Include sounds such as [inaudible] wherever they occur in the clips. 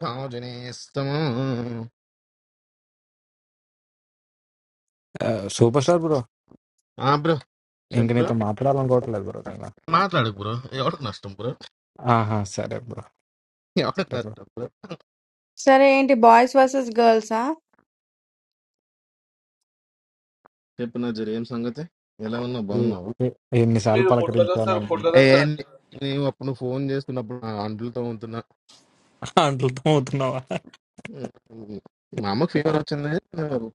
కాజునే ఇస్తాము super star bro ఆ bro ఇంక చెప్పు బ్రో నీతో మాట్లాడాలనుకోవట్లేదు బ్రో నేను మాట్లాడు బ్రో ఎవరికి నష్టం బ్రో ఆహా సరే బ్రో ఎవరికి సరే బ్రో నష్టం బ్రో సరే ఏంటి బాయ్స్ వర్సెస్ గర్ల్సా చెప్పు నా జరి ఏం సంగతి ఎలా ఉన్నావు ఈ- బాగున్నావు ఈ- ఎన్నిసార్లు లేదు పొట్టుకొని పలకరించాను వస్తారు అంటున్నా పొట్టుకొని ఏ వస్తారు అది లేదు. నేను అప్పుడు నువ్వు ఫోన్ చేస్తున్నప్పుడు నా అంటులతో ఉంటున్నా అంటలతో అవుతున్నావా ఉమ్, మా అమ్మకి ఫీవర్ వచ్చింది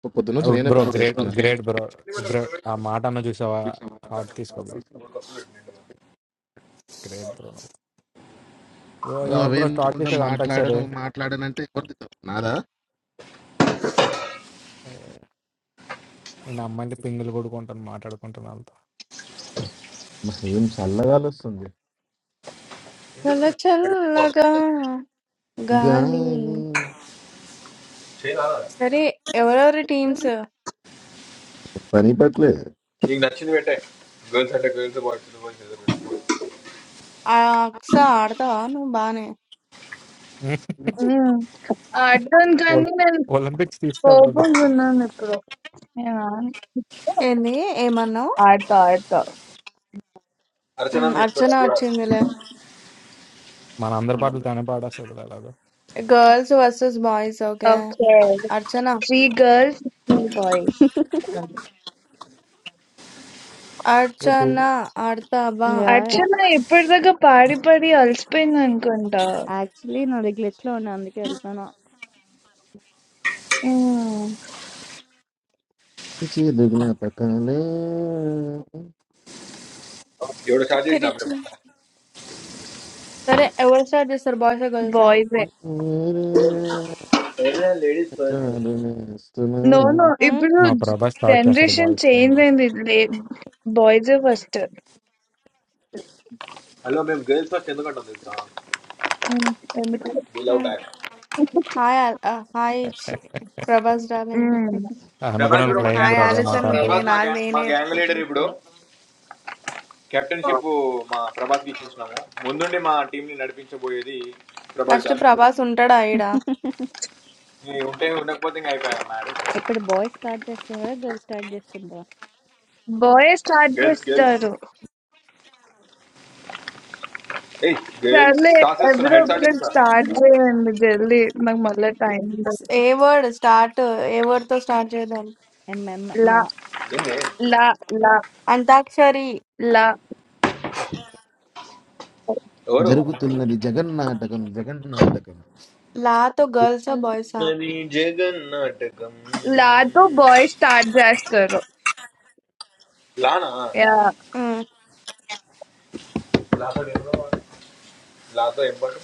పొ- పొద్దున్న నుంచి నేనే బ్రో పని గ్రేట్ చేస్తున్నా గ్రేట్ బ్రో బ్రో ఆ మాట అన్న చూసావా హార్ట్ తీసుకో బ్రో గ్రేట్ బ్రో నువ్వు బ్రో ఓ, ఎవరు బ్రో స్టార్ట్ అవేమనుకుంటా చేసేది అంతాక్షరి మాట్లాడను మాట్లాడనంటే ఎవరిది తప్పు? నాదా నేను అమ్మాయిని పింగులు కొడుకుంటాను మాట్లాడుకుంటాను వాళ్ళతో మరి ఏం చల్లగాలి వస్తుంది చల్ల చల్లగా గాలి గాలి సరే ఎవరెవరి టీమ్స్ పని పట్లే నీకు నచ్చింది పెట్టే గర్ల్స్ అంటే గర్ల్స్ బాయ్స్ అంటే బాయ్స్ ఏదో పెట్టుకో. అక్స ఆడతావా నువ్వు బానే [laughs] హ్మ్. ఆడతాను ఒల్- కానీ నేను ఒలింపిక్స్ తీసుకెళ్తుంది కోపంగా ఉన్నాను ఇప్పుడు. నేను ఆడను. ఏంది ఏమన్నావు ఆడతా. ఆడతా. అర్చన ఉమ్, తీసుకోరా అర్చన అది కూడా వచ్చిందిలే మన అందరి పాటలు తనే పాడేస్తుంది ఎలాగో girls versus boys okay okay. Archana 3 girls 3 boys. ఏ టూ అర్చన ఆడతావా యాహ్! అర్చన ఇప్పటిదాకా పాడి పాడి అలసిపోయింది అనుకుంటా. యాక్చువల్లీ నాది గ్లిచ్‌లో ఉన్న. అందుకే వెళ్ళిపోయాను. హ్మ్. చిలుగున పక్కనే ఎవడు స్టార్ట్ చక్కర్ చేసిన ఇచ్చిన అప్పుడే సరే ఎవరు స్టార్ట్ చేస్తారు బాయ్స్ గర్ల్సా బాయ్సే. లేడీస్ ఫస్ట్ కాదు నేస్తున్నా. నో నో ఉమ్, ఇప్పుడు మా ప్రభాస్ స్టార్ట్ చేస్తాడు జనరేషన్ చేంజ్ బాయ్స్ అయింది. లే బాయ్సే ఫస్ట్. హలో మేము గర్ల్స్ ఫస్ట్ ఎందుకంటాం తెలుసా హ్మ్. ఎందుకు we love um. Back hi అల్- ఆ, హాయ్ చి- ప్రభాస్ డార్లింగ్ హ్మ్. ప్రభాస్ అనుకున్నాను బ్రో నేను మా ఫ్లయింగ్ గ్యాంగ్ హాయ్ బ్రో మా అదే మా ఆలిస్ మాట అని నేనే ప్రభాస్ అంటావని మా నాది గ్యాంగ్ మా నేనే గ్యాంగ్ లీడర్ ఇప్పుడు ఎత్తుకుంటున్నాను కెప్టెన్షిప్ మా ప్రభాస్కి ఇచ్చేసినాము ముందుండి మా టీంని నడిపించబోయేది ప్రభాస్ ఫస్ట్ గారు ప్రభాస్ ఉంటాడా ఈడ ఈ ఉంటే ఉండకపోతే ఇంకా అయిపోయాను మ్యాడ్ ఇప్పుడు బాయ్స్ స్టార్ట్ చేస్తున్నారు కదా! గర్ల్స్ స్టార్ట్ చేస్తుండ్రా. బాయే స్టార్ట్ గర్ల్స్ గర్ల్స్ చేస్తారు. ఏయ్ గర్ల్స్ సర్లే టాస్ వేస్తున్నా ఎవరో హెడ్ షాట్ ఒకరు ఏంటి సార్ స్టార్ట్ చేయండి జల్దీ నాకు మళ్ళీ టైం లేదు. A word start a word తో స్టార్ట్ చేద్దాం ఎంఎం లా మా ఏంది లా లా అంతాక్షరి లా ఎవరు జరుగుతున్నది జగన్నాటకం జగన్నాటకం లాతో గర్ల్సా బాయ్సా ఉన్నది జగన్ నాటకం లాతో బాయ్ స్టార్ట్ చేస్తారు లానా యా ఉమ్. లాతో ఏం పాట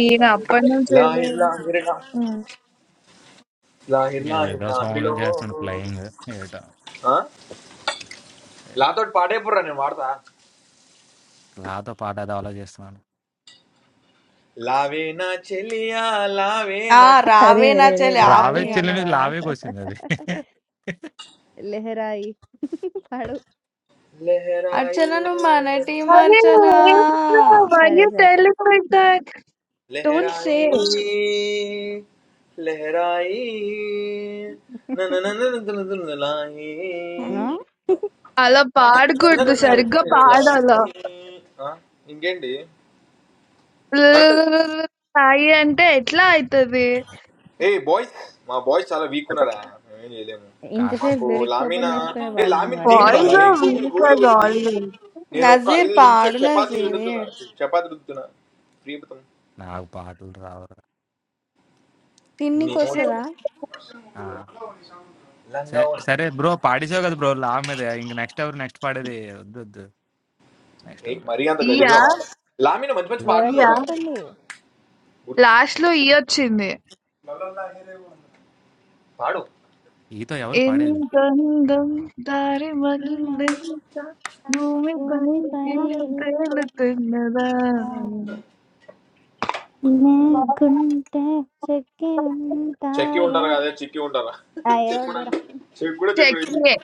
ఈయన అప్పటి నుంచి లాహిర్ ఏలేదు. లాహిర్ లా. ఉమ్. లాహిర్ లాహిర్ ఏదేదో లాహిర్లో సాంగ్ చేస్తున్నాడు ఫ్లయింగ్ ఏటో ఆ? ఏ- లాతో పాటే పుర్రా నేను వాడతా లాతో పాట ఏదో ఆలోచిస్తున్నాను లావే నా చెలియా లావే ఆ నా చె- అరే! రావే నా అరే! అరే! చెల్లి ఆపు రావే ఇక నువ్వు చెల్లిని లావేంట్రా? లావేకి వచ్చింది అది లెహరాయి పాడు. లెహరాయి అర్చనను మన టీం అరే అర్చన వై సరే. యూ సరే. Telling like that don't say లెహరాయి లెహరాయి నన్ను ఉహు. ఆ! లాయి అలా పాడకూడదు సరిగ్గా పాడాల ఆ, ఇంకేంటి కరెక్ట్ సాయి అంటే ఎట్లా అవుతుంది ఏ బాయ్స్ మా బాయ్స్ చాలా వీక్ ఉన్నారా మేమేం చేయలేము కా- ఇంతసేపు మాకు లిరిక్స్ లామిన ఓపెన్ చేసుకునే ఏ పాడినాం లామిన్ కదా! తీన్ అట్లనే బాబా బాయ్స్ ఏ పాడదాం. ఆర్ గూగుల్ గూగుల్ వీక్ కొట్టింది ఆల్వేస్ నేను ఒక్క నజీర్ ఐదు నిమిషాలు పాడు చపాతి విడుతున్నా నజీర్ చపాతి రుద్దుతున్నా ప్రియపతం నాకు పాటలు రావు నీ తిన్నికి వస్తుందా నోట్లో ఆ, లంగా సరే ఉన్నాయి సరే బ్రో పాడేసావు కదా బ్రో లావ్ మీద ఇంక నెక్స్ట్ ఎవరు నెక్స్ట్ పాడేది వద్దు వద్దు నెక్స్ట్ ఏ ఎవరు మరీ అంత గలీజుగా వాడు యా లామిన మంచి మంచి పాటలు వర్డ్ లేవు బాబా చెప్పండి. గుర్తు లాస్ట్‌లో ఈ వచ్చింది. పాడు ఈతో ఎవరు పాడేది ఎంతందం దారి మళ్ళెంత భూమిపై భూమిపై తీగ తేలుతున్నదా తన లేకుంటే చెక్కి చెక్కి ఉంటారా? ఉంటారు కదా చెక్కి ఉంటారా ఆ! ఏదో ఒకటిరా. చెక్కు కూడా చెక్కు చెక్కి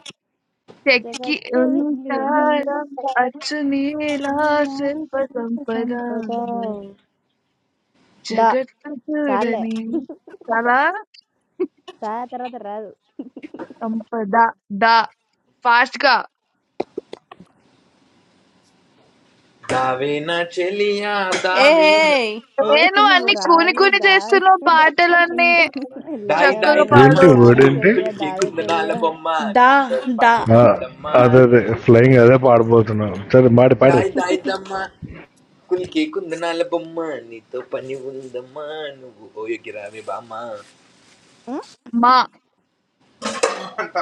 చెక్కి జగత్తు విజ్ఞుని ఉంటారా అచ్చు నీలా నీలా శిల్ప సంత సంపద సంపద ద జగత్తు చాలే చూడని కళా దా తర్వాత రాదు సంపద దా ఫాస్ట్ గా దావేనా చెలియా ఏ దావేనా ఆ? ఏ నేను నువ్వు అన్ని కూని రావి కూని దా చేస్తున్నావు పాటలన్నీ ఇంద లా దాయి దాయి చక్కగా అన్నాడు దమ్మా ఏంటి పాడు వర్డ్ లావే ఏంటి చెలియా కులికే దావే గుందనాల చెలియా బొమ్మ దా నీతో దా పని ఆ, ఉందమ్మా అదే అదే నా కింది ఫ్లయింగ్ అదే చెత్తమ్మ. పాడబోతున్నాం సరే మాడి పాడి దాయి దాయి దమ్మా కులికే గుందనాల బొమ్మ నీతో పని ఉందమ్మా నువ్వు ఓయగిరావి బామ్మ ఉం? మా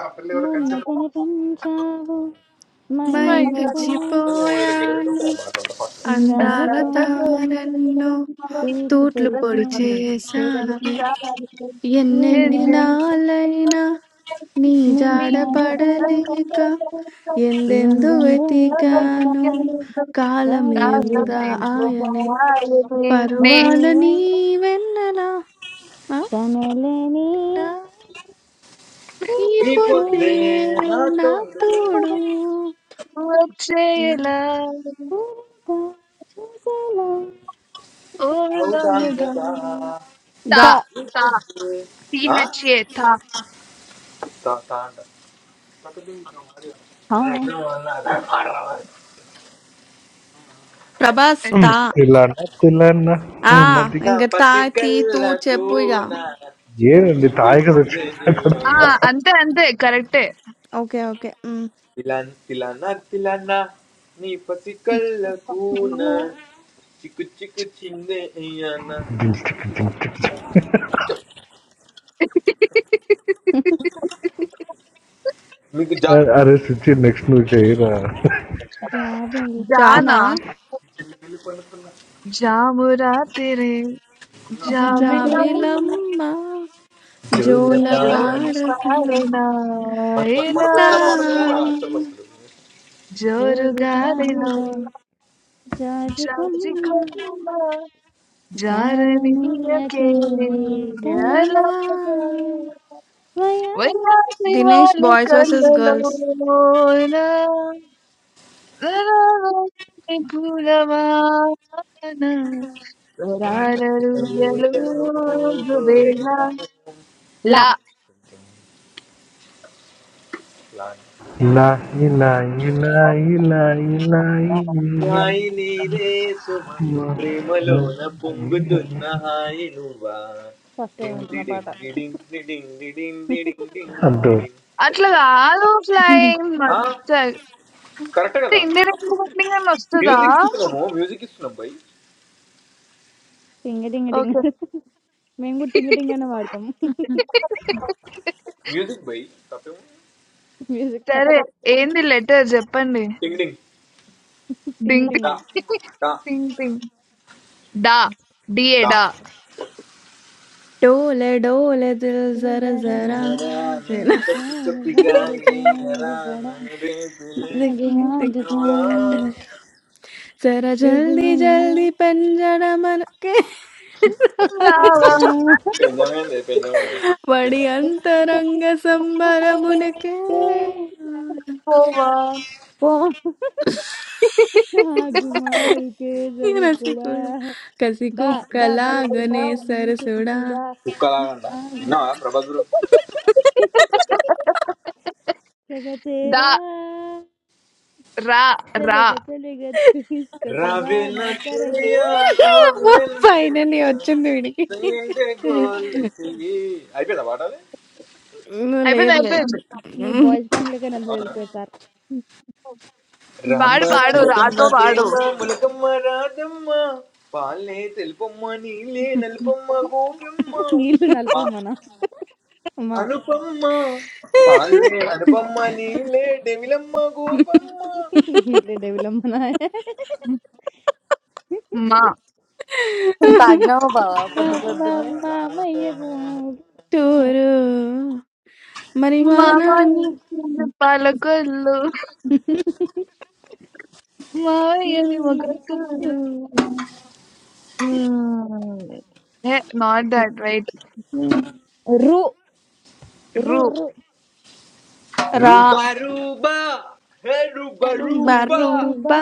ఆ పిల్ల ఎవరో మొన్న కంచె కనిపించావు మై మై My మరుపుతో God. ఎరుగుతుంటే మర్చిపోయాను ఆ పాట అంత పాట And అందాల ఇందాలతో that was నన్ను తారన్ను తూర్పు తూట్లు పొడి పొడిచాయి చేసావే his ఎన్నెన్ని name. ఎన్నెన్నినాళ్ళైనా నీ నీ జాడ Means that జాడపడ has come పడలేక that over ఎందెందు यंदन देता వెతికాను the है middle. కాలమే कला में వృధా ఆయనే పరువాల నీ बारूद आने వెన్నెలా ఆ? का नली ने ఈ ఈ निपटे పొద్దే పొద్దే నా నా తోడు यंत्र తోడు में चांद उड़ता छुपा लाया ताकि అవుదాం तब కదా గా Ta, तक ta, T ఆ? H A, ta. తా తా అంట हाँ ప్రభాస్ ఉమ్, తా It's- తిల్లన్న తిల్లన్న ఆ మది నా ఇంకా తా పసి తీ తూ కళ్ళకు చెప్పు ఇక నా చిక్కు ఏనండి చిక్కు తాయిగా చిన్న వచ్చింది అక్కడ Ah, ante, ante, correct. Okay okay um. తిలన్ తిలన తిలన నీ పసి కళ్ళకు నా लो చిక్కు చిక్కు చిన్న దించిక్ దించిక్ [laughs] మీకు జా అరే సుచి నెక్స్ట్ నువ్వు చేయరా जादू Jana జానా jamura tere jabila जादूलम జాబిలమ్మ జోల तोड़ jo జోలపాడ nazar పాడతా na మన ila మనకు వచ్చిన పాడలేమో ఆ అక్షరాలు వస్తుంది तोड़ joruga गाली dilo लो जादू कम jagi ko ना जार में jaraniyake आते कला aalat व्यारी wali Dinesh walo boys versus kalalona girls daro se pula mana paralu dilu ఊయలో గోవిందా. bila. ല లా ఇలా ఇలా ఇలా ఇలా ఇలా ఇలా ఇలా. హాయి నీవే సుమ ప్రేమలోన పొంగుతున్న హాయి నువ్వా ഫസ്റ്റ് ടൈം డిండి കിട്ടുന്ന പാട്ടാ డిండి డిండి డిండి డిండి డిండి డిండి అంటూ డిండి. అట్లా కాదు ఫ్లయింగ్ ఆ, కరెక్ట్ అంటే కదా ఇండియన్ ఇండిపెండింగ్ అని వస్తుందా మ్యూజిక్ ఇస్తున్నాము మ్యూజిక్ ఇస్తున్నాం బై ടിങ് ടിങ് ടിങ് ఓకే మేము టింగ్ టింగ్ అనే వాడతాం మ్యూజిక్ బై తప్పేమో మ్యూజిక్ అంట సరే ఏంది లెటర్ చెప్పండి డింగ్ డింగ్ టింగ్ డింగ్ టింగ్ దా దా పింగ్ పింగ్ డా డిఏ దా డా डोले डोले दिल जरा जरा జరా నన్ను కప్పి కప్పిగా లేయరా నన్ను రేపు दिखने दिख లేపురా. जरा जल्दी जल्दी पंजरा मन के రావా పెంజమే పెంజము बड़ी పెంజమే. अंतरंग संबर मुनके పోవా గుమారు కేసరి కూడా రసికుడ డా డా కసికుక్కలాగనే మళ్ళీ సరసుడా కూడా కుక్కలాగంట आग విన్నావా ప్రభాస్ బ్రో [laughs] सगा డా तेरा రా రా चलेगा चलेगा जो इसका [laughs] समाना Ravena करेगा कर Cheya, Ravena ఫైనల్లీ Cheya, వచ్చింది వీడికి Sainte Golasi. అయిపోయిందా పాట అది అయిపోయింది లేదు లేదు అయిపోయింది मी बॉयज गँग लेकर नंतर అవునా వెళ్ళిపోతారు రామ పాడు పాడు చిలకమ్మ రాతో పాడు ప్రేమ ములకమ్మ రాధమ్మ పాలే తెలుపమ్మ నీలే నలుపమ్మ గోపమ్మ నీళ్ళు మా నలపమ్మన అమ్మా అనుపమ్మ పాలే అనుపమ్మ నీలే డెమిలమ్మ గోపమ్మ నీళ్ళు డెవిలమ్మన మా అమ్మా మా మా మా అమ్మయ్య కుమారు టూరు మరి మా మంటలు నాన్న మామయ్య పాలకొల్లు మామయ్యవి మొగకూరు నాట్ దట్ రైట్ రు రు రు రు రా రూబా రూబా హే రూబా రూబా రూబా రూబా రూబా రూబా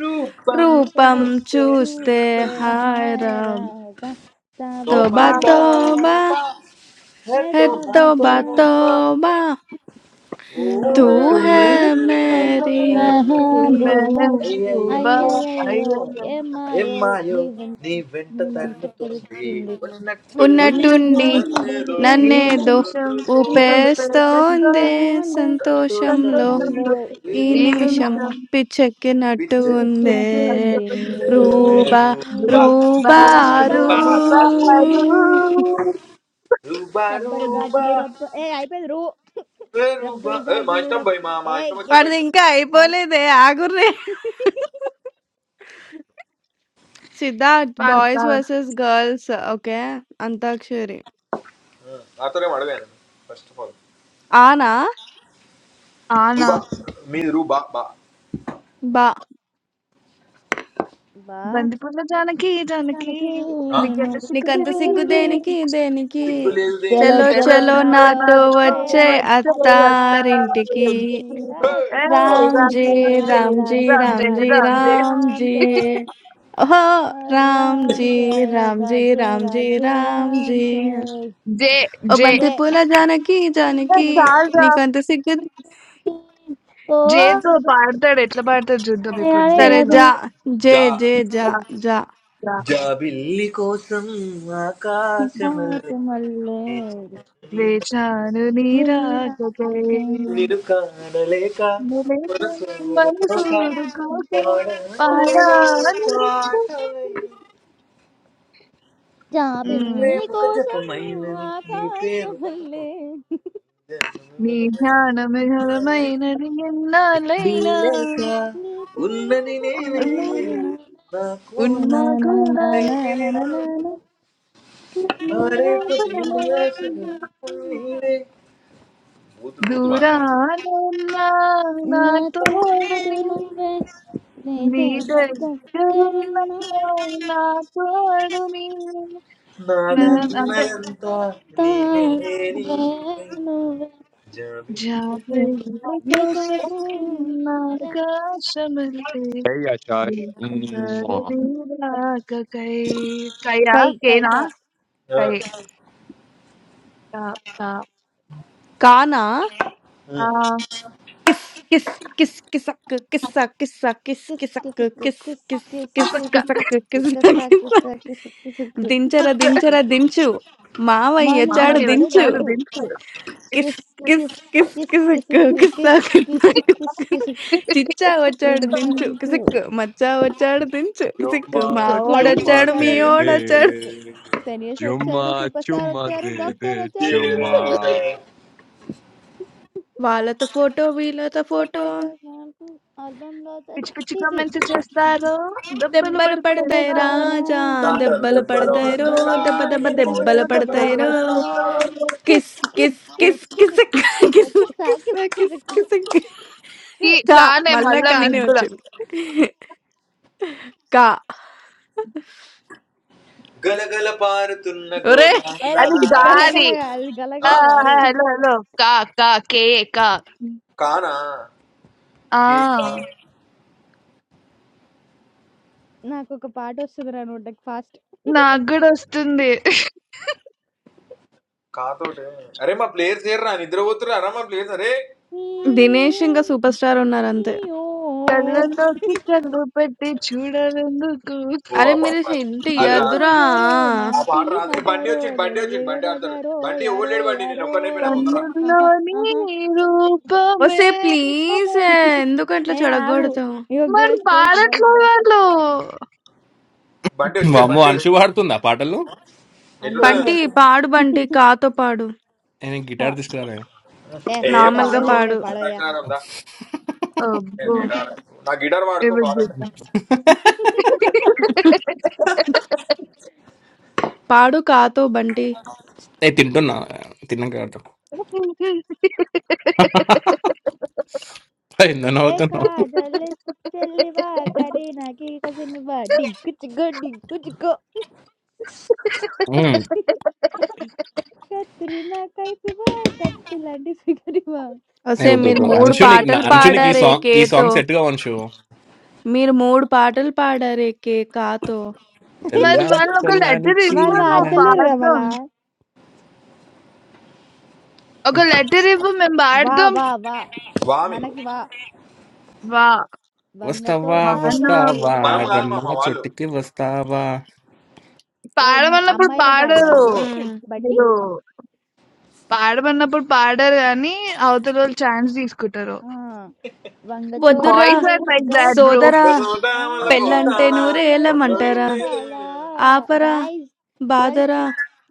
రూపం రూపం తుమ్ చూస్తే చూస్తే చూస్తే హాయ్ హాయ్ రా రాబా తబ توبة Toba, తబ توبة toba, eh, హై ہے తబ toba, తబ توبہ toba. توبہ తూ تو హై ہے రే మేరీ ప్రభు మహాబూబా అయ్యయ్యో అయ్యయ్యో ఏమాయో ఏమాయో దీవెన్ నీ వెంట నేనంత తరుముతోంది పలుకుతుంది ఉన్నట్టుండి ఉన్నట్టుంది ఉన్నట్టుండి నన్నేదో ఏ ఎన్ని నన్నేదో నిమిషం ఊబిలోలు ఊపేస్తోందే ఇంకెంతోంది సంతోషంలో సంతోషంలో సంతోషం, దేశంలో ఈ ఈ ఈ ఈ నిమిషం నిమిషం నిమిషం నిమిషం పిచ్చెను పిచ్చెక్కినట్టుగుందే శక్తి ఇంకొచ్చినట్టు నచ్చ ఉంది రూబా బా బా రూబారు రూబా రూబా రూబా రబ్బరు రూబా గాజులు రబ్బ ఏ అయిపోయింది రూ రూబా రబ్బరు ఏ మా గాజులు ఇష్టం రబ్బ భయ్ మా మా ఏ ఇష్టం వాడిది గేట్ వచ్చినప్పుడు ఇంకా చాలు అయిపోలేదే ఆగుర్రే Siddharth 'boys versus girls' okay. 'Antakshari'. నాతోనే అడగాను ఫస్ట్ ఆఫ్ ఆల్ ఆనా? ఆనా రూబా మీ రూబా బా బా. బా బందిపూల జానకి జానకి దానికి ఆ? నికెళ్ళ నువ్వు నీకంత సిక్కుతానికి సిగ్గు దానికి దేనికి? దేనికి? సిగ్గు లేదు చలో దేనికి 'చలో చలో చలో చలో చలో నాతో నాతో నాతో వచ్చే వచ్చేయ్ వచ్చే అత్త అత్తారింటికి. అత్తారింటికి ఎందుకు హే! హాయ్ ఏ ఆ! రామ్ రామ్ రాంజీ చే జే రాంజీ రామ్ చే రామ్ జే రామ్ రాంజీ చే రామ్ జే రామ్ రాంజీ. చే ఓహో! ఆ, రామ్ రాంజీ చే రాంజీ రామ్ చే రాంజీ రామ్ చే రామ్ రాంజీ. చే జే ఓ జే చే. బంతి పూల జానకి ఏ, జానకి. దానికి చాలు రా. నీకంత సిగ్గు ఓ జేతో పాడతాడు ఎట్లా పాడతాడు చూద్దాం అరే ఇప్పుడు అరే సరే ఇలా జా. జేతో జే జా జే జా జా. జా బిల్లి కోసం ఆకాశమల్లే Kaisa malle, నిన్ను వేచాను నీ nira రాకకై kain, నిలిపే కానలేక మనసు ఉరుకోక మనసూరు కోస పాడలేను paran. పాడాను నిత్యం. పాటలై. Jab నీ ఉమ్. inli ko ప్రేమక samha, జపమైనది నీ kaisa ప్రేమక malle. నీ ధ్యానమే జపమైనది ఘనమైనది ఎన్నాళ్ళైనా దీనేకా Neta ఉన్నది rakho నేనే thame, mere ఉన్నాను na నా na కూడా ఉన్నా na na కూడా na na na na దేనిలో na na. నా నీవే పదమా. రేపటి ఆశలు నీవే. బూతులు బూతులు వాడనా? దూరాన ఉన్నా నా Na తోడు thode నీవు. nove, నీ neta kaka దగ్గరున్నా rana. నా తోడు నీవు. Na na na na నేను అంటే నాదన్నదంతా నీవే na na నీవే na na na. జబితా జాబిల్లి కోసం ఆకాశమెల్లి Hey, Akash. Mwah. రాకకై కయ్యా కేనా కై కా కా కానా? ఆ కిసక్క キスキスキスケサクケサケサキスケサクキスキスキスケサクキスケサదించరా 俺こそ笑う。はいかいか。くすくすくくすくすくすくすくくさくさくすくすくすく。మామయ్య [laughs] కిసక్క దించరా దించు మావయ్య చాడు మామయ్య వచ్చాడు దించు వచ్చారు దించు దింపు kiss kiss kiss kiss kiss kiss కిసక్ కిస్ కిస్ కిస్సా కిస్ కిస్సక్ కిస్ కిస్ కిస్ చిచ్చా వచ్చాడు దించు కిసిక్ మచ్చా వచ్చాడు దించు కిసిక్ మా Chuma, ఫ్లయింగ్ chuma, ఓడొచ్చాడు మీ వచ్చాడు de, దించు ఓడొచ్చాడు పిచ్చుకు de. టెన్నిస్ వచ్చాడు Chuma, సూపర్ స్టార్ chuma, వచ్చారు de, డాక్టర్ de, వచ్చాడు నీవే. దించు chuma. వాళ్ళతో ఫోటో వీళ్ళతో ఫోటో తర్వాత నాకు ఆల్బమ్ లో పిచ్చి పిచ్చి చీ కామెంట్స్ చేస్తారు దెబ్బలు దెబ్బలు పడతాయి పడుతున్నా पढ़ते రాజా रहो, దాతరు दबा దెబ్బలు దెబ్బలు పడతాయి రో पढ़ते వాడతారా దెబ్బ रहो, దెబ్బ दबा నీకు दबा దెబ్బలు दबा దెబ్బలు दबा పడతాయి దెబ్బలు पढ़ते రో వాడతారా रहो। కిస్ किस పడుతున్నారు kiss kiss kiss kiss kiss kiss kiss kiss kiss kiss kiss kiss kiss kiss kiss కి किस కా కానే మళ్ళా మళ్ళా కానే మీకు కూడా వచ్చింది కా గలగల పారుతున్న ఒరే అరే గోదావరిలా అది కలకల గాలి ఆ, ఆ? గలగల రారే హలో హలో కా కా కే కా కానా ఆ కేక నాకు ఒక పాట వస్తుంది రా నోటకి ఫాస్ట్ నాకు కూడా వస్తుంది కాతోటే అరే మా ప్లేయర్స్ ఏర్రా నిద్రపోతురా అరా మా ప్లేయర్స్ అరే దినేష్ ఇంకా సూపర్ స్టార్ ఉన్నారు అంతే కళ్ళలోకి కళ్ళు పెట్టి చూడాలెందుకు ఓ అరే ఆ మీరు పాప ఇంటి అది కిలి రా ఎదురా మజరో నా ఆ పాట పిలి రాదు ఏ, బండి మజరో వచ్చింది బండి నెల వచ్చింది బండి ఆడతాడు మజరో బండి ఎవడు యారో లేడు బండి నేను యారో ఒక్కనైపోయినా తొందరరా ఆహా కన్నుల్లోని ఆహా రూపమే వస్తే ప్లీజ్ ఎందుకు అట్లా ఏ ఆగు చెడగొడతావు ఇగో మరి గర్ల్స్ గర్ల్స్ బాయ్స్ పాడట్లే బాయ్స్ వాళ్ళు బండి వచ్చి అమ్మో బండి వచ్చి అంశు పాడుతుందా పాటలు ఎటుండే అందరం బంటి పాడుతున్నాం పాడు బంటి కాతో పాడు నేను కా గిటార్ తీసుకురాలే ఏ ఏ నార్మల్ గిటార్ గా పాడు లేదు ఏం పాడు లేదు పాడవయ్యా అంతాక్షరారం దా నేను అబ్బో ఉమ్. గిటార్ నా గిటార్ వాడుకో ఏమని కావాలంటే చేద్దాం పాడు కాతో బంటి నేను తింటున్నా తిన్నాక ఆడతాం ఎందుకు ఏ నవ్వుతున్నావు కాజల్ చెల్లివా కరీనాకి కసినివా డిగ్గు చిగ్గో డిగ్గు చిగ్గో ఉమ్, కత్రినా కైపివా కత్తి లాంటి ఫిగరివా ఏ వస్తే వద్దు మీరు అయినా వద్దు. మూడు అంశు నీకు నా- పాటలు చోటిస్తే అంశు నీకు ఈ పాడారే సాంగ్ ఈ కేతో సాంగ్ సెట్ గా అంశు మీరు మూడు పాటలు పాడారే కే కాతో తెల్ల మరి వాళ్ళు ఒక తెల్లని లెటర్ ఇవ్వు వాళ్ళు చీర నువ్వు వాడతలేరు కదా పాడదాం మళ్ళా ఒక లెటర్ ఇవ్వు మేము వా పాడదాం వా వా వామి మనకి వా వా వంగ వస్తావా తోట వాన వల వస్తావా మనం పూకాడ కాదు మా రమ్మన్న మా వాళ్ళు చోటికి వస్తావా ఏ నువ్వు పాడమన్నప్పుడు అమ్మాయిల గ్యాంగ్ పాడరు నువ్వు హ్మ్. బంటి మీరు పాడమన్నప్పుడు పాడరు కానీ అవతల వాళ్ళు ఛాన్స్ తీసుకుంటారు వంగ తోట వద్దురా బాయ్స్ వల are like that girls bro సోదరా వంగ తోట పెళ్ళంటే వలపు నూరేళ్ళమంటరా! కళ ఆపరా గాయస్ గర్ల్స్ బాధరా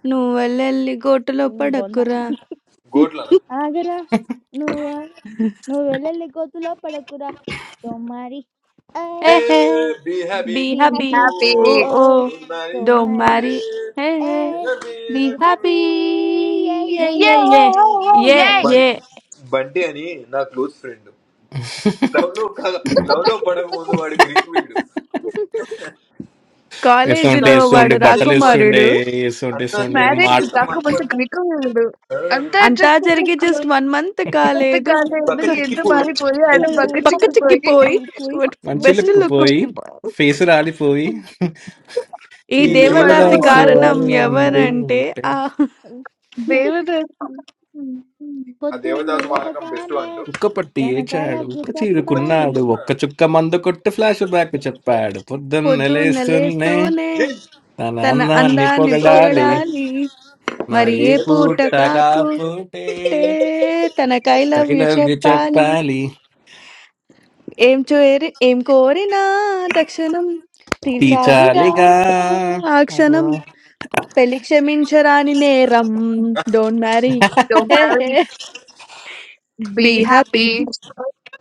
నువ్వెళ్ళెళ్ళి గోటులో నీ బొన్న పడకురా! గోట్ల ఆగరా నువ్వు ఆగరా నువ్వు వెళ్ళలి గోతులో పడకురా తోమారి ఏ ఏహే! Hey, [laughs] be be happy. Be happy happy happy oh Oh, oh oh tonight. Don't తోమారి మ్యారీ Hey, ఏ ఏహే! be be happy, be happy. Happy happy ఏ ఏ ఏ ఏ ఏ ఏ ఏ ఏ తోమారి ఏ బం- బంటి అని నా క్లోజ్ ఫ్రెండ్ లవ్ లో కాదు లవ్ లో పడక ముందు వాడు గ్రీక్ వీడు వేస్తుంటే అంతా కాలేజీలో వేస్తుండే వాడు చెరికి బట్టలు చేసి మన- వేస్తుండే రాకుమారుడు. వేస్తుంటే అంతా వేస్తుండే చెరికి మా మ్యారేజ్ చేసి మనం కాకపోతే అంటే క్రికెట్ ఆ, అంతా జరిగి అంతర్జాతీయ జస్ట్ 1 మంత్ కాలేదు. అంతకాలం పక్క ఒక ఇద్దరు ఎంత చిక్కిపోయి మారిపోయి ఆడ మంచి పక్క పోయాడు చిక్కిపోయి చిక్కిపోయి బక్కచిక్కిపోయి పోయి పోయి బట్ మంచి బెస్ట్ లుక్ లుక్ పోయి పోయి ఫేస్ రాలిపోయి ఈ ఈ ఈ దేవదాసు దేవదాసి బండి దేవదాసు వాలకం డాన్స్ పట్టుకుండిపోయి కారణం ఆడింది వామనం సాంగ్ పైన ఎవరంటే ఉంటే ఆ దేవుడు ఆ పొద్దున్నే దేవదాసు వాలకం బెస్ట్ లేవగానే అంటూ ఉక్కపట్టి తనక ఏచాడు లవ్ యు ఉక్క కుప్ప చెప్పాలి చీరుకున్నాడు చీడుకున్న ఒక్క చుక్క మందు కొట్టి ఫ్లాష్ బ్యాక్ చెప్పాడు పొద్దున్న పొద్దున్న లేస్తున్నే లేస్తూనే తన తన అన్నాన్ని అందాన్ని పొగడాలి పొగడాలి జై మరి మరి ఏ ఏ పూట పూట కాపుటే కాపుటే తన కైలవ్యు కైలవ్య చెప్పాలి చెప్పాలి ఏం చేరి ఏం కోరినా తక్షణం తీర్చాలిగా తీచాలిగా ఆ అగో. క్షణం పెళ్లి క్షమించరాని నేరం don't marry don't [laughs] marry be be happy happy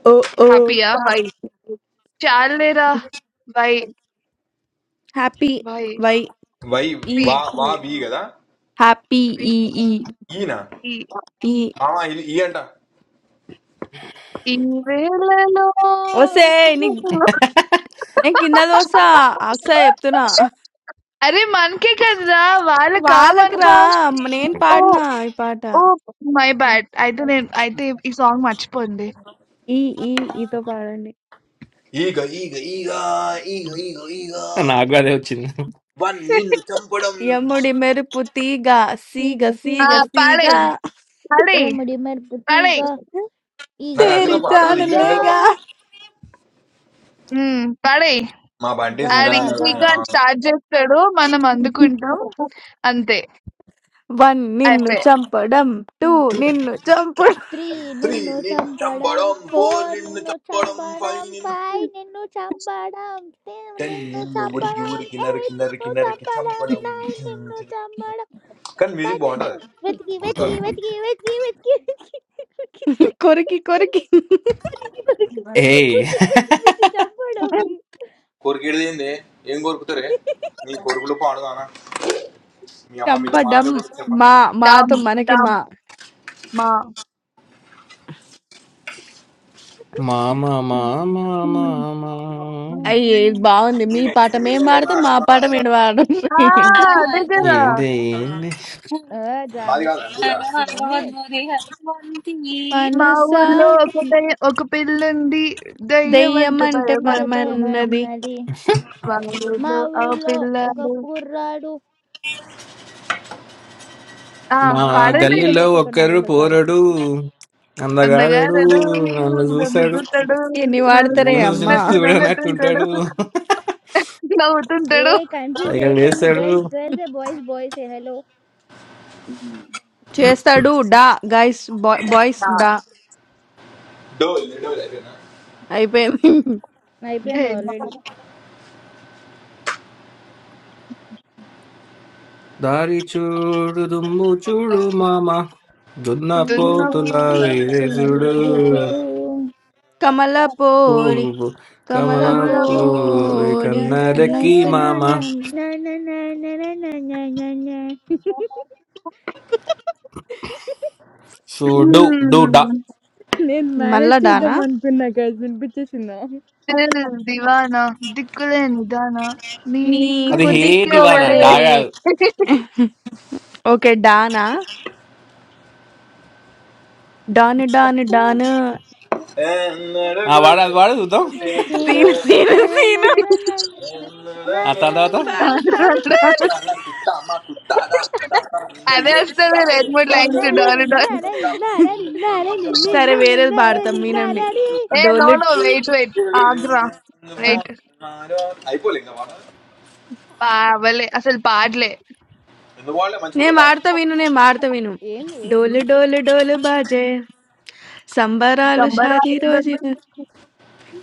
oh oh హ్యాపీయా వై చాలేరా why happy why why why పీ వా పీ వా వి కదా హ్యాపీ ఈ ఈ ఈ ఈన ఈ- ఈ ఆ, ఇది ఈ అంట ఈ వేళలో ఒసే నీకు నీవు. నేను కింద దోస అక్సా చెప్తున్నా అరే మనకే కదరా వాళ్ళకా వాళ్ళకురా మనకా నేను ఓ పాడినా ఈ పాట ఓ మై బ్యాడ్ అయితే నేను అయితే ఈ సాంగ్ మర్చిపోయింది ఈ ఈ ఈతో పాడండి ఈగ ఈగ ఈగ ఈగ ఈగ ఈగ నాకు అదే వచ్చింది వన్ నిన్ను [laughs] చంపడం యమ్ముడి మెరుపు తీగ సీగ ఈగ ఆ, సీగ సీగ సీగ పాడేయ్ పాడేయ్ ఎముడి మెరుపు తీగ పాడేయ్ ఈగ నాకు నచ్చిన తేరి ఈగ పాట అది ఈగ ఈగ నిజంగా జానులేగా బా- హ్మ్. పడేయి. మా బండి గా ఆడు సింగర్ గా గా ఈజీగా స్టార్ట్ చేస్తాడు. మనం అందుకుంటాం. అంతే. వన్ నిన్ను అయిపాయే. చంపడం టూ నిన్ను చంపడం త్రీ త్రీ నిన్ను నిన్ను చంపడం చంపడం ఫోర్ ఫోర్ నిన్ను నిన్ను చంపడం ఫైవ్ చంపడం నిన్ను ఫైవ్ నిన్ను చంపడం six టెన్ నిన్ను నిన్ను ఉరికి చంపడం ఉరికి నరికి ఎయిట్ నిన్ను నరికి నరికి చంపడం చంపడం నైన్ నిన్ను చంపడం కానీ మ్యూజిక్ పది బాగుంటది నిన్ను వెతికి వెతికి వెతికి వెతికి వెతికి వెతికి వెతికి దొరికి దొరికి కొరికి దొరికి కొరికి గుచ్చి ఏయ్ గుచ్చి గుచ్చి [laughs] గుచ్చి చంపడం కోరికేది ఏంది ఏం కోరుకుతారే నీ కొడుకులు పాడుదానా మీ అమ్మ మీతో చంపడం మాట్లాడకూడదు చెప్ప మా డామ్, మాతో మనకి డామ్ మా మా మామ మామ హ్మ్. మామ అయ్యే ఉమ్. బాగుంది మీ పాట మేం పాడితే మా పాట మీరు मालिकाना పాడడం ఆ! Hello, how అదే కదా! ఏంది are ఏంది you? ఆ, జాబిల్ Hello, how ఇదేంది are you doing? How are you? మా మనసా ఊర్లో ఒక దెయ్య ఒక పిల్లుంది. దెయ్యం దెయ్యమంటే అంటే పేపర్ భయమంటుంది. మనమన్నది ఏమన్నది మా మా ఊర్లో ఆ ఊళ్ళో ఒక పిల్లాడు కుర్రాడు ఆ! మా అదేంది పాడండి. అడిదేని గల్లీలో భయపడ్డా నాకు ఒక్కరు తెలియదు సారీ పోరడు అందగాడు అందగాడడు నన్ను నన్ను చూశాడు గుట్టడు. ఎన్ని నన్ను వాడతారే అమ్మా చూసినట్టు నన్నట్టుంటాడు. చూడనట్టుంటాడు ఏ నవ్వుతుంటాడు. కన్ఫ్యూజ్ పైగా చేయకండి లేస్తాడు girls girls boys boys hello Ja, చేస్తాడు డా గైస్ దా బాయ్స్ డా डोल डोल जाते हैं ना అయిపోయింది అయిపోయింది hey, ఆల్రెడీ దారి చూడు దుమ్ము చూడు మామ దున్న చిన్న dünner పోతుల చిన్న వేసుడు చూడు కమల పోడి పువ్వు కమల కమల కమన कमला పోని పువ్వు పోడి జంట కన్న కన్నలకి జను మామ నాన్న పిల్ల. నాన్న నాన్న నాన్న నాన్న చూడు డు డా నేను మళ్ళా మేనేజ్ చేద్దాం డానా అనుకున్నా గైస్ వినిపించేసిందా दिल दीवाना दिक्कुले निदाना నీకు అది నీకు హే దుస్కే దివానా వెడే దిక్కోవరే డా కాదు ఓకే డానా డాను డాను డాను ఆ एंडरगोल వాడు అది వాడు చూద్దాం నేను నేను సీను एंडरगोल సీను నా నా నా సీను నా ना నా నా ఆ నా నా. ఫ్యాన్ ఫ్యాన్ ఫ్యాన్ ना कुत्ता मार कुत्ता ना कुत्ता అదే लेट कुत्ता వస్తుంది लेट రెండు మూడు कुत्ता లైన్స్ నిన్నారా, लेट డారు డారు నిన్నారా, रोज़ापुर रोज़ापुर నిన్నారా, నిన్నారా, राजा నిన్ను, సరే నిన్ను, नस्पान వేరేది నిన్నారా, పాడతాం रोज़ापुर रोज़ापुर వినండి నిన్నారా రీ. रोज़ापुर रोज़ापुर रोज़ापुर ఏ నో డోలు నో रोज़ापुर रोज़ापुर వెయిట్ వెయిట్ रोज़ापुर ఆగ్రా వెయిట్ रोज़ापुर रोज़ापुर పావలే అసలు పాడలే నేను పాడతా విను నేను పాడతా విను ఏంది డోలు డోలు డోలు బాజే సంబరాలు సంబరా షాదీ రోజు remember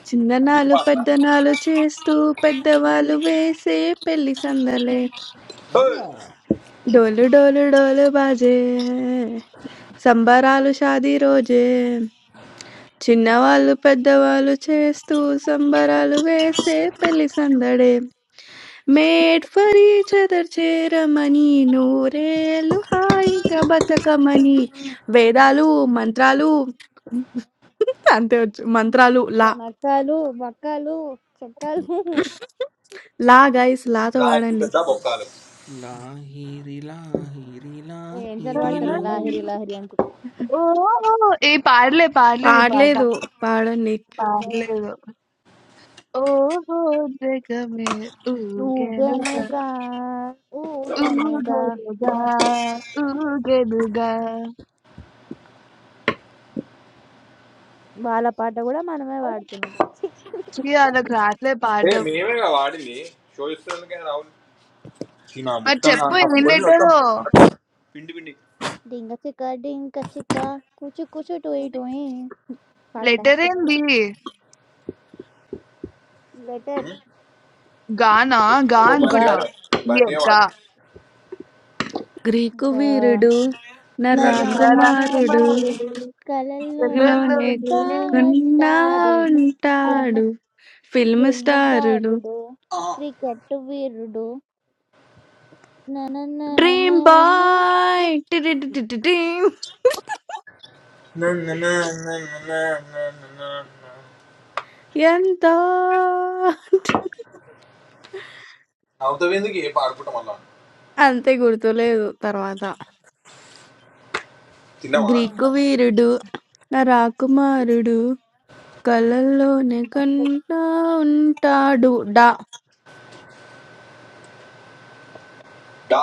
చిన్ననాలు रोज़ापुर పెద్దనాలు చేస్తూ పెద్దవాళ్ళు వేసే పెళ్లి సందలే తర్వాత డోలు డోలు డోలు బాజే సంబరాలు షాదీ రోజే చిన్నవాళ్ళు పెద్దవాళ్ళు చేస్తూ సంబరాలు వేసే పెళ్లి సందడే మేడ్ ఫర్ ఈచ్ అదర్ చేరమని నూరేళ్ళు హాయిగా బతకమని వేదాలు మంత్రాలు అంతే వచ్చు మంత్రాలు లా నక్కలు బక్కలు చెక్కలు లా గైస్ లాతో వాడండి లాహిరి లాహిరి ఏం లాహిరిలో చలవాడతారు లాహిరి లాహిరి అనుకుంటా ఓ ఏ పాడలే పాడలేదు ఈ పాట పాడలేదు పాడండి పాడలేదు ఓహో జగమే ఊగెనుగా ఊగనుగా ఊగనుగా ఊగలుగా ఊగెనుగా వాళ్ళ పాట కూడా మనమే పాడుతున్నాం ఛీ. ఛీ, వాళ్ళకి రాట్లే ఏ పాడడం మేమేగా వాడింది షో ఇస్తున్నాను కానీ రావు ఈ నా మరి మొత్తం నా చెప్పు నా ఏం ఫోన్ మీద మొత్తం లెటర్ పిండి పిండి డింగ చిక్క డింగ చిక్క కూచు కూచు టోయి టోయి పాడండి లెటర్ ఏంది లెటర్ గానా గా ఏమో గ అనుకుంటా బంటిగాడే ఈ బంటిగా యొక్క వాడే గ్రీకు గ- వీరుడు నా నర రాకుమారుడు కుమారుడు నరకుమారుడు కలల్లోనే కా చెదలోనే కన్నా వస్తాడు ఫిల్మ్ ఉంటాడు ఫిల్మ్ ఫిల్మ్ స్టారుడు స్టారుడు క్రికెట్ వీరుడు డ్రీమ్ నననననను బాయ్ టిటిటిటిటిటిం. ఎంత అవుతావు ఎందుకు ఏ పాడుకుంటాం మళ్ళా అంతే గుర్తులేదు తర్వాత తిన్నావా గ్రీకు వీరుడు నా రాకుమారుడు కలల్లోనే కన్నా ఉంటాడు డా డా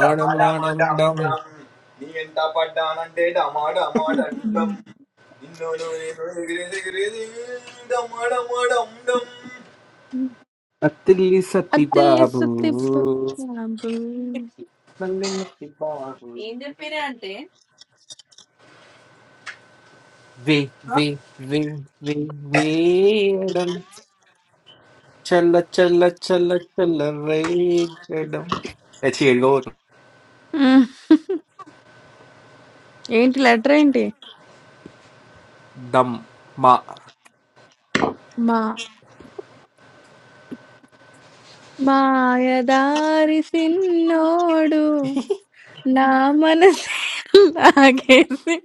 డమా డమా డమ్ డమ్. నీ ఎంత పడ్డానంటే డమా డమా డమ్ డమ్. నిన్ను నువ్వు నేను ఎగిరేసి ఎగిరేసి డమా డమా డమ్ డమ్. అత్తిల్లి సత్తిబాబు అత్తిల్లేసు తిప్పు నన్ను సత్తిబాబు వే వే వే వే వేయడం చల్ల చల్ల చల్ల చల్ల రేగడం ఎచ్చి ఎడగో ఏంటి లెటర్ ఏంటి దమ్ మా మా మాయదారి సిన్నోడు నా మనసు లాగేసి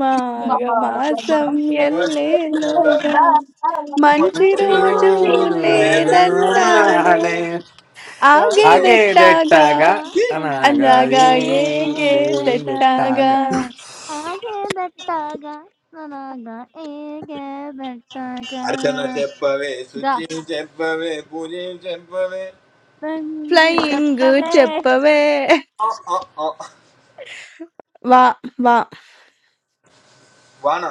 మాఘ మాసం ఎల్లేలోగా మంచి మంచి రోజు రోజు పుట్టిననాడే వేదనాడే. లేదన్నాడే లేదంటాడే రాజు. ఆగేదెట్టాగా ఆగేదెట్టాగా తిట్టగా ఎలాగా అనగాది అనగా దేగేదట్టగా ఎట్టాగ ఏగేదెట్టాగా ఆగేదట్టగా ననగా అర్చన ఏగేదట్టగా చెప్పవే శుచి చెప్పవే పూజ చెప్పవే ఫ్లయింగ్ గొప్పవే చెప్పవే ఆ, ఆ, ఆ. వా వా వాన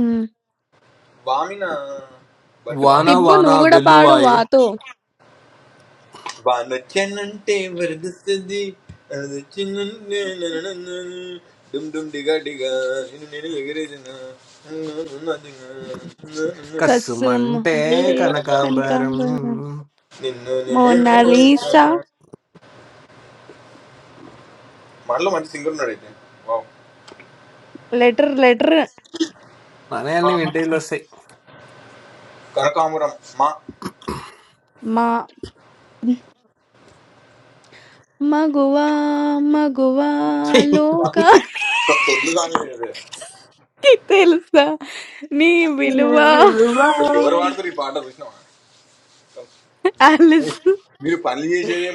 మ్. వామిన అంటే వామ వాన హిబ్బు వాన నువ్వు కూడా పాడు వెల్లువాయే వాతో వానొచ్చానంటే వరదొస్తుంది అదొచ్చిందంటే నననననన. డుమ్ డుమ్ డిగా డిగా నిన్ను నేను ఎగిరేసిన కసుమ్ కస్సుమంటే ఏ ఉండే కనకాంబరం, కనకాంబరం కనకాంబరం నిన్ను నేను మోనాలీసా మనలో మంచి సింగర్ ఉన్నాడు అయితే వావ్. లెటర్ లెటర్ మనయాన్ని వింటేళ్ళు వస్తాయి కనకాంబరం మా మా మగువా మగువా లోకా కొద్ది కానీ లేదు. తెలుసా నీ విలువ అసలు ఎవరు వాడతారు ఈ పాట చూసినావా ఆలిస్ మీరు పనులు చేసేదే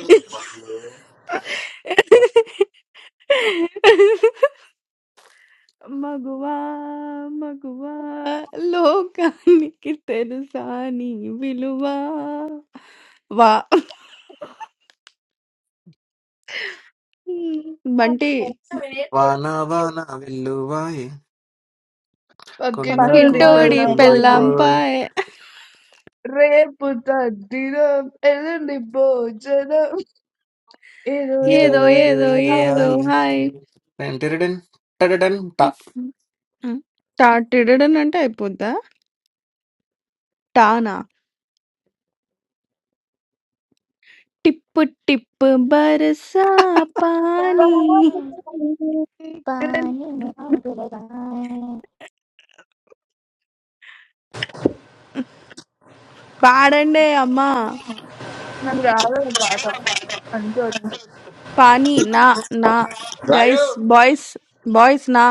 మగువా మగువా లోకానికి తెలుసా నీ విలువ వా బంటి వాన వాన వెల్లువాయే కొండకు పక్కింటోడి నా పక్కింటోడి పక్కింటోడి పిల్లం పెళ్ళం పోయి బాయ్ తుల్లిపోయి పెళ్ళాంపాయే రేపు తద్దినం ఎల్లుండి భోజనం ఏదో ఇరు ఏదో ఏదో ఇరు ఏదో ఇరు ఏదో ఏదో హాయి హాయ్ టెంటెరడెన్ టా టిడడన్ అంటే అయిపోద్దా టానా టిప్పు టిప్పు బరసా పానీ పాని పాని నాగులగా పాడండి అమ్మా నాకు రాదు ఈ పాట అంటూ వచ్చు. పానీ నా నా గైస్ రాయుడు బాయ్స్ బాయ్స్ నా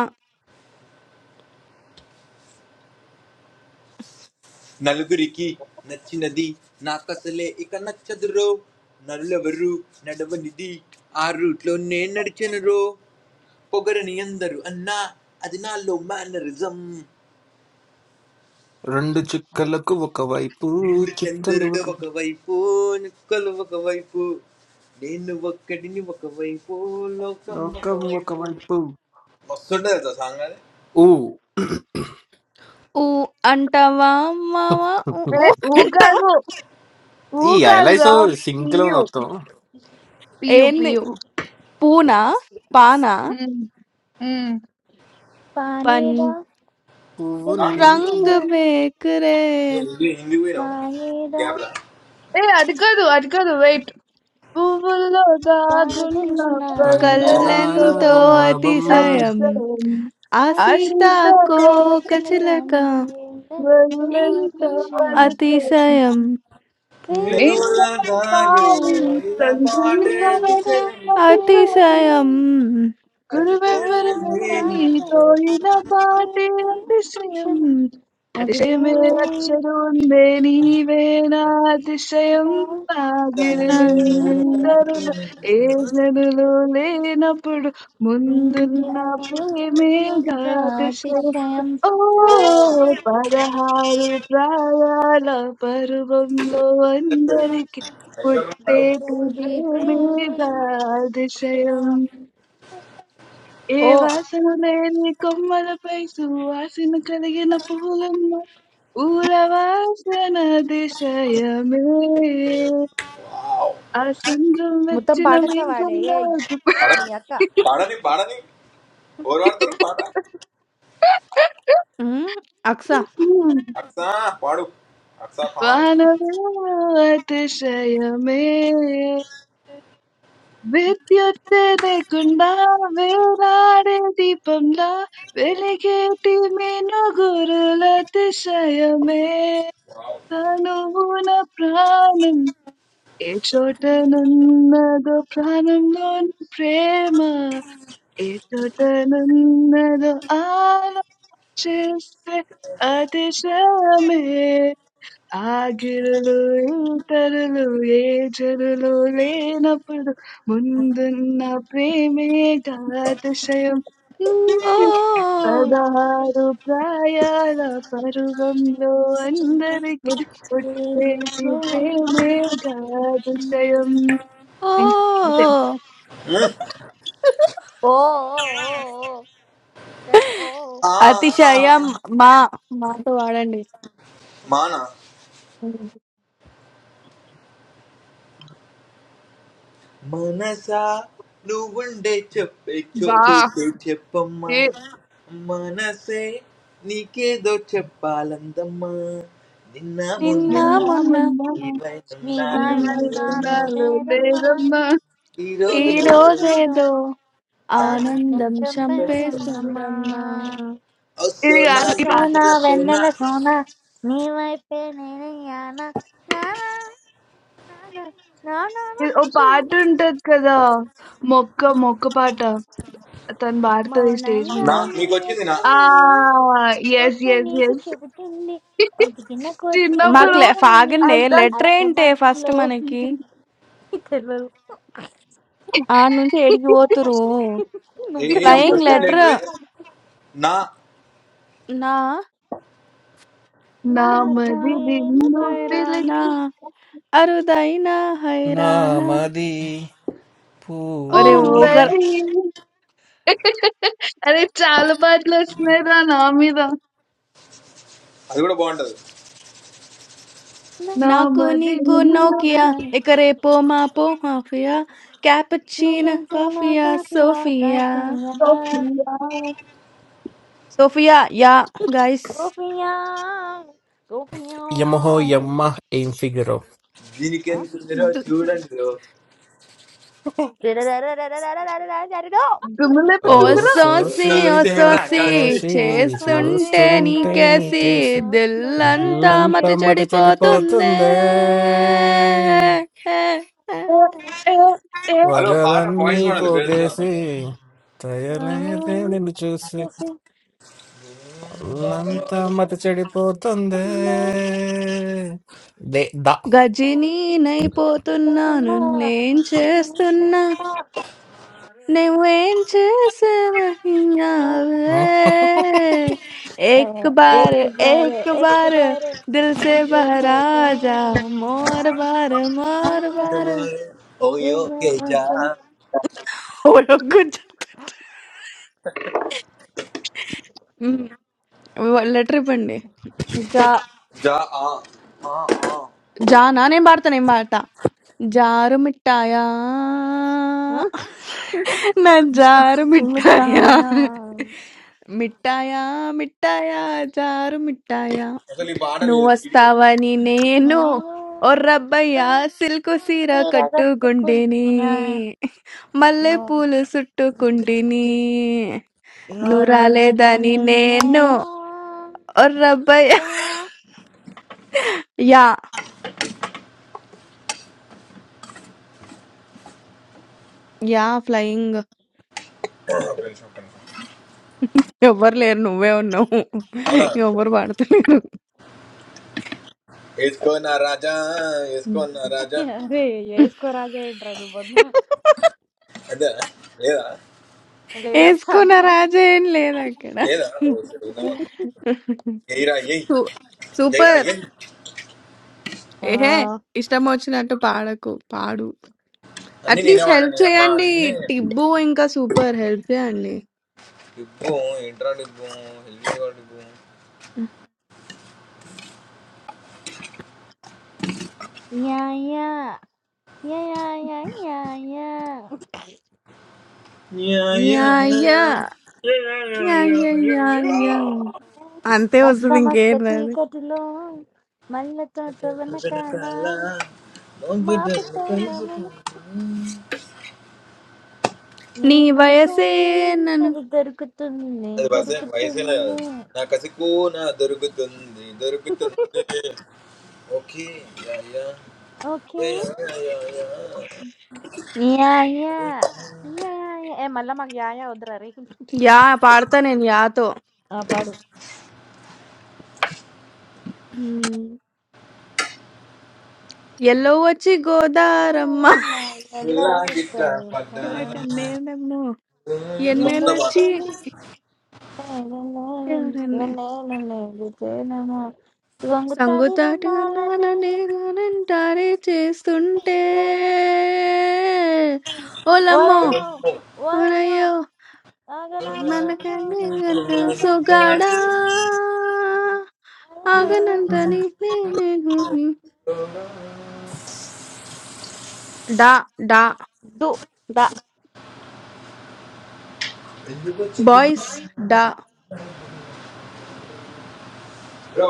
నలుగురికి నచ్చినది నాకసలే ఇక నచ్చదు రో నరులెవరు నడవనిది ఆ రూట్లో నేను నడిచను రో పొగరని అందరు అన్నా అది నాలో మేనరిజం రెండు చుక్కలకు ఒకవైపు నిండు చిట్టలు చంద్రుడు ఒక- ఒకవైపు నిక్కలు ఒకవైపు నేను ఒక్కడిని ఒకవైపు లోకం లోకం ఒకవైపు ఒకవైపు మస్తుండే తెలుసా సాంగ్ అది ఊ ఊ అంటావా మావా ఊ ఊ ఏ ఊ అంటావా కాదు ఊ ఈ ఎలైసో కాదురా సింక్ లో పియు మొత్తం పియు ఏంది పియు పూనా పానా ఉమ్, ఉమ్. పన్ పానీదా పువ్వు ఆ, హిందీ నిన్ను రంగులే రంగు వేకురే హిందీ హిందీ పోయినావు పానీదా గ్యాప్ లా ఏ అది కాదు అది కాదు వెయిట్ Ooh, love, I'm కాకున్న not వావ్. పంచదార sentimental. కళ్ళంతో కళ్ళెంతో బొమ్మ బొమ్మ I'm అతిశయం అతిశయం just a girl ఆ ఆ సీతాకోక చిలక who's సీతాకోకచిలక మగంతో అతిశయం sentimental. అతిశయం నేను We వేణు should అలా తాగే కాకే fall in love ఇలా పాటే and అతిశయం సునీతానే make it real. అతిశయం అతిశయం అతిశయం గురువెవ్వరు నేను. కరుణాకో తోయిన పాటే Now అతిశయం the same అతిశయమే way అచ్చరు ఉందే నీవేనా అతిశయం before, I నాగిరిలేదు నన్ను- కరుణ ఏ జనులు లేనప్పుడు ముందున్న ప్రేమే will అతిశయం gratitude ఓ పదహారు ప్రాయాల పర్వంలో అందరికి ఐశ్వర్యం గారు, పుట్టేటి for the ప్రేమే present. అతిశయం ఏ ఓ వాసన లేని కొమ్మలపై సువాసన కలిగిన పూలమ్మ పూల వాసన దిశయమే వావ్. ఆ సంద్రం മുത്തം వచ్చిన പാടൊക്കെ പാടേ మేఘంలో ഏയ് గు- നീ పాడని അക്ക పాడని పాడని ఎవరు పాడతారు పాట ఉమ్, అక్స అక్సా పాడు అక్సా ఖాన్ వానలో అతిశయమే విద్యుత్ లేకుండా వేలాడే దీపంలా వెలిగేటి మెనుగురుల అతిశయమే వావ్. తనువున ప్రాణం ఏ చోటనున్నదో ప్రాణంలోని ప్రేమ ఏ చోటనున్నదో ఆలోచిస్తే అతిశయమే ఆగిరులు ఇతరులు ఏ జరులు లేనప్పుడు ముందున్న ప్రేమే అతిశయం ఓ పదహారు ప్రాయాల పర్వంలో అందరికీ పుట్టేది ప్రేమే అతిశయం ఓ ఇంక అంతే. ఉమ్. ഓ ഓ ഓ ഓ ഓ. കഷ്- ഓ ഓ. ఆ, ఆ, అతిశయం ఆ. మా మాతో వాడండి మానా మనసా నువ్వుండే చెప్పే చో బా చోటే చెప్పమ్మా ఏ మనసే నీకేదో చెప్పాలందమ్మా నిన్న നീ మొన్న నిన్న നാ నిన్న മുന്നേ మొన్న మొన్న మీ ఇవైనాడు ఉమ్, ఇవాళ వాయినమ్మా లేదమ్మా, ఇన్నాళ్ళు నూరేరమ్మా లేదమ్మా ఈ ఈ ఈ రోజు రోజేదో రోజేదో ఆనందం ఆనందం ఆనందం చంపేస్తుందమ్మా చింపేస్తున్నా చంపేస్తుందమ్మా ఇది ఓ కాదు ఈ పాట సోనా గుండెలతో నా వెన్నెల సోనా నీ వైపే నేనయ్యానా నానా నానా నానా ఇది ఓ పాట ఉంటది కదా మొక్క మొక్క పాట తను పాడుతుంది స్టేజ్ మౌనంగా మీద నా నీ మీకు వచ్చింది నా ఆ ఎదకమని ఎస్ మొక్క ఎస్ నీకు ఎస్ చెబుతుంది [laughs] ఒదిగిన కొద్దీ మాకు చిన్నప్పుడు లే- ఎదకమని ఆగండి అంతా లెటర్ ఏంటి ఫస్ట్ అస్తమంతులో మనకి తెలియదు ఆడ నుంచి ఏడికి పోతురు [laughs] ఏ ఏ నువ్వే మీకు ఫ్లయింగ్ వచ్చింది లెటర్ ముఖాను లెటర్ ఏది నా నా నా నాన్నకు నా నామది [laughs] నిన్ను ప్రేమతో హైరానా పిలిచి అరుదైనా హైరానా నామది అరే పువ్వది ఒకర్ పువ్వది అరే చాలా పాటలు వస్తున్నాయి రా నా మీద అది కూడా బాగుంటది Na, నా నాకు మరి నీకు నోకియా na, na, ఇక రేపో మాపో mafia na, cappuccino na, na, కాఫియా na, na, Sophia na Sophia yeah guys Gopiya, Gopiya. యమహో యమ్మ ఏం ఫిగరో దీనికి Huh? ఎందుకు [laughs] Da da da da da da da da da da da da da. దుమ్ము ఓ ఓ లేపుతుందిరా సోసి ఓ చూడండి సోసి సోసీరాక్షసి Also, చేస్తుంటే చూస్తుంటే నీకేసి sirakasi, నీకేసి దిల్లంతా duskuntani ఒళ్ళంతా మతి kesi. మత చెడిపోతుందే చెడిపోతుందే na na ఏ, ఏ. ఏ హలో పాట వగలన్నీ వాయిస్ మోడల్ గర్ల్స్ గా పోగేసి na తయలేదే na నిన్ను చూసి kesi. na ఒళ్ళంతా మత చెడిపోతుందే na దే దా గజినీనైపోతున్నాను na నేను na చేస్తున్నా na నువ్వేం में ఏ? చేసావే [laughs] ఎక్ బార్ एक बाए, एक ఎక్ बाए, एक బార్ बाए, దిల్ సే महीं निया, బహరాజా बचाँ మోర్ బార్ మోర్ బార్ ఓయ్ में नहे, बचाँ, मुँटाँ cœur, मॉ ये, ఓకే निया, జా मुटाँ లెటర్ ఇవ్వండి मुटाँ? జా ఆ ఆ, ఆ. జానా నేను పాడతాను ఏం పాట జారు మిఠాయా ओ, है, నా జారు ऎए conscious καची మిఠాయా మిఠాయా మిఠాయా జారు మిఠాయా అసలు ఈ పాట నువ్వు లేదు వస్తావని నేను ఓ రబ్బయ్యా సిల్కు సీర हिए కట్టుకుంటిని మల్లె పూలు చుట్టుకుంటిని నువ్వు రాలేదని నేను ఓ రబ్బయ్యా యా యా ఫ్లయింగ్ ఎవ్వరు లేరు నువ్వే ఉన్నావు అవునా ఎవ్వరు పడతలేరు వేసుకోనా రాజా వేసుకోనా రాజా गाणिघा पादु है! అదే లేదా వేసుకున్న రాజా ఏం లేదు అక్కడ లేదా ఓ, సరే, ఉందేమో. ఎయిరా ఎయ్ సూ- ఎయిరా సూపర్ ఎయ్ ఏహే ఇష్టం వచ్చినట్టు పాడకు పాడు అన్ని నేనే అట్లీస్ట్ హెల్ప్ వాడని అమ్మ చేయండి అన్ని టిబ్బు ఇంకా సూపర్ హెల్ప్ చేయండి ఇబ్బు ఇంట్రా ఇబ్బు ऐ याः... Yeah, yeah, yeah, yeah. Yeah yeah helmet yeah yeah yeah ఇబ్బు yeah. యా అంతే మసక వస్తుంది మసక ఇంకేం రాదు చీకటిలో మల్ల తోట అది వెనకాల మా పట్టాల మనకు నీ నీ మనసు వయసే నన్ను అది దొరుకుతుంది వయసు వయసు దొరుకుతుంది నా కసికు నా దొరుకుతుంది దొరుకుతుంది okay yeah yeah okay yeah yeah yeah yeah yeah yeah. ఏ మళ్ళా మాకు యా యా వద్దురా రే యా పాడతా నేను యాతో ఆ, పాడు ఎల్లవొచ్చి గోదారమ్మ రామ, ఎలా ఇలా గిట్ట కుట్టావు? పడ్డాను కన్నేళ్ళమ్మ మొత్తం జండగ పాట ఎన్నెళ్ళొచ్చి భూమి లేదు ఎవరన్నా జనమా దొంగతాడి సంగుతాటి రండాలని అన్నాననేదానంటారే చేస్తుంటే ఓలమ్మో ఓరయ్యో ఓరయ్యో ఓరయ్యో మనకనే కన్నా సొగాడా ఆగనంతని నేనే గూని. డా డా ఎందుకు వచ్చి గు- బాయ్స్ డా బ్రో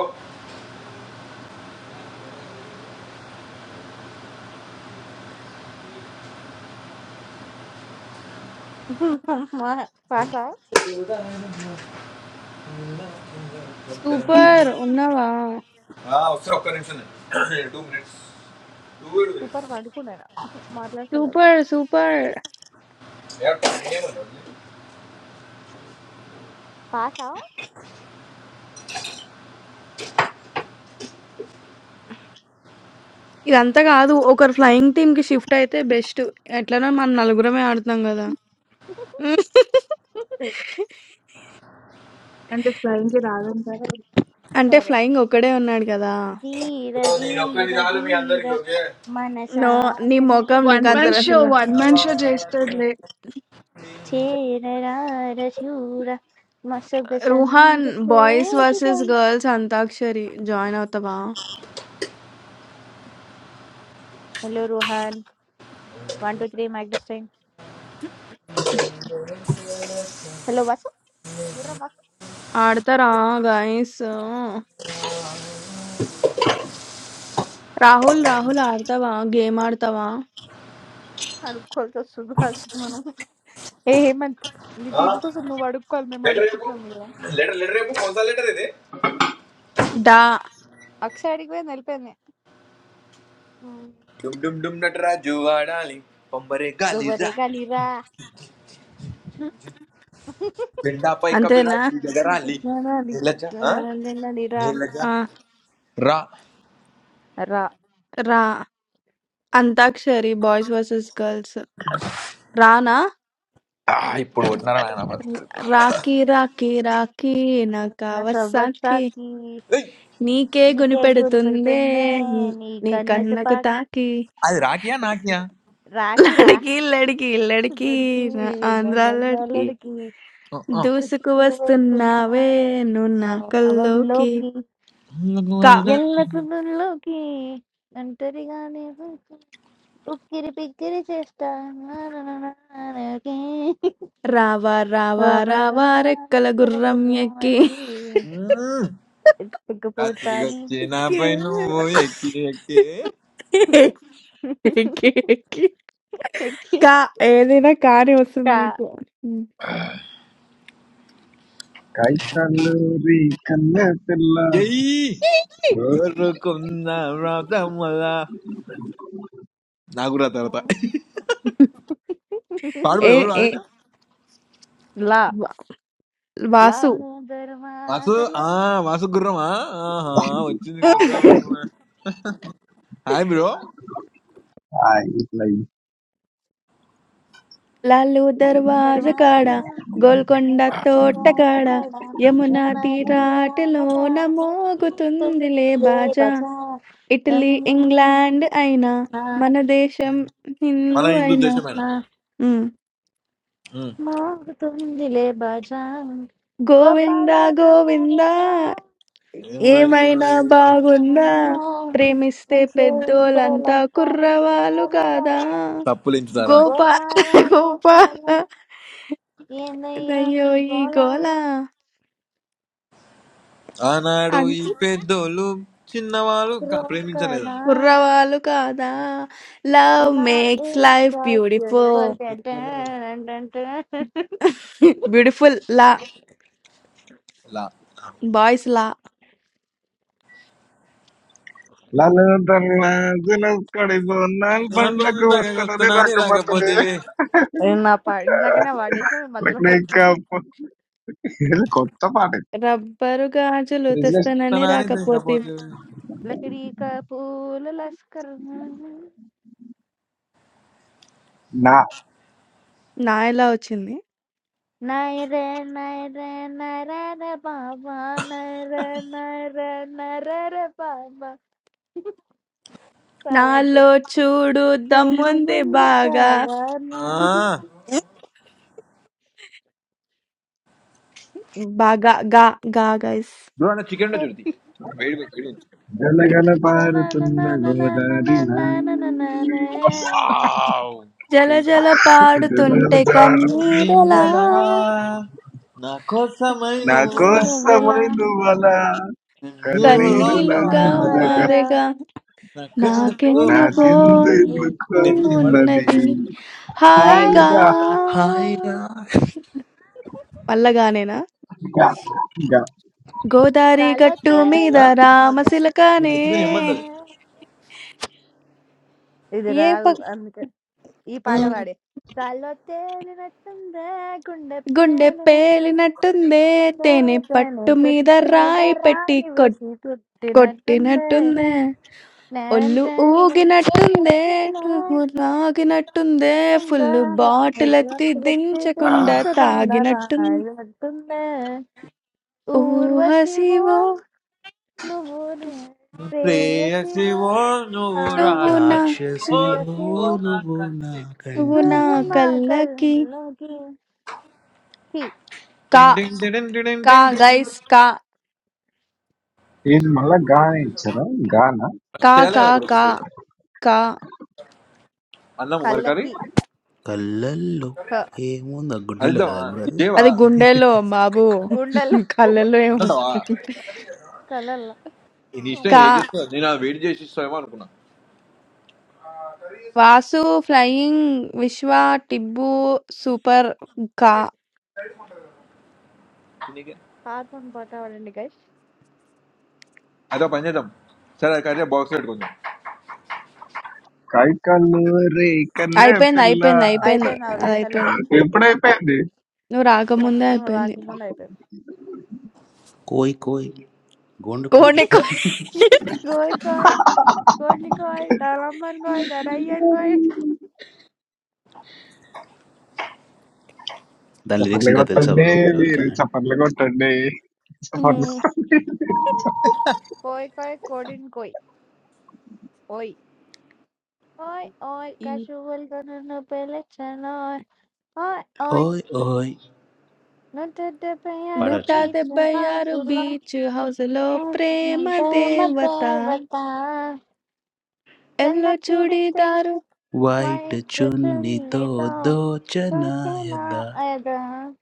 పాషా సూపర్ ఉన్నావా ఆ, వస్తా ఒక్క నిమిషం two minutes two minutes super పండుకున్నాను మాట్లాడతలేరు సూపర్ సూపర్ పాషా ఇదంతా కాదు. ఒకరు ఫ్లయింగ్ టీమ్‌కి షిఫ్ట్ అయితే బెస్ట్. ఎట్లనో మనం నలుగురమే ఆడుతున్నాం గదా! అంటే ఫ్లయింగ్ కి రాదంటారా అంటే సరే ఫ్లయింగ్ ఒక్కడే ఉన్నాడు కదా! జీర నేను జీర ఒక్కరిని చాలు మీ జీర అందరికి ఓకే నో నీ మొఖం వన్ నీకంత మ్యాన్ మనసాగ్ని షో అసలు. వన్ మ్యాన్ షో చేస్తాడులే చేరరార శూర మా రుహాన్ సొగసందు బాయ్స్ కోరుగా వర్సెస్ గర్ల్స్ అంతాక్షరి జాయిన్ అవుతావా? Hello Rohan one two three mic time hello Vasu గుర్ర వాసు ఆడతారా గైస్? రాహుల్ రాహుల్ ఆడతావా? గేమ్ ఆడతావా? అడుక్కోవాల్సి వస్తుంది ఫస్ట్ కి మనం ఏ హేమంత్ నీ టీం కోసం నువ్వు అడుక్కోవాలి మేము లెటర్ రేపు అడుక్కుంటున్నాం కదా లెటర్ లెటర్ రేపు కొంత లెటర్ ఇది డా అక్షయ్ అడిగిపోయింది వెళ్ళిపోయింది ఉమ్. డుమ్ డుమ్ డుమ్ నటరాజు ఆడాలి పంబరే గాలి ఎవరే రా కాలిరా పెండాపై అంతేనా? కపిరాజు ఎగరాలి జిజ్ఞానాలి నీలజ ఆ? రా నీలజ ఆ! రా రా రా అంతాక్షరి బాయ్స్ వర్సెస్ గర్ల్స్ రానా? ఆ, ఉమ్. ఇప్పుడు కొట్టినారా నాయన మస్తు. రాఖీ రాఖీ రాఖీ నా నా కావసాకి సవ్వసాకి ఏయ్, నీకే నీకే గురి గునిపెడుతుందే పెడుతుందే నీ నీ కన్యత కన్నకు పాకి తాకి అది రాకియా నాకియా రాకిరా లడికి లడికి లడికి నడికి నా నా ఆంధ్ర లడికి గన్నాలడికి ఆ, ఆ. దూసుకు ఉసుకు వస్తున్నావే వెళ్తున్నారా నువ్వు నా నా కల్లోకి నవల్లోకి కా ఎల్లకులోకి ఒంటరిగానే వచ్చి ఉక్కిరి పిక్కిరి చేస్తా నా నా నా నా నా నాకి. రావా రావా రవ రావా రవ రెక్కల రక్కల గుర్రం ఎక్కి గుర్రమకి రాత్రి ఎత్తుకుపోతాను వచ్చే కే- నాపై నువ్వు ఎక్కి ఎక్కి ఎక్కి, ఎక్కి. ఎక్కి కా ఏదైనా కానీ వస్తుంది కా మీకు Kai calorie kanneer thella, ఎయ్యి kozai ఎవరుకున్న రాతమ్మల నాకు రా తర్వాత పాడుబో ఎవరు ఏ ఆడిన లా వ వాసు. వాసు ఆ లా వాసు గుర్రమా ఆహా వచ్చింది గుర్రం హాయ్ బ్రో like లాలు దర్వాజ కాడ దర్వాజా గోల్కొండ నల్ల తోట కాడ కోటకడ యమునా యమునా తీరాన తీరాటలో మోగుతుందిలే పాడబోతుంది బాజా బజ ఇటలీ ఇంగ్లాండ్ అయినా మన దేశం మన హిందూ హిందూ అయినా యమునా దేశమైన ఉమ్. మోగుతుందిలే బజా గోపాల గోవిందా గోవిందా గోవింద ఏమైనా బాగుందా నీవెన్నో ప్రేమిస్తే ఎంతో పెద్దోలంతా ఎంతోలంత కుర్రవాళ్ళు ఎత్తునాలు కాదా కాదు తప్పులించుతారా గోపా గోపాల గోపాల గోపాల ఏందయ్యో దయ్యో నీ ఈ గోళ గోల ఆనాడు ఈ అంటే పెద్దోళ్ళు చిన్నవాళ్ళు క- రోడ్ ప్రేమించలేదా కదా కుర్రవాళ్ళు కాదా love Love makes is life like beautiful beautiful. Dun, dun, dun, dun, dun. [laughs] Beautiful లా ఇలా బాయ్స్ లా lalle thella. Jelas karibu naal pandaku wasta na de వస్తున్నాని rakapato de. రాకపోతేవి నేను నా పాడినాకనే పాడేసిన మీ Like మధ్యలో nee పడుతుంది ka po? Kotha pare. Rubber గాజులు తెస్తానని వస్తున్నాని రాకపోతే తెగకపోతేవి లకడీ కా పూల లస్కర్ Na నా ఎలా వచ్చింది నైరే నైరే నరర బాబా నైర నైర నరర బాబా పాడొచ్చు నాలో చూడు రెండు దమ్ముంది మంది బాగా చాలా బాగా గా గా గైస్ dalgalu paru tunna నేను goda di na. Wasi జల జల dalgalu పాడుతుంటే jaru. కన్నీరలా నీడలా నా కోసమై Na నువ్వులా kosa నువ్వెలా mai doo bala kanneer నీడలా నువ్వు la నా కన్నీలుగా మాడగా malaga మారగా మారేగా నాకెందుకు na నాకెందుకో kintu నాకోసమంటుంది నేను mukar ఎత్తుకుని ఇవ్వడు badi. ఉన్నది హాయిగా హాయిగా Aaja హాయిగా మల్లగానేనా ja ja. గోదారి కలో గట్టు మీద ఆ? తేలిన ఓకే నేను రామసిలకానే ఎత్తుకుని ఇవ్వబడ్డది సమయం ఇది ఏ ప రాదు అందుకే ఈ పాట మ్మ్. పాడే కలో తేలినట్టుందే గుండె గుండె పేలినట్టుందే పేలినట్టుందే తేనె తేనె పట్టు మీద తుట్టు మీద రాయి పెట్టి రాయి కొట్- వేసి తుట్టినట్టుందే కొట్టినట్టుందే ఒళ్ళు నేనంటే ఊగినట్టుందే నచ్చిందా నువ్వు లాగినట్టుందే ఫుల్ బాటిల్ ఎత్తి దించకుండా చూపించకుండా తాగినట్టుంది రాయినట్టుందే ఊహ ఊర్వశివో శివో నువ్వు నే ప్రేయసివో ప్రేయసివో నువ్వు నువ్వు నా రాజసివో క్షమి రాక్షసివో నువ్వు శివో నా నువ్వు కన్ను. నా నువ్వు నా నువ్వు కంటికి మా కళ్ళకి కళ్ళలోకి కి కా టిన్ టిన్ టిన్ టిన్ కా టిన్ టిన్. గైస్ కా ఇది మళ్ళా గాన ఇచ్చారా గాన కా చేయాలి కా కదా ఇప్పుడు కా ఫుడ్ కా అన్నాము మరి కానీ కళ్ళకి కళ్ళల్లో క ఏముంది ఆ అది గుండెల్లో కదా ఇద్దామా బ్రో అది ఇదేవా అది గుండెలో బాబు గుండెల్లో [laughs] కళ్ళలో అంటావా ఏముంటుంది కళ్ళల్లో నీ ఇష్టం కా అమ్మో ఏం చేస్తా నేను అది వెయిట్ చేసి ఇస్తామేమో అనుకున్నా వాసు ఫ్లయింగ్ విశ్వ టిబ్బు సూపర్ కా పాతం పాట పాడండి గైస్ అదే పని చేద్దాం సరే అది కట్టే బాక్స్ పెట్టుకుందాం కాయికాలు రే కన్నే అయిపోయింది పిల్ల అయిపోయింది అయిపోయింది అయిపోయింది అది ఆల్రెడీ హలో అయిపోయింది ఎప్పుడైపోయింది నువ్వు రాకముందే ఫస్ట్ అయిపోయింది రాకముందు అయిపోయింది కోయ్ కోయ్ గోండు కోయ్ కోడి కోడి కోయ్ కోయ్ కోడిని కోయ్ తలమ్మని కోయ్ తనయ్యని కోయ్ దాని లిరిక్స్ చప్పట్లు ఇంకా తెలుసా కొట్టండి బ్రో మీరు ఎవరికైనా చప్పట్లు కొట్టండి చప్పట్లు ఉమ్. కొట్టండి. కోయ్ కోయ్ కోడిని కోయ్ ఓయ్ ఓయ్ ఓయ్ ఈ కశువులతో నన్ను పిలిచను Oi, oi, ఓయ్ ఓయ్ not to the prayer of నూట పాడవచ్చా beach, డెబ్బై house ఆరు long, బీచ్ హౌస్ లో ప్రేమ దేవత Devata. Then yellow I shoot it, churidar white my return చున్నీతో later. దోచనాయదా Prathana Ada.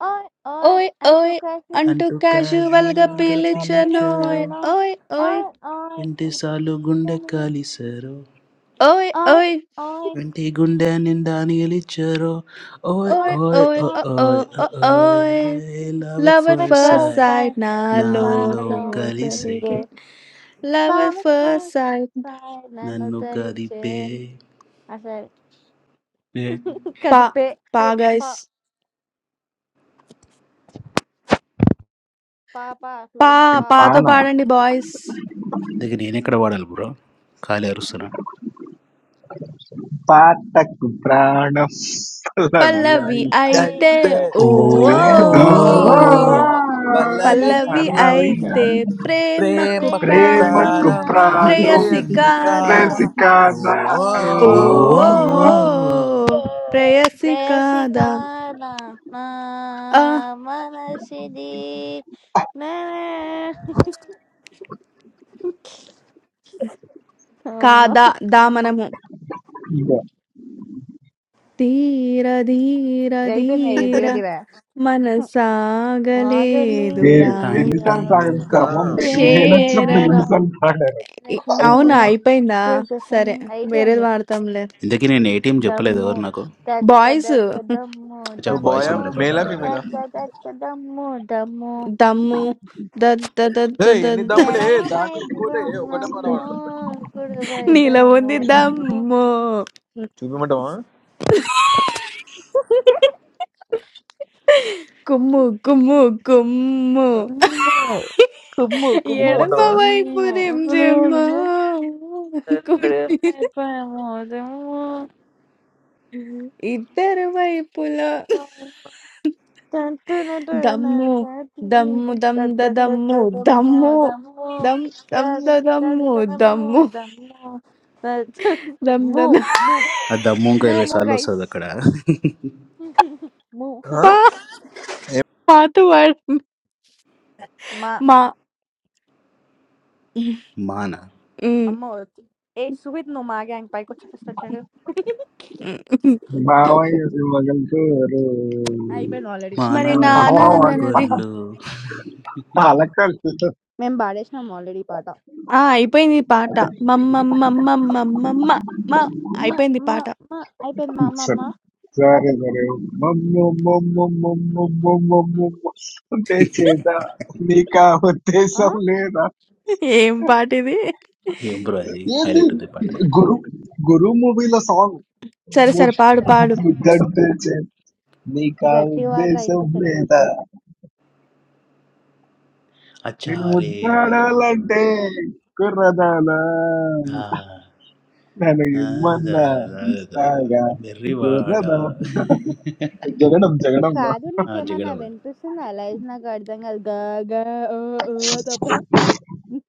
Oi, oi, ఓయ్ and to ఓయ్ catch you, అంటూ అంటూ క్యాజువల్ such గా a క్యాజువల్ గా wonderful in a పిలిచారు పిలిచనోయ్ channel. ఓయ్ ఓయ్ Oi, oi, oi, ఇంటిసార్లు గుండె oi, కలిసారు ఓయ్ oi, ఓయ్ oi, Twenty Gundan and Daniel Ichero. Oi, oi, oi, ఓయ్ oi, ఓయ్ oi, ఓ ఓ oi, ఓ oi, ఓయ్ oi, love at lover first first first sight. Side time, నాలో my నాలో కలిసే పోతదిగే lord, lover love at first first side నన్ను నన్ను తలిచే కదిపే అసలు ఏ, పా కాదు పే పా పే పా గైస్ పాప పా ఫ్లయింగ్ పా పాతో పాన పాడండి బాయ్స్ దగ్గర నేను ఎక్కడ వాడాలి బ్రో ఖాళీ అరుస్తున్నా పాటకు ప్రాణం పల్లవి పల్లవి అయి. పల్లవి అయితే అయితే అయితే ఓ ఓ ఓ ఓ, ఓ ఓ, ఓ ఓ ఓ పల్లవి పల్లవి పల్లవి అయితే పల్లవి అయితే అయితే అయి. ప్రేమకు ప్రేమకు ప్రేమకు ప్రాణం ప్రేమకు ప్రాణం ప్రాణం ప్రాణం ప్రేయసి ప్రేయసి కాదా కాదా ప్రేసి కాదా ఓ ఓ ఓ ఓ ఓ ఓ, ఓ, ఓ. ఓ. ప్రేయసి కాదా ప్రేయసికాన నా ఆ మనసిది నేనే అమ్మా కాదా దామనము ఓ. తీర ధీర అయిపోయింది ధీర ధీర ధీర Agali They మనసాగలేదురా tie they tie దూరా misunderstand Karma. They they not just చేరరా చేరరా misunderstand. I ఇ- అవునా point. శూర అయిపోయిందా సుఖసం సరే వేరేది అయిపోయింది వాడతాంలే ఇంతకీ నేను ఏటీఎం చెప్పలేదు దమ్ము ఎవరు నాకు దత్త బాయ్స్ దత్త దమ్ము అచ్చా నువ్వు బాయ్స్ బాయ్ దమ్ము అందరు ఒకట మేలా రైట్ ఫీమేలా దత్త దత్త దమ్ము దమ్ము దమ్ము ఏ ఎన్ని దద్ద దమ్ములే ఎడమ దాని మీద వైపు పోతే ఒకటే బ్రహ్మము పడవాలి కుడి వైపు నీలో ఉంది గుమ్ము దమ్ము చూపిమంటావా కుమ్ము కుమ్ము కుమ్ము గుమ్ము కుమ్ము కుమ్ము ఎడమ కుమ్మంటావా వైపు కుమ్ము నిమ్జిమ్మ కుడి కుడి వైపు దమ్ము ఇద్దరు వైపుల Dun, dun, dun, dun, దమ్ము dun, dun, దమ్ము దమ్ dun, dun, dun, ద dun, దమ్ము dun, dun, mo, దమ్ము dun, mo, దమ్ దమ్ dun, ద dun, దమ్ము dun, dun, mo, దమ్ము dun, mo, dun, dun, [laughs] దమ్ ద mo, దమ్. mo, ఆ దమ్ము ఇంకా mo, ఇరవై mo, సార్లు guys. వస్తుంది అక్కడ [laughs] [laughs] Mo. పా పాత వాడు మా మా మానా ఉమ్, అమ్మ వచ్చు. ఏ సుహిత్ నువ్వు మా గ్యాంగ్ పైకి వచ్చి ఫస్ట్ వచ్చాడు um, Bawa is magal to. అయిపోయింది ఆల్రెడీ మా మరి ఎన్నిసార్లు నాన్నది పడతారు నాన్న Hawa wadi. అన్నది పాలకొల్లు Alakal. మేము పాడేసినాం ఆల్రెడీ పాట ఆ అయిపోయింది ఈ పాట మమ్మమ్మమ్మమ్మమ్మమ్మ మా మా అయిపోయింది ఈ మా పాట మా అయిపోయింది మా మా Sir. మా Sorry sorry. Mom, mom, mom, mom, mom, mom, mom, mom. mum. They cheda. Nika. They ఆ? सब लेना. ఏం పాట ఇది ఏం బ్రో అది ये भी హైలైట్ ఉంది పాట गुरु गुरु मूवी ला song. సరే वो సరే పాడు పాడు दर्द चें. nika. గట్టిగా They सब వాడరా लेना. Nin అచ్చారే ఆయోన్ బ్రో muttaalante kura dalaa ఆ, na ఆ, noyuman దా, na దా, దా, saga kura బెర్రివాడ dalaa jagadam jagadam na కాదు ఆ, నీకేమన్నా జగడం అది. వినిపిస్తుందా? లైట్ నాకు అర్థం కాదు. గ గ ఓ ఓ తప్ప హ్మ్.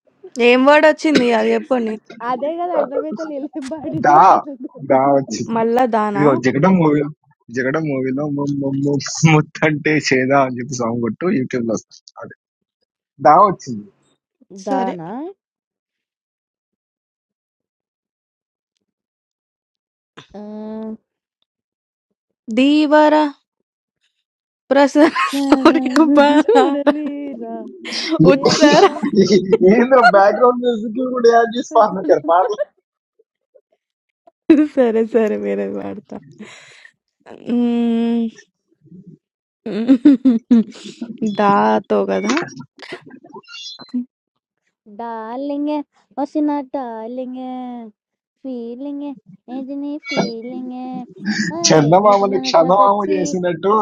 ఏం వర్డ్ వచ్చింది అది చెప్పండి అదే కదా అర్థమైతే లేలేం పాడి da కూడా లేదు. da ach మళ్ళా దానా jagadam movie jagadam movie na muttaalante cheda song gatto you can listen da ach సరే దానా? ఆహ్, దీవర ప్రసర సౌర్యప చూడలేరా ఉత్సర తేరరా in the background music you put a jis parne kar paar సరే సరే వేరే పాడతా మ్మ్. దాతో కదా డార్లింగే వసిన డార్లింగే ఫీలింగే ఏంటి నీ ఫీలింగే ఐ channa mama నీటిలోన leksha mama mujhe చాపొచ్చి isine to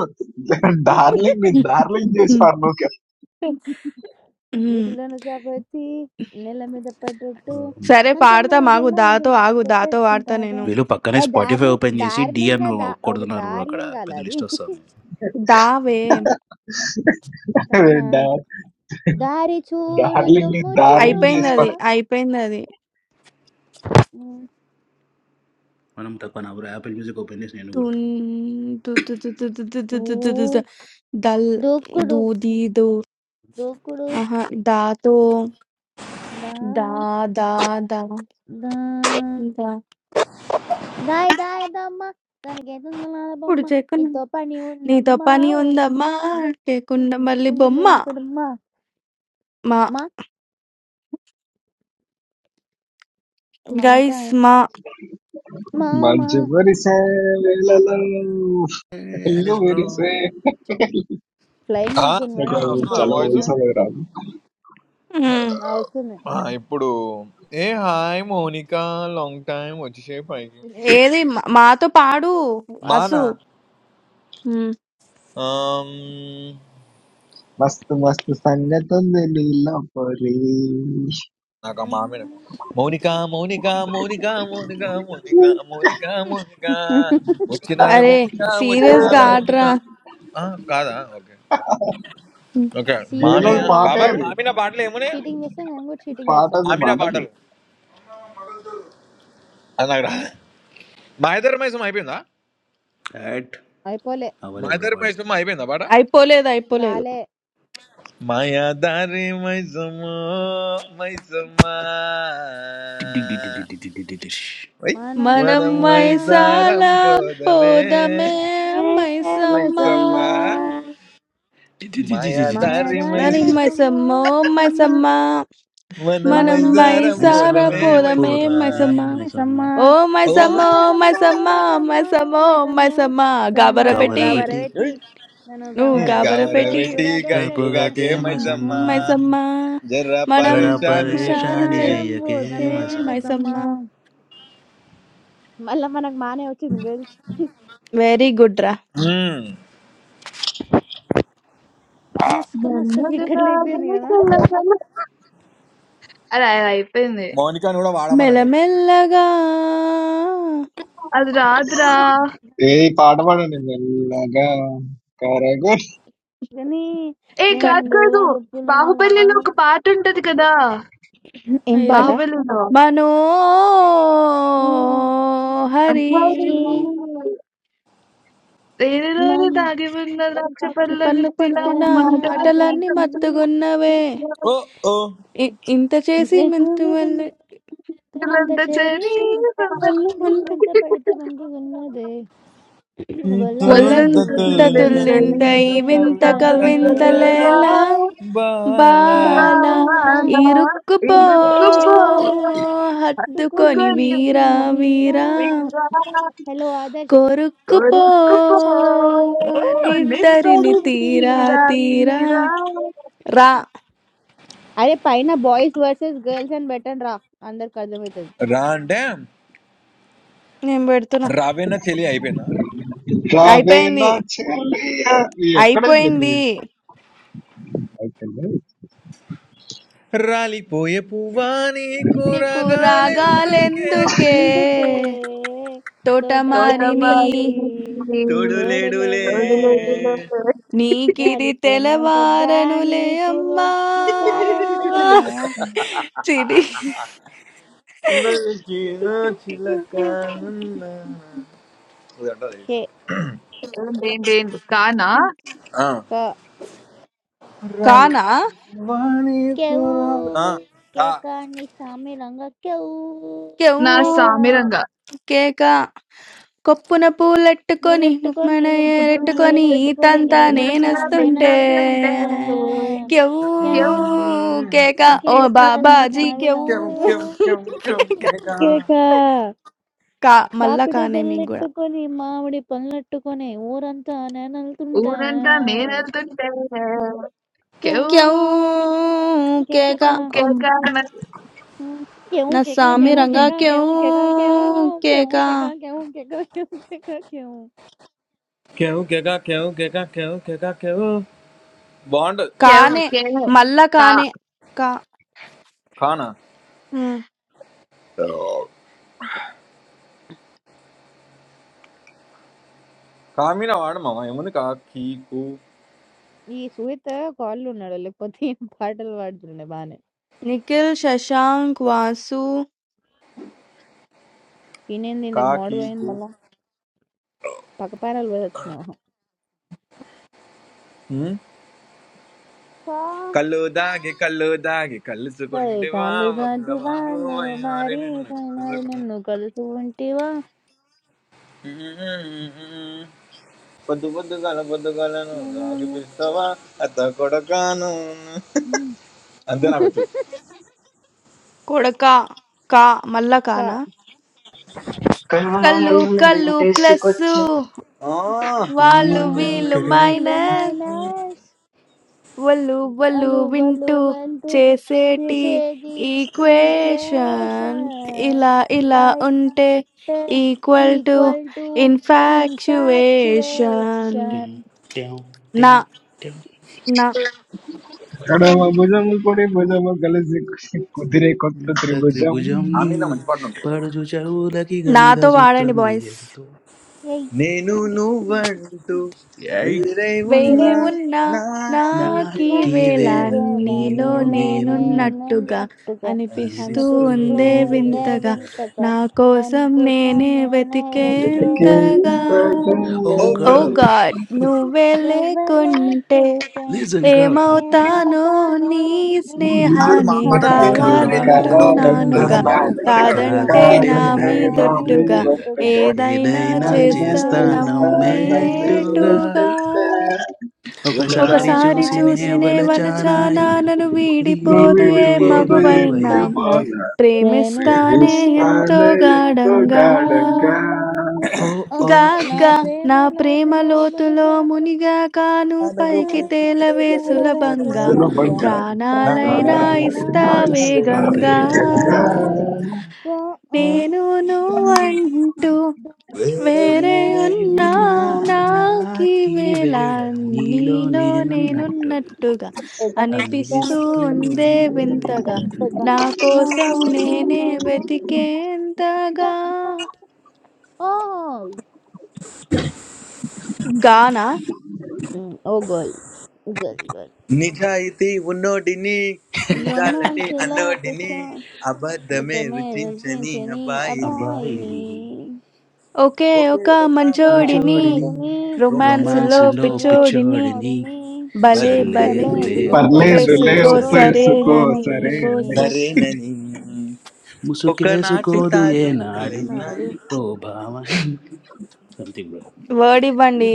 darling me darling jis parne hmm. వీటిలోన జాబొచ్చి నేల మీద ఆ, పడ్డట్టు సరే మంచము పాడతాం ఆగు గిల్ల దాతో గిల్ల ఆగు దాతో వాడతా కొట్టేసుకుంటారే నేను వీళ్ళు పక్కనే ఏ స్పాటిఫై డార్లింగ్ ఓపెన్ చేసి డి అని డార్లింగా దా ఒక కొడుతున్నారు బ్రో అక్కడ డార్లింగ్ కాదు పెద్ద అది లిస్ట్ వస్తుంది దావే దానా kar దారి చూడు Darling, తుమ్ము చూడు darling, అయిపోయింది మామ ispar. అది అయిపోయింది అది ఉమ్, మనం తక్కువ నా బ్రో యాపిల్ మ్యూజిక్ ఓపెన్ చేసి నేను తున్ కొడతాను తు తు తు తు తు తు తు ఊ, తు తు తు తు. దల్ దూకుడు దూ దీ దూ దూకుడు ఆహా దాతో దా దా దా దా దా దా దాయ్ దాయ్ దమ్మ దానికి ఎదున్న ఇప్పుడు బొమ్మ చెక్కున్నా నీతో పని నీతో ఉందమ్మా పని ఊ, ఉందమ్మా ఊ, ఊ, ఊ, ఊ, చేయకుండా మళ్ళీ ఊ, ఊ, ఊ, బొమ్మ ఊ, అమ్మా మా మా గైస్ మాకాయ్ మా మామా Manjubari, say hello, ఏ, Alice hello, bro say. Flying ఇడికి I పోయినా అనుకో can't. ముక్క వస్తుందా ఒకరు Chalo, వాయిస్ hoy sa తిన్నాడు gharan. ఉమ్. నా వస్తుంది ఆ! ఇప్పుడు ఏ హాయ్ మౌనిక లాంగ్ టైమ్ వచ్చేసేపు పైకి ఏది మా- మాతో పాడు అసు బానా ఉమ్. ఆమ్, Mast, mast, sangaton de leela pari. You నాకు ఆ మామిన మౌనిక మౌనిక మౌనిక మౌనిక మౌనిక మౌనిక మౌనిక [laughs] వచ్చినావే అరే మౌనిక సీరియస్ గా వచ్చినావే మౌనిక ఆడరా ఆ, కాదా ఓకే ఓకే సీరియస్ గా మామిన must వాడు బాబాయ్ నువ్వు party. మామిన పాటలు ఏమున్నాయి చీటింగ్ చేస్తే మేము కూడా చీటింగ్ Party, చేస్తాం do you మామిన want to go? పాటలు అది నాకు రా మా ఇద్దరి మైసం అయిపోయిందా యాట్ అయిపోలే మా అవ్వలే బ్రో ఇద్దరి పాడు మైసం అయిపోయిందా పాట అయిపోలేదు అయిపోలేదు కాలే మాయాదారి మైసమ్మో మైసమ్మా ఓయ్ మనం మనం మనం మైసా మైసాల మైసారం పోదమే పోదమే మైసమ్మ మైసమ్మా మాయాదారి మై మాయదారి నని మైసమ్మ మైసమ్మ మైసమ్మ మైసమ్మ మనం మనం Manam my మైసారం మైసార son, పోదమే మైసారం పోదమే మైసమ్మా my పోదామే Maisamma name is Maisamma oh Amma. ఓ మైసమ్మ మ- Oh my oh Amma, oh Maisamma my Amma, Maisamma oh oh my Amma, Maisamma my గాబర Amma. పెట్టి గబరబెట్టి గబరబెట్టి ఓయ్. నన్ను నువ్వు గాబర గమరబెట్టి గవర కై పెట్టి పెట్టి కూరదే కై సమ్మ రేపుగాకే గైకుగాకే సమ్మ మైసమ్మ మైసమ్మా మైసమ్మ జర్ర మనం జరా పరేషాను మనమ్మ షాను పరేషాని జయ్యకే చే సారం చెయ్యకే ఏ మైసమ్మా భూతమే మైసమ్మ మై సమ్మ మైసమ్మ మళ్ళా మనకు మానే వచ్చింది గర్ల్స్ వెరీ గుడ్ రా మ్మ్. మస్క మస్క మెల్లగా క్రికెట్లు అయిపోయింది కదా మెల్లగా. అరే అది అయిపోయింది మౌనికాను కూడా వాడమనండి మెల్లమెల్లగా అది రాదురా Hey, padavan, leela ka karega. కానీ ఏ కాదు రెండు కాదు వరుపులు బాహుబలిలో నువ్వు ఒక పాట ఉంటది కదా ఆ, ఏం ఏది? పాట బాహుబలిలో ఓ, 'మనోహరి మరి లేని రోజు మనం దాగి ఉన్న ద్రాక్ష పళ్ళ పండ్లు గుత్తిలా పండిన మాట మాటలన్నీ మత్తుగున్నవే ఓ వెనుకలంత ఓ ఇ ఇంత చేసి మెంతు మల్లె ఇదంతా చేరి చేరి వల్ల నేను మంట వెంట పడితే మనకి ఉన్నదే వలంత తులంత ఒళ్ళంత వల్లంత తొలెంత తులింత తుండెంత తుల్లింత వెనంత దీవింత ఈ వెంత వింత కవింత రరా సవించలేనా కవింతలేలా బాల బాల బాల బాణా ఇరుక్కుపో ఇరుక్కుపో ఇరుక్కుపోసుకుని హత్తుకొని తీవ్ర హత్తుకొని వీరా వీరా వీరా వీరా హలో ఆదర్శ్ కొరుక్కుపో కొరుక్కుపో నీ నిద్దరిని నిత్తడి తనువి తీరా తీరా తీరా తీరా తీరా తీరా రా అరే పైన బాయ్స్ వర్సెస్ గర్ల్స్ అని పెట్టండి రా అందరికి అర్థమవుతుంది రా అంటే నేను పెడుతున్నా రావేనా చెలి అయిపోయినా అయిపోయింది Sabina chelliya, ye kade అయిపోయింది pade? I can't. రాలిపోయే పువ్వా నీ నీకు కూరగాలెందుకే రాగాలెందుకే అందుకే తోటమారిని తోటమాలికి తోటమాలిని తోడు తోడు లేడులే లేవులే తొడులొడులో నీకిది రాలిపోయిన పొద్దా తెలవారనులే నీకు అమ్మా చాలెందుకే చిడి నలిచిన చిలక నన్నా. ఇది అంటారు కే తెలుసా? ఏంటి ఏంటి కానా ఆ. క- కానా రాలిపోయే పువ్వా నీ కేవు కూరగా కేక నీ సామి రంగ కేవు క్యూ నా కేక సామిరంగా కేక కొప్పున పూలెట్టుకొని ఎలెట్టుకొని గుప్పున ఎగురుతున్నది ఏరెట్టుకొని ఇదంతా ఎలెట్టుకొని ఈతంతా ఇదంతా నేను నేనొస్తుంటే వెళ్తూ నేనెళ్తుంటే ఉంటే క్యవు కేవు కేక ఓ కేక నా బాబాజీ సావి క్యవు కెం రంగు కెం కెం కెం కేక కెం కా. కేక కా మళ్ళా బాపిడి కానే మీకు కూడా బెల్లెట్టుకొని మామిడి పళ్ళెట్టుకొని ఊరంతా నేనెళ్తుంటా ఊరంతా నేనెళ్తుంటే కేవ్ క్యవు కేవ్ కేక కేక ఓ కేకన ఉమ్, కేవ్ నా కేక స్వామి కేవ్ రంగా కేక కేవ్ క్యవు కేక కేవ్ కేవ్ కేక కేక కేవ్ కేక కేవ్ కేక కేవ్ కేవ్ గెగా కేవ్ గెగా కేవ్ గెగా కేవ్ బాగుంటది కేవ్ కానే కే మళ్ళా కా కానే కా కానా ఉమ్. కామీన వాడు మామ ఏముంది కా కీకు ఈ సుహిత కాళ్ళు ఉన్నాడు లేకపోతే ఈయన పాటలు పాడుతుండే బానే నిఖిల్ శశాంక్ వాసు ఈయనేంది కా ఇందాక మోడు పోయింది కీకు మళ్ళా పక్క ప్యానల్ పోయి వచ్చినాయి మొహం. ఉమ్. కళ్ళు దాగి కళ్ళు దాగి కై కలుసుకుంటేవా కాళ్ళు దాటివా వదలవాగు నువ్వు అయ్యారి మారి నిన్ను పైన కలుసుకుంటే. నన్ను ఉమ్. పొద్దు పొద్దు గల పొద్దు గలను రాగి పిస్తావా అత్త కొడకాను కలుసుకుంటివా అంతే నాకు వచ్చు కొడక కా మళ్ళా కానా కళ్ళు కళ్ళు Come taste ప్లస్సు what? ఆ, ట్యాం, వాళ్ళు Van- వీళ్ళు టడడడు, మైనస్ Voluminous, వాళ్ళు వాళ్ళు వింటూ voluminous, చేసేటి this is the ఈక్వేషన్ ఇలా equation. ఇలా Light ఉంటే equal to equal to infatuation infatuation. ట్యాం, ట్యాం, నా ట్యాం, ట్యాం. నా Shan- Kadeva, mujham ko de, mujham galisik. Kudire kotha నత్త tri త్రిభుజం mujham. పడుచు చెవులకి గణిత నాతో సూత్రం వాడండి ఇది బాయ్స్ ఎంతో yay. నేను నువ్వంటూ ఏయ్! వేరే వేరే ఉన్నా ఉన్నా నాకిదే నాకే నాకీవేళ నాకు వేళ వేళ నీలో నీలో నీలో నేనున్నట్టుగా నేనున్నట్టుగా నేనున్నట్టుగా అనిపిస్తూ అనిపిస్తూ నచ్చదు. అనిపిస్తూ ఉందే ఉందే ఉండే వింతగా వింతగా వింతగా నా కోసం అందుకోసం నేనే నేనే It వెతికేంతగా became వెతికేంతగా the ఓ ఓ ఓ గర్ల్ young గాడ్ నువ్వే ఎవ్వరు లేకుంటే లేకుంటే లిజన్ గర్ల్ ఏమవుతానో ఏమవుతానో నీ నీ కాదు మా స్నేహాన్ని పాటలు స్నేహాలే మీరు పాడతారు ఏంటి హలో హలో మా కావాలంటున్నానుగా బాయ్స్ కావాలంటున్నానుగా నావాలంటున్నానుగా ఉన్నారు ఇక్కడ హలో కాదంటే వచ్చి కాదంటే నా కాదంటే నా నా మీదొట్టుగా మీదొట్టుగా మీదొట్టుగా ఏదైనా ఏదైనా నేనైనా చేస్తా చేస్తా నమ్మేట్టుగా చేశానమ్మేట్టుగా నమ్మేటుగా ఒకసారి ఒకసారి ఓసారి చూసినే చూసినే కన్ను వలచానాయ్ వలచానా Thank నన్ను వీడిపోదు ఏ వీడిపోదు ఏ మగువైనా మగువైనా పైన ప్రేమిస్తానే ప్రేమిస్తానే ఎంతో గాఢంగా వాడుగా ఓ ఓ ఓ, ఓ నా గాగ్గా ఇంత ప్రేమ నా ప్రేమ లోతులో లోతులో మునిగా మునిగా కాను నువ్వు పైకి వందన పైకి తేలవే సంచితాల వేసల సులభంగా తేలవేస్తావు. వంగ ప్రాణాలైనా ప్రాణాలైనా ఇస్తా ఇస్తాయి వేగంగా వేగంగా గంగా. you. ఓ ఓ నేను నువ్వు అంటూ వేరే వేరై నేకి ఉన్నా ఉన్నా నాకీ నాకి వేళ వేళ నీలో నీలో నేనున్నట్టుగా నేనున్నట్టుగా పెట్టుగా అనిపిస్తూ అనిపిస్తూ ఉందే ఉండే వింతగా వింతగా కనిపిస్తుగా నా నా కోసం కోసం నేనే నువ్వెంతగా. వెతికేంతగా ఓ గానా ఉమ్, ఓ గోల్ గోల్ గోల్ నిజాయితీ ఉన్నోడిని నిజాలని రొమాన్స్ లో పిచ్చ అన్నోడిని అబద్ధమే అబద్ధమే రుచించని రచించని అబ్బాయిని అబ్బాయిని అబాయిని ఒకే ఒకే ఒక ఒక మంచోడిని మంచోడిని చూడుని రొమాన్స్ రొమాన్స్లో రొమాన్స్లో రోమాన్సులో పిచ్చోడిని పిచ్చోడిని పిచ్చోడిని భలే బలి భలే సర్లేదులే లేదుగా ఒ- Parle, ఒప్పేసుకో ఒపేసుకో leu చేసుకో penso సరేనని సరేనని cosa సరేనని rene. ఇంకోసారి సరేనని ఒకనాటి ముసుకేసుకోదు ఏనాడు తాజ్మహలైన నాడు ఓ భావ సంథింగ్ బ్రో వర్డ్ ఇవ్వండి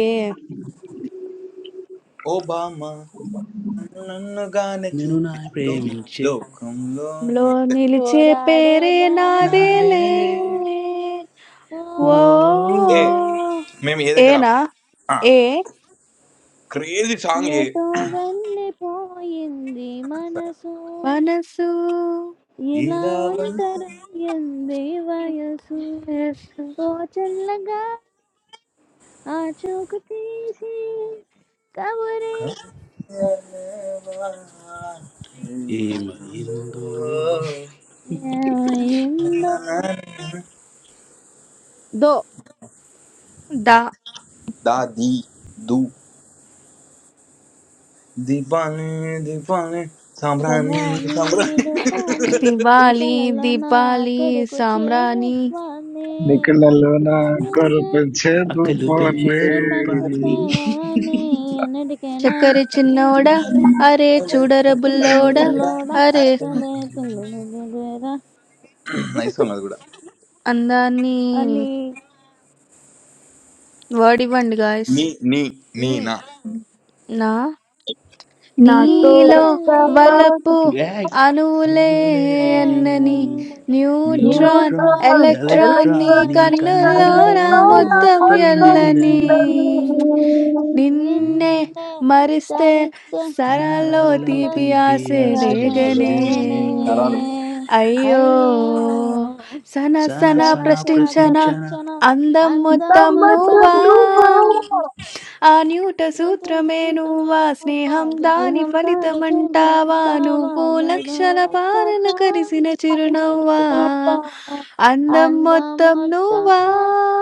నన్నుగానే నేను నా ప్రేమించే చూకంలో లో నిలిచే పోరాడే పేరే బ్రమలే నాదేలే నాదేలే ఓ, ఓ ఓ ఓ, ఏ మేము ఏ దగ్గర ఏనా ఏ క్రేజీ సాంగ్ ఏ ఎటో వెళ్ళిపోయింది మనసు మనసు ఇలా ఒంటరయ్యింది వయసు మనసు. ఓ చల్లగా ఆ చూకు తీసి కబురే ఏమైందో ఏమైందో దో దా క్షమ నీడు పాని నీ దివాలి కలలో నా దీపాలి అక్కడకు సామ్రాణి చేరువానే Nicola Luna అందించే corpo in cielo అక్కలు పెంచే నీ పనికి రూపాన్ని pone. చేరాని అన్నిటికైనా చక్కర చిన్నోడా నిత్యంలోడా అరే చూడర బుల్లోడా అరే నైస్ సాంగ్ అది కూడా అందాన్ని అని వర్డ్ ఇవ్వండి గాయస్ నీ నీ నీ నీ నా నా నాతో నీటి నీలో మళ్ళీ వస్తావా వలపు ఏయ్! అణువులే అడుగులే ఎన్నని ఎందని neutron neutron neutron Newton, electron నీ ఎలక్ట్రాన్ ఎలక్ట్రాన్ నీ నీ electronic కన్నుల్లోన కన్నుల్లో కన్నుల్లోన telephone, నా మొత్తం మొత్తం వెన్ను wattles ఎల్లని నిండని నిన్ననే నిన్నే നിന്നെ మరిస్తే തളിച്ച് సరాల్లో నాలో తీపి తీపి ఆసే ఆసే రేగనే వెగనే ചേരനെ నరాలు అయ్యో అయ్యో సన సనా సన సన సనా సన ప్రశ్నించన ప్రశ్నించనా తప్పించన అందం అందం మొత్తం మొత్తం నువ్వా నువ్వా ఆ న్యూట నువ్వు సూత్రమే తెలుసుకుంటునే నువ్వా నువ్వా స్నేహం దాని దేహం తాని చేతి ఫలితమంటావా వెళ్తావా నువ్వు లక్షల పారలు కరిసిన చిరునవ్వా అందం అందం మొత్తం మొత్తం నువ్వా నువ్వు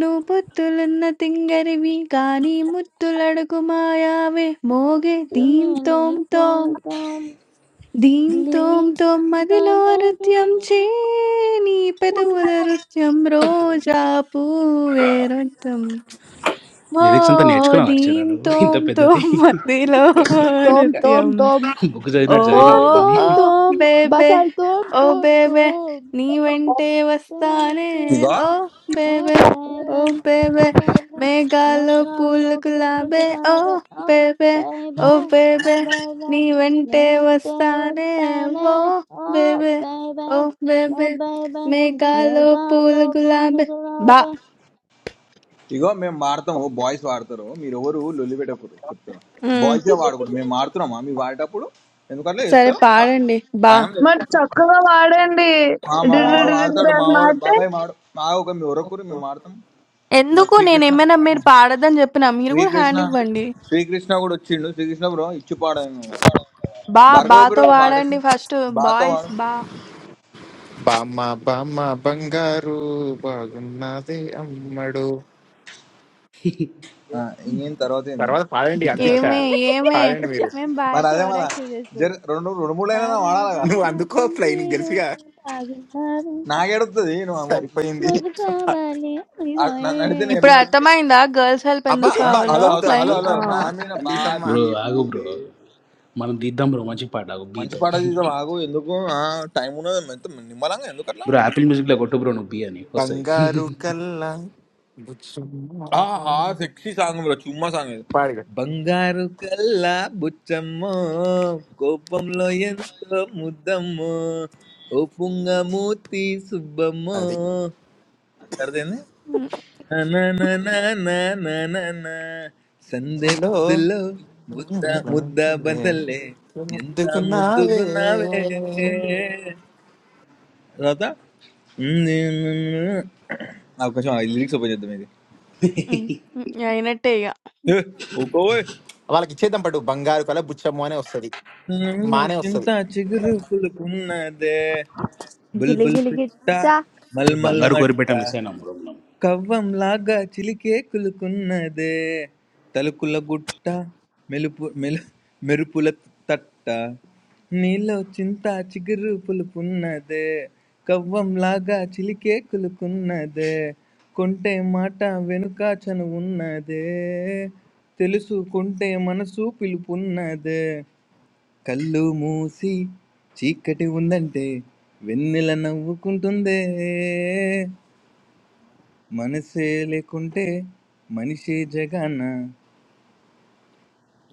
నువ్వు పొత్తులున్న తింగరివి కానీ ముత్తులడుగు మాయావే మోగే దీం తోం నేను తోం కోరుతాం దీం తోం నీతో తొమ్మదిలో నృత్యం చే నీ పెదవుల నృత్యం రోజా పూవే నృత్యం ఓ లిరిక్స్ అంతా నేర్చుకున్నావు అర్చనా దీం నువ్వు ఇంత తోం పెద్దది తొమ్మదిలో Tom, tom, నృత్యం tom. బుక్ చదివినట్టు చదివినావు Tom, ఓహ్! ఇవన్నీ tom, ఓహ్! tom. బేబే Vas al tom, ఓహ్! tom, బేబే tom. నీ వెంటే Tom, వస్తానే ఇగో tom, ఓహ్! Oh, బేబే baby. ఓహ్! బేబే Oh, baby. No మేఘాల్లో ga పూలు locura గులాబే que sabe. ఓహ్! Oh, బేబే ఓహ్! baby. బేబే Oh, నీ baby. No వెంటే no te వస్తానే bastane. ఓహ్! Oh, బేబే baby. ఓహ్! No, బేబే baby. మేఘాల్లో Mega పూలు loco no గులాబే బా! sabe. ఇగో మేము వాడతాము బాయ్స్ వాడతారు మీరు ఎవరు లొల్లి పెట్టకూడదు చెప్తున్నా హ్మ్. బాయ్స్ వాడకూడదు మేము వాడుతున్నామా మీరు వాడేటప్పుడు ఎందుకంటే సరే ఇస్తాం పాడండి. బా! భయం లేదు మరి చక్కగా వాడండి ఆ, మా డి- డి- మావాడు Ah. డి- డి- వాడతాడు డి అని మావాడు మారితే బాబాయ్ మావాడు మా ఒక మీ ఎవరొకరు మేము వాడతాం మా ఎందుకు శ్రీకృష్ణ నేనేమైనా మీరు పాడొద్దని చెప్పినా? మీరు కూడా శ్రీకృష్ణ హ్యాండ్ ఇవ్వండి. శ్రీకృష్ణ కూడా వచ్చిండు శ్రీకృష్ణ బ్రో ఇచ్చి పాడాము మనం బా భార్గవ బాతో బ్రో వాడండి వాడేసి ఫస్ట్ బాతో బాయ్స్ వాడు బా బామ్మ బామ్మ బంగారు బాగున్నది అమ్మడు ఆ, ఇంకేం తర్వాత ఏంది తర్వాత పాడండి తర్వాత అందించా ఏమే బ్రో ఏమే పాడండి [laughs] మీరు मैं बाहर మరి तो అదే और మళ్ళా एक्सरसाइज कर रहा జర हूँ। రెండు రెండు మూడు అయినా पामा వాడాలిగా నువ్వు पामा అందుకో ఫ్లైన్ पन्नेरो గెలిసిగా आगुनारू నాకేడుతుంది నువ్వు అమ్ము- సరిపోయింది ముద్దు కావాలి అయ్యో అ- న- నడితే నేను ఇప్పుడు ఎట్లా? అర్థమైందా గర్ల్స్ హెల్ప్ అబ్బా ఎందుకు ఆ? అబ్బా కావాలో హలో అంతొద్దు హలో హలో ఫ్లయింగ్ హలో ఆ, అంతొద్దమ్మా బా మీద బా ఎల్లీసమ్మా బ్రో బీ బూ ఆగు బ్రో బే మనం తీద్దాం బ్రో మంచి పాట ఆగు మంచి బీతో పాట తీసా బాగు ఎందుకు ఆ, టైం ఉన్నది ఎంత నిమ్మలంగా ఎందుకు అట్లా బ్రో యాపిల్ మ్యూజిక్లో కొట్టు బ్రో నువ్వు బి అని వస్తాయి బంగారు కల్ల ఆహా సెక్సీ సాంగ్ బ్రో చుమ్మా సాంగ్ ఇది పాడిగా బంగారు కల్లా బుచ్చమ్మో కోపంలో ఎంతో ముద్దమ్మో ఓ పుంగమూర్తి సుబ్బమ్మో అది అర్థమైంది నననననననన. సందే హలో పొద్దుల్లో ముద్ద ముద్ద బదల్లే ఎంత ముద్దుకున్నావే ముద్దుగున్నావే తర్వాత అవకాశం లిరిక్స్ ఓపెన్ చేద్దాం ఇది అయినట్టే ఇక ఏ, ఊరుకోవే. వాళ్ళకి ఇచ్చేద్దాం పట్టు బంగారు కల బుచ్చమ్మ అనే వస్తుంది నన్ను మానే చింత వస్తుంది చిగురు పులుపున్నదే బుల్బుల్ పిట్ట గిలిగిలిగిచ్చా ఏ మల్మల్ బంగారు మట్ట కోరిపేట మిస్ అయినా బ్రో మనం కవ్వంలాగా చిలికే కులుకున్నదే తలుకుల గుట్ట మెలుపు మెలు మెరుపుల తట్ట నీలో చింత చిగురు పులుపున్నదే కవ్వంలాగా చిలికే కులుకున్నదే కొంటే మాట వెనుక చనువున్నదే తెలుసుకుంటే మనసు పిలుపున్నదే కళ్ళు మూసి చీకటి ఉందంటే వెన్నెల నవ్వుకుంటుందే మనసే లేకుంటే మనిషే జగన్న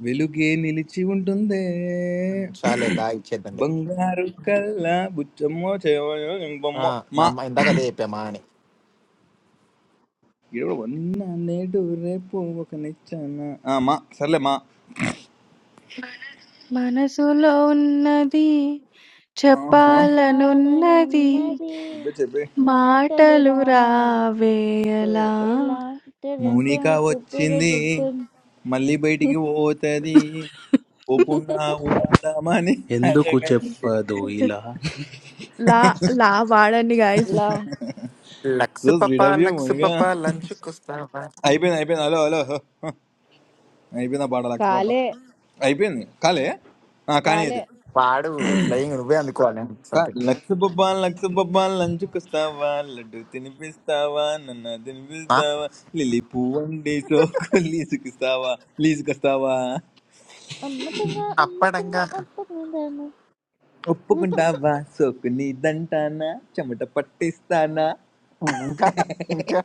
వెలుగే నిలిచి ఉంటుందే చాలే దా ఇచ్చేద్దాం బంగారు కళ్ళ బుచ్చమ్మో ఆ, చేయబొమ్మో నా మా అమ్మ ఇందాక అదే చెప్పామా అని ఇప్పుడు వన్న నేడు రేపు ఒక నిచ్చాన ఆ, మా సర్లే మా మనసులో ఉన్నది ఆహా. చెప్పాలనున్నది చెప్పాలనున్నది చెప్పే చెప్పే మాటలు మాటలు రావే రావేలా ఎలా టిరిన్ మౌనిక టిరిన్ టిరిన్ వచ్చింది టిరిన్ టిరిన్. మళ్ళీ బయటికి పోతుంది పోకుండా ఉండమని ఎందుకు అడగండి చెప్పదు ఇలా లా లా వాడండి గాయస్ ఇలా లక్స్ సో పప్ప స్వీట్ ఆఫ్ యూ లక్స్ మౌనిక పప్ప లంచ్ కొస్తావా అయిపోయింది అయిపోయింది హలో హలో అయిపోయిందా పాట లక్ష పాప కాలే అయిపోయింది కాలే ఆ, కానీ కాలే ఇది పాడు ఫ్లయింగ్ నువ్వే అందుకోవాలి కా- సంథింగ్ లక్ష బొబ్బా లక్ష బొబ్బా లంచుకొస్తావా లడ్డు తినిపిస్తావా నన్న తినిపిస్తావా లిలి పువ్వండి సోకు లీసుకిస్తావా లీసుకొస్తావా అమ్మకంగా అప్పడంగా అమ్మకంగా అప్పకుందాను ఒప్పుకుంటావా సోకు నీదంటానా చెమట పట్టిస్తానా ఇంకా ఇంకా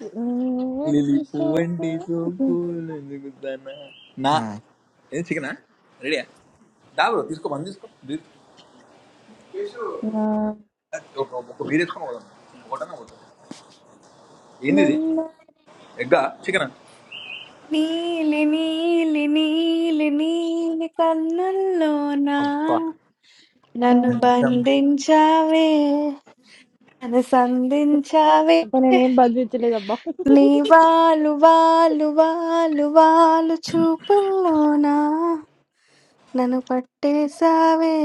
లిలి నీవంటి సోకు పువ్వండి సోకు లీసుకుస్తానా నా ఆ, ఏం చికెనా రెడీయా డాబు తీసుకో మంది తీసుకో బీర్- నా ఒక ఒక బీర్ వేసుకొని పోదాం ఒకటన్నా ఒకటి ఏంది ఇది నన్ను ఎగ్గా చికెన్ నీలి నీలి నీలి నీలి కన్నుల్లోనా అబ్బా నన్ను బంధించావే నన్ను సంధించావే అబ్బా నేనేం బదిలించలేదబ్బా నీ వాళ్ళు వాళ్ళు వాళ్ళు వాళ్ళు చూపుల్లోనా నన్ను పట్టేశావే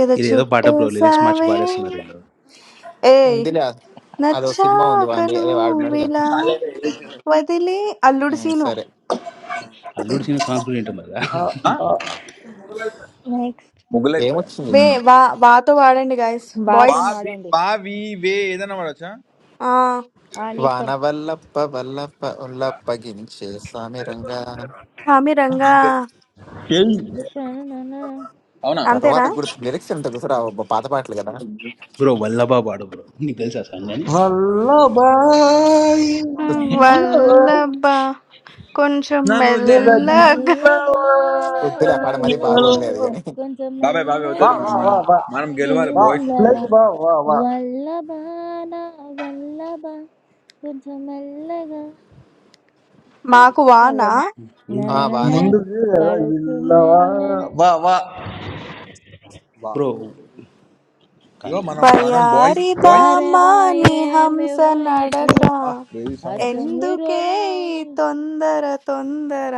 ఏదో ఇదేదో పాట బ్రో లిరిక్స్ మార్చి చుట్టేశావే పాడేస్తున్నారు వీళ్ళు ఏయ్ ఉందిలే అదో సినిమా ఉంది నచ్చాక వాంది అదే వాడున్నాడుగా నువ్విలా వదిలి అల్లుడు ఉమ్, సీను సరే అల్లుడు సినిమా సాంగ్స్ కూడా వింటున్నారు కదా ஏய் నెక్స్ట్ ముగ్గులు అయిపోయా ఏమొచ్చింది వే వా వాతో వాడండి గాయస్ బాయ్స్ బాతన్ బావి వాడండి బావి వే ఏదైనా వాడచ్చా ఆ ఆ నీ ఇష్టం వాన వల్లప్ప వల్లప్ప ఉల్లప్ప గించే స్వామి రంగా హామీ రంగా తననన అవునా తర్వాత అంతేనా గుర్తు లిరిక్స్ ఎంత గుర్తురావు అబ్బా, పాత పాటలు కదా బ్రో వల్లభా పాడు బ్రో నీకు తెలుసా సాంగ్ అని வல்லபாய் நல்லவன், వల్లబ్బా కొంచెం నన్ను దే- మెల్లగా వల్లభాన వద్దులే ఆ పాట మరీ వల్లభ బాగోదులేదు இலகில்லவன். కానీ కొంచెం బాబాయ్ బాబాయ్ வா వద్దు మెల్లగా வா మనం வா మనం வா మనం గెలవాలి வா బాయ్స్ షుడ్ బి తగిల్లవ பிளைன் வா వినర్ வா வா వల్లభాన వల్లభ కొంచెం మెల్లగా మాకు వాన పిల్లవద ఆ ననన బానే முந்துக்கு எல்லாம் పడుకు இல்லவா నన్నన வா வா వా బ్రో ఇగో కానీ కానీ మనం మనం బాయ్స్ బయారి బాయ్స్ బామాని వారవాయేమి హంస వయసు నడక ఆ క్రేజీ సాంగ్ అచ్చం పట్టేసారు ఎందుకే నిరోలా ఈ తొందర తొందర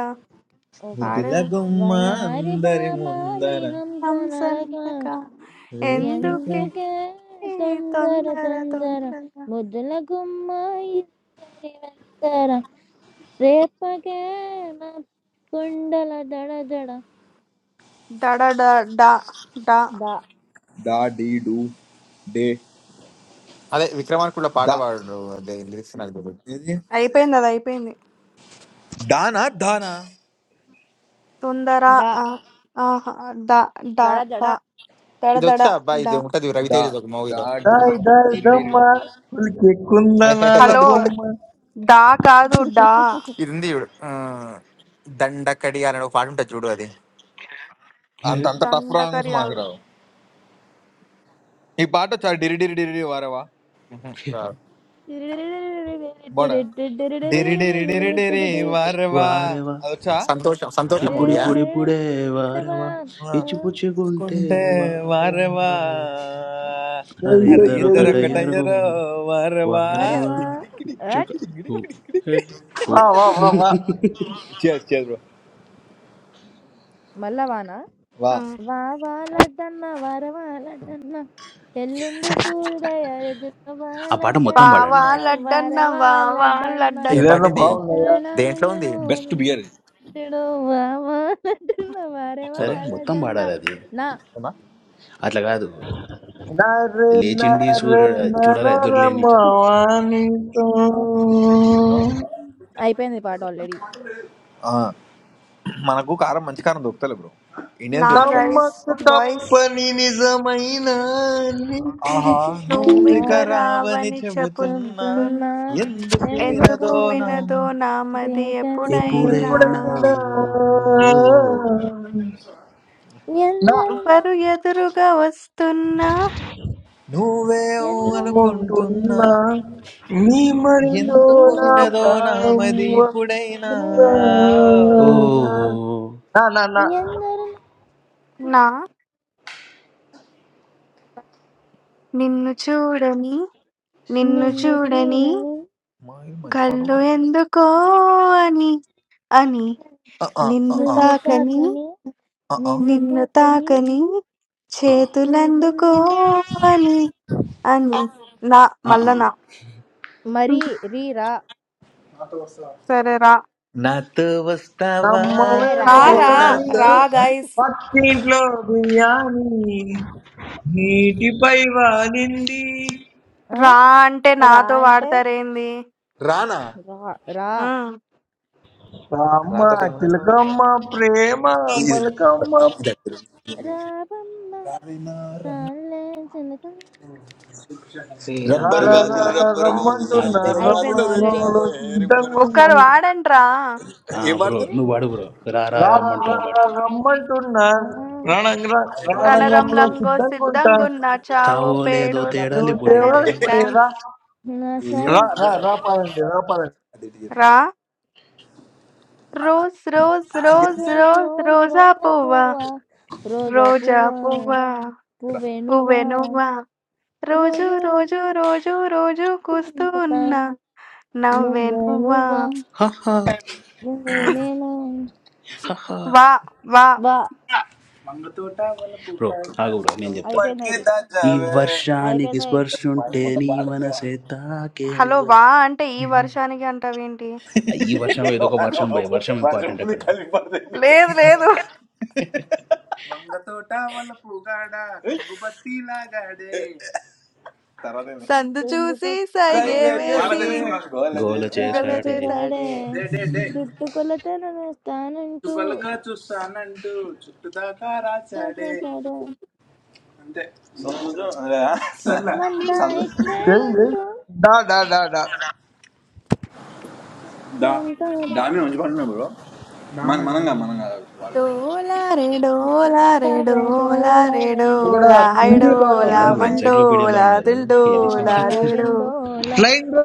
ఓకే ముద్దుల పాడవు గుమ్మ వయారి అందరి బామాని ముందర హంస హంస నడక నడక రేపు ఎందుకే ఎందుకే ఈ తొందర తొందర తొందర తొందర ముద్దుల గుమ్మ ఇందరి వెందర రేపకే నా కొండల దడ దడ డడ డ డ డ ద డా డీ డూ డే అదే విక్రమార్కుడు పాట దా పాడు అదే లిరిక్స్ నాకు తెలియదు ఏది అయిపోయింది అది అయిపోయింది దానా దానా తొందర ద ఆ, ఆహా, డ డ డ దడ ఇది దడ వచ్చా అబ్బా డ ఇది ఉంటది డా రవితేజది ఒక డా మూవీలో డీ டாய் டாய் డిరి డిరి தம்மா குளிக்க [laughs] குந்தனால హలో பொம்மை డా కాదు డా ఇది ఉంది చూడు ఆ, దండకడి అని ఒక పాట ఉంటుంది చూడు అది అంత అంత టఫ్ రాంగ్స్ మాకు దండకరియాలు రావు ఈ పాట చాలా డిరి డిరి డిరి డిరి వారవా ఉహు, రాదు. బాడ దడ దడ డిరి డిరి డిరి డిరి వారవా వారేవా అది వచ్చా సంతోషం ఆ? సంతోషం మూవీయా ఇప్పుడిప్పుడిప్పుడే మరవా వారేవా ఆ. ఇచ్చిపుచ్చుకుంటే పట్టుకుంటే వారేవా వారవా అరే ஏய் అరే ஏய் ఇద్దరు ஏய் ఇద్దరు ஏய் ఒకటయ్యారు ఒకటయ్యరో వారవా వారేవా మరవా డిగ్గి డిగ్గి డిగ్గి చక అట్ డిగ్గి డిగ్గి హో డిగ్గి డిగ్గి హే డిగ్గి. హో வா வா வா வா Cheers, cheers bro. మల్లవాన వా వావా లడ్డన్న వరవా లడ్డన్న ఎల్లుండు సూర్యోదయ ఎదురవా ఆ పాట మొత్తం పాడండి లడ్డన్న వావా మరి లడ్డన్న వరవా వావా లడ్డన్న ఏం లడ్డన్న పాట ఇదేదో ఇది బాగున్నాయా ఉత్తమైన దేంట్లో గుంజును ఉంది బెస్ట్ బియర్ గుంజుడు వావా లడ్డన్న వరవా అరే చూడదు మొత్తం లడ్డన్న పాడాలి అది నా అవునా అట్లా కాదు నరే లేచిండి నరే సూర్యుడు చూడాలి ఎదురులేని చంద్రుడు నరమవాణితో ఆ. అయిపోయింది పాట ఆల్రెడీ ఆ. మనకు కారం మంచి కారం దొరుకుతలే బ్రో ఇండియన్ నా తెప్పించుకోవాలి కారం. గైస్ నమ్మక బాయ్స్ తప్పని నిజమైన నీతిది ఆహా చెప్పి అమ్మో నువ్విక నువ్విక రావని రావని చెబుతున్నా చెబుతు చెబుతున్నా ఎందుకు ఎందుకు ఎందుకు వినదో వినదు వినదో నాము నామది తీకనే ఎప్పుడైనా ఎప్పుడైనా ఎప్పుడైనా ఓ నా ఎందరినా ఎవరు ఎదురుగా వస్తున్నా నువ్వే ఊ ఎందరు అనుకుంటున్నా ఉంటున్నా నీ మడిలో ఎందుకు నా వినదో ప్రాణం నామది ఇప్పుడైనా వస్తున్నా. ఓ నా నా నా ఎందరినా నా నిన్ను చూడని నిన్ను నిన్ను చూడని చూడని మా ఇది మంచి పాట కళ్ళు పాడుతుంది ఎందుకో అని అని ఆ, ఆ, ఆ, నిన్ను ఆ, నిన్ను తాకని తాకని ఆ, ఆ. నిన్ను నిన్ను తాకని తాకని ఆ, చేతులందుకో తెలిసిందిగా. అని అని నా ఆ, ఆ. మల్లన హ్మ్. మరి రీ రా సరే రా. నాతో వస్తావా ఏ రా నమ్మవేమో రారా నువ్వు రా నీ బొమ్మ గాని నాతో రా ఆ? గైస్ పక్కింట్లో బియ్యాని నీటిపై వాలింది ఆ? రా అంటే రా నాతో అంటే వాడతారేంది? రానా రా రా హ్మ్. రామ్మ రాతట ఏమనే బాబు చిలకమ్మ ప్రేమ ఇది- మలకమ్మ ఇది- రాబమ్మ ఇది- తానులే చిన్నతనం. and రా రబ్బర్ రా రా June గాజులు like రా రబ్బర్ గాజులు song. అది రబ్బర్ రమ్మంటున్నారు బ్రో గాజులు అయిపోయింది ఆల్రెడీ రమణంలో తెచ్చావే రిబ్బర్ సిద్ధంగా ఒక్కరు ఉన్నారు వాడండ్రా. ఆ, ఏం బ్రో పాడతారు నువ్వు పాడు బ్రో రా రా రా రా రా రమ్మంటున్నావు రా పాడుతున్నావు ఆ, రమ్మంటున్నారు రణంగ ఎటు పాడదాం మా రణంగంలో వ్యక్తులు రణరంలంగో సిద్ధంగా ఉంటా సిద్ధంగున్నా చావో చావో లేదో పేడో ఏమో తేడాలి బుడే సరే తేవాడు డాష్ ఇప్పుడే రా డాన్స్. నా రా ఏదో సైడ్ రా రా పాడండి రా పాడండి అటు ఇటు చెప్పు. రా. రోజ్ రోజ్ రోజ్ రోజు రోజ్ రోజు రోజా రోజా పువ్వా పువ్వా రోజా రోజా పువ్వా పువ్వా పువ్వే నువ్వా పువ్వే నువ్వా రోజు రోజు రోజు రోజు రోజు రోజు కూస్తూ ఉన్నా నవ్వే నువ్వే నువ్వా. నువ్వా హహా, నువ్వేమైనా హహా. వా వా బా బ్రో ఆగు బ్రో నేను చెప్తా అయిపోయింది బట్టి ఇది ఈ దాచావే వర్షానికి అయిపోయింది స్పర్శ ఉంటే నీ మనసే హలో తాకేనుగా వా అంటే ఈ వర్షానికి అంటావేంటి? ఆ, ఈ వర్షం ఏదో ఒక వర్షం బై వర్షం ఇంపార్టెంట్ వర్షంలో అక్కడ కలిపి లేదు లేదు తోట వల్ల పూగాడ కుంగుబట్టి లాగాడే సందు తుంగు చూసి పట్టుకునే సైగే సైగే వేసి చేసి గోల గల చేశాడే గుర్తుపడే చేశాడే చేస్తే చుట్టుకొలతను వేస్తానంటూ చూస్తానంటూ చుట్టుదాకా రాచాడే చూసేసాడే అంతే. [laughs] మనమంతా ఏయ్, ఏయ్. ఇచ్చేమంటూ డా డా డా డా చూసుకుంటారే మన- మనంగా మనంగా వాళ్ళు డోలా రే డోలా రే డోలా రే డోలారే డోలారే ఇక్కడ డోలా డోలారే హిందీ పాటలు హైడోలా వీళ్ళేంది బ్రో వస్తాయా డోలారే ఎన్సైక్లోపీడియాలో మండోలా ఉన్నారు డోలారే ఏది ఇచ్చినా దిల్డోలా పడుతుంది డోలాగే రేడో డోలా లైన్ బ్రో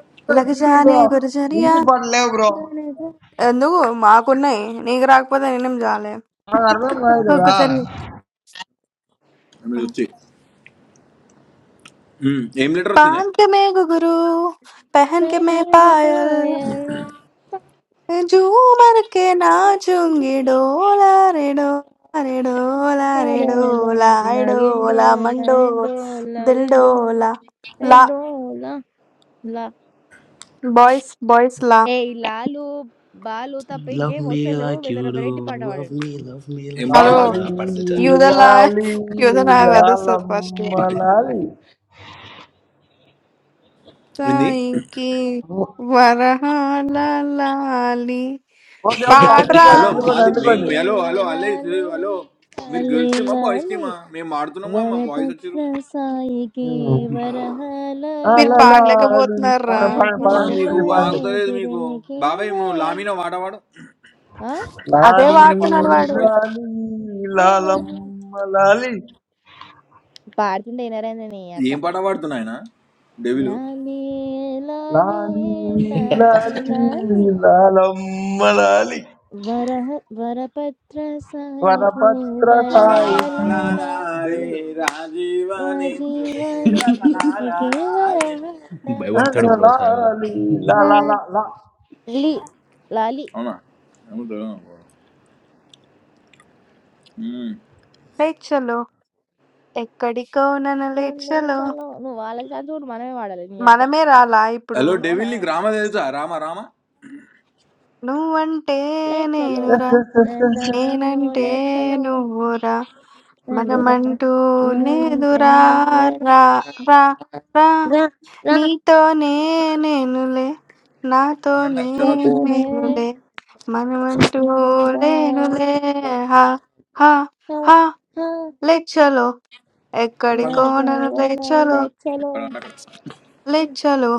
చీటింగ్ లగజానే బ్రో గురజరియా హిందీ పాటలు లేవు బ్రో ఎందుకు మాకున్నాయి నీకు రాకపోతే నేనేం చాలే నాకు అర్థం కాదు కదా ఒక్కసారి పాన్ కే మే గుగురు పెహన్ కే మే పాయల్ తనకు जूमर के ఏ नाचुंगे डोला रे डोला रे डोला रे डोला हरे डोला मंडो दिल डोला ला बॉयस बॉयस ला ఈ లాలు బాలు తప్ప లవ్ ఇంకేం మీ వస్తలేవు లైక్ యూ ఏదైనా డూ వెరైటీ పాట లవ్ పాడండి మీ లవ్ మీ ఏం లైక్ हाँ యూ रो పాడాలి బ్రో లాలి పడతలు చరికి युद्ध लाय లాలి युद्ध लाय वेदस से फर्स्ट है లాలమ్మ పాడేసినప్పుడు లాలి ఏంది ताई की वरहाला लाली ఓకే ఓకే पाड़ रा అందుకోండి హలో అందుకోండి మాది లాలి అందుకోండి మేము హలో హలో హలో లాలి హలో మీరు లాలి గర్ల్స్ టీమా బాయ్స్ లాలి టీమా మేము ఆడుతున్నాము మా బాయ్స్ వరపత్ర వచ్చారు సాయికి ఉమ్. వరహాల ఆ, मेर లా, पाड़ ले के లాలి बोध లాలి नर्रा పాడండి పాడండి वाली ఆ, के రాజీవ మీకు పాడండి పాడండి పాడండి ఆగుతలేదు మీకు నేత్రునికి బాబాయ్ నువ్వు వరహ లామిన వాడవాడు ఆ? आधे లాలి बार లామిన तो పాడవాడు नज़ारू బాయ్స్ లాలి వరహ లాలమ్మ లాలి పాడుతుంటే వినరండి నీ అక్క ఏం పాట పాడుతున్నాయన డెవిలు లాలి లాలి లాలి లాలి లాలి లాలి లాలమ్మ లాలి వరహ వరపత్ర సాయికి వరపత్ర వరహాల సాయికి వరాలాలే లాలి రాజీవ నా నేత్రుడికి జీవని తనకి రతనాలాలే. వరహాల భయపడతాడు బ్రో సాయిబాబా లాలి లా లా లా లాలి లా లాలి లాలి అవునా ఏమో తెలియదు నాకు. ఉమ్. लेट चलो एक कड़ी को ना ना लेट నన్ను चलो [laughs] చలో నువ్వు వాళ్ళ ఛాన్స్ కూడా మనమే వాడాలి నీ అక్క మనమే రాలా ఇప్పుడు? హలో అవునా డెవిల్ నీకు రామ తెలుసా రామ రామ నువ్వంటే లే చలో నేనురా నా తానన్ను నేనంటే లే చలో నువ్వురా మనమంటూ లేదురా రా రా రా నీతోనే నేనులే నాతోనే నేనులే మనమంటూ లేనులే హా హా హా లేచలో ఎక్కడికో నన్ను లేచలో లేచలో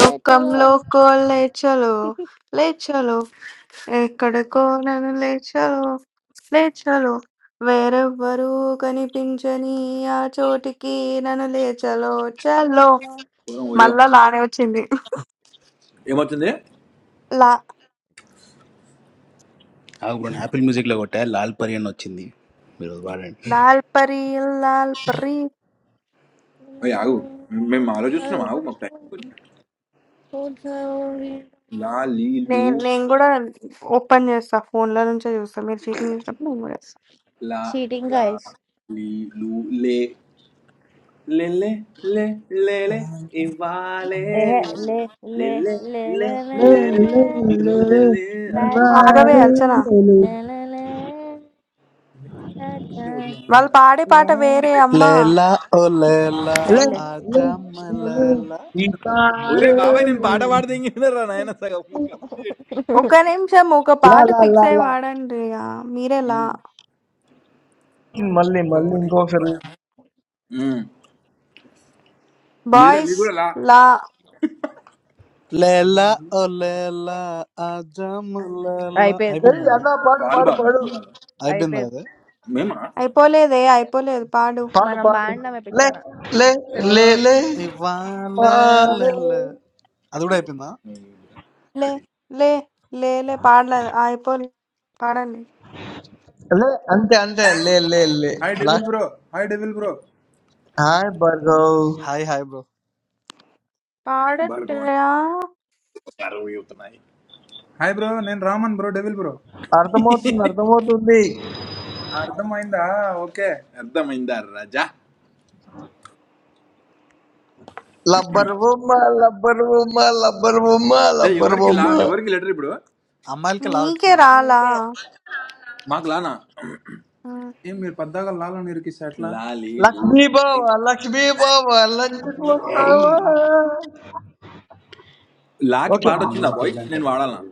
లోకంలో కోలేచలో లేచలో ఎక్కడికో నన్ను లేచావు లేచాలో వేరెవ్వరూ కనిపించని ఆ చోటికి నన్ను లేచలో చలో మళ్ళా లానే వచ్చింది లా నాకు ఇప్పుడు యాపిల్ మ్యూజిక్లో కొట్టా లాల్ పరి అని వచ్చింది మీరు అది వాడండి లాల్ పరి లాల్ పరి నేను నేను కూడా ఓపెన్ చేస్తా ఫోన్ల నుంచే చూస్తా మీరు చీటింగ్ చేసినప్పుడు నేను కూడా చేస్తా Cheating guys. లేలే లే లేలే ఇవ్వాలే Lé, lé, lé, లేలే lé, lé, లే లే లేలే లే lé, ఈ రోజు లే లే ఆ? ra, ఆగవే ra, అర్చన ఇవాళే lé, lé, lé, ra, ra, వాళ్ళు పాడే పాట lé. వేరే అమ్మా Leila, oh Leila, Let, సర్లే let, Ajam let, let Leila. it ఒరే party. బాబాయ్ నేను పాట పాడితే ఇంకేందరా నాయన సగం మీరు కంప్లీట్ ఒక నిమిషం ఒక La పాట la la ఫిక్స్ అయి la. వాడండి ఇక మీరే లా ఉమ్. మళ్ళీ మళ్ళీ ఇంకోసారి బాయ్స్ లా Leila, oh Leila, Ajam Leila. I've అయిపోయింది been ఏయ్ there. అన్న పాడు పాడు పాడు I've been అయిపోయింది there. అయిపోలేదే అయిపోలేదు పాడు పాడు మనం పాడు బాగున్నామే లే పిచ్చాన లే లే Leila, లే Ivan పాడే Leila. അതുകൂടെ hi, లే లే లే లే పాడలేదు అయిపోలే పాడండి లే అంతే అంతే లే లే లే హాయ్ డెవిల్ లా- bro hi devil bro hi Bhargav hi hi bro ఇదిగోండి, పాడండిరా కరువు అవుతున్నాయి హాయ్ బ్రో నేను రామన్ బ్రో డెవిల్ బ్రో అర్థమవుతుంది అర్థమవుతుంది ఆ, అర్థమైందా ఓకే అర్థమైందా రాజా లబ్బర్ బొమ్మ లబ్బర్ బొమ్మ లబ్బర్ బొమ్మ ఏయ్, లబ్బర్ ఎవరికి లా బొమ్మ ఎవరికి లెటర్ ఇప్పుడు అమ్మాయిలకి మీకే లావచ్చు రాలా నీకే మాకు లానా ఉమ్. ఏం మీరు పద్దాగా లాలని ఇరికిస్తే ఎట్లా లాలీలు లక్ష్మీ బావ లక్ష్మీ బావ లంచ్కి ఏయ్, వస్తావా లాకి పాట ఓకేనా వచ్చిందా ఇంగ్లీష్ బాయ్ ఎట్లా అంటావు నేను బ్రో వాడాలా అది?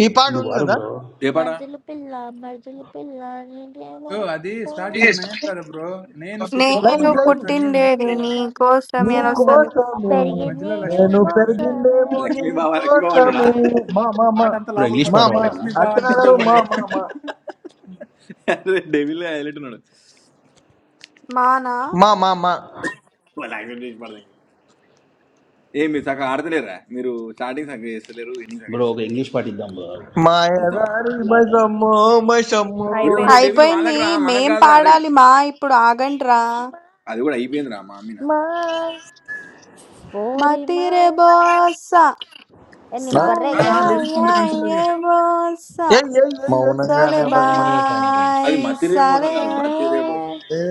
ఈ పాట నువ్వు ఉంది వాడు కదా బ్రో ఏ పాట మర్దులు పిల్ల మర్దులు పిల్ల నీకేమో బ్రో అది స్టార్టింగ్ నైన్ కదా బ్రో నేను పుట్టిందేమో నేను లైన్ లైన్ నీకోసమని నీకేమో పుట్టిండేది నేను నీ ఇరగా కోసం నీ అని కోసమే వస్తుంది కోసమే పెరిగింది మధ్యలో నీ లక్ష్మి నేను అంటే కోసమే పెరిగిందేమో నీ లక్ష్మీ బావా లక్ష్మీ బావ ఆ అంటాడా కోసమే మా మామ పాట అంతా బ్రో లోపల ఇంగ్లీష్ పాట మామ పడుకొని వాడదామా లక్ష్మీ బావ అర్చన అని గారు పెద్దగా మా పడే మామ అదే డెవిల్ హైలైట్ ఉన్నాడు మానా మా మా మా వాళ్ళు యాక్సెప్ట్ చేసి పడతాం ఏ మీరు సగం ఆడతలేరా మీరు స్టార్టింగ్ సగం చేస్తలేరు ఎండింగ్ సగం బ్రో ఒక చేస్తారు ఇంగ్లీష్ పాట ఇద్దాం బ్రో ఇద్దామా మాయదారి లాట మైసమ్మో మైసమ్మో ఒరే ఒరే అయిపోయింది డెవిల్ వాళ్ళకి అయిపోయింది రా మనకు మేం కాదురా అరే పాడాలి మా ఇప్పుడు ఆగండిరా మాయ, అది కూడా అయిపోయింది రా మా అమ్మిన మాయ, ఓరి మతిరే మాయ బోసా en mi ఆ, barrera ఆ carino లిరిక్స్ అంతా కన్సిడర్ చేసి ఏయ్ ఏయ్ ఏయ్ ఏయ్ మౌనంగానే సోలే అడగమనే సాంగ్ solemos పాడు అది బాయ్ మతిరే మోసం కాదు సరే బతిరే మోసం estar ఏ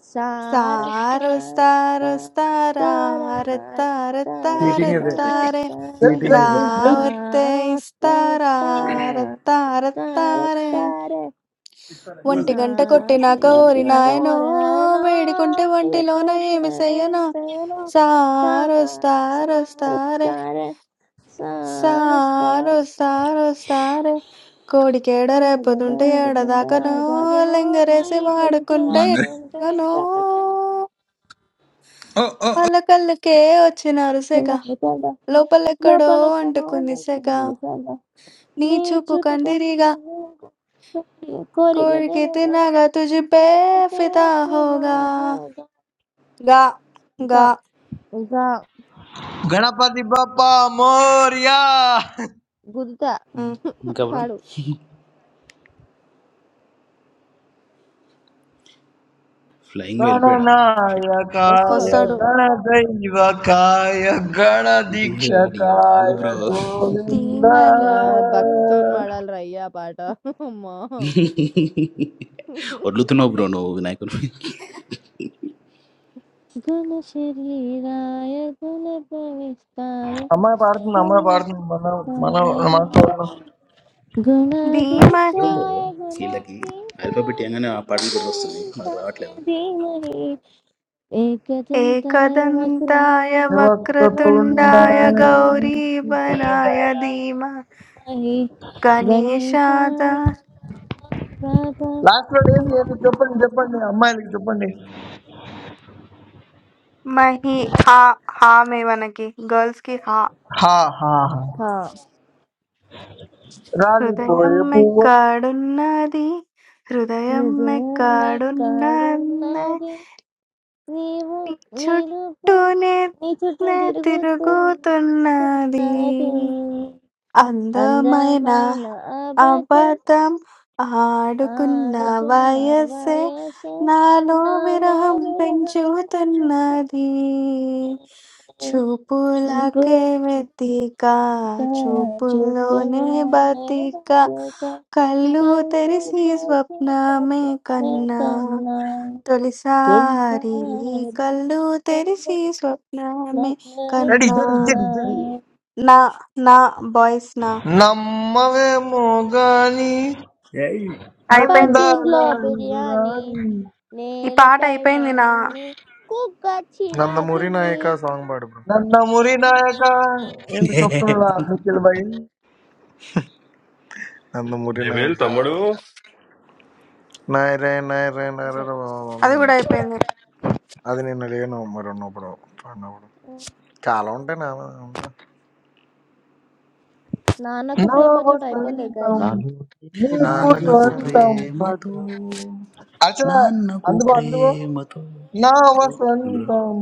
estar సారో సారో estar estar సారారే estar తారే estar estar estar తారే చీటింగ్ ఇది తారే ఏయ్ estar చీటింగ్ ఏయ్ ఇది ఏయ్ ఏయ్ దావతే estar estar estar ఇస్తారారే తారే తారే estar estar ఇస్తారా ఒంటి గంట కొట్టినాక ఓరి నాయనో వేడికుంటే ఒంటిలోన ఏమి చెయ్యనో సారో సారో సారే సారో estar సారో సారే కోడికేడ రేపదుంటే లోపల ఏడదాకనో లింగరేసి వాడుకుంటే లంగరే ఎట్టగనో వాళ్ళ కళ్ళకే వచ్చినారు సెగ. లోపలెక్కడో అంటుకుంది సెగ. కనబడుతుంది సదా నీ నీ చూపు చూపు కంటే కందిరిగా కోరిక కోరికే తినగా తుజిపే ఫిదా హోగా. గా గా ఇంకా గణపతి బప్పా మోరియా గుద్దుతా ఉమ్, ఇంకా బ్రో పాడు ఫ్లయింగ్ వెళ్ళిపోయాడా షిట్ వస్తాడు गणनायकाय వస్తాడు. వస్తాడు गणदैवकाय అడిగా ఆగు गणदीक्षकाय బ్రో గోవింద అయ్యా ధీమహి భక్తితో పాడాలి అయ్యా పాట అమ్మా వదులుతున్నావు బ్రో నువ్వు వినాయకుడు గుణ శరీరాయ గుణ ప్రవిష్టాయ అమ్మాయి పాడుతుంది అమ్మాయి పాడుతుంది మన మన గుణ మనతో ఎట్లా ధీమహి బ్రో गुणाधीशाय వీళ్ళకి ఆల్ఫాబెట్ गुणाधीशाय ఏంగానే ఆ పాటలు కూడా వస్తుంది మనకు गुणप्रविष्टाय రావట్లేదు धीमहि एकदन्ताय वक्र ఏకదంతాయ వక్రతుండాయ वक्रतुण्डाय గౌరీ వరాయ ధీమ धीमहि గణేశాద गणेशाय లాస్ట్ లో ఏం ज्ञानप्रदाय చేయాలి చెప్పండి చెప్పండి అమ్మాయిలకి చెప్పండి మహి హా హా మే మనకి గర్ల్స్ కి హా హా హా హా. हा రాలిపోయే పువ్వు హృదయమెక్కడున్నది हृदयं मे హృదయమెక్కడున్నది करुणादि నీవు నీ నీరు చుట్టూనే నిచుట నే తిరుగుతున్నది తిరుగుతున్నాది అందమైన Andamai na abadat, అబద్ధం ఆడుకున్న adukun na వయస్సే waise నాలో na la విరహం bila. Japa పెంచుతున్నది japa, juba చూపులకే వెతిక la juba చూపుల్లోనే la, బతిక japa japa కళ్ళు తెరిసి kaluta japa స్వప్నమే కన్నా bemezana, dunsa తొలిసారి కళ్ళు తెరిసి bemezana స్వప్నమే రెడీ కన్నా జడి bemezana, జడి జడి నా నా బాయ్స్ నా నమ్మవేమో గాని ఏయ్. అయిపోయింది. అందాల pakinlo beryani. ఇవరాని ఈ పాట నేలపైన అయిపోయింది నా నిన్ని కుక్కచ్చిన నందమూరి కిండి నాయక సాంగ్ పాడు బ్రో ನನ್ನ ಮುರಿ ನಾಯಕ ಎಂದು చెప్తున్నాడా [laughs] నిఖిల్ భాయ్ నందమూరి Level నాయక two. నాయరే నాయరే నాయరే బాబు. అది గూడా అయిపోయింది. అది నేను అడిగాను మరి ఉన్నప్పుడు పాడినప్పుడు చాలా ఉంటాయి నా ఉంటా నాన్నకు నా ప్రేమతో అయిపోలే గైస్ వసంతం Nalu ni poki నీకు ye నాకు నాన్నకు ప్రేమ సొంతం ప్రేమతో అర్చన నాన్నకు అందుకో అందుకో ప్రేమతో నా ఉమ్, బ్రో వసంతం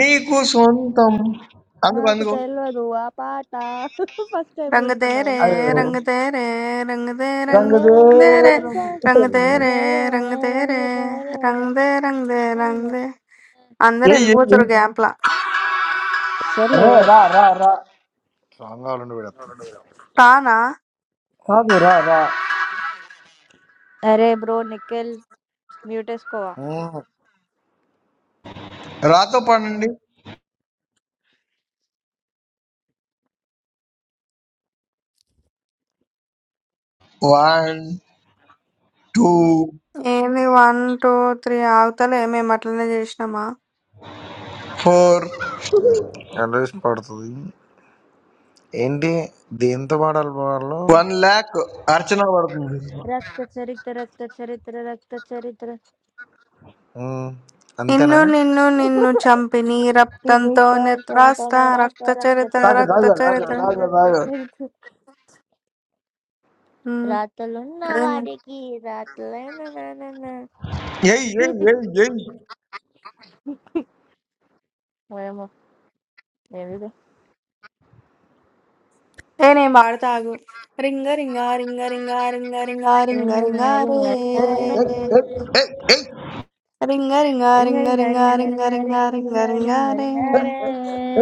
నీకు సొంతం అందుకో మాకు అందుకో తెలియదు ఆ పాట ఫస్ట్ టైం 'రంగుదేరే వింటున్నాం అయ్యో రంగుదేరే రంగుదే రంగ రంగ రంగుదేరే రంగ రంగదేరం రంగుదేరే ఏయ్ రంగ రంగుదేరే రంగ రంగుదే రంగుదే రంగ రంగుదే' అందరూ ఏయ్ యెళ్ళిపోతుర్రు ఏయ్ గ్యాప్‌ల. సర్లే రే రా రా రా సాంగ్ కావాలండి పెడతాను రానా? కాదు రా రా అరే బ్రో నిఖిల్ మ్యూట్ వేసుకోవా రాతో పడండి వన్ టూ ఏంది 1, 2, 3 ఆగుతలే మేమట్లనే జేసినామా? ఫోర్ అడ్రస్ పాడుతుంది ఏంటి దేంతో పాడాలి వాళ్ళు వన్ ల్యాక్ అర్చన పడుతుంది రక్త చరిత్ర రక్త చరిత్ర రక్త చరిత్ర నిన్ను అంతేనా నిన్ను నిన్ను చంపి నీ రక్తంతోనే కిరీటం త్రాస్తా తనతోనే రక్త రాస్తా రక్త చరిత్ర దాగ చరిత రక్త దాగ రక్త దాగ చరిత్ర చరిత దాగ రక్త దాగ చరిత రాతలున్న హ్మ్. వాడికి రాతలైన నానన్న ఏయ్ ఏయ్ ఏయ్ మరేమో తెలీదు. ఏ నేను పాడతా ఆగు రింగ రింగ రింగ రింగ రింగ రింగ రింగ రింగ రింగ రింగ రే రింగ రింగారే. ఏయ్ ఏయ్, ఏయ్ ఏయ్ రింగ రింగ రింగ రింగ రింగ రింగ రింగ రింగ రింగ రింగ రింగ రింగ రింగ రింగ రింగ రే రింగారే.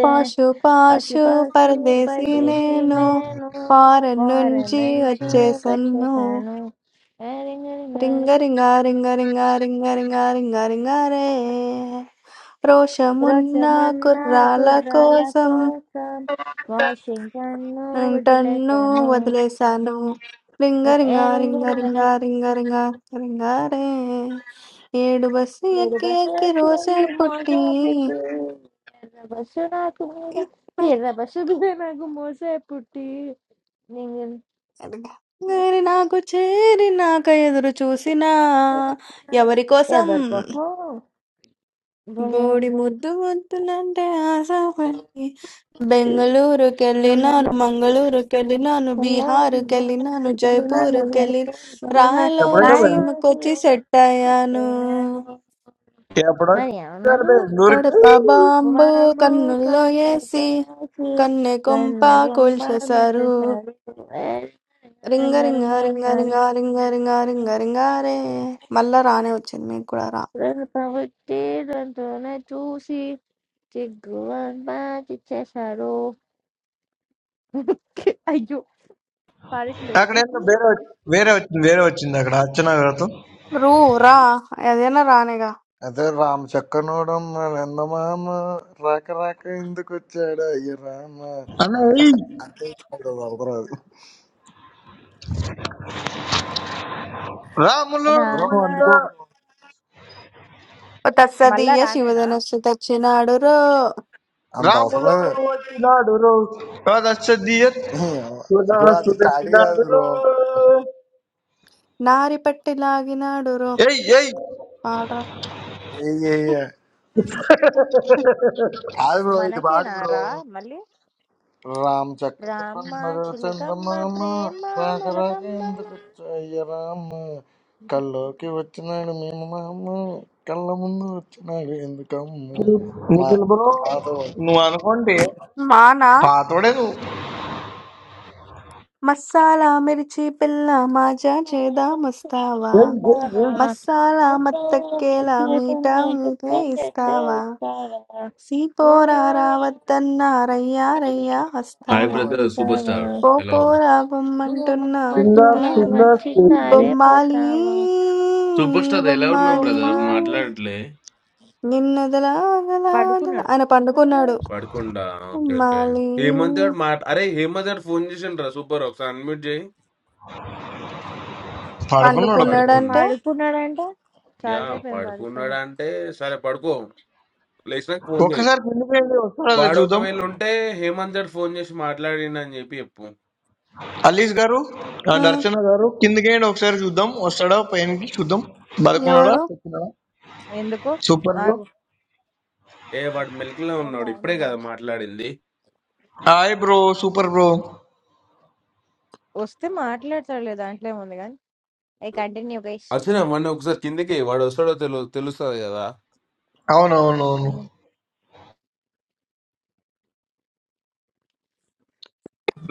పాషు పాషు పశుపక్షు పరదేశీ పరదేశి నేను నేను ఫారెన్ ఫారెన్ నుంచి నుంచి వచ్చేసన్ను వచ్చేసాను రింగ రింగ రింగ రింగ రింగ రింగ రింగ రింగ రే రోషమున్న रोशन मन्ना కుర్రాల कुराला కోసం कोसम वाशिंगटन नो హ్మ్. बजले 'టన్ను' कनो వదిలేశాను. 'రింగ मैं రింగ ऐलिंगो రింగ రింగ वाले రింగ రింగ రింగారే ఏడు బస్సు मेरे ఎక్కి बस ఎక్కి రోసే ऐसे పుట్టి मजा पुटी चिर्रा बसु ना तुम्हे [unintelligible] चिर्रा बसु भी तेरे को मोसे पुटी निंगल నాకు చేరినాక ఎదురు చూసినా ఎవరి ये కోసం?' बरकोसो धोने బోడి ముద్దు వద్దులంటే ఆశపడి బెంగళూరుకెళ్ళినాను మంగళూరుకెళ్ళినాను [laughs] బీహారుకెళ్ళినాను జైపూర్కెళ్ళి ఎప్పుడైనా వెళ్- రాయడానికి రాయలసీమకొచ్చి సెట్ వచ్చేస్తే అయ్యాను నేను ఎప్పుడైనా మరి వచ్చారు ఏమన్నారు బెంగళూరుకి కడప బాంబు బాబు కన్నుల్లో కన్ను వేసి కాసి కన్నె కొంప కన్ను బొమ్మ కూల్చేశారు పంపిస్తారు రింగ రింగ రింగ రింగ రింగ రింగ రింగ రింగారే మళ్ళా రానే వచ్చింది మీకు కూడా రా ప్రభుత్వ దాంతోనే చూసి చిగ్గు బాధి చేశారు అయ్యో పాడట్లేదు అక్కడ ఏందో అక్కడ. వేరే వచ్చి- వేరే వచ్చింది వేరే వచ్చింది అక్కడ అర్చన గారితో రూ రా ఏదైనా రానే అదే రామ చక్కనోడం ఎందమామ రాక రాక ఎందుకు వచ్చాడు అయ్య రామ అన్న ఏయ్ అంటే వదలరాదు రాములోడు బ్రో రామ నువ్వు మంచిదా అందుకో బ్రో ఓ మళ్ళా తస్సదీయ రానేనా శివధనుస్సు తెచ్చినాడురో అంత అవసరం రాములోడు లేదు వచ్చినాడు రో కాదస్సదియత్. సుధా బ్రో అది స్టడీ కాదు సుదర్శనాడు బ్రో నారిపట్టి లాగినాడురో ఏయ్ ఏయ్ పాడరా ఏ ఏ ఏ. కాదు బ్రో ఇది పాడు మనకేనా బ్రో రా మళ్ళీ రామ చక్కనోడం రామ్మ మరి చిలకమ్మ చందమామ ప్రేమ రాక రాక మొలకమ్మ ఎందుకు రా. వచ్చాడు అయ్య రామ కల్లోకి వచ్చినాడు మేము మామ కళ్ళ ముందు వచ్చినాడు ఎందుకమ్మ మా నిఖిల్ బ్రో కాదు. నువ్వు అనుకోండి మానా పాతోడే నువ్వు మస్సాలా మిర్చి పిల్ల మాజా చేదా ప్రేమతో మస్తావా ఏయ్ ఏయ్ చెమ్మొస్తారా. ఏయ్ మస్సాలా ముద్దు మత్తక్కేలా ముద్దుతో మీటా నాకు మీటే పండెట్టు ఇస్తావా ఇస్తారా. సీపోరా గుంటూరు రావద్దన్నా రయ్యా రయ్యా హాయ్ వస్తావా బ్రదర్ సూపర్ ఇస్తారా. స్టార్ ఎలా ఉన్నారు పోపోరా బొమ్మంటున్నా సింగర్ బొమ్మమంటూనే నాడు. వచ్చిందారే సింగర్ బొమ్మాలి పోతావా సూపర్ స్టార్ ఎలా ఉన్నావు బొమ్మాలి బ్రదర్ బొమ్మని మాట్లాడట్లే నిన్నొదలాగలాగల పడుకున్నాడు ఆయన పండుకున్నాడు పడకుండా ఓకే ఓకే మళ్ళీ హేమంత్ గారు మాట అరే హేమంత్ గారు ఫోన్ చేసిండ్రా సూపర్ ఒకసారి అన్మ్యూట్ చేయి పడుకున్నాడు బ్రో పడుకుండా పండుకున్నాడంటే పడుకున్నాడంట యా చాలాసేపు ఏం పడుకోనే పడుకున్నాడు అంటే సరే పడుకో లేచినాక ఫోన్ చేయి ఒకసారి కిందకేయండి వస్తాడా లేదా వాడు చూద్దాం ఒకవేళ ఉంటే హేమంత్ గారు ఫోన్ చేసి మాట్లాడిండు అని చెప్పి చెప్పు అలీస్ గారు అండ్ ఉమ్, అర్చన గారు కిందకేయండి ఒకసారి చూద్దాం వస్తాడా పైనకి చూద్దాం బతుకున్నాడా ఎవరు చచ్చినాడా? ఎందుకు సూపర్ బ్రో ఆగు ఏ వాడు మిల్క్ లో ఒక ఉన్నాడు ఇప్పుడే ఆయన కదా మాట్లాడింది హాయ్ బ్రో సూపర్ బ్రో వస్తే మాట్లాడతాడు లేదు దాంట్లో ఏముంది కానీ ఐ కంటిన్యూ గైస్ అర్చన మొన్న ఒకసారి కిందకి వాడు వస్తాడో తెలు తెలుస్తుంది కదా అవునవునవును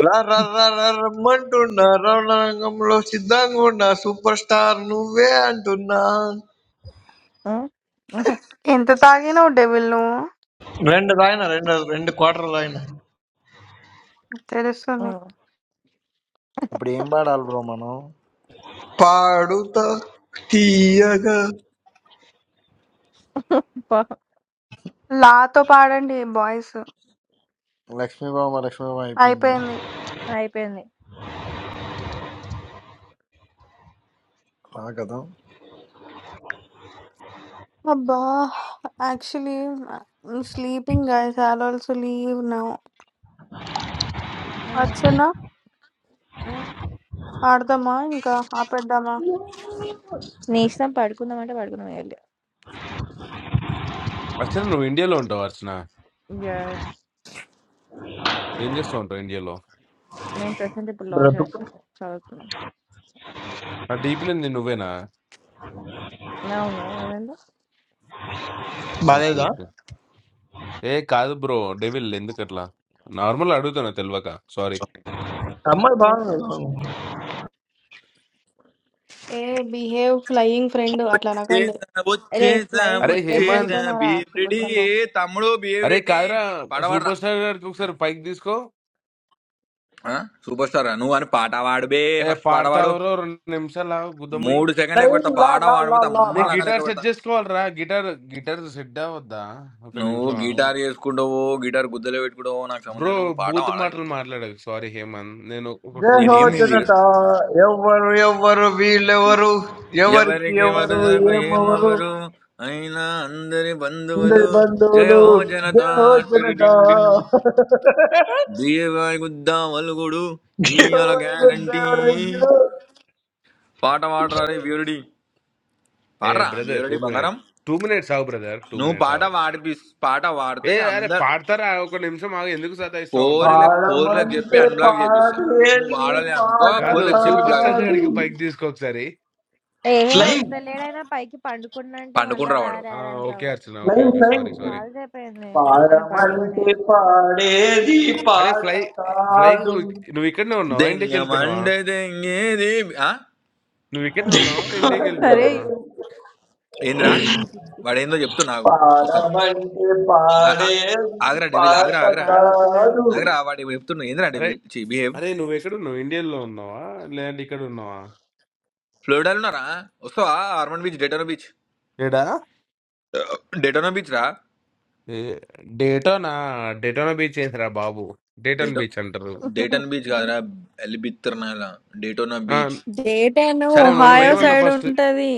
రా రా రా రా రమ్మంటున్నా రణరంగంలో సిద్ధంగా ఉన్నా సూపర్ స్టార్ నువ్వే అంటున్నా [laughs] ఎంత తాగినావు డెవిల్ నువ్వు రెండు రాయన రెండు రెండు క్వార్టర్ రాయన తెలుస్తుంది ఇప్పుడు ఏం పాడాలి బ్రో మనం పాడుతా తీయగా లాతో పాడండి బాయ్స్ లక్ష్మీబామ లక్ష్మీబామ అయిపోయిందా అయిపోయింది అయిపోయింది ఆ కదా అబ్బా actually sleeping guys all also leave now um. వచ్చేనా ఆడదామా ఇంకా ఆపేద్దామా నీ ఇష్టం పడుకుందాం అంటే పడుకుందాం వెళ్ళి అర్చన నువ్వు ఇండియాలో ఉంటావు అర్చన యా, యా. ఏం చేస్తూ ఉంటావు ఇండియాలో నేను ప్రెసెంట్ ఇప్పుడు లా బ్రతుకు చేస్తున్నాను చదువుతున్నాను నా డీప్లైన్ నువ్వేనా అవును ఏమైంది ఓకే. బాగాలేదా ఓకే. ఏ కాదు బ్రో. డెవిల్ ఎందుకట్లా? నార్మల్ అడుగుతున్నా తెలవక. సారీ. అమ్మాయి ఓకే బాగుంది ఏ బిహేవ్ ఫ్లయింగ్ ఫ్రెండ్ అట్లా అనకండి వచ్చేసా రే వచ్చేసా ఫ్లయింగ్ అరేయ్ ఎక్కడికి వచ్చేసా హేమంత్! వెళ్ళిపోయినారా బిహేవ్ రెడీ కుబుసలో ఏ తమ్ముడు బిహేవ్ అరేయ్ రెడ్డి కాదురా పడవడరా 'సూపర్ స్టార్' గారికి ఒకసారి పైకి తీసుకో. ఆ, సూపర్ స్టార్ రా. నువ్వు అని పాట పాడు బే ఏ ఫస్ట్ పాట పాడు పాడతావురో 2 నిమిషాలు ఆగు గుద్దమయ్యి. మూడు సెకండ్ లెక్క లైన్ పెడతా లా పాట లా లా పాడబోతే లా అమ్మ లా నేను లెక్క లెక్క గిటార్ పెడతా సెట్ చేసుకోవాలిరా. గిటార్ గిటార్ సెట్ అవ్వద్దా? ఒక నువ్వు నిమిషం ఆగు. గిటార్ చేసుకుంటావో గిటార్ గుద్దలో పెట్టుకుంటావో నాకు సంబంధం బ్రో లేదు. నువ్వు పాట బూతు పాడాలి మాటలు ఇప్పుడు మాట్లాడకు. సారీ హేమంత్. నేను ఒక 2 జయహో నేనేం మినిట్ నేను జనత ఎవరు ఎవరు వీళ్ళెవరు ఎవరికి ఎవరికి ఎవరు వరుసకు ఏమెవరు ఏమవరు అయినా అందరి బంధువులు అందరి బంధువులు జయో జనతా జయహో జనత టిరిడిండిన్ బిఏ గుద్దా వలుగుడు ఇయ్యాల ఎవరి గ్యారంటీ దేవుడు పాట పాడరా రే వీరుడి ఏ పాడరా బ్రదర్ 2 వీరుడి మినిట్ బంగారం 2 మినిట్స్ ఆగు బ్రదర్. 2 నువ్వు మినిట్స్ పాట ఆగు. పాడిపి పాట పాడితే ఏ అరే అందరు పాడతారా? ఒక నిమిషం ఆగు. ఎందుకు సతాయిస్తా ఉంటావు? పోరిలకు పోరిలకు చెప్పి పాడమంటే అన్బ్లాక్ చేపిస్తా నువ్వు పాడేది వాడలే అనుకో పాట కాదు. పోరిలకు చెప్పి 'సూపర్ బ్లాక్ స్టార్' చేపిస్తా కాదు గాడికి పైకి తీసుకో ఒకసారి. ఏహే ఉం? లైన్ వస్తలేడైనా పైకి పండుకున్నా అంటే మళ్ళా పండుకుంటురా రా వాడు ఆ! రారని ఓకే సాగుతుంది Archana. Okay. Line okay. Line sorry. Sorry. చాలా సేపు అయింది ఆయన పడుకొని పాడమంటే పాడేది అరే! పాట ఫ్లై ఫ్లయింగ్ కాదు నువ్వు నువ్వు ఇక్కడనే ఉన్నావా? ఇండియాకెళ్ళిపోయినావా? దెంగమండే దెంగేది ఆ? నువ్వు ఇక్కడనే ఉన్నావా? సరే ఇండియాకెళ్ళిపోయినావా? ఏందిరా చీ, చీ, చీ, వాడు ఏందో చెప్తున్నా నాకు ఒక పాడమంటే పాడేది ఆగ్రా డెవిల్ ఆగ్రా పాట ఆగ్రా తాగుతలేడు కాదు ఆగ్రా వాడు ఏమో చెప్తున్నా ఏందిరా అరే! డెవిల్ చి బిహేవ్ అరే! నువ్వెక్కడున్నావు? ఇండియాలో ఉన్నావా? లేదంటే ఇక్కడ ఉన్నావా? ఫ్లోరిడాలో ఉన్నారా వస్తావా ఆర్మన్ బీచ్ డెటోనో బీచ్ ఏడా? డెటోనో బీచ్ రా ఏ డేటానా? డేటానా బీచ్ ఏంటిరా బాబు? డేటాన్ డేటో బీచ్ అంటారు. డేటన్ బీచ్ కాదురా ఎలిబిత్తిర్నాల డేటోనా ఆ! బీచ్ డేట్ అయినా సరే అవును. ఒహాయో ఆర్మండ్ నువ్వేమన్నావు బీచ్ సైడ్ ఫస్ట్? ఉంటది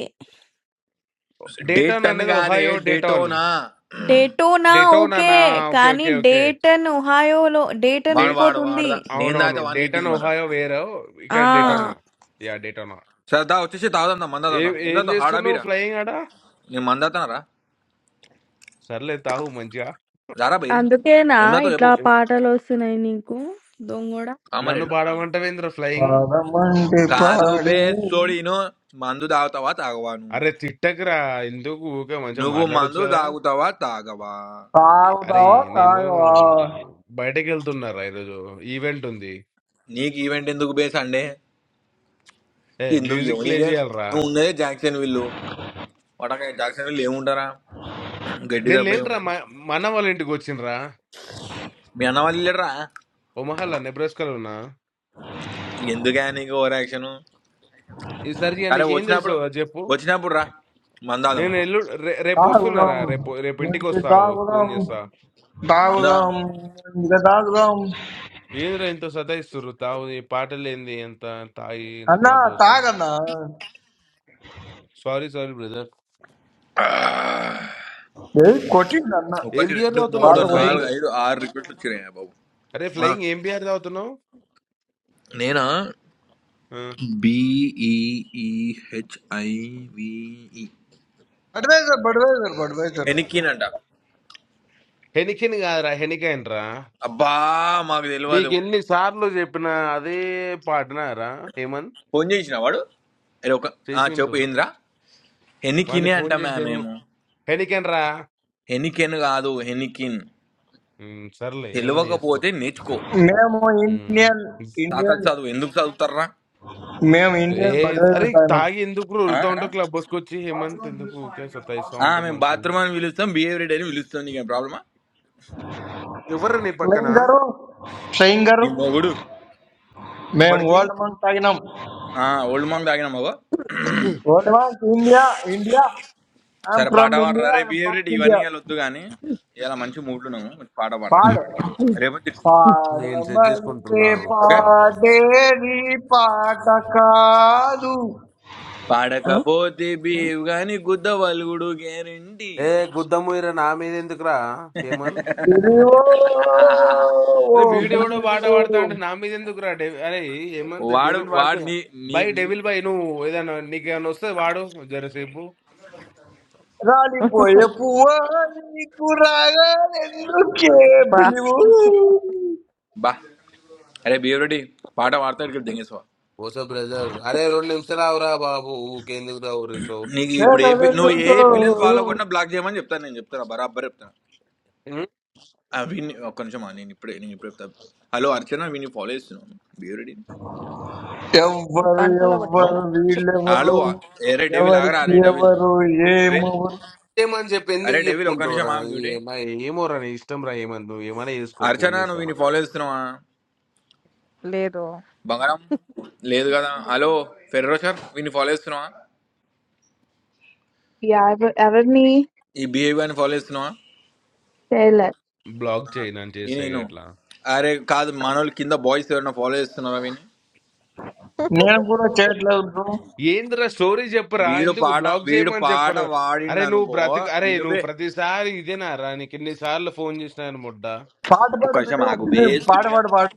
డేటాన్ డేటన్ అనేది కాదే Ohio Dayton. Daytona Daytona okay. డేటోనానా? ఓకే. కానీ ఓకే. ఓకే. డేటన్ ఒహాయోలో డేటన్ వాడు వాడు ఇంకోటుంది. వాడదా నేను అవునవును. తాగితే వానికి 'డేటన్' ఎక్కింది మన ఒహాయో వేరో, ఆ! ఇక్కడ ఆ. 'డేటోనా.' యాహ్! 'డేటోనా.' సరే దా వచ్చేసి తాగుదాం దా మందాదాం ఏం దా ఏం ఏం తాతో హాడా జేస్తున్నావు బీరా ఫ్లయింగ్ ఆడ? నేను మందాతానరా సర్లే తాగు మంచిగా. రారా బై అందుకేనా ఏం తాతో ఇట్లా చెప్పు ఎవ్ పాటలొస్తున్నాయి నీకు? దొంగోడ. నన్ను కామలేండు పాడమంటావేందిరా ఫ్లయింగ్? పాడమంటే కాదు పాడి బే సోడీను మందు తాగుతావా తాగవాను అరె తిట్టకురా! ఎందుకు ఊకే మంచిగా నువ్వు మాట్లాడొచ్చు మందు గదా! తాగుతావా తాగవా ఎ అరేయ్! తాగుదావా నేను తాగవా బయటకెళ్తున్నారా ఈరోజు. ఈవెంట్ ఉంది. నీకు ఈవెంట్ ఎందుకు బే సండే ఏయ్! ఎందుకు మ్యూజిక్ ప్లే ఎవరికే జేయాలిరా. నువ్వు ఉన్నదే జాక్సన్ విల్లు వాడక జాక్సన్ వీళ్ళు ఏముంటారా గడ్డి నేను తప్ప లేనురా మా ఏముంటారు మా అన్న వాళ్ళ ఇంటికొచ్చింరా. మీ అన్న వాళ్ళు వెళ్ళడరా ఒమహాల నెబ్రాస్కాలో ఉన్నా. ఎందుకే నీకు ఓవర్ యాక్షన్ ఈ సరి ఇగ సరే నీకేం తెలుసో వచ్చినప్పుడు అది జెప్పు. వచ్చినప్పుడు రా మందాదం నేను ఎల్లుండి రె తాగుదాం రేపొస్తున్నారా రేపు రేపు మంచి ఇంటికొస్తావు. ఫోను తాగుదాం జేస్తా. మందాదం తాగుదాం మంచిగా తాగుదాం ఏందిరా ఇంత సతాయిస్తుర్రు తావు ఈ పాటలేంది ఎంత తాగి ఇంత అన్నా క్లబ్ హౌస్ తాగన్నా సారీ సారీ బ్రదర్ ఏయ్, కొట్టిండు అన్న ఏం ఒకటి బియర్ రెండు మూడు తాగుతున్నావురా క్వార్టర్ ఫ్లయింగ్ నాలుగు కొట్టిండు ఐదు ఆరు రిక్వెస్ట్లు వచ్చినాయి బాబు అరే ఆ, ఫ్లయింగ్ ఏం బియర్ తాగుతున్నావు నేనా ఆ, బిఈఈహెచ్ఐవిఈ బడ్వైజర్ బడ్వైజర్ బడ్వైజర్ ఎనిక్కినంట హెనికెన్ కాదురా హెనికైన్ రా అబ్బా మాకు తెలియదు నీకు ఎన్ని సార్లు చెప్పినా అదే పాటనా రా హేమంత్ ఫోన్ చేసిన వాడు అరే ఒక ఆ, చేసిండు చెప్పు ఏందిరా వాడిని హెనికినే అంట ఫోన్ చేసి మ్యామ్ దేని- మేము హెనికెన్ రా హెనికెన్ కాదు హెనికిన్ ఉమ్, సర్లే ఏమని చేసుకో తెలియకపోతే నేర్చుకో మేము ఉమ్. ఇండియన్ సాకలు ఇండియన్ చదువు ఎందుకు చదువుతారా మేము ఏ ఇండియన్ అరే బడ్వైజర్ తాగినాం తాగి ఎందుకు ఆ? రుతా ఉంటావు క్లబ్ ఆ, హౌస్కి వచ్చి హేమంత్ ఎందుకు ఊరికే సతాయిస్తా ఆ, ఉంటావు మేము మనుషులు బాత్రూమ్ అని పిలుస్తాం బిహేవియర్ డైరీ పిలుస్తాం నీకేం ప్రాబ్లమా ఎవరు నీ పక్కన ఫ్లయింగ్ గారు ఫ్లయింగ్ నీ గారు మొగుడు మేము వాడికి ఓల్డ్ మంక్ తాగినాం ఆ ఓల్డ్ మాంగ్ తాగిన మగో Old Monk India India I'm సరే పాట ఫ్రమ్ పాడరా ఇండియా రే ఐఎమ్ బిహేవియర్ ఫస్ట్ ఇవన్నీ ఇండియా ఇలా వద్దు కానీ ఇలా మంచి మూడ్లున్నాము మంచి పాట పాడరా పాడు బిహేవియర్ రేపు తిరుగుతాం, నేను సెట్ పాడమైతే చేసుకుంటున్నా ఓకే పాడతా పాడేది పాట కాదు ఆ? పాడకపోతే బిహేవ్ గాని గుద్ద వలుగుడు గ్యారంటీ ఏ గుద్దము ఇరా నా మీద ఎందుకురా హేమంత్ బిలివో ఓ అరే వీడియో కూడా పాట పాడతా బిలివో అంటే నా మీద ఎందుకురా డె అరే హేమంత్ వాడు డెవిల్ వాడు వాడుతున్నా నీ నీ బై నీ డెవిల్ బై నువ్వు ఏదైనా నీకు ఏమైనా వస్తే వాడు జరసేపు రాలిపోయే పువ్వ నీకు రాగాలెందుకే బా బిలివో బా అరే బీవరెడ్డి పాట పాడతాడు ఇక్కడ దెంగేసవా ఓసో బ్రదర్ అరే రెండు నిమిషాలు రావురా బాబు ఊకెందుకు రావు రిసో నీకు ఇప్పుడు ఏ పి- నువ్వు ఏ పిల్లని ఫాలో చేతనెందుకో కొట్టినా బ్లాక్ చేయమని చెప్తాను నేను చెప్తాను బరాబర్ చెప్తాను ఆ! వీడిని ఒక్క నిమిషం ఆగు. నేనిప్పుడే నేనిప్పుడే చెప్తా. హలో! అర్చన వీడిని ఫాలో చేస్తున్నాను. బిహేవియరేంటి? ఎవ్వరు పాన్పల్లో హలో! ఎవ్వరు కొట్టేసాలా చెప్పు హలో! వీళ్ళెవరు ఏరే డెవిల్ ఆగరా! ఎవరికి అరే డెవిల్. ఎవరు డెవిల్. ఏమెవరు ఏమని చెప్పి ఎందుకు అరే డెవిల్ ఒక్క నిమిషం చెప్పుకుంటావురా ఆగు మ్యూటేయ్. ఏమో ఏమోరా నీ ఇష్టం రా ఏమని నువ్వు ఏమైనా చేసుకో ఫోన్ అర్చన నువ్వు వీడిని చేస్తామని ఫాలో చేస్తున్నావా? లేదు బంగారం. లేదు కదా! హలో! ఫెర్రోషర్ వీడిని ఫాలో చేస్తున్నావా? ఎవ- ఎవరిని ఈ బిహేవియర్‌ని ఫాలో చేస్తున్నావా? చేయలేరు బ్లాక్ చేయి నన్ను ఈ చేస్తే నేను. ఎట్లా అరే కాదు మనోళ్ళు కింద బాయ్స్ ఎవరైనా ఫాలో చేస్తున్నారా వీడిని? నేను కూడా చేయట్లేదు బ్రో ఏందిరా స్టోరీ చెప్పురా వీడు ఎందుకు పాట బ్లాక్ వీడు చేయమని పాట చెప్పరు అరే నువ్వు వాడిండనుకో బ్రతిక అరే నువ్వు ఇనుబే ప్రతిసారి ఇదేనా రా నీకు ఎన్నిసార్లు ఫోన్ చేసినాను ముడ్డ పాట ఒక్క పాడు నిమిషం బిలీవ్ ఆగు బిలీవ్ పాట బే పాడు పాడు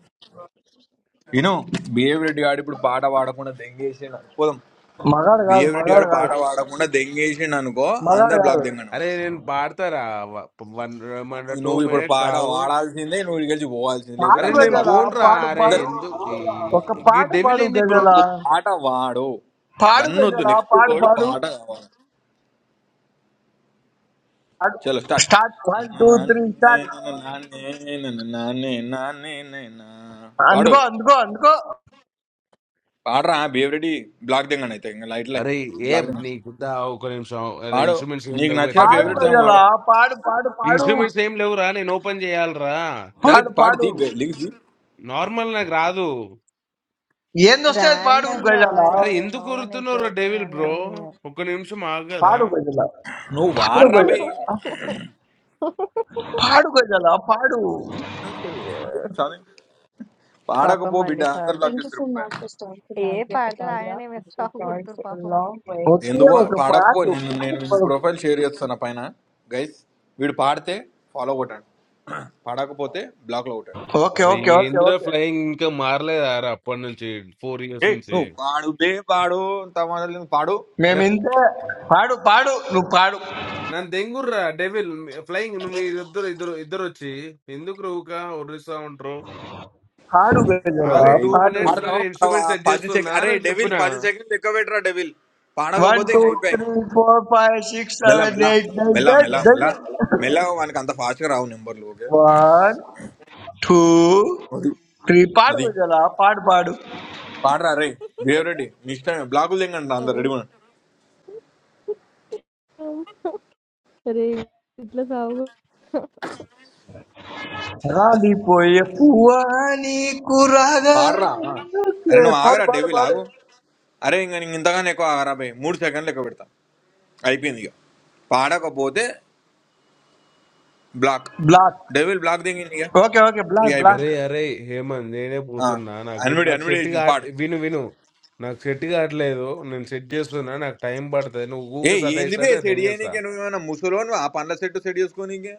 నేను బిఏవి రెడ్డి గాడు ఇప్పుడు పాట పాడకుండా దెంగేసిండు పోదాం మగాడు కాదు బిఏవి రెడ్డి గాడు మగాడు పాట కాదు పాడకుండా దెంగేసిండు అనుకో మగాడు అందరు కాదు బ్లాక్ దెంగను అరే నేను పాడతారా వన్ టూ నువ్వు ఇప్పుడు మినిట్స్ పాట ఆగు పాడాల్సిందే నువ్వు ఇక్కడి నుంచి పోవాల్సిందే లేకపోతే పాడు అరే అందరు నేను బ్లాక్ గజల దెంగుతారు పోన్రా పాడు అరే అందరు పాడు ఎందుకు ఈ- ఒక ఈ పాట డెవిల్ పాడు ఏంది బ్రో గజల నువ్వు పాట వాడు పాడు వన్ వద్దు గజల నెక్స్ట్ పాడు వర్డ్ పాడు పాట కావాలి చలో start start one two three start పాడు అందుకో అందుకో అందుకో పాడరా బిఏవి రెడ్డి బ్లాక్ దెంగను అయితే ఇంకా లైట్లే అరే ఏ బ్లాక్ దెంగ నీకు ఉందా? ఒక నిమిషం అరే పాడు ఇన్స్ట్రుమెంట్స్ ఏం నీకు లేవు నచ్చిన ఎట్లా పాడు ఫేవరెట్ పాడాలి సాంగ్ గజల వాడు పాడు పాడు పాడు ఇన్స్ట్రుమెంట్స్ ఏం లేవురా నేను ఓపెన్ చేయాలిరా సరే పాడు పాడు పాడు తీ లిరిక్స్ నార్మల్ నాకు రాదు ఏందొస్తే అది పాడు ర్యాండమ్ గా గజల అరే వాడేసే ఎందుకు నోమని కొరుతున్నారు డెవిల్ చదువుగానే బ్రో ఉన్నాయి ఒక్క నిమిషం ఆగదా పాడు గజల నువ్వు పాడు వాడరా బే గజల పాడు గజల పాడు అయ్యో, ఏం సాధన పాపం పాడకపో బిడ్డ అందరు అన్నిసార్లు బ్లాక్ Thank you చేస్తారు so ఇప్పుడు. much for starting ఏ Navigate పాడతాడు Italia. ఆయననే I'm మిస్ so sorry అవ్వకూడతారు for the పాపం long wait. ఒకే ఎందుకు Uh, ఒక I have పాడకపో పాటు called నేను the నేను పాడు వీడి పద- ప్రొఫైల్ షేర్ చేస్తున్నా పైన గైస్ వీడు పాడితే ఫాలో కొట్టాడు పాడకపోతే బ్లాక్ లో కొట్టాడు ఓకే అరే ఓకే ఓకే ఏంద్రా ఓకే ఫ్లయింగ్ ఇంకా మారలేదా రా అప్పటి నుంచి ఫోర్ ఇయర్స్ ఏ నుంచి నువ్వు పాడు బే పాడు తమ పాడు అరే మేము ఇంతే పాడు పాడు నువ్వు పాడు నన్ను దెంగుర్రా డెవిల్ ఫ్లయింగ్ నువ్వు మీరు ఇద్దరు ఇద్దరు ఇద్దరు వచ్చి ఎందుకు రూక ఒర్రిస్తా ఉంటారు పాడు గజల ఆవురా టూ పాడు మినిట్స్ పాడతావా నేను పాడవా? ఇన్స్ట్రుమెంట్ సెట్ పది చేస్తున్నా సెకండ్ అరే అని డెవిల్ చెప్పిన పది సెకండ్ లెక్క పెట్టరా డెవిల్ వన్ పాడకపోతే టూ ఇంక అయిపోయా ఇంక. త్రీ ఫోర్ ఫైవ్ సిక్స్ మెల్ల సెవెన్ మెల్ల ఎయిట్ నైన్ మెల్ల టెన్ మెల్ల మెల్ల డజన్ మెల్ల వానికి అంత ఫాస్ట్ గా రావు నెంబర్లు ఓకే వన్ టూ అది త్రీ పాడు అది గజల పాడు పాడు పాడరా రే దేవరెడ్డి నీ ఇష్టమే బ్లాగులు తెంగండి అందరు రెడీ అరే ఇట్లా సాగు ఉన్నాడు రాలిపోయే పువ్వా నీకు రాగా పాడరా అరే ఓకే నువ్వు పాడు ఆగరా పాడు డెవిల్ పాడు ఆగు అరే ఇంకా నీకు ఇంతగానే ఎక్కువ ఆగరా బై మూడు సెకండ్లు ఎక్కువ పెడతా అయిపోయింది ఇక పాడకపోతే బ్లాక్ బ్లాక్ డెవిల్ బ్లాక్ దింగింది ఇక ఓకే ఓకే ఇక బ్లాక్ అయిపోయింది అరే బ్లాక్ అరే హేమంత్ నేనే ఆ, పోతున్నా నాకు అన్విడి నాకు అన్విడి సెట్ చేసింది కాట్ పాడు విను విను నాకు సెట్ కావట్లేదు నేను సెట్ చేస్తున్నా నాకు టైం పడుతుంది నువ్వు ఏ ఊకే ఏంది బే సతాయిస్తాటే సెట్ దెంగేస్తా చేయనీకే నువ్వు ఏమైనా ముసలో నువ్వు ఆ పండ్ల సెట్ సెట్ చేసుకోనీకే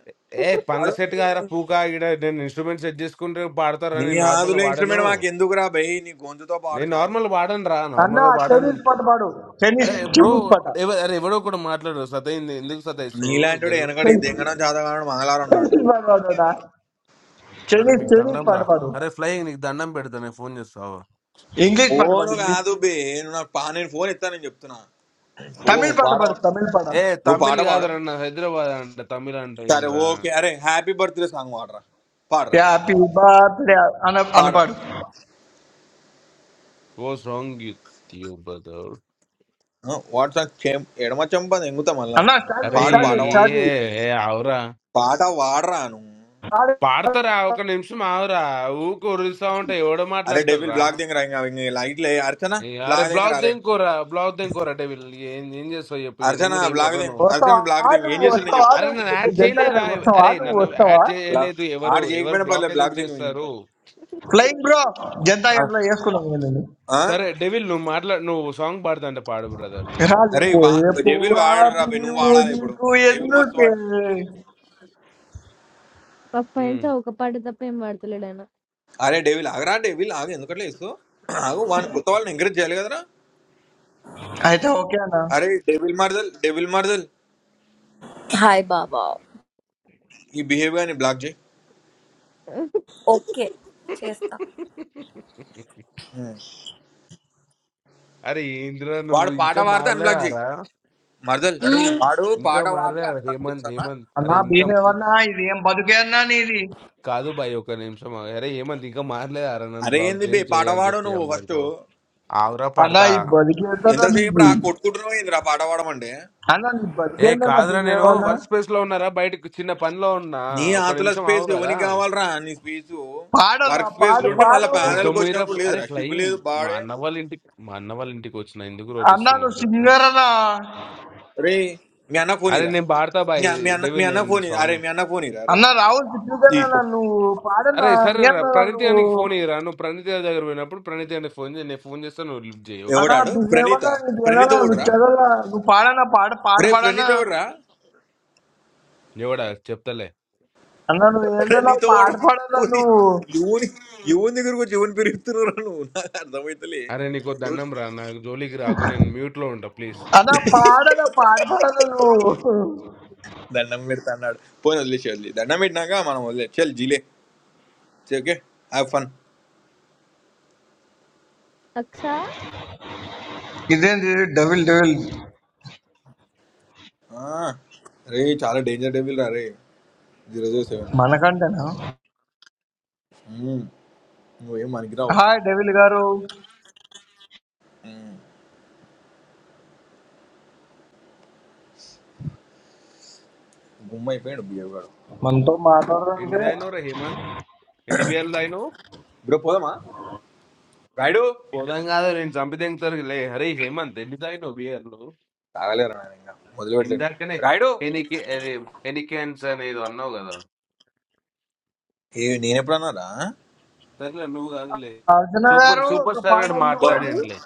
ఏ పనుల పాడు సెట్ కాదురా పూకా ఇక్కడ నేను ఇన్స్ట్రుమెంట్ సెట్ చేసుకుంటే పాడతారని నీ నార్మల్గా ఆదులే ఇన్స్ట్రుమెంట్ వాడను మాకు ఎందుకురా బై నీ గొంతుతో పాడు నేను చాలు నార్మల్ వాడను రా అన్న నార్మల్ వాడను చైనీస్ పాట పాడు చైనీస్ అరే బ్రో చైనీస్ పాట అరే ఎవడో కూడా మాట్లాడు సతయింది ఎందుకు సతాయిస్తారు నీలాంటి వాడు ఇద్దరు వెనకడికి చైనీస్ దింగడం చేత కావడం మంగళవారం ఉన్నాడు. చైనీస్ పాట పాడు అన్న అరే చైనీస్ మీకు చైనీస్ దండం పాట రా పాడు అరే ఫ్లై నీకు దండం పెడతా నేను ఫోన్ చేస్తావు ఇంగ్లీష్ పాట ఫోన్ పాడు ఇంగ్లీష్ కాదు బే నువ్వు నాకు పా నేను ఫోన్ ఎత్తానని చెప్తున్నా ఫోన్ తమిళ్ నువ్వు పాట పాడ పాడు తమిళ్ పాట ఏ నువ్వు తమిళ్ పాట పాడు కాదురా నా హైదరాబాద్ అంట తమిళ అంట సరే ఏందిరా ఓకే అరే హ్యాపీ బర్త్డే సాంగ్ పాడరా పాడరా హ్యాపీ బర్త్డే అన్న అన్న పాడరా పాడు ఓ సాంగ్ బ్రదర్. వాట్సాప్ చెం ఎడమ చెంప ఎంగుతా మళ్ళా అన్న స్టార్ట్ అరే చేయి పాడు స్టార్ట్ పాట చేయి వా- స్టార్ట్ ఏ చేయి ఏ, ఆవురా పాట వాడరా నువ్వు స్టార్ట్ చేయి. పాడతారా ఒక నిమిషం ఆవురా ఊకు ఉరుస్తా ఉంటే ఎవడో అరే మాట్లాడతాడు డెవిల్ రా బ్లాక్ దింగరా ఇంకా ఇంకా లైట్లు ఏ- అర్చన ఏ, అరే బ్లాక్ బ్లాక్ దింగరా అరే దేనికోరా బ్లాక్ దేనికోరా అంటే వీళ్ళు ఏం ఏం చేస్తావు చెప్పు ఇక అర్చన నేను కూడా ఏం బ్లాక్ దింగ్ కొర్రను అర్చన బ్లాక్ వస్తావా దింగ్ ఏం నువ్వు చేస్తాడు నేను వస్తావా చెప్తా అరే నువ్వు నన్ను యాడ్ జనతా చేయలేరా గ్యారేజ్ వస్తావా అరే నువ్వు నన్ను యాడ్ వస్తావా బ్లాక్ చేయలేదు ఎవరు ఆడు ఎవరు చేయకపోయినా బ్లాక్ పర్లేదు ఎందుకు బ్లాక్ దింగ్ నేను చేస్తారు చెప్తా ఫ్లయింగ్ బ్రో జనతా గంటలో వేసుకున్నాను నేను ఇది. ఆ? సరే డెవిల్ నువ్వు మాట్లా నువ్వు సాంగ్ పాడుతుంటే పాడు బ్రదర్ అరే వా రాలిపోయే డెవిల్ పువ్వా వాడరా బే నువ్వు బియ్యూ వాడాలి ఇప్పుడు నీకు డెవిల్ మస్తు వాడిండు. ఎందుకే అప్పటి నుంచి ఒక పాట తప్ప ఏం పాడతలేడు అరే డేవిల్ ఆగరా డేవిల్ ఆగు ఎందుకట్లా వేసుకో ఆగు వాని కొత్త వాళ్ళని ఎంకరేజ్ చేయాలి కదరా అయితే ఓకే అన్న అరే డేవిల్ మార్దల్ డేవిల్ మార్దల్ Hi, Baba. ఈ బిహేవియర్ ని బ్లాక్ చేయి ఆయన Okay. అరే ఏంద్రా నువ్వు వాడు పాట ఇంకా వాడితే అన్బ్లాక్ చేయి మారలేరా మార్దల్ అరే వాడు ఇంకా పాట వాడితే మారలేరా అన్బ్లాక్ హేమంత్ చేస్తానా హేమంత్ అరే అన్నా ఇంకా బిహేవ్ అన్నా ఇది ఏం బతుకే అన్నా నీది కాదు బాయ్ ఒక నిమిషం ఆగు. అరే హేమంత్ ఇంకా మారలేరా నన్ను అరే బ్లాక్ ఏంది చేయి బే చేయి పాట అని వాడు చెప్పి నువ్వు ఫస్ట్ అమ్మాయితో ఆవురా అన్నా పాడతా ఈ బతికేద్దన్నా ఎంతసేపు నీది రా కొట్టుకుంటున్నావు ఏంది రా పాట వాడమంటే అన్నా నీ ఏ బతికేద్దన్నా కాదురా నేను బిహేవ్ అన్నా వర్క్ స్పేస్ లో ఉన్నారా బయటకు చిన్న పనిలో ఉన్నా నీ ఒక ఆతుల నిమిషం స్పేస్ ఆవు కదా ఎవరికి కావాలరా నీ స్పేస్ పాడన్నా వర్క్ స్పేస్ పాడు ఏ నుండి మళ్ళీ పాడు ప్యానల్కి గుడ్డమీర వచ్చినప్పుడు అరే లేదురా సిగ్గు ఫ్లయింగ్ లేదు మా బాడే అన్న వాళ్ళ ఇంటికి మా అన్న వాళ్ళ ఇంటికి వచ్చిన ఎందుకు అన్నా రోటిస్తున్నావు నువ్వు చెప్పు సింగర్ అన్నా రే మీ అన్న ఫోన్ అరే ఇరా నేను పాడతా బాయ్ మీ మీ అన్న మీ డెవిల్ అన్న నేను ఫోన్ ఇరా. సాంగ్ అరే మీ అన్న ఫోన్ ఇరా అన్నా రాహుల్ చిత్రీకరణ అరే నువ్వు అరే పాడన్నా సరే రా ఏమన్నా ప్రణీత్ నువ్వు గారికి ఫోన్ ఇయ్యరా నువ్వు ప్రణీత్ గారి దగ్గర పోయినప్పుడు ప్రణీత్ గారికి ఫోన్ చేయి నేను ఫోన్ చేస్తా నువ్వు లిఫ్ట్ చేయి ఓకేనా అన్నా ఎవడాడు బిహేవ్ ప్రణీత అన్నా నీది ప్రణీత ఏదన్నా ఆ. నువ్వు ఓడరా చదవలా నువ్వు పాడన్నా పాడు పాట అరే పాడన్నా ప్రణీత ఓడరా ఎవడా చెప్తలే అన్నా నువ్వు ఏందన్నా ప్రణీత పాట ఓడరా పాడన్నా నువ్వు యువని యువని దగ్గర వచ్చి యువని పెరుగుతున్నారు నువ్వు నాకు అర్థమైతలే అరే నీకు నువ్వు దండం రా నాకు జోలికి రాకు నేను మ్యూట్ లో ఉంటా ప్లీజ్ అన్నా పాడన్నా పాట పాడన్నా నువ్వు దండం పెడతా అన్నాడు పోయిన వదిలేసి వదిలే దండం పెట్టినాక మనం వదిలే చల్ జీలే ఓకే హ్యావ్ ఫన్ അക്ഷ ఇదేంటి డబుల్ డబుల్ రే చాలా డేంజర్ డెవిల్ రా రే జీరో జీరో సెవెన్ మనకంటేనా నువ్వేం మనకిరావు హాయ్ డెవిల్ గారు గుమ్మ అయిపోయాడు బియ్యగాడు మనతో ఎన్ని మాట్లాడాలంటే దాయినో రా హేమంత్ ఎన్ని బియర్లు దాయినో బ్రో పోదామా రాయుడు పోదాం కాదు నేను చంపి తెంగుతారు లే అరే హేమంత్ ఎన్ని దాయినో బియర్లు తాగలేరా నాయన ఇంకా మొదలు పెట్టలేను ఇందాకనే రాయుడు ఎనికి అది ఎనికెన్స్ అనేది అన్నావు కదా ఏ నేను ఎప్పుడన్నారా సరేలే నువ్వు కాదులే అర్చన సూపర్ గారు సూపర్ ఒక స్టార్ పాట గారు పోదామా అందుకోండి మాట్లాడండిలే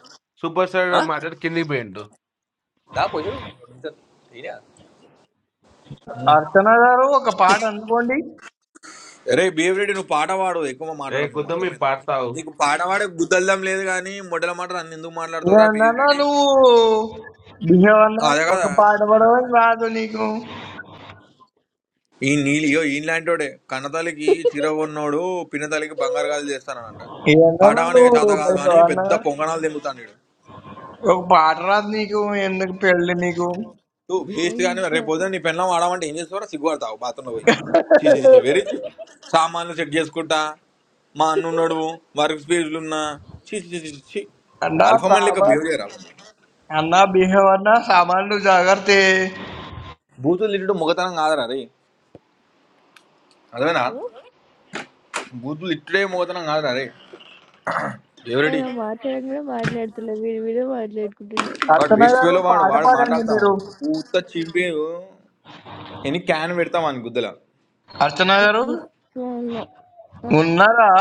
సూపర్ స్టార్ గారు మాట్లాడి కిందికి పోయిండు దా పొజిషన్ అయినా అర్చన గారు ఒక పాట అందుకోండి అరే బిహేవియర్ నువ్వు పాట పాడు ఎక్కువ ఏ మాట్లాడకు కొద్దాం మీ అర్థమైందా పాడతావు నీకు పాట పాడే గుద్దల్దం లేదు కానీ మొదల మాట నన్ను ఎందుకు మాట్లాడతావురా ఏందన్నా బిహేవియర్ నువ్వు బిహేవన్నా అదే ఒక కదా పాట పడవని రాదు నీకు ఈ నీళ్ళు ఇయో ఈలాంటోడే కన్నతల్లికి చీర కొన్నోడు పిన్నతల్లికి బంగారు గాజులు చేస్తానంట పాట ఏందన్నా పాడే చేత నువ్వు కాదు కానీ బిహేవన్నా పెద్ద పొంగనాలు తింగుతాను ఒక పాట రాదు నీకు ఎందుకు పెళ్ళి నీకు నువ్వు వేస్ట్ కానీ അയ്യോ రేపు పొద్దున నీ పెన్లం ఆడమంటే ఏం చేస్తావో సిగ్గుపడతావు బాత్రూంలో పోయి చీసీ చీసీ അയ്യോ. Very cheap. సామాన్లు సెట్ చేసుకుంటా మా అన్నున్నాడు వర్క్ స్పేస్లు ఉన్నా చీసీ చీసీ చీ చీ అన్నా అల్ఫమన్ లెక్క సామాన్ బిహేవ్ చేయరా అన్నా బిహేవన్నా సామాన్లు జాగ్రత్త బూతులు తిట్టడం మొగతనం కాదురా రే ఏ నా అదేనా [laughs] బూతులు తిట్టడే మొగతనం కాదురా రే ఎవరెడి మాట్లాడడం కూడా మాట్లాడుతున్నా మీరు మీరే మాట్లాడుకుంటున్నాను వాడు అర్చన వేస్ట్ గారు వేలో వాడు పాట వాడు పాడండి మాట్లాడతా మీరు పూత చింపి ఎన్ని క్యాన్ పెడతాం అని గుద్దల అర్చన గారు ఉన్నారా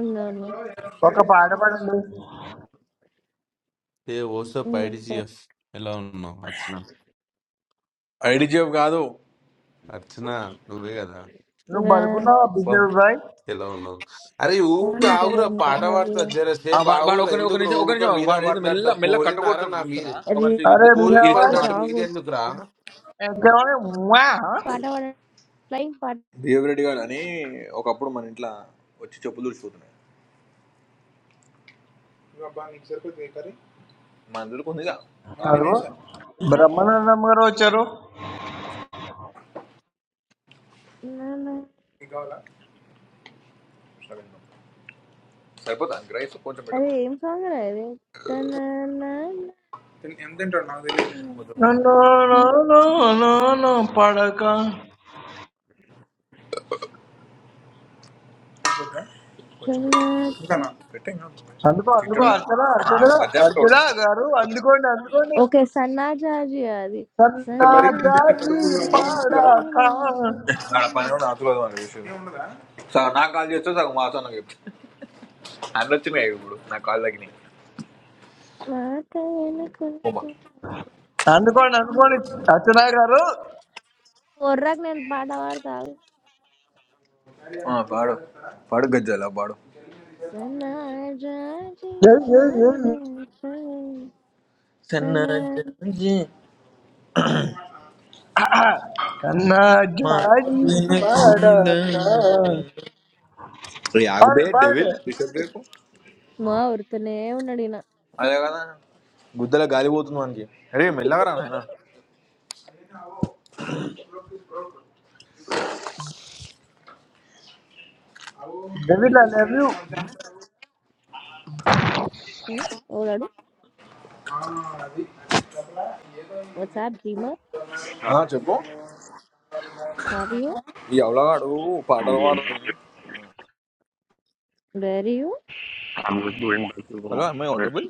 ఉన్నాను ఒక పాట పాడండి ఏ ఓసో ఇంకా, పైడిజిఎఫ్ ఎలా ఉన్నావు అర్చన ఐడి జాబ్ కాదు అర్చన నువ్వే కదా నువ్వు ఆ, బతుకున్నావా బా- బిహేవ్ బాయ్ ఎలా ఉన్నావు అరే ఊక ఏం కదా ఆగురా పాట అనుకుంటున్నారు? పాడతా ఆ, జరసేపు వాడు వాడు ఆగురు ఒక ని- ఒక ఎందుకు నిమిషం ఒక ఊక నిమిషం ఆగు. మీద వాడు ఏదో మెల్ల పడ్డట్టు మెల్ల పోరినారా కట్టకొడుతుండు నా మీద చూస్తున్నా ఒక అది నిమిషం అరే వీళ్ళిద్దరు పోరిని బిహావా వీళ్ళిద్దరు పడ్డట్టు మాట్లా సాంగ్ మీదెందుకురా ఎక్కడే వా పాట పాడ ఫ్లయింగ్ పాట బిహేవ్ రెడ్డి గారు అని ఒకప్పుడు మన ఇంట్లో వచ్చి చెప్పులు తుడిచిపోతున్నాయి అబ్బా నీకు సరిపోతుంది ఈ కర్రీ మన అందరికి ఉందిగా నేను అదిగో తినేసా బ్రహ్మానందం గారు వచ్చారు నా, నా. నీకు కావాలా సరిపోతా రైస్ కొంచెం అది పెట్టుకోండి ఏం సాంగ్ రా తిన్- ఎంత తింటాడు నాకు తెలియదు కొంచెం పెట్టు నన్ను ఇది నన్ను నన్ను పడక చూద్దాం. ఇంకా నా పెట్టు. అందుకో అందుకో తింటాడుగా అర్చన ఆ అర్చన మధ్యాహ్నం కూడా అర్చన ఉన్నాయి గారు అందుకోండి అందుకోండి ఓకే సన్నాజాజి అది ఇంత సన్నా బరీ తింటే జాతి కడుపు సన్నాజాజి మూలొస్తుంది కదా పడక పాదం ఆడ కోసం పని కూడా ఆతులేదు మన విషయం ఏం ఉండదా సగం నాకు కాల్ చేస్తే సగం మాసం నాకు చెప్తాను అన్నీ వచ్చినాయి ఇప్పుడు నాకు కాల్ తగ్గినాయి మాట బొమ్మ వినుకుంటున్నాను. అందుకోండి అందుకోండి అర్చన గారు ఒర్రకు నేను పాట పాడతాను ఆ, పాడు పాడు గజ్జాల పాడు సన్నాజాజి ఏయ్, ఏయ్, ఏయ్. పాదం కోసం సన్నా- సన్నాజి సన్నా మాట జాతి పడక వినకుండా. యాగబే పాడండి డెవిల్ పాడండి బిషప్ రేపు మా ఉరుతూనే ఉన్నాడు ఈయన అదే కదా గుద్దల గాలి పోతుంది మనకి అరే మెల్లగరా నాయన డెవిడ్ ఐ లవ్ యూ ఉం? ఓడాడు వాట్సాప్ డ్రీమర్ Hi, ఆ, చెప్పు హావ్ యూ ఈ అవలగాడు I'm పాటలు good. పాడు where you How I'm just going back to hello home. అమ్మాయి Where? డబుల్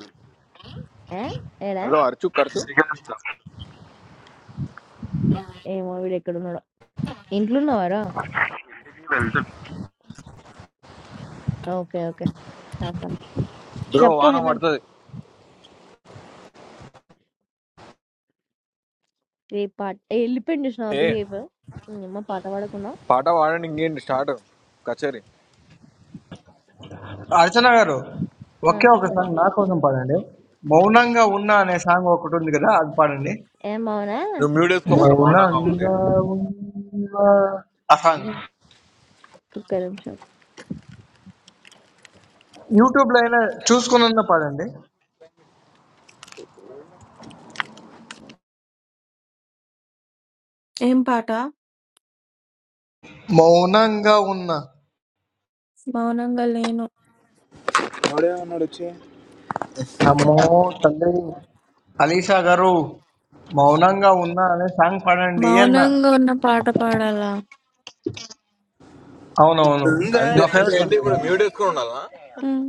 ఏడా హలో అరచు ఖర్చు India ఏమో వీడు ఎక్కడ ఉన్నాడు ఇంట్లో ఉన్నావారా is ఓకే ఓకే బ్రో చెప్పు వాన హేమంత్ పడుతుంది ఏ పాట ఏ, వెళ్ళిపోయింది చూసిన ఏ బిహేవియర్ మా పాట పాడకుండా పాట పాడండి ఇంకేంటి స్టార్ట్ కచేరి అర్చన గారు ఆ, ఒకే ఒక చెప్పండి సాంగ్ నా కోసం పాడండి మౌనంగా ఉన్నా అనే సాంగ్ ఒకటి ఉంది కదా అది పాడండి ఏం బాగునా నువ్వు మ్యూట్ వేసుకో ఉమ్, మరి మౌనంగా ఉంటే మౌనంగా ఉన్నా ఆ సాంగ్ ఉమ్, ఒక్క నిమిషం యూట్యూబ్ లో అయినా చూసుకున్నా పాడండి ఏం పాట మౌనంగా ఉన్నా మౌనంగా లేను. ఉన్నాడు వచ్చి అంటే అమ్మో తల్లి అలీషా గారు మౌనంగా ఉన్నా అనే సాంగ్ పాడండి అన్న మౌనంగా ఉన్న పాట పాడాలా? అవునవును గంగాని నా అంటే ఫేవరెట్ ఏంటి సాంగ్ ఇప్పుడు అది మ్యూట్ వేసుకొని ఉండాలా ఉమ్.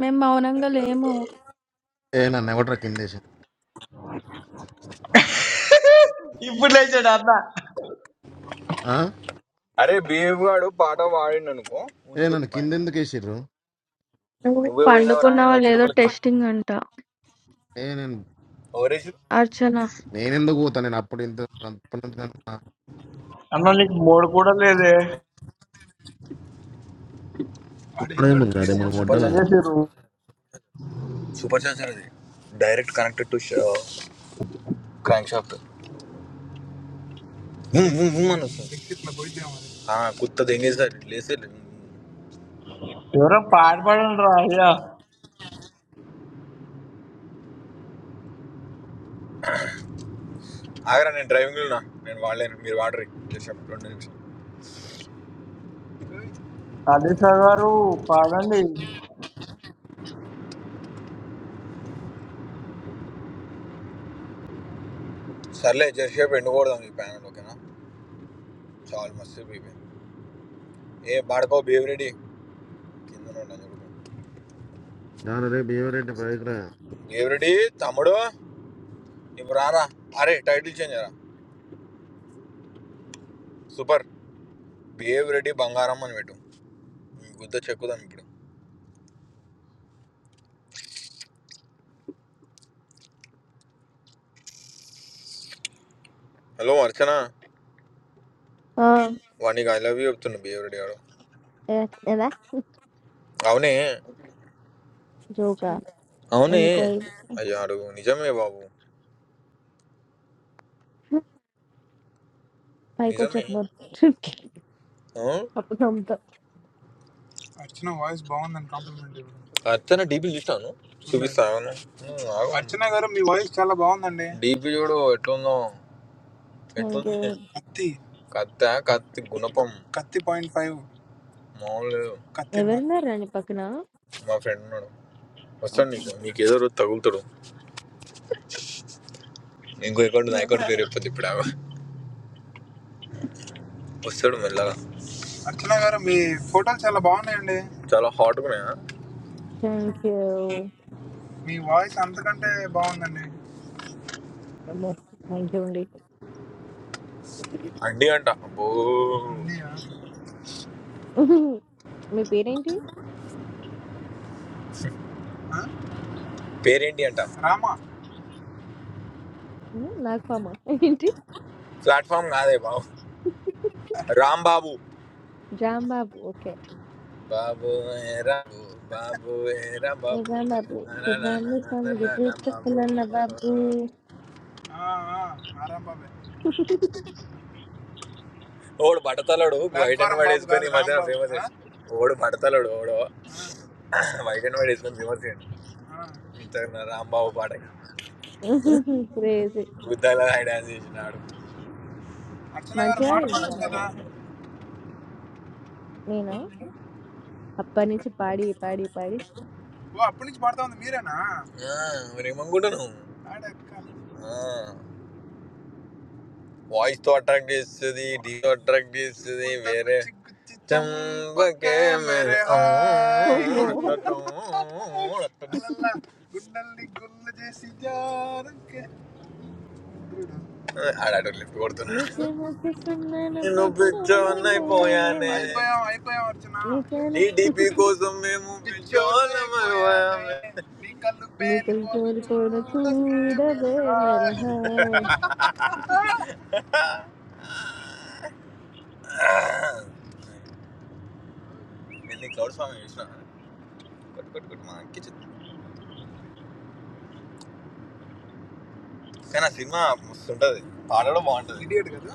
మేము మౌనంగా లేము. ఏ నన్ను ఎవట్రా కిందేసి ఇప్పుడు లేచాడు అన్న ఆ? అరే బేబు గాడు పాట పాడిండు అనుకో ఏ ఉంచుర్రి నన్ను కింద పైన ఎందుకు వేసిర్రు నువ్వు నువ్వే పోయినవరా నేను పండుకున్నావా వచ్చే లేదో లోపలికి టెస్టింగ్ అంట. ఏ నేను ఎవరేసి అర్చన. నేనెందుకు పోతా నేను అప్పుడు ఇంత అప్పుడు ఇంత- అన్న నీకు మూడు కూడా లేదే వాడేందాడు క్రేజీ అప్పుడేమున్నది మనం సూపర్ వడ్డన ఏం అన్నాడు చేసిర్రు సూపర్ ఛాన్సర్ సూపర్ ఛాన్సర్ అది direct connected to crankshaft అని వస్తుంది నెక్స్ట్ ఇట్లా పోయిద్దాం అని ఆ, కుత్తది ఏం చేస్తారు లేసే ఎవరో పాట పాడండి రా అయ్యా ఆగరా నేను డ్రైవింగ్ ఉన్నా నేను వాడలేను మీరు వాడరు జర్షాప్ రెండు నిమిషాలు అలీషా గారు పాడండి సర్లే జర్షాప్ ఎండుకోవడదాం ఈ ప్యానల్ ఓకేనా చాలా మస్తు బీపీ ఏ బాడకో బేవరెడ్డి కింద ఉన్నాను చూడు నాన్న రేపు ఏవరేంటి బైక్ రా బేవరెడ్డి తమ్ముడు ఇప్పుడు రారా అరే టైటిల్ చేంజ్ రా సూపర్ బిహేవ్ రెడీ బంగారం అని పెట్టు గుద్ద చెక్కుదాం ఇప్పుడు హలో అర్చన ఆ, వాడికి ఐ లవ్ యూ చెప్తున్నా బిహేవ్ రెడీ ఆడు ఏ- ఏదా అవునే జోకా అవునే ఎందుకో అయ్యో అడుగు నిజమే బాబు పైకి నిజమే వచ్చాము ఆ? అప్పుడు నమ్ముతా అర్చన వాయిస్ బాగుందని కాంప్లిమెంట్ ఇవ్వడం అర్చన డీపీ చూసాను చూసాను చూపిస్తాను అర్చన గారు మీ వాయిస్ చాలా బాగుందండి డీపీ చూడు ఎట్లుందో థ్యాంక్ యూ ఎట్లుంది కత్తి కత్త కత్తి గుణపం కత్తి పాయింట్ ఫైవ్ మామూలు లేదు. కత్తిన్నర ఎవరున్నారు అండి పక్కన మా ఫ్రెండ్ ఉన్నాడు వస్తాడు నీకు నీకు ఏదో రోజు తగులుతాడు ఇంకో అకౌంట్ నా అకౌంట్ పేరు చెప్పదు ఇప్పుడు ఆమె. వస్తాడు మెల్లగా అర్చన గారు మీ ఫోటోలు చాలా బాగున్నాయండి చాలా హాట్ ఉన్నాయా థ్యాంక్ యూ మీ వాయిస్ అంతకంటే బాగుందండి థ్యాంక్ యూ అండి అండి అంట అబ్బో అన్నయ్య, మీ పేరేంటి ఆ? పేరేంటి అంట రామా ఉమ్, నాగపామ ఏంటి ప్లాట్ఫామ్ కాదే బాబు రామ్ బాబు రామ్ బాబు ఓకే బాబు ఏ రాబు బాబు ఏ రా బాబు రామ్ బాబు నా నా నా నా కుర్రామ్మ నా నా స్వామి నా నా బాబు చెప్పన్న బాబు ఆ, ఆ, ఆ, రామ్ బాబే ఓడు బడతలడు వైట్ అండ్ ప్లాట్ఫారం వైట్ బాబు వేసుకొని ఈ కాదు, మధ్యన రామ్ బాబు ఫేమస్ అయ్యాడు. ఓడు బడతలడు ఓడు వైట్ అండ్ వైట్ వేసుకొని ఫేమస్ అయ్యాడు ఇంత రాంబాబు పాటకి క్రేజీ గుద్దాల ఆయన డాన్స్ చేసినాడు అర్చన గారు మంచిగా పాట ఆడింది కదా పాడచ్చు కదా ఒకసారి. నేను అప్పటి నుంచి పాడి పాడి పాడి ఓ అప్పటి నుంచి పాడుతా ఉంది మీరేనా మరేమనుకుంటున్నావు ఆడక్క ఆ. వాయిస్ తో అట్రాక్ట్ చేస్తుంది డీ తో అట్రాక్ట్ చేస్తుంది వేరే చంబకే మేరే ఆ. ఓమో గుండల్ని గుల్ల చేసి జారుకే. ఆడాడు లిఫ్ట్ నీ కొడుతున్నాడు ప్రేమ కోసం నేను నేను పెట్టుకోలేకపోయానే పిచ్చోన్నైపోయానే అయిపోయాం అయిపోయాం అర్చన నీ పేరు నీ డిపి కోసం మేము పిచ్చోన్నమైపోయామే నీ కళ్ళు నీకు పేలిపోను కోరుకోను చూడకే మేరే చూడవే హాయ్. మరహాయ్ నేను క్లౌడ్ ఫామ్ చేసిన కొట్టు కొట్టు కొట్టు మా కిచెన్ కానీ ఆ సినిమా మస్తు ఉంటది పాట కూడా బాగుంటది ఇడియట్ కదా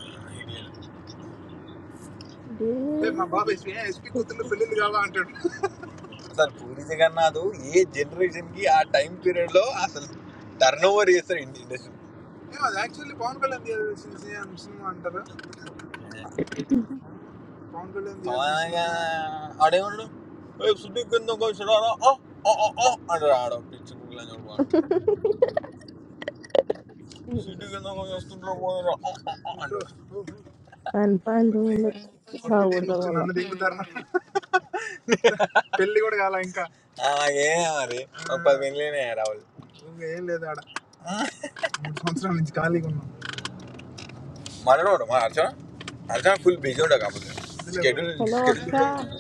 ఏ, దేవి మా బాబు ఎస్పీ ఎస్పీ కూతుళ్ళు పెళ్ళిళ్ళు కావా అంటాడు అసలు పూరి జగన్నాథ్ ఏ జనరేషన్ కి ఆ టైం పీరియడ్ లో అసలు టర్న్ ఓవర్ చేస్తారు ఇండస్ట్రీ ఏ, అది యాక్చువల్లీ పవన్ కళ్యాణ్ చేయాల్సిన సి- సినిమా అంటారా పవన్ కళ్యాణ్ చేయాల్సిన సినిమా. ఆడేమన్నాడు ఏ సిటీ కింద చూడారా అంటారు ఆడ పిచ్చి ముగ్గులు అని వాడు సిటీ కింద చూస్తుంటారు పోదారా పని పనులు కొట్టిదేం సాగుడతాం వచ్చి వల్ల నన్ను దిగుతారా పెళ్లి కూడా కాల ఇంకా ఆ, మరి ఒక పది మిలియన్ రావాలి ఏం లేదు ఆడ మూడు సంవత్సరాల నుంచి ఖాళీగా ఉన్నాం మనోడు మా అర్చన అర్చన ఫుల్ బిజీ ఉండవు కాకపోతే వద్దులే bro. స్కెడ్యూల్ హలో స్కెడ్యూల్ కూడా అక్సా ఉంటుంది.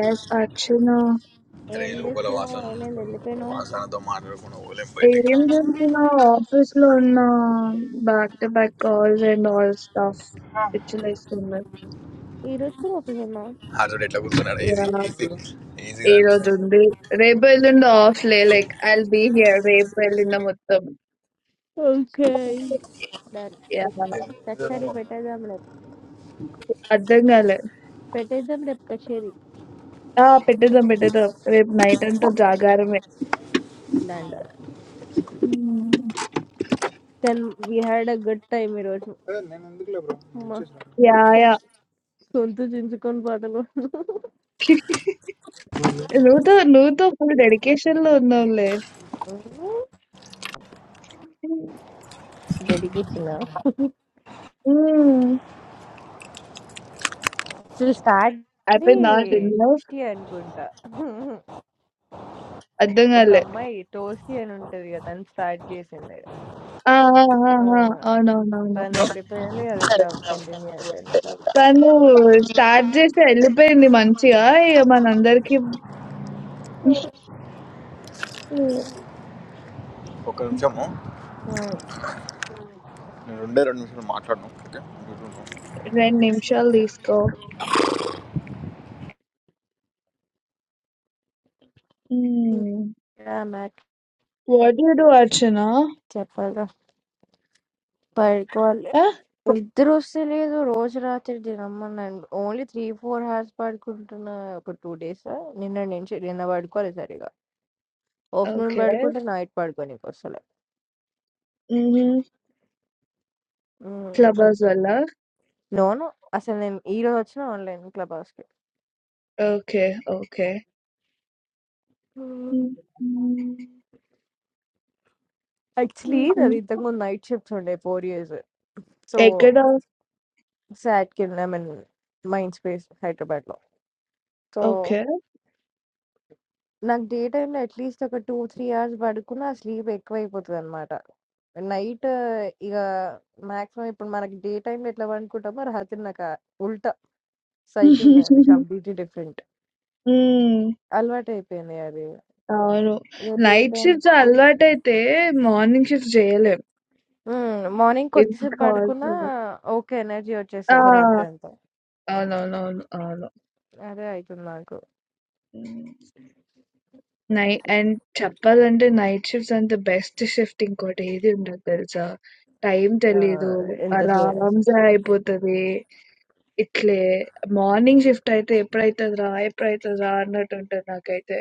ఎస్ అర్చున అరే ఏం లోపల చేస్తున్నావు వాసన ఏమైంది ఉంటాడు. వెళ్ళిపోయినావు వాసనతో మాట్లాడకుండా ఓలేం ఏం బయటికి చేస్తున్నావు ఆఫీస్ లో ఉన్న back to back calls and all stuff పిచ్చలేస్తుంది ఈ రోజు కూడా ఆఫీస్ ఉన్నావు ఆడోడు ఎట్లా కూర్చున్నాడు ఈజీ ఈజీ ఈజీ ఈ దాని మీద రోజు ఉంది రేపు ఎల్లుండి ఆఫ్ లే లైక్ ఐ బీ హియర్ రేపు ఎల్లుండి మొత్తం ఓకే డన్ Yeah. కచేరీ పెట్టేద్దాం అర్థం కాలే పెట్టేద్దాం రేపు కచేరీ ఆ, పెట్టేద్దాం పెట్టేద్దాం రేపు నైట్ అంతా జాగారమే డాండర్ Hmm. Then we had a good time ఈరోజు అదే నేను ఎందుకులే బ్రో నువ్వు మా ఇచ్చేసిన యా యా గొంతు చించుకొని పాటలు నువ్వుతో నువ్వుతో ఫుల్ డెడికేషన్ లో ఉన్నావులే [laughs] డెడికేషన్ మ్మ్. సో స్టార్ట్ అయిపోయిందా డిన్నర్ టేస్టీ అనుకుంటా అర్థం ఒక కాలే అమ్మాయి టోస్టీ అని ఉంటది కదా తను స్టార్ట్ చేసింది ఆ! ఆ! ఆ! ఆ, ఆ! అవునవునవును. తను వెళ్ళిపోయింది అది ఇట్లా కంటిన్యూ అయిపోయింది ఇంకా తను స్టార్ట్ చేసి ఎళ్ళిపోయింది మంచిగా. ఇగ మనందరికీ హ్మ్. ఆ, 2 నిమిషాలు తీసుకో. హ్మ్. ఇంకా నాకు what do you do Archana? చెప్పాలి బయటకు వాళ్ళు ఆ! నిద్ర వస్తలేదు రోజు రాత్రి నేను అమ్మన్నాను ఓన్లీ త్రీ ఫోర్ అవర్స్ పడుకుంటున్నా ఒక టూ డేస్ నిన్న నుంచి నిన్న పడుకోలేదు సరిగా ఆఫ్టర్నూన్ ఓకే. పడుకుంటే నైట్ పడుకోనికి వస్తలే హుహు. క్లబ్ హౌస్ వల్లా? నోను అసలు నేను ఈ రోజు వచ్చిన ఆన్లైన్ క్లబ్ హౌస్ కి ఓకే. ఓకే. హ్మ్. యాక్చువల్లీ అది ఇంతకుముందు నైట్ షిఫ్ట్స్ ఉండే ఫోర్ ఇయర్స్ సో ఎక్కడ? సాట్ కింద మీన్ మైండ్ స్పేస్ హైదరాబాద్ లో సో ఓకే. నాకు డే టైమ్‌లో అట్‌లీస్ట్ ఒక 2, 3 అవర్స్ పడుకున్నా ఆ స్లీప్ ఎక్కువైపోతదనమాట. నైట్ ఇగ మాక్సిమం ఇప్పుడు మనకి డే టైమ్‌లో ఎట్లా పనుకుంటామో రాత్రి నాకు ఆ ఉల్టా హ్మ్. సైకిల్ నాది [laughs] కంప్లీట్‌లీ డిఫరెంట్. అలవాటైపోయింది అది. అవును. ఇగ డే నైట్ టైమ్ షిఫ్ట్స్ అలవాటైతే మార్నింగ్ షిఫ్ట్స్ చేయలేం. హ్మ్. మార్నింగ్ ఇట్ కొద్దిసేపు కాల్స్ పడుకున్నా ఓకే ఎనర్జీ వచ్చేస్తది ఆ! రాత్రంతా. అవునవునవును. అవును. అదే అయితుంది నాకు. నై అండ్ చెప్పాలంటే నైట్ షిఫ్ట్స్ అంత బెస్ట్ షిఫ్ట్ ఇంకోటి ఏది ఉండదు తెలుసా? టైం తెలీదు. ఆహ్, ఎంత సే ఆరాంసే అయిపోతది. ఇట్లే మార్నింగ్ షిఫ్ట్ అయితే ఎప్పుడైతదిరా? ఎప్పుడైతదిరా? అన్నట్టు ఉంటది నాకైతే.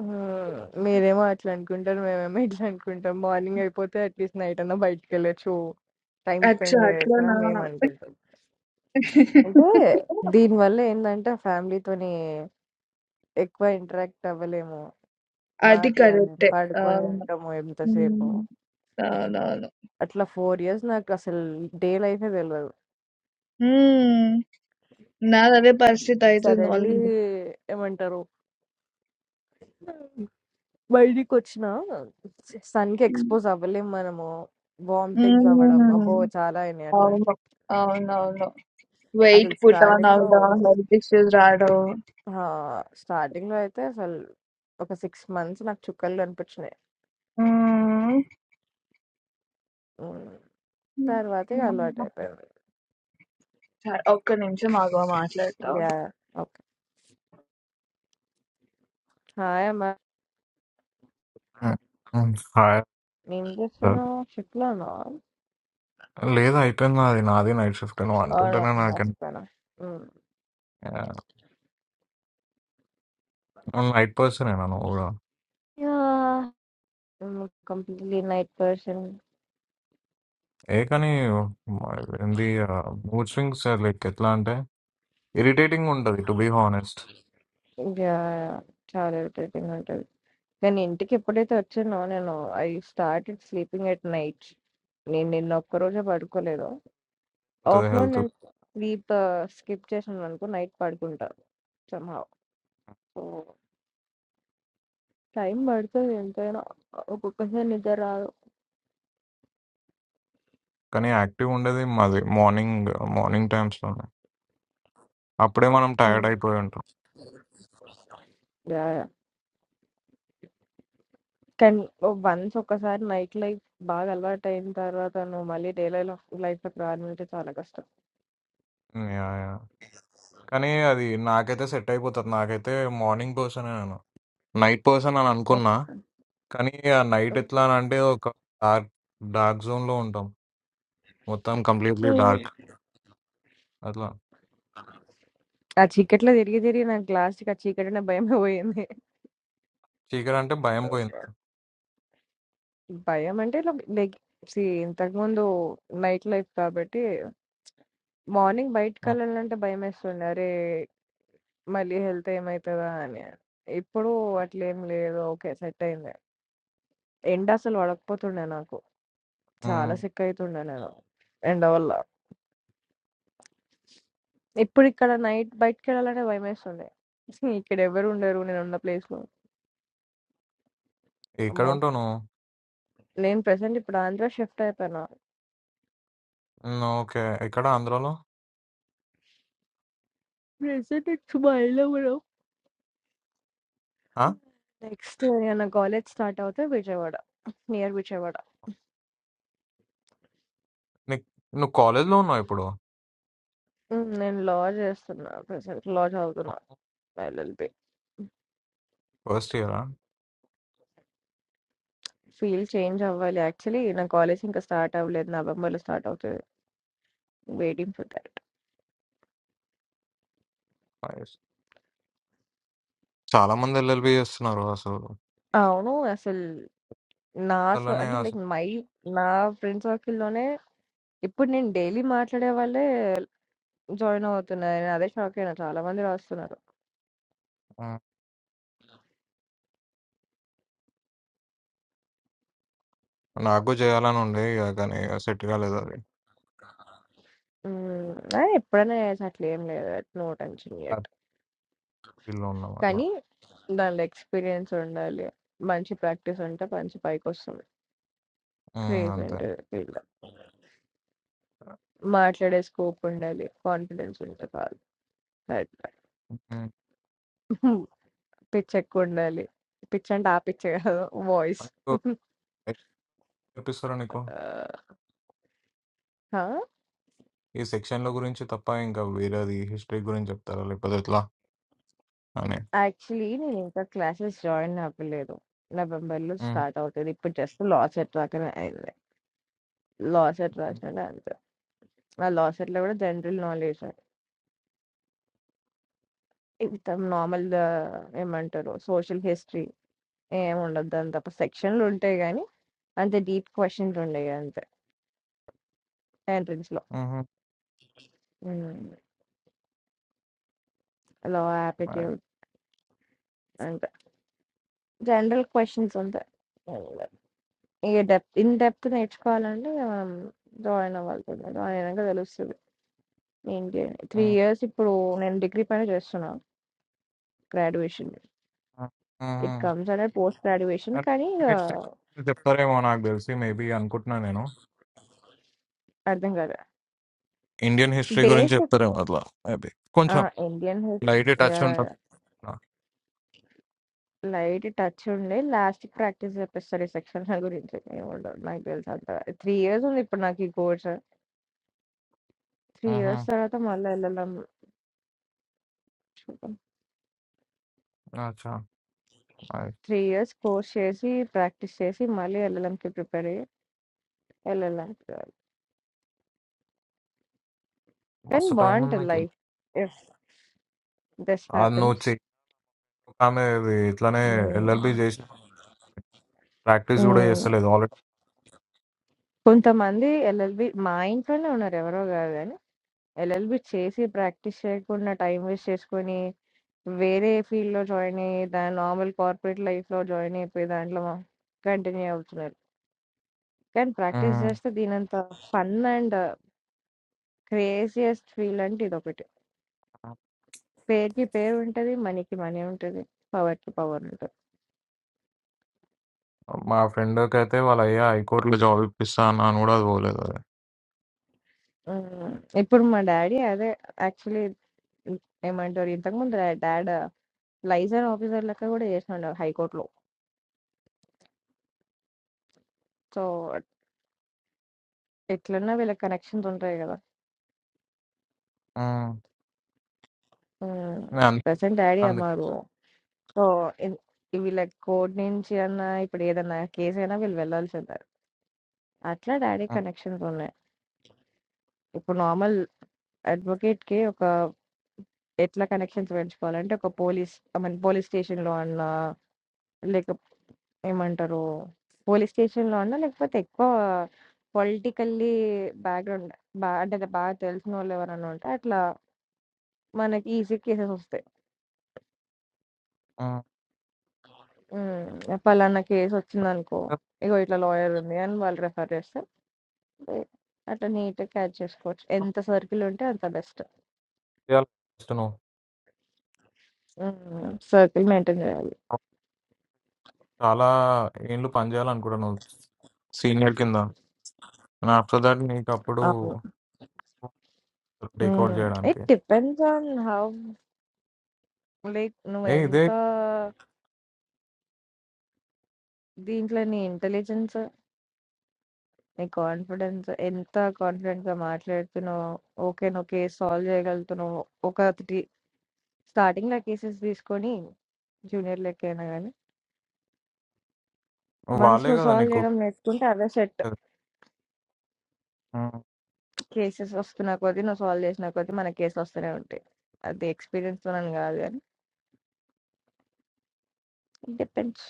హ్మ్. మీరేమో అట్లా అనుకుంటారు. మేమేమో ఇట్లా అనుకుంటాం. మార్నింగ్ అయిపోతే అట్‌లీస్ట్ నైట్ అన్నా బయటికెళ్ళొచ్చు. టైమ్ అచ్చా! స్పెండ్ చేయొచ్చు అట్లనా? అని మేము అనుకుంటాం. అంటే దీనివల్ల ఏందంటే ఫ్యామిలీతోని ఎక్కువ ఇంటరాక్ట్ అవ్వలేము. అది మాట్లాడలేము. కరెక్టే. పడుకొని అవును. ఉంటాము ఎంతసేపు. హ్మ్. అవునవును. అట్లా 4 ఇయర్స్ నాకు అసలు డే లైఫే తెలవదు. హ్మ్. నాదదే పరిస్థితి అయితుంది సడెన్‌లీ ఆల్రెడీ. ఏమంటారు బయటికొచ్చినా సన్‌కి ఎక్స్‌పోజ్ అవ్వలేము మనము. వామిటింగ్స్ అవ్వడం హ్మ్. అబ్బో! చాలా అయినాయి అట్లా. అవును. అవునవును. వెయిట్ అసలు పుటాన్ స్టార్టింగ్‌లో అవడం, హెల్త్ ఇష్యూస్ రాడం. ఆ! స్టార్టింగ్‌లో అయితే అసలు ఒక 6 మంత్స్ నాకు చుక్కలు కనిపించినాయి. హ్మ్. హ్మ్. తర్వాత ఇగ అలవాటయిపోయింది. సరే ఒక్క నిమిషం ఆగు మాట్లాడతా. యాహ్! ఓకే. హాయ్ అమ్మ. ఆ! హ్మ్. హాయ్ ఏం సార్. చేస్తున్నావు? షిఫ్ట్‌లోనా? లేదు అయిపోయింది నాది. నాది నైట్ షిఫ్ట్. నువ్వు ఆర్ అంటుంటేనే నాకు మర్చిపోయానా? హ్మ్. ఆహ్, నువ్వు నైట్ పర్సనేనా నువ్వు గూడా? యాహ్! హ్మ్. Completely night person. ఏ కానీ మ- ఏంది ఆహ్, మూడ్ స్వింగ్స్ లైక్ ఎట్లా అంటే ఇరిటేటింగ్‌గా ఉంటది to be honest. Yeah! Yeah! చాలా ఇరిటేటింగ్ ఉంటది. కానీ ఇంటికి ఎప్పుడైతే వచ్చానో నేను I started sleeping at night. నేను నిన్న ఒక్కరోజే పడుకోలేదు. పోతది ఆఫ్టర్‌నూన్ హెల్త్. నేను స్లీప్ స్కిప్ చేశాననుకో నైట్ పడుకుంటా సమ్‌హౌ. సో, టైం పడతది ఎంతైనా. ఒక్కొక్కసారి నిద్ర రాదు. కానీ యాక్టివ్‌గా ఉండేది మాది మార్నింగ్, మార్నింగ్ టైమ్స్‌లోనే. అప్పుడే మనం టైర్డ్ హ్మ్. అయిపోయి ఉంటాం. యాహ్! యాహ్! కానీ వన్స్ ఒక్కసారి నైట్ లైఫ్ బాగా అలవాటయిన తర్వాత నువ్వు మళ్ళీ డే లైఫ్ లైఫ్‌లోకి రావాలంటే చాలా కష్టం. హ్మ్. యాహ్! యాహ్! కానీ అది నాకైతే సెట్ అయిపోతది. నాకైతే మార్నింగ్ పర్సనే నేను. నైట్ పర్సన్ అని ఓహ్! అనుకున్నా. కానీ ఆ నైట్ ఎట్లా అని అంటే ఒక డార్క్, డార్క్ జోన్‌లో ఉంటాం. మొత్తం హ్మ్. కంప్లీట్లీ డార్క్ [laughs] అట్లా ఆ చీకట్లో తిరిగి తిరిగి నాకు లాస్ట్‌కి ఆ చీకటంటే భయమే పోయింది. చీకటి అంటే భయం పోయింది భయం అంటే ఇట్లా లైక్ సీ ఇంతకుముందు నైట్ లైఫ్ కాబట్టి మార్నింగ్ ఉమ్, బయటికెళ్ళాలంటే భయమేస్తుండే. అరే! మళ్ళీ హెల్త్ ఏమైతదా అని. ఇప్పుడు అట్లేం లేదు. ఓకే. సెట్ అయింది. ఎండ అసలు పడకపోతుండే నాకు. చాలా ఉమ్, సిక్ అయితుండే నేను ఎండ వల్ల. ఇప్పుడు ఇక్కడ నైట్ బయటికెళ్ళాలంటే భయమేస్తుంది. [laughs] ఇక్కడ ఎవరు ఉండరు నేనున్న ప్లేస్‌లో. ఎక్కడ అమ్మో! ఉంటావు నువ్వు నేను ప్రెజెంట్ ఇప్పుడు ఆంధ్ర షిఫ్ట్ అయిపోయినా. ఉమ్, ఓకే ఎక్కడ ఆంధ్రాలో ప్రెజెంట్ ఇట్స్ మైలవరం. ఆ? నెక్స్ట్ ఇగ నా కాలేజ్ స్టార్ట్ అవుతే విజయవాడ. నియర్ విజయవాడ. నీ- నువ్వు కాలేజ్లో ఉన్నావు ఇప్పుడు హ్మ్. నేను లా చేస్తున్నా ప్రెజెంట్. లా చదువుతున్నా ఎల్ఎల్‌బి. ఫస్ట్ ఇయరా ఫీల్ చేంజ్ అవ్వాలి. యాక్చువల్లీ నా కాలేజ్ ఇంకా స్టార్ట్ అవ్వలేదు. నవంబర్‌లో స్టార్ట్ అవుతది. Waiting for that. చాలా మంది ఎల్ఎల్బి చేస్తున్నారు అసలు అవును. అసలు నా స అలానే అంటే లైక్ అసలు మై నా ఫ్రెండ్ సర్కిల్‌లోనే ఇప్పుడు నేను డైలీ మాట్లాడే వాళ్ళే జాయిన్ అవుతున్నారు. నేను అదే షాక్ అయినా చాలా మంది రాస్తున్నారు. ఉమ్, నాకు చేయాలని ఉండే ఇక కానీ సెట్ కాలేదు అది హ్మ్. ఆ! ఎప్పుడైనా చేయొచ్చు అట్లేం లేదు. No tension yet. ఫీల్డ్లో ఉన్నాం అట్లా కానీ దానిలో ఎక్స్‌పీరియన్స్ ఉండాలి. మంచి ప్రాక్టీస్ ఉంటే మంచి పైకొస్తుంది. ఉమ్, క్రేజ్ అంతే ఏంటి ఫీల్డ్‌లో. మాట్లాడే స్కోప్ ఉండాలి. కాన్ఫిడెన్స్ ఉంటే చాలు. అయిపాయ్. ఉమ్, పిచ్ ఎక్కువుండాలి. పిచ్ అంటే ఆ పిచ్ కాదు. వాయిస్. నీకు ఎట్లా చెప్పిస్తారా నీకు ఆహ్, ఆ! ఈ సెక్షన్ల గురించి తప్ప ఇంకా వేరేది హిస్టరీ గురించి చెప్తారా లేకపోతే ఎట్లా అని యాక్చువల్లీ నేనింకా క్లాసెస్ జాయిన్ అవ్వలేదు. నవంబర్‌లో ఉమ్, స్టార్ట్ అవుతది. ఇప్పుడు జస్ట్ లా సెట్ వరకనే అయింది. లా సెట్ ఉమ్, రాసాను అంతే. ఆ లా సెట్‌లో కూడా జనరల్ నాలెడ్జ్ ఇంత నార్మల్ ఆహ్, ఏమంటారు సోషల్ హిస్టరీ ఏముండదు. దాని తప్ప సెక్షన్‌లుంటాయి గానీ, అంత డీప్ క్వెషన్సుండయి అంతే ఎంట్రన్స్‌లో. హ్మ్. Law, um. యాప్టిట్యూడ్ అంతే. జనరల్ క్వెషన్స్ అంతే. ఇక డెప్త్ ఇన్ డెప్త్ నేర్చుకోవాలంటే ఇక మనం జాయిన్ అవ్వాల్సిందే. జాయిన్ అయినాక తెలుస్తది. ఏంటి అని. ఆ! 3 ఇయర్స్ ఇప్పుడు నేను డిగ్రీ పైన చేస్తున్నా గ్రాడ్యుయేషన్. ఆ! ఆ! It comes under post graduation ఆ! అంటే కానీ ఇక ఇండియన్ హిస్టరీ గురించి చెప్తారేమో నాకు తెలిసి మేబీ అనుకుంటున్నా నేను. అర్థం కాదు. ఇండియన్ హిస్టరీ గురించి బేస్ చెప్తారేమో అట్లా మేబీ. ఆ! కొంచెం Indian his light touch yeah! ఉంటది. ఆ! లైట్ టచ్ ఉండే లాస్ట్‌కి ప్రాక్టీస్ చేపిస్తారు ఈ సెక్షన్స్ గురించి. ఏముండదు నాకు తెలుసు అంత. 3 ఇయర్స్ ఉంది ఇప్పుడు నాకు ఈ కోర్స్. 3 హుహు. ఇయర్స్ తర్వాత మళ్ళీ ఎల్ఎల్ఎం చూద్దాం. అచ్చా! నైస్. 3 ఇయర్స్ కోర్స్ చేసి, ప్రాక్టీస్ చేసి మళ్ళీ ఎల్ఎల్ఎంకి ప్రిపేర్ అయ్యి ఎల్ఎల్ఎం కానీ మస్తు టైం ఉంది బాగుంటది నీకు. లైఫ్ ఇఫ్ దిస్ అది నువ్వు హ్యాపెన్స్ చె ఆమె ఇది ఇట్లనే ఎల్ఎల్బీ చేసి ప్రాక్టీస్ కూడా మ్మ్. చేస్తలేదు ఆల్రెడీ. కొంతమంది ఎల్ఎల్బి మా ఇంట్లోనే ఉన్నారు ఎవరో కాదు కానీ ఎల్ఎల్బి చేసి ప్రాక్టీస్ చేయకుండా టైం వేస్ట్ చేసుకొని వేరే ఫీల్డ్ లో జాయిన్ అయ్యి దాని నార్మల్ కార్పొరేట్ లైఫ్ లో జాయిన్ అయిపోయి దాంట్లో కంటిన్యూ అవుతున్నారు కానీ ప్రాక్టీస్ హ్మ్. చేస్తే దీనంత ఫన్ అండ్ క్రేజియస్ట్ ఫీల్ అంటే ఇది ఒకటి పేరుకి పేరు ఉంటది మనీకి మనీ ఉంటది పవర్ కి పవర్ ఉంటది మా ఫ్రెండ్‌కైతే వాళ్ళ అయ్యా హైకోర్ట్‌లో జాబ్ ఇప్పిస్తా అన్నా అని కూడా అది పోలేదు అది. ఉమ్, ఇప్పుడు మా డాడీ అదే యాక్చువల్లీ హ్మ్. ఏమంటారు ఇంతకుముందు డా డాడ్ లైజర్ ఆఫీసర్ లెక్క గూడా జేసిండు హైకోర్ట్‌లో. సో, ఎట్లన్నా వీళ్ళకి కనెక్షన్స్ ఉంటాయి గదా! హ్మ్. హ్మ్. అందుకే ప్రెజెంట్ డాడీ అందుకే. అమ్మరు. సో, ఇన్ వీళ్ళ కోర్ట్ నుంచి అన్నా ఇప్పుడు ఏదన్నా కేసైనా వీళ్ళు వెళ్ళాల్సిందే. అట్లా డాడీ హ్మ్. కనెక్షన్స్ ఉన్నాయి. ఇప్పుడు నార్మల్ అడ్వొకేట్‌కి ఒక ఎట్లా కనెక్షన్స్ పెంచుకోవాలంటే ఒక పోలీస్ ఐ మీన్ పోలీస్ స్టేషన్‌లో అన్నా లేక ఏమంటారు? పోలీస్ స్టేషన్‌లో అన్నా? లేకపోతే ఎక్కువ పొలిటికల్లీ బ్యాక్‌గ్రౌండ్ బా అంటే బాగా తెలిసినోళ్ళు ఎవరైనా ఉంటే అట్లా మనకి ఈజీ కేసెసొస్తాయి. హ్మ్. హ్మ్. పలానా కేసొచ్చిందనుకో, ఇగో ఇట్లా లాయర్ ఉంది అని వాళ్ళు రిఫర్ చేస్తే ఎ అట్లా నీట్‌గా క్యాచ్ చేసుకోవచ్చు. ఎంత సర్కిల్ ఉంటే అంత బెస్ట్. చేయాలి ఫస్ట్ నువ్వు. హ్మ్. సర్కిల్ మెయింటైన్ చేయాలి. చాలా ఏండ్లు పనిచేయాలనుకుంటాను నువ్వు సీనియర్ కింద ఆఫ్టర్ దాట్ నీకు అప్పుడు అవును. Take over hmm. ఇట్ చేయడానికి depends on how like a ఇదే నువ్వెంత దీంట్లోని ఇంటెలిజెన్స్ నీ కాన్ఫిడెన్స్ ఎంత కాన్ఫిడెంట్‌గా మాట్లాడుతున్నావో, ఓకేనోకే సాల్వ్ చేయగలుగుతున్నావు. ఒక త్రీ స్టార్టింగ్‌లో కేసెస్ తీసుకొని జూనియర్ లెక్కయినా గానీ, వన్స్ వాళ్ళే నువ్వు కదా సాల్వ్ నీకు చేయడం నేర్చుకుంటే అవే సెట్. సర్టిఫికేట్ కేసెస్ వస్తున్న కొద్దీ, నువ్వు సాల్వ్ చేసిన కొద్దీ మనకి కేసులు వస్తూనే ఉంటాయి. అది ఎక్స్‌పీరియన్స్ తోనని గాదు గానీ, ఇట్ డిపెండ్స్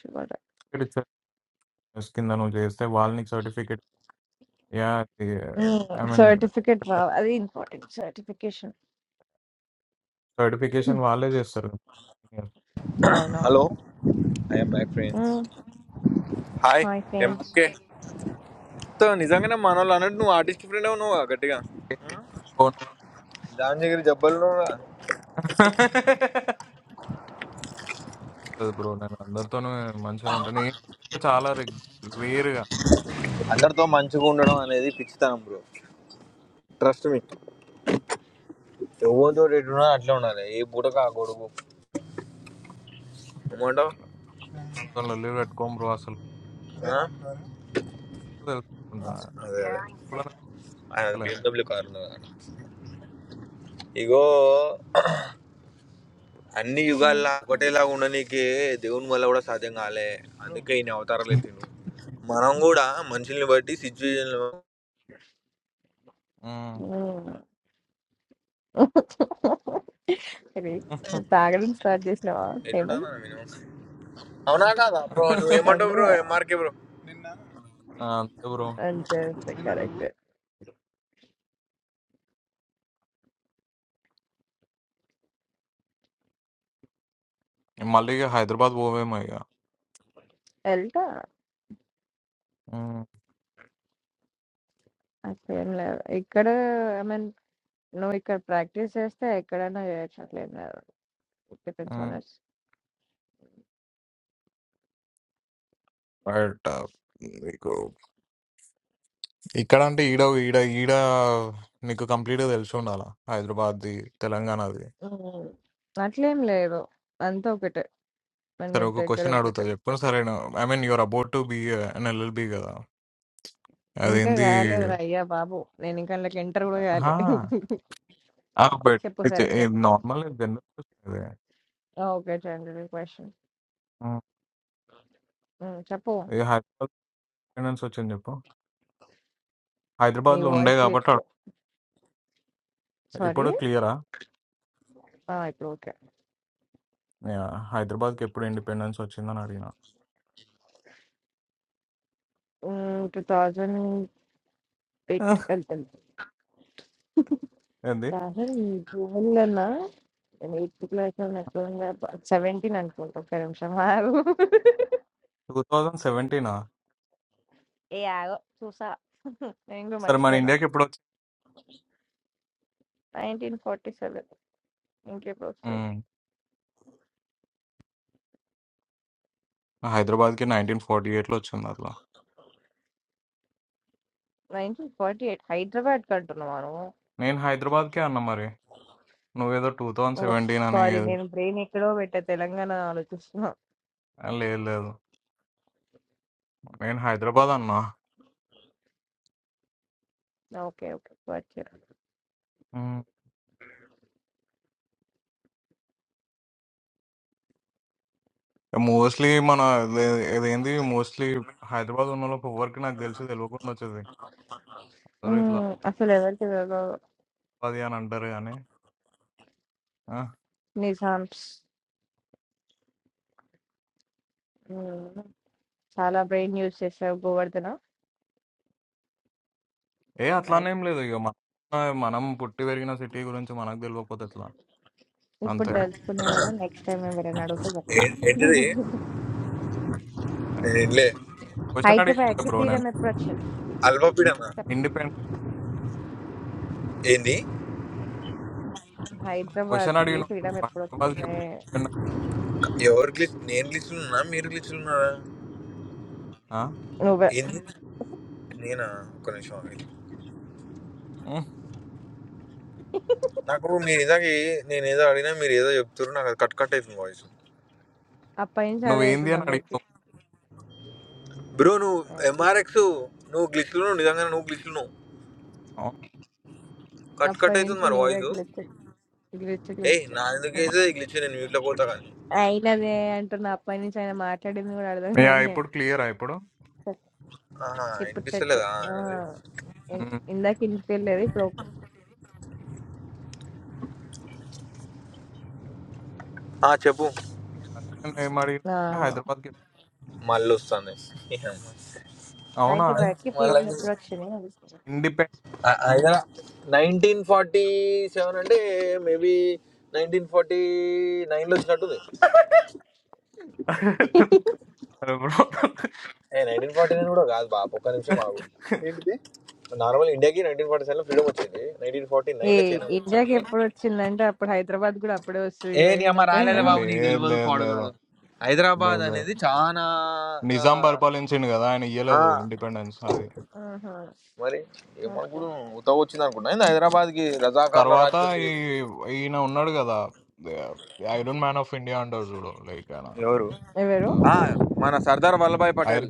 చూడాలి. ఇచ్చారు కింద నువ్వు చేస్తే వాళ్ళు నీకు certificate yeah hmm. I mean certificate రావ అది ఇంపార్టెంట్ సర్టిఫికేషన్. సర్టిఫికేషన్ వాళ్ళే చేస్తారు హలో అవునవును. I'm my friends hmm. Hi hi friends. Okay నిజంగానే మన వాళ్ళు అన్నట్టు నువ్వు ఆర్టిస్ట్ ఫ్రెండ్ నువ్వు గట్టిగా దాని దగ్గర జబ్బలు [laughs] బ్రో నేను అందరితోనే మంచిగానే ఉంటాను నేను చాలా రేర్ గా అందరితో మంచిగా ఉండడం అనేది పిచ్చితనం బ్రో ట్రస్ట్ మీ ఎవరితో ఎటున్నా అట్లా ఉండాలి ఏ పూటకు ఆ కొడుకు ఏమంటావు లీవ్ పెట్టుకోం బ్రో అసలు ఆ? తెలుసుకుంటా అసలు కూడా నాకు ఆయన తెలియదు. బిఎండబ్ల్యూ కార్ ఉన్నది అక్కడ. ఇగో అన్ని హ్మ్. యుగాల్లో ఒకటేలాగా ఉండనీకి దేవుని వల్ల కూడా సాధ్యం కాలే అందుకే ఈయన అవతారాలు ఎత్తిండు మనం కూడా మనుషుల్ని బట్టి సిచ్యువేషన్ హ్మ్. [laughs] సరే నువ్వు తాగడం స్టార్ట్ చేసినావా ఎట్లుంటుంది హేమంత్ మనం మినిమం అవునా కాదా బ్రో నువ్వు ఉమ్. ఏమంటావు అంటే బ్రో ఎంఆర్కే బ్రో ఆ! అంతే బ్రో. అంతే అంతే కరెక్ట్ మళ్ళీ ఇగ హైదరాబాద్ పోవేమో ఇగ. వెళ్తా హ్మ్. అట్లేం లేదు ఇక్కడ ఐ మీన్ నువ్వు ఇక్కడ ప్రాక్టీస్ చేస్తే ఎక్కడైనా చేయొచ్చు అట్లేం లేదు డిపెండ్స్ ఆన్ హ్మ్. అస్ బట్ ఆ, నీకు ఇక్కడంటే ఈడ ఈడ ఈడ నీకు కంప్లీట్‌గా తెలిసి ఉండాల. హైదరాబాద్‌ది, తెలంగాణది. అట్లేం లేదు అంతా ఒకటే మన సరే ఇంటి ఒక దగ్గర క్వెషన్ అడుగుతా ఒకటే చెప్పు. సరే I mean you are about to be an LLB కదా! ఇంకా అదేంది కాలేదురా అయ్యా బాబు నేను ఇంకా అందులోకి ఎంటర్ కూడా కాలే అహా! [laughs] ఆ! బట్ చెప్పు సరే చెప్పు నార్మల్ జనరల్ క్వెషన్ ఇదే. ఓకే చంద్రుడి క్వశ్చన్ హ్మ్. చెప్పు ఏ హైదరాబాద్ ఇండిపెండెన్స్ వచ్చింది చెప్పు. నీ హైదరాబాద్‌లో ఉండే వాయిస్ క్లిప్ కాబట్టి అడు సారీ ఇప్పుడు క్లియరా? ఇప్పుడు ఓకే యాహ్! హైదరాబాద్‌కి ఎప్పుడు ఇండిపెండెన్స్ వచ్చిందని అడిగినా. టూ థౌజండ్ పెట్ వెళ్తాను ఏంది రాహుల్ నీ గోల్లోనా నేను ఎయిత్ క్లాస్ అనుకోంగా సెవెంటీన్ అనుకుంటా ఒక్క నిమిషం ఆగు టూ థౌజండ్ సెవెంటీనా ఏ ఆగో చూసా నేను కూడా సరే మన మర్చిపోయినా ఇండియాకి ఎప్పుడు వచ్చి నైన్టీన్ ఫార్టీ సెవెన్ ఇంకెప్పుడు వస్తుంది ఉమ్, హైదరాబాద్కి నైన్టీన్ ఫార్టీ ఎయిట్లో వచ్చింది అట్లా నైన్టీన్ ఫార్టీ ఎయిట్ హైదరాబాద్ కంటున్నాను నేను హైదరాబాద్కే అన్నా మరి నువ్వేదో టూ థౌజండ్ సెవెంటీన్ అని సారీ ఏదో- నేను బ్రెయిన్ ఎక్కడో పెట్టా తెలంగాణ ఆలోచిస్తున్నా ఆ, లేదు లేదు నేను హైదరాబాద్ అన్నా ఓకే ఓకే వచ్చారు మోస్ట్లీ మన ఇదే- ఇదేంది మోస్ట్లీ హైదరాబాద్ ఉన్న వాళ్ళకి ఎవరికి నాకు తెలిసి తెలియకుండా వచ్చేది ఎవరు ఇట్లా ఉమ్, అసలు ఎవరికి ఎవరో అది అని అంటారు కానీ ఆ, నిజామ్స్ మ్మ్. చాలా బ్రెయిన్ యూజ్ చేసావు గోవర్ధన ఏ అట్లానేం లేదు ఇక మన మనం పుట్టి పెరిగిన సిటీ గురించి మనకు తెలియకపోతే ఎట్లా ఇప్పుడు అంతే తెలుసుకున్నా కదా నెక్స్ట్ టైం ఎవరైనా అడిగితే చెప్తా ఏంటిది నేను ఇల్లే క్వశ్చన్ అడిగి హైదరాబాద్ కి ఉండే బ్రో ఫ్రీడమ్ ఎప్పుడు వచ్చింది అల్పపీడన చెప్ నేను ఏంది హైదరాబాద్ క్వశ్చన్ కి అడిగినావు ఫ్రీడమ్ ఎప్పుడు హైదరాబాద్కి వచ్చింది ఎప్పుడు వెళ్ళిపోయినా? ఎవరు గ్లిచ్ నేను గ్లిచ్లు ఉన్నా మీరు గ్లిచ్లు ఉన్నారా ఆ? నువ్వే ఏంది నేనా ఒక్క నిమిషం ఆగండి. ఉమ్, నాకు మీరు ఇందాక ఏ- నేను ఏదో అడిగినా మీరు ఏదో చెప్తారు నాకు అది కట్ కట్ అవుతుంది వాయిస్ అప్పటి నుంచి అదే నువ్వేంది అవుతుంది అని అందరికి అడిగినావు బ్రో నువ్వు ఎంఆర్ఎక్స్ నువ్వు గ్లిచ్లు నువ్వు నిజంగా నువ్వు గ్లిచ్లు నువ్వు అవును. కట్ కట్ అప్పటి అవుతుంది నుంచి మరి నీదే వాయిస్ గ్లిచ్ గ్లిచ్ ఏయ్ గ్లిచ్ నా ఎందుకు అయితే గ్లిచ్ నేను మ్యూట్లో పోతా కానీ అయినదే అంటున్నా అప్పటి నుంచి ఆయన మాట్లాడింది కూడా అర్థం యా, కానీ ఇప్పుడు క్లియరా ఇప్పుడు ఆహా, ఇప్పుడు చెట్టు వినిపిస్తలేదా ఆ, ఇం- ఉమ్, ఇందాక ఇంటికి వెళ్ళేది ఇప్పుడు ఓకే. ఆ, చెప్పు అదే నేను ఏం ఆ, అడిగినా హైదరాబాద్కి ఎప్పుడు- మళ్ళీ వస్తుంది అవునా హైదరాబాద్ కి మళ్ళీ ఫ్రీడమ్ [laughs] ఎప్పుడు వచ్చింది ఇండిపెండెంట్ ఆయన నైన్టీన్ ఫార్టీ సెవెన్ అంటే మేబీ నైన్టీన్ ఫార్టీ నైన్లో వచ్చినట్టుంది ఏ నైన్టీన్ ఫార్టీ నైన్ కూడా కాదు బాబు ఒక్క నిమిషం ఆగు నార్మల్ ఇండియాకి నైన్టీన్ ఫార్టీ సెవెన్లో ఫ్రీడమ్ వచ్చింది నైన్టీన్ ఫార్టీ ఈ నైన్లో చైనా ఇండియాకి వచ్చింది ఎప్పుడు వచ్చిందంటే అప్పుడు హైదరాబాద్ కూడా అప్పుడే వస్తుంది ఏ కదా నీ ఈయన అమ్మ ఒక ఆయన రాలేదు లేదు బాబు నీకు లేదు తెలియదు పాడు లేదు కాదు లేదు హైదరాబాద్ లేదు అనేది చాలా ఆ, నిజాం పరిపాలించిండు కదా ఆయన ఇయ్యలేదు ఇండిపెండెన్స్ అది ఆహా, మరి ఏమో ఓకే ఇప్పుడు ఉత్తవ వచ్చింది అనుకున్నా ఏంది హైదరాబాద్కి రజాకారుల తర్వాత రాజ్యం ఈ ఇది. ఈయన ఉన్నాడు కదా ఐరన్ మ్యాన్ ఆఫ్ ఇండియా అంటారు చూడు లైక్ ఆయన ఎవరు ఎవరు ఆ, మన సర్దార్ వల్లభాయ్ ఐర్ పటేల్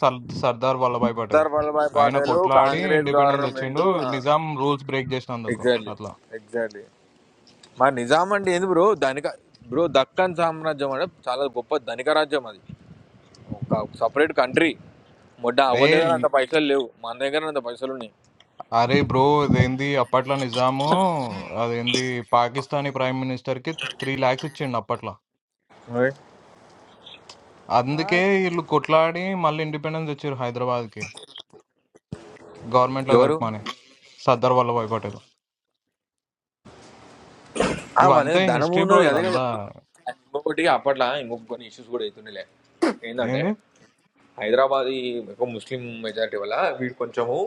సర్ సర్దార్ వల్లభాయ్ పటేల్ సర్దార్ వల్లభాయ్ ఆయన పటేల్ కొట్లాడి కాంగ్రెస్ ఇండిపెండెన్స్ గవర్నమెంట్ వచ్చిండు నిజాం రూల్స్ బ్రేక్ చేసినందుకు ఎగ్జాక్ట్లీ అట్లా ఎగ్జాక్ట్లీ మా నిజాం అంటే ఏంది బ్రో ధనిక బ్రో దక్కన్ సామ్రాజ్యం అంటే చాలా గొప్ప ధనిక రాజ్యం అది ఒక సపరేట్ కంట్రీ మొట్ట ఏ అవని దగ్గర అంత పైసలు లేవు మన దగ్గర అంత పైసలు ఉన్నాయి అరే బ్రో ఇదేంది అప్పట్లో నిజాము అదేంది పాకిస్తానీ ప్రైమ్ మినిస్టర్ కి త్రీ లాక్స్ ఇచ్చిండు అప్పట్లో అందుకే వాట్ వీళ్ళు కొట్లాడి మళ్ళీ ఇండిపెండెన్స్ వచ్చారు హైదరాబాద్ కి గవర్నమెంట్ లో ఎవరు కలుపుమని సర్దార్ వల్లభాయ్ పటేల్ ఆ మన ఇవంతే దగ్గర ధనం హిస్టరీ బ్రో ఉన్నది అదే కదా ఇదంతా వస్తుంది. అండ్ ఇంకొకటి అప్పట్లో ఇంకొక కొన్ని ఇష్యూస్ కూడా అవుతుండేలే ఏంటంటే ఏంది హైదరాబాద్ ఈ ఒక ముస్లిం మెజారిటీ వల్ల వీడు కొంచెము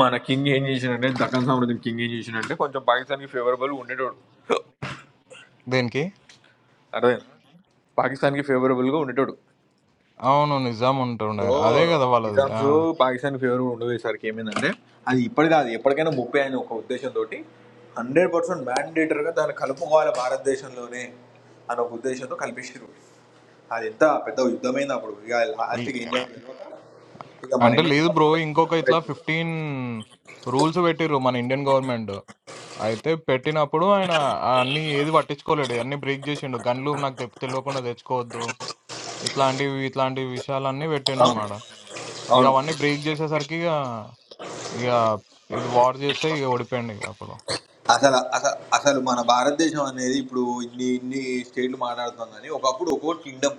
మన కింగ్ ఏం చేసిండంటే దక్కన్ సామ్రాజ్యం కింగ్ ఏం చేసిండంటే కొంచెం పాకిస్తాన్కి ఫేవరబుల్ ఉండేటోడు దేనికి అర్థమైందా పాకిస్తాన్కి ఫేవరబుల్గా ఉండేటోడు అవును నిజాం ఉంటుండే సో అదే కదా వాళ్ళది నిజామ్స్ పాకిస్తాన్ ఫేవర్ ఉండదు ఈసారికి ఏమైందంటే అది ఇప్పటి కాదు ఎప్పటికైనా ముప్పై అని ఒక ఉద్దేశంతో హండ్రెడ్ పర్సెంట్ మ్యాండేటర్గా దాన్ని కలుపుకోవాలి భారతదేశంలోనే అనే ఒక ఉద్దేశంతో కల్పించారు అది ఎంత పెద్ద యుద్ధమైంది అప్పుడు ఇక లాస్ట్కి ఏం ఆ. చేయాలి ఇక మన అంటే ఇండియన్ లేదు బ్రో గవర్నమెంట్ ఇంకొక సరెండర్ ఇట్లా అయిపోయింది. ఫిఫ్టీన్ రూల్స్ పెట్టిర్రు మన ఇండియన్ గవర్నమెంట్ అయితే పెట్టినప్పుడు ఆయన ఆ అన్ని ఏది పట్టించుకోలేడు అన్ని బ్రేక్ చేసిండు గన్లు నాకు తెప్ తెలియకుండా తెచ్చుకోవద్దు ఇట్లాంటివి ఇట్లాంటి విషయాలన్నీ పెట్టిండు అవును అనమాట ఇక అవును అవన్నీ బ్రేక్ చేసేసరికి ఇక ఇక ఇది వార్ చేస్తే ఇక ఓడిపోయింది ఇక అప్పుడు అసలు అసలు అసలు మన భారతదేశం అనేది ఇప్పుడు ఇన్ని ఇన్ని స్టేట్లు మాట్లాడుతున్నాం కానీ ఒకప్పుడు ఒక్కో కింగ్డమ్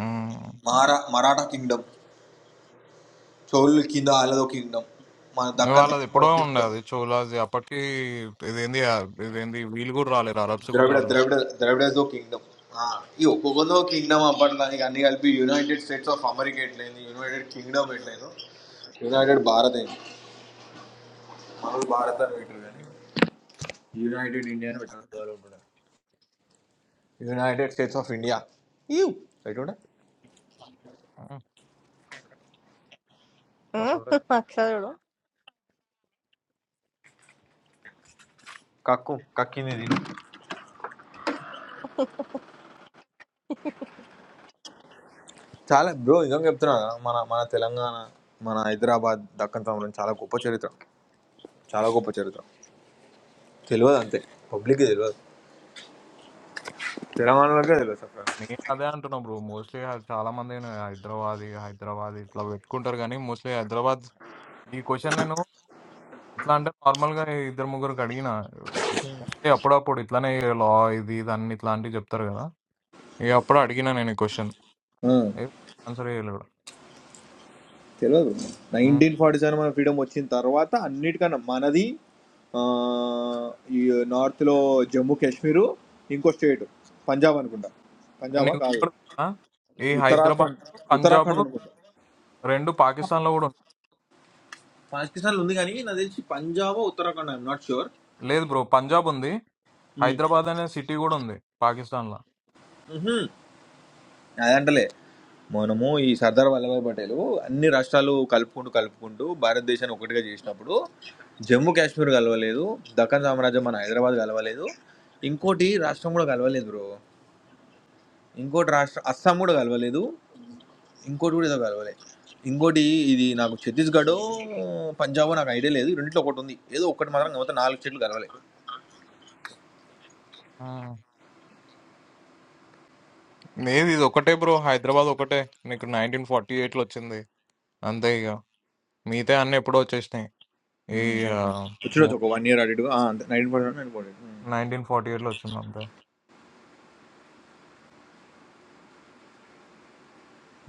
ఉమ్. మహారా మరాఠా కింగ్డమ్ చోళ్ళు కింద వాళ్ళదో కింగ్డమ్ మన దక్కన్ వాళ్ళది ఎప్పుడో ఒక ఉండే కింగ్డమ్ అది చోలాది అప్పటికి ఇదేంది ఆ, ఇదేంది వీళ్ళు కూడా రాలేరు అరబ్స్ కూడా ద్రవిడ ద్రవిడ ద్రవిడదో కింగ్డమ్ ఈ ఒక్కొక్కదో కింగ్డమ్ అప్పట్లో ఇక అన్ని కలిపి యునైటెడ్ స్టేట్స్ ఆఫ్ అమెరికా ఎట్లయింది యునైటెడ్ కింగ్డమ్ ఎట్లయిందో యునైటెడ్ భారత్ అయింది మనల్ని భారత్ అని పెట్టారు కానీ యునైటెడ్ స్టేట్స్ ఆఫ్ ఇండియా ఈ ఎటుండే రాలేరు ఆ, మస్తు ఉంటుంది అక్షరుడు కక్కు కక్కింది దీన్ని చాలా బ్రో ఇంకా చెప్తున్నా కదా, మన మన తెలంగాణ మన హైదరాబాద్ దక్కన్ తమలో చాలా గొప్ప చరిత్ర చాలా గొప్ప చరిత్ర తెలియదు అంతే పబ్లిక్ తెలియదు తెలంగాణలోకే తెలియదు అక్కడ నేను అదే అంటున్నా బ్రో. మోస్ట్‌లీ ఆహ్, చాలామంది నే హైదరాబాదీ, హైదరాబాదీ ఇట్లా పెట్టుకుంటారు గానీ, మోస్ట్‌లీ హైదరాబాద్ ఈ క్వెషన్ నేను ఎట్లా అంటే నార్మల్‌గా ఇద్దరు ముగ్గురికి అడిగినా. అంటే అప్పుడప్పుడు ఇట్లానే లా ఇది, ఇది అన్ని ఇట్లాంటివి చెప్తారు కదా! ఇక అప్పుడు అడిగినా నేను ఈ క్వెషన్. ఏ ఆన్సర్ చేయలేడు. తెలియదు హ్మ్. నైన్టీన్ ఫార్టీ సెవెన్ మన ఫ్రీడమ్ వచ్చిన తర్వాత అన్నిటికన్నా మనది ఆ, ఈ నార్త్లో జమ్మూ కాశ్మీరు ఇంకో స్టేట్ పంజాబ్ అనుకుంటా పంజాబా నీకు కాదు కూడా తెలుసా? ఈ హైదరాబాద్, ఉత్తరాఖండ్ పంజాబ్ ఉత్తరాఖండ్ అనుకుంటా 2 పాకిస్తాన్‌లో కూడా ఉంది. పాకిస్తాన్ ఉంది కానీ నాకు తెలిసి Punjab Uttarakhand I'm not sure లేదు బ్రో. పంజాబ్ ఉంది. హైదరాబాద్ అనే సిటీ కూడా ఉంది పాకిస్తాన్‌ల. అదంటలే మనము ఈ సర్దార్ వల్లభాయ్ పటేల్ అన్ని రాష్ట్రాలు కలుపుకుంటూ కలుపుకుంటూ భారతదేశాన్ని ఒకటిగా చేసినప్పుడు జమ్మూ కాశ్మీర్ కలవలేదు దక్కన్ సామ్రాజ్యం మన హైదరాబాద్ కలవలేదు ఇంకోటి రాష్ట్రం కూడా కలవలేదు బ్రో ఇంకోటి రాష్ట్రం అస్సాం కూడా కలవలేదు ఇంకోటి కూడా ఏదో కలవలేదు ఇంకోటి ఇది నాకు ఛత్తీస్గఢ్ పంజాబ్ నాకు ఐడియా లేదు ఈ రెండిట్లో ఒకటి ఉంది ఏదో ఒకటి మాత్రం మొత్తం నాలుగు స్టేట్లు కలవలే హ్మ్. లేదు ఇది ఒకటే బ్రో హైదరాబాద్ ఒకటే నీకు నైన్టీన్ ఫార్టీ ఎయిట్ లో వచ్చింది అంతే ఇక మిగతా అన్ని ఎప్పుడో వచ్చేసినాయి ఈ ఉమ్. వచ్చిండొచ్చు ఒక movie one year audit nine percent nine percent nineteen forty eight లో వచ్చింది అంతే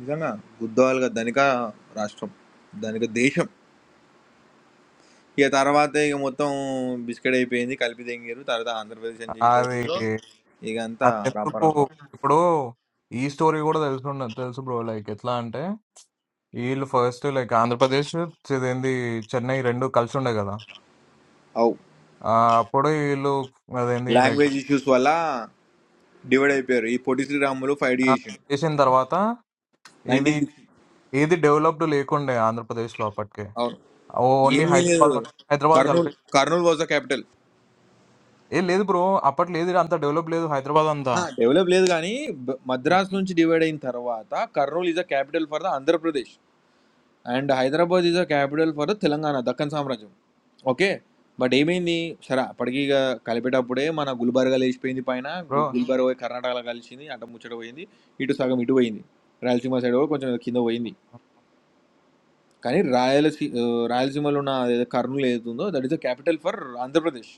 నిజంగా గుద్దవాలుగా ధనిక రాష్ట్రం ధనిక దేశం ఇక తర్వాత ఇక మొత్తం బిస్కెట్ అయిపోయింది కలిపి తెంగారు తర్వాత ఆంధ్రప్రదేశ్ అని చేసి అది తెంగారు ఇక అంతా అది రాప ఎందుకు రాప ఇప్పుడు ఈ స్టోరీ కూడా తెలుసు తెలుసు బ్రో లైక్ ఎట్లా అంటే వీళ్ళు ఫస్ట్ లైక్ ఆంధ్రప్రదేశ్ ఇదేంది చెన్నై రెండు కలిసి ఉండే కదా అవు ఆ, అప్పుడు వీళ్ళు అదేంది లైక్ లాంగ్వేజ్ ఇష్యూస్ వల్ల డివైడ్ అయిపోయారు ఈ పొట్టి శ్రీరాములు ఫైవ్ డీ చేసిండు చేసిన తర్వాత ఇది నైన్టీన్ సిక్స్టీ ఏది డెవలప్డ్ లేకుండే ఆంధ్రప్రదేశ్లో అప్పటికే అవును ఓన్లీ ఏమీ హైదరాబాద్ లేదు ఉంది. హైదరాబాద్ కర్నూలు కలిపి కర్నూలు వాజ్ ద క్యాపిటల్ ఏ లేదు బ్రో అప్పట్లో లేదు అంత డెవలప్ లేదు హైదరాబాద్ అంతా డెవలప్ లేదు కానీ బ- మద్రాస్ నుంచి డివైడ్ అయిన తర్వాత Kurnool is the capital for the Andhra Pradesh and Hyderabad is a capital for Telangana Deccan సామ్రాజ్యం ఓకే బట్ ఏమైంది సరే అప్పటికి ఇక కలిపేటప్పుడే మన గుల్బర్గా లేచిపోయింది పైన బ్రో గు- గుల్బర్గా పోయి కర్ణాటకలో కలిసింది అటు ముచ్చట పోయింది ఇటు సగం ఇటు పోయింది రాయలసీమ సైడ్ కూడా కొంచెం కింద పోయింది కానీ రాయలసీ ఆ, రాయలసీమలో ఉన్న ఏదో కర్నూలు ఏదైతుందో that is the capital for Andhra Pradesh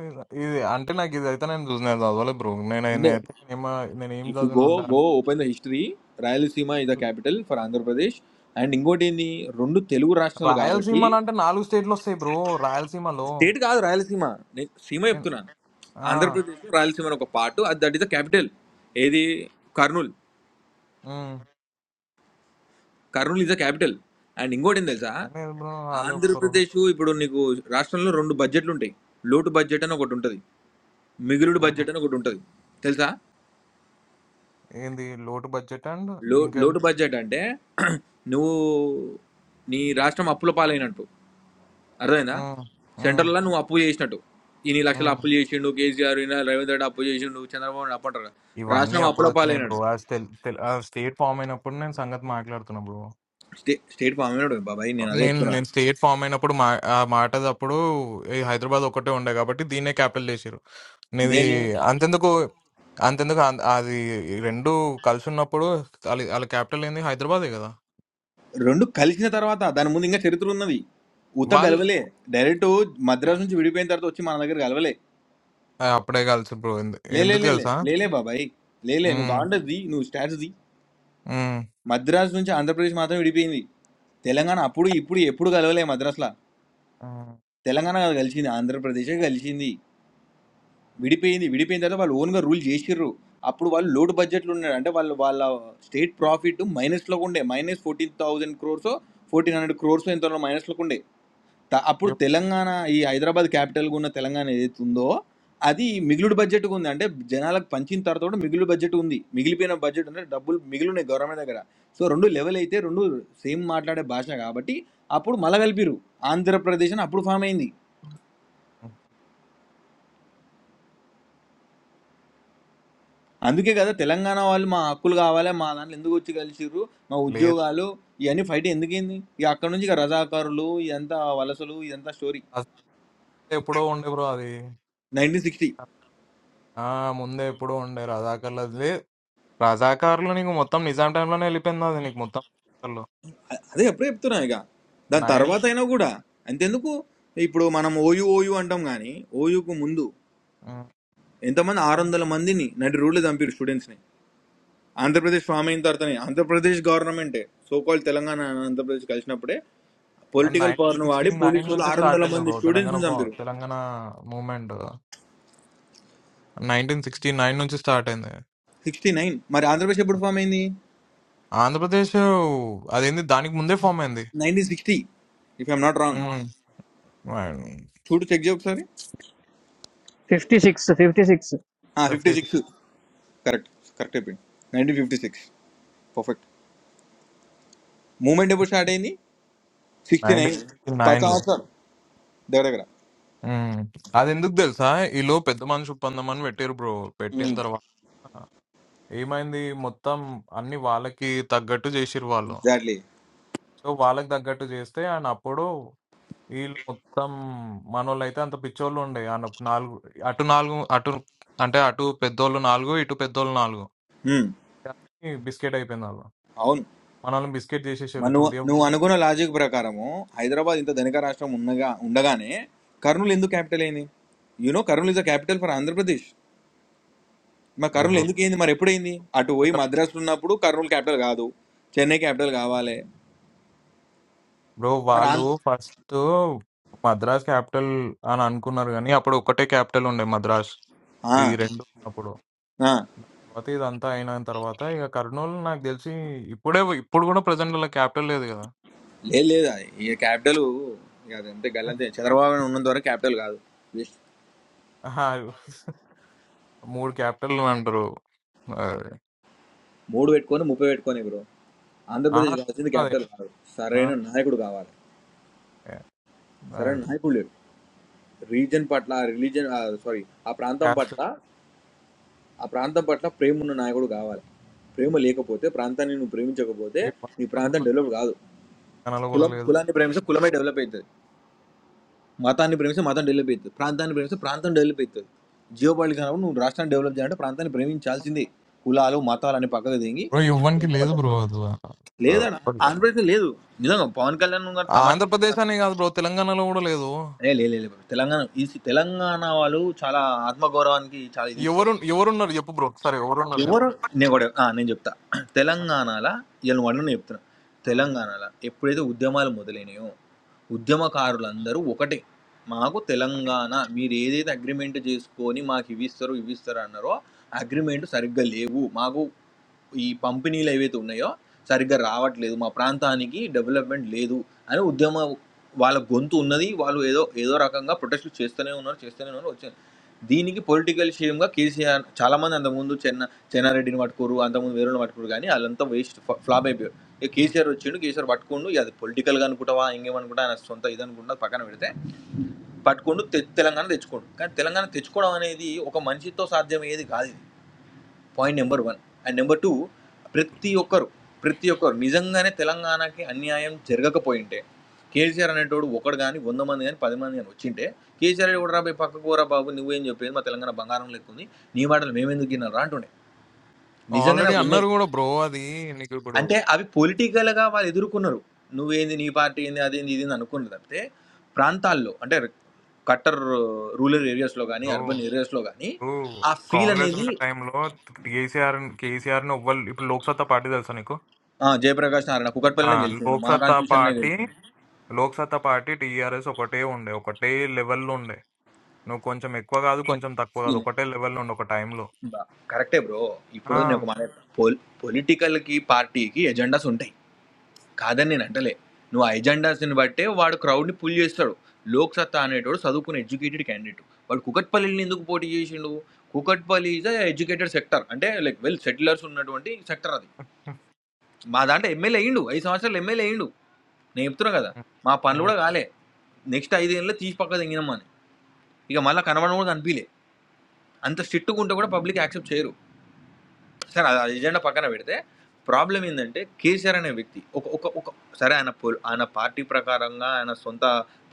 లేదు. ఇది అంటే నాకు ఇది అయితే నేను చూసిన చదవలేదు బ్రో నేను ఉండే నేనైతే నేనేమ నేను ఏం ఇఫ్ యు చదివిన గో ఉంటా అంటే go open the history Rayalaseema is the capital for Andhra Pradesh and ఇంకోటి ఏంది రెండు తెలుగు రాష్ట్రాలు కాబట్టి రాయలసీమలో అంటే నాలుగు స్టేట్లు వస్తాయి బ్రో రాయలసీమలో స్టేట్ కాదు రాయలసీమ నేను సీమ నేను చెప్తున్నాను ఆ, ఆంధ్రప్రదేశ్ రాయలసీమ అని ఒక పార్ట్ అది దట్ ఈస్ ద క్యాపిటల్ ఏది Kurnool um. Kurnool is the capital and ఇంకోటి ఏం తెలుసా లేదు బ్రో వాళ్ళే ఒప్పుకోరు ఆంధ్రప్రదేశ్ ఇప్పుడు నీకు రాష్ట్రంలో రెండు బడ్జెట్లు ఉంటాయి లోటు బడ్జెట్ అని ఒకటి ఉంటుంది మిగులుడు ఉమ్. బడ్జెట్ అని ఒకటి ఉంటుంది తెలుసా ఏంది లోటు బడ్జెట్ అండ్ లో ఇంకేంది లోటు బడ్జెట్ అంటే [clears throat] నువ్వు నీ రాష్ట్రం అప్పుల పాలైనట్టు అర్థమైందా ఉమ్, ఉమ్, సెంటర్లో నువ్వు అప్పు చేసినట్టు ఇన్ని లక్షలు ఉమ్. అప్పులు చేసిండు కేసీఆర్ ఈయన రేవంత్ రెడ్డి అప్పు చేసిండు చంద్రబాబు నాయుడు అప్పు అంటారు ఇవన్నీ రాష్ట్రం అప్పుడు అప్పుల వచ్చినాయి బ్రో పాలైనట్టు స్టేట్ ఫామ్ అయినప్పుడు నేను సంగతి మాట్లాడుతున్నా బ్రో స్టే స్టేట్ ఫామ్ అయినాడు బాబాయ్ నేను అదే నేను చెప్తున్నా నేను స్టేట్ ఫామ్ అయినప్పుడు మా ఆ మాట అప్పుడు ఈ హైదరాబాద్ ఒక్కటే ఉండే కాబట్టి దీన్నే క్యాపిటల్ చేసారు ఇది దేని అంతెందుకు అంతెందుకు అం- అది ఈ రెండు కలిసి ఉన్నప్పుడు వాళ్ళ వాళ్ళ క్యాపిటల్ ఏంది హైదరాబాదే కదా తెలిసిన తర్వాత అది ఉత వాళ్ళు గలవలే డైరెక్ట్ మద్రాస్ నుంచి విడిపోయిన తర్వాత వచ్చి మన దగ్గర గలవలే ఆ, అప్పుడే కలిసి బ్రో లేలే ఎందుకు లేలే తెలుసా లేలే బాబాయ్ లేలే నువ్వు ఉమ్, కాంటది నువ్వు స్టాట్స్ ది ఉమ్, మద్రాస్ నుంచి ఆంధ్రప్రదేశ్ మాత్రం విడిపోయింది తెలంగాణ అప్పుడు ఇప్పుడు ఎప్పుడు కలవలే మద్రాసులో ఉమ్. తెలంగాణ కాదు కలిసింది ఆంధ్రప్రదేశ్ కలిసింది విడిపోయింది విడిపోయిన తర్వాత వాళ్ళు ఓన్గా రూల్ చేసిర్రు అప్పుడు వాళ్ళు లోడ్ బడ్జెట్లు ఉన్నారు అంటే వాళ్ళు వాళ్ళ స్టేట్ ప్రాఫిట్ మైనస్లో ఉండే minus fourteen thousand crores fourteen hundred crores ఎంతలో మైనస్లోకి ఉండే త- అప్పుడు ఎప్- తెలంగాణ ఈ హైదరాబాద్ క్యాపిటల్గా ఉన్న తెలంగాణ ఏదైతే ఉందో అది మిగులుడు బడ్జెట్ ఉంది అంటే జనాలకు పంచిన తర్వాత కూడా మిగులు బడ్జెట్ ఉంది మిగిలిపోయిన బడ్జెట్ అంటే డబ్బులు మిగిలినాయి గవర్నమెంట్ దగ్గర సో రెండు లెవెల్ అయితే రెండు సేమ్ మాట్లాడే భాష కాబట్టి అప్పుడు మల కలిపిరు ఆంధ్రప్రదేశ్ అని అప్పుడు ఫామ్ అయింది అందుకే కదా తెలంగాణ వాళ్ళు మా హక్కులు కావాలి మా దాంట్లో ఎందుకు వచ్చి కలిసిర్రు మా లేదు ఉద్యోగాలు ఇవన్నీ ఫైట్ ఎందుకైంది ఇక అక్కడ నుంచి ఇక రజాకారులు ఇదంతా వలసలు ఇదంతా స్టోరీ రజాకర్లు ఎప్పుడో ఉండే బ్రో అది నైన్టీన్ సిక్స్టీ ఆ ముందే ఎప్పుడో ఉండే రజాకర్లు అది లే- రజాకర్లు నీకు మొత్తం నిజాం టైంలోనే వెళ్ళిపోయింది అది నీకు మొత్తం అదే ఎప్పుడే చెప్తున్నా ఇక దాని నైన్టీ తర్వాత అయినా కూడా అంతెందుకు ఇప్పుడు మనం ఓయూ ఓయూ అంటాం కానీ ఓయూకు ముందు ఎంతమంది ఆరు వందల మందిని నటి రూళ్ళు చంపారు స్టూడెంట్స్ని ఆంధ్రప్రదేశ్ ఫామ్ అయిన తర్వాతనే ఆంధ్రప్రదేశ్ గవర్నమెంటే సోకాల్ తెలంగాణ ఆంధ్రప్రదేశ్ కలిసినప్పుడే పొలిటికల్ నైన్టీన్ పవర్ను సిక్స్టీ వాడి పోలీసు నైన్ వాళ్ళు నుంచి ఆరు స్టార్ట్ వందల అయింది బ్రో మంది తెలంగాణ స్టూడెంట్స్ని పో- చంపారు Telangana movement nineteen sixty nine నుంచి స్టార్ట్ అయింది సిక్స్టీ నైన్ మరి ఆంధ్రప్రదేశ్ ఎప్పుడు ఫామ్ అయింది ఆంధ్రప్రదేశ్ అదేంది దానికి ముందే ఫామ్ అయింది nineteen sixty if I'm not wrong um. చూడు చెక్ చేయ ఒకసారి fifty six fifty six fifty fifty six correct correct అయిపోయింది nineteen fifty six perfect movement ఎప్పుడు స్టార్ట్ అయింది సిక్స్టీ నైన్టీన్ నైన్ సిక్స్టీ పది నైన్ లో సంవత్సరాలు దగ్గర దగ్గర ఉమ్. అది ఎందుకు తెలుసా ఈలో పెద్ద మనిషి ఒప్పందం అని పెట్టారు బ్రో పెట్టిన తర్వాత ఏమైంది మొత్తం అన్ని వాళ్ళకి తగ్గట్టు చేసిరు వాళ్ళు ఎగ్జాక్ట్లీ సో వాళ్ళకి తగ్గట్టు చేస్తే ఆయన అప్పుడు వీళ్ళు మొత్తం మనోళ్ళు అయితే అంత పిచ్చోళ్ళు ఉండే ఆ నప్పు- నాలుగు అటు నాలుగు అటు అంటే అటు పెద్దోళ్ళు నాలుగు ఇటు పెద్దోళ్ళు నాలుగు కానీ బిస్కెట్ అయిపోయింది వాళ్ళు అవును మనల్ని బిస్కెట్ చేసేసారు మరి నువ్వు చూదే నువ్వు అనుకున్న లాజిక్ ప్రకారము హైదరాబాద్ ఇంత ధనిక రాష్ట్రం ఉండగా ఉండగానే కర్నూలు ఎందుకు క్యాపిటల్ అయింది you know Kurnool is the capital for Andhra Pradesh మరి కర్నూలు బ్రో ఎందుకు అయింది మరి ఎప్పుడైంది అటు పోయి మద్రాసులో ఉన్నప్పుడు కర్నూలు క్యాపిటల్ కాదు చెన్నై క్యాపిటల్ కావాలి బ్రో మరి వాళ్ళు ఆంధ్ర ఫస్ట్ మద్రాస్ క్యాపిటల్ అని అనుకున్నారు కానీ అప్పుడు ఒకటే క్యాపిటల్ ఉండే మద్రాస్ ఆ, ఈ రెండు ఉన్నప్పుడు ఆ, తర్వాత ఇదంతా అయిన తర్వాత ఇక కర్నూలు నాకు తెలిసి ఇప్పుడే ఇప్పుడు కూడా ప్రజెంట్ వాళ్ళ క్యాపిటల్ లేదు కదా లేదు లేదు అది ఈ క్యాపిటల్ ఇక అదంతే గల్లంతే చంద్రబాబు నాయుడు ఉన్నంత వరకు క్యాపిటల్ కాదు జస్ట్ ఆహా, మూడు క్యాపిటల్ అంటారు అది. మూడు పెట్టుకొని ముప్పై పెట్టుకొని బ్రో ఆహా, ఆంధ్రప్రదేశ్ కావాల్సింది అదే క్యాపిటల్ కాదు సరైన నా- నాయకుడు కావాలి సరైన అది నాయకుడు లేడు రీజన్ పట్ల రిలీజన్ సారీ ఆ ప్రాంతం క్యాస్ట్ పట్ల ఆ ప్రాంతం పట్ల ప్రేమ ఉన్న నాయకుడు కావాలి ప్రేమ లేకపోతే ప్రాంతాన్ని నువ్వు ప్రేమించకపోతే ఈ వన్ నీ ప్రాంతం బ్రో డెవలప్ కాదు తెలంగాణలో కూడా కులం లేదు కులాన్ని ప్రేమిస్తే కులమే డెవలప్ అవుతుంది మతాన్ని ప్రేమిస్తే మతం డెవలప్ అవుతుంది ప్రాంతాన్ని ప్రేమిస్తే ప్రాంతం డెవలప్ అవుతుంది జియో పాలిటిక్స్ అన్నప్పుడు నువ్వు రాష్ట్రాన్ని డెవలప్ చేయాలంటే ప్రాంతాన్ని ప్రేమించాల్సిందే కులాలు మతాలు అని పక్కకు దిగి బ్రో ఇవ్వడానికి లేదు బ్రో అది లేదా ఆంధ్రప్రదేశ్ లేదు నిజంగా పవన్ కళ్యాణ్ గారు ఆ, తమాషా ఆంధ్రప్రదేశ్ అనే కాదు బ్రో తెలంగాణలో కూడా లేదు ఏ, లే లే, లే. తెలంగాణ ఈ తెలంగాణ వాళ్ళు చాలా ఆత్మగౌరవానికి చాలా ఇది ఇస్తారు ఎవరు ఎవరున్నారు చెప్పు బ్రో సరే ఎవరున్నారు చెప్పు ఎవరు నేను కూడా ఆ, నేను చెప్తా ఆ, తెలంగాణలో ఇవాళ నువ్వు అడుగు నేను చెప్తున్నా ఆ, తెలంగాణలో ఎప్పుడైతే ఉద్యమాలు మొదలైనాయో ఆ, ఉద్యమకారులందరూ ఒకటే మాకు సరే తెలంగాణ మీరు ఏదైతే అగ్రిమెంట్ చేసుకొని మాకు ఇవి ఇస్తారు ఇవి ఇస్తారు అన్నారో అగ్రిమెంట్ సరిగ్గా లేవు మాకు ఈ పంపిణీలు ఏవైతే ఉన్నాయో సరిగ్గా రావట్లేదు మా ప్రాంతానికి డెవలప్మెంట్ లేదు అని ఉద్యమ వాళ్ళ గొంతు ఉన్నది వాళ్ళు ఏదో ఏదో రకంగా ప్రొటెస్ట్ చేస్తూనే ఉన్నారు చేస్తూనే ఉన్నారు వచ్చే దీనికి పొలిటికల్ షేమ్గా కేసీఆర్ చాలామంది అంతకుముందు చెన్న చెన్నారెడ్డిని పట్టుకోరు అంతకుముందు వేరే పట్టుకోరు కానీ వాళ్ళంతా వేస్ట్ ఫ్లాప్ అయిపోయారు ఇక కేసీఆర్ వచ్చిండు కేసీఆర్ పట్టుకోండు ఇక అది పొలిటికల్గా అనుకుంటావా ఇంకేమనుకుంటా ఆయన సొంత ఇది అనుకుంటా పక్కన పెడితే పట్టుకోండు తె- తెలంగాణ తెచ్చుకోండు కానీ తెలంగాణ తెచ్చుకోవడం అనేది ఒక మనిషితో సాధ్యమయ్యేది కాదు ఇది point number one and number two ప్రతి ఒక్కరు ప్రతి ఒక్కరు నిజంగానే తెలంగాణకి అన్యాయం జరగకపోయింటే కేసీఆర్ అనేటోడు ఒకడు కానీ వంద మంది కానీ పది మంది కానీ వచ్చింటే కేసీఆర్ కూడా రాబోయి పక్కకు పోరా బాబు నువ్వేం చెప్పేది మా తెలంగాణ బంగారం లెక్కుంది నీ మాటలు మేమెందుకు విన్నారా అంటుండే నిజంగా ఆల్రెడీ నాకు ఉన్నాయి అన్నారు కూడా బ్రో అది నీకు ఇప్పుడు అంటే అవి పొలిటికల్గా వాళ్ళు ఎదుర్కొన్నారు నువ్వేంది నీ పార్టీ ఏంది అదేంది ఇది అనుకున్నది తప్పితే ప్రాంతాల్లో అంటే కట్టర్ రూరల్ ఏరియాస్లో కానీ బ్రో నీకు ఆ ఫీ కాంగ్రెస్ ఉన్న టైంలో కేసీఆర్ కేసీఆర్ ని ఎవ్వరు ఇప్పుడు లోక్ సత్తా పార్టీ తెలుసా నీకు ఆ, మా Loksatta party Loksatta party TRS ఒకటే ఉండే ఒకటే లెవెల్లో ఉండే నువ్వు కొంచెం ఎక్కువ కాదు కొంచెం తక్కువ కాదు ఒకటే లెవెల్లో ఉండే ఒక టైంలో బ- కరెక్టే బ్రో ఆ, ఇప్పుడు నేను ఒక మాట పొల్ పొలిటికల్కి పార్టీకి ఎజెండాస్ ఉంటాయి కాదని నేను అంటలే నువ్వు ఆ ఎజెండాస్ని బట్టే వాడు క్రౌడ్ని పుల్ చేస్తాడు లోక్ సత్తా అనేటోడు చదువుకున్న ఎడ్యుకేటెడ్ క్యాండిడేట్ వాడు కుకట్పల్లిని ఎందుకు పోటీ చేసిండు కుకట్పల్లి ఈజ్ ఎడ్యుకేటెడ్ సెక్టర్ అంటే లైక్ వెల్ సెటిలర్స్ ఉన్నటువంటి సెక్టర్ అది ఉమ్, మా దాంట్లో ఎమ్మెల్యే అయ్యిండు ఐదు సంవత్సరాలు ఎమ్మెల్యే అయ్యిండు నేను చెప్తున్నా కదా మా పనులు ఉమ్, కూడా కాలే నెక్స్ట్ ఐదేళ్ళలో తీసి పక్క తెంగినామని ఇక మళ్ళీ కనబడడం కూడా కనిపించలే అంత స్ట్రిక్ట్గా ఉంటే కూడా పబ్లిక్ యాక్సెప్ట్ చేయరు సరే అది ఎజెండా పక్కన పెడితే ప్రాబ్లం ఏంటంటే కేసీఆర్ అనే వ్యక్తి ఒక ఒక ఒక సరే ఆయన పొల్- ఆయన పార్టీ ప్రకారంగా ఆయన సొంత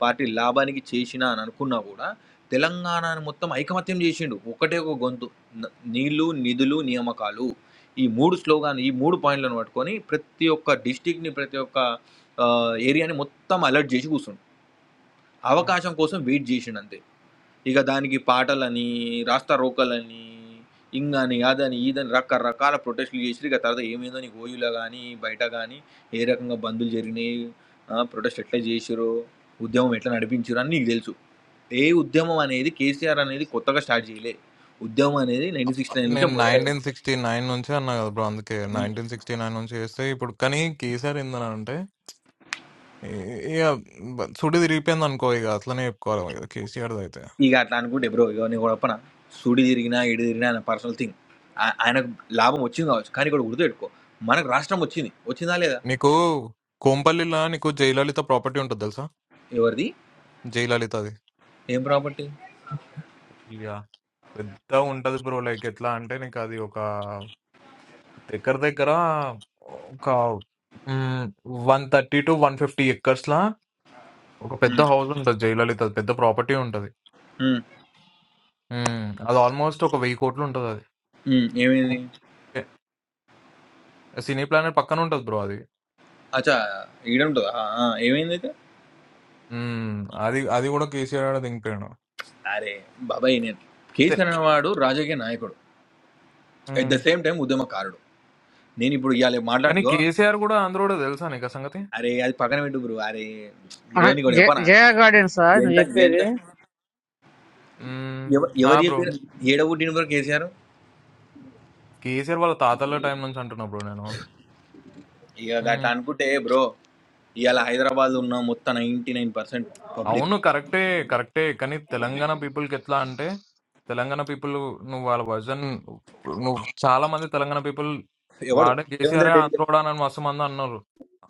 పార్టీ లాభానికి చేసిన అని అనుకున్నా కూడా తెలంగాణను మొత్తం ఐకమత్యం చేసిండు ఒకటే ఒక గొంతు న- నీళ్లు నిధులు నియామకాలు ఈ మూడు స్లోగాన్ ఈ మూడు పాయింట్లను పట్టుకొని ప్రతి ఒక్క డిస్టిక్ని ప్రతి ఒక్క ఆ, ఏరియాని మొత్తం అలర్ట్ చేసి కూర్చుండు ఉమ్. అవకాశం కోసం వెయిట్ చేసిండు అంతే ఇక దానికి పాటలని రాస్తా రోకలని ఇంగని అదని ఇదని రకరకాల ప్రొటెస్టులు చేసి ఇక తర్వాత ఏమైందో నీకు ఓయూలో కానీ బయట కానీ ఏ రకంగా బంధులు జరిగినాయి ఆ, ప్రొటెస్ట్ ఎట్లా చేసిరో ఉద్యమం ఎట్లా నడిపించారు అని నీకు తెలుసు ఏ ఉద్యమం అనేది కేసీఆర్ అనేది కొత్తగా స్టార్ట్ చేయలే ఉద్యమం అనేది నైన్టీన్ సిక్స్టీ నైన్ నుంచే నేను మొదలైంది నైన్టీన్ సిక్స్టీ నైన్ నుంచి అన్నా కదా బ్రో అందుకే ఉమ్. నైన్టీన్ సిక్స్టీ నైన్ నుంచి చేస్తే ఇప్పుడు కానీ కేసీఆర్ ఏందని అంటే ఇ- ఇక బ- సుడి తిరిగిపోయింది అనుకో ఇక అట్లనే చెప్పుకోవాలి కదా కేసీఆర్ అయితే ఇక అట్లా అనుకుంటే బ్రో ఇక నీ గొడపన సూడి తిరిగినా ఎడి తిరిగినా ఆయన పర్సనల్ థింగ్ ఆయనకు లాభం వచ్చింది కావచ్చు కానీ ఇక్కడ గుర్తుపెట్టుకో మనకు రాష్ట్రం వచ్చింది వచ్చిందా లేదా నీకు కోంపల్లిలా నీకు జయలలిత ప్రాపర్టీ ఉంటుంది తెలుసా ఎవరిది జయలలితది ఏం ప్రాపర్టీ యాహ్! పెద్దగుంటది బ్రో. లైక్ ఎట్లా అంటే నీకది ఒక దగ్గర దగ్గర ఒక హ్మ్. 130-150 ఎకర్స్‌లా ఒక పెద్ద ఉమ్, హౌస్ ఉంటది జయలలితది. పెద్ద ప్రాపర్టీ ఉంటది. ఉమ్, హ్మ్. అది ఆల్మోస్ట్ ఒక 10,00,00,00,000 ఉంటదది. ఉమ్, ఏమైంది ఓకే. సినీ ప్లానెట్ పక్కన ఉంటది బ్రో అది. అచ్చా ఈడ ఉంటుందా ఆ, ఆ, ఏమైంది అయితే హ్మ్. అది అది కూడా కేసీఆర్ ఆడ దింపాడు. అరే బాబాయ్ నేను తె కేసీఆర్ అనేవాడు రాజకీయ నాయకుడు అట్ హ్మ్. ద సేమ్ టైం ఉద్యమకారుడు నేను ఇప్పుడు ఇవాళ మాట్లాడు కానీ ఇగో, కేసీఆర్ గూడా ఆంధ్రోడే తెలుసా నీకా సంగతి? అరే అది పక్కన పెట్టు బ్రో అరే బ్రో నీ కూడా చెప్పనా జయా గార్డెన్ సార్ నువ్వు ఎంత ఎంత చెప్పేది హ్మ్. ఎవ- ఆ! ఎవరు బ్రో. చెప్పారు ఏడబుట్టిన బ్రో కేసీఆర్ కేసీఆర్ వాళ్ళ తాతల టైం నుంచి అంటున్నా బ్రో నేను. ఇక హ్మ్. అట్లా అనుకుంటే బ్రో ఇవాళ హైదరాబాద్ ఉన్న మొత్తం నైంటీ నైన్ పర్సెంట్ పబ్లిక్ అవును కరెక్టే కరెక్టే కానీ తెలంగాణ పీపుల్కి ఎట్లా అంటే తెలంగాణ పీపుల్ నువ్వు వాళ్ళ వర్జన్ నువ్వు చాలా మంది తెలంగాణ పీపుల్ ఎవడు వాడే రేవంత్ కేసీఆర్ రెడ్డి గారు. ఆంధ్రోడా అని మస్తు మంది అన్నారు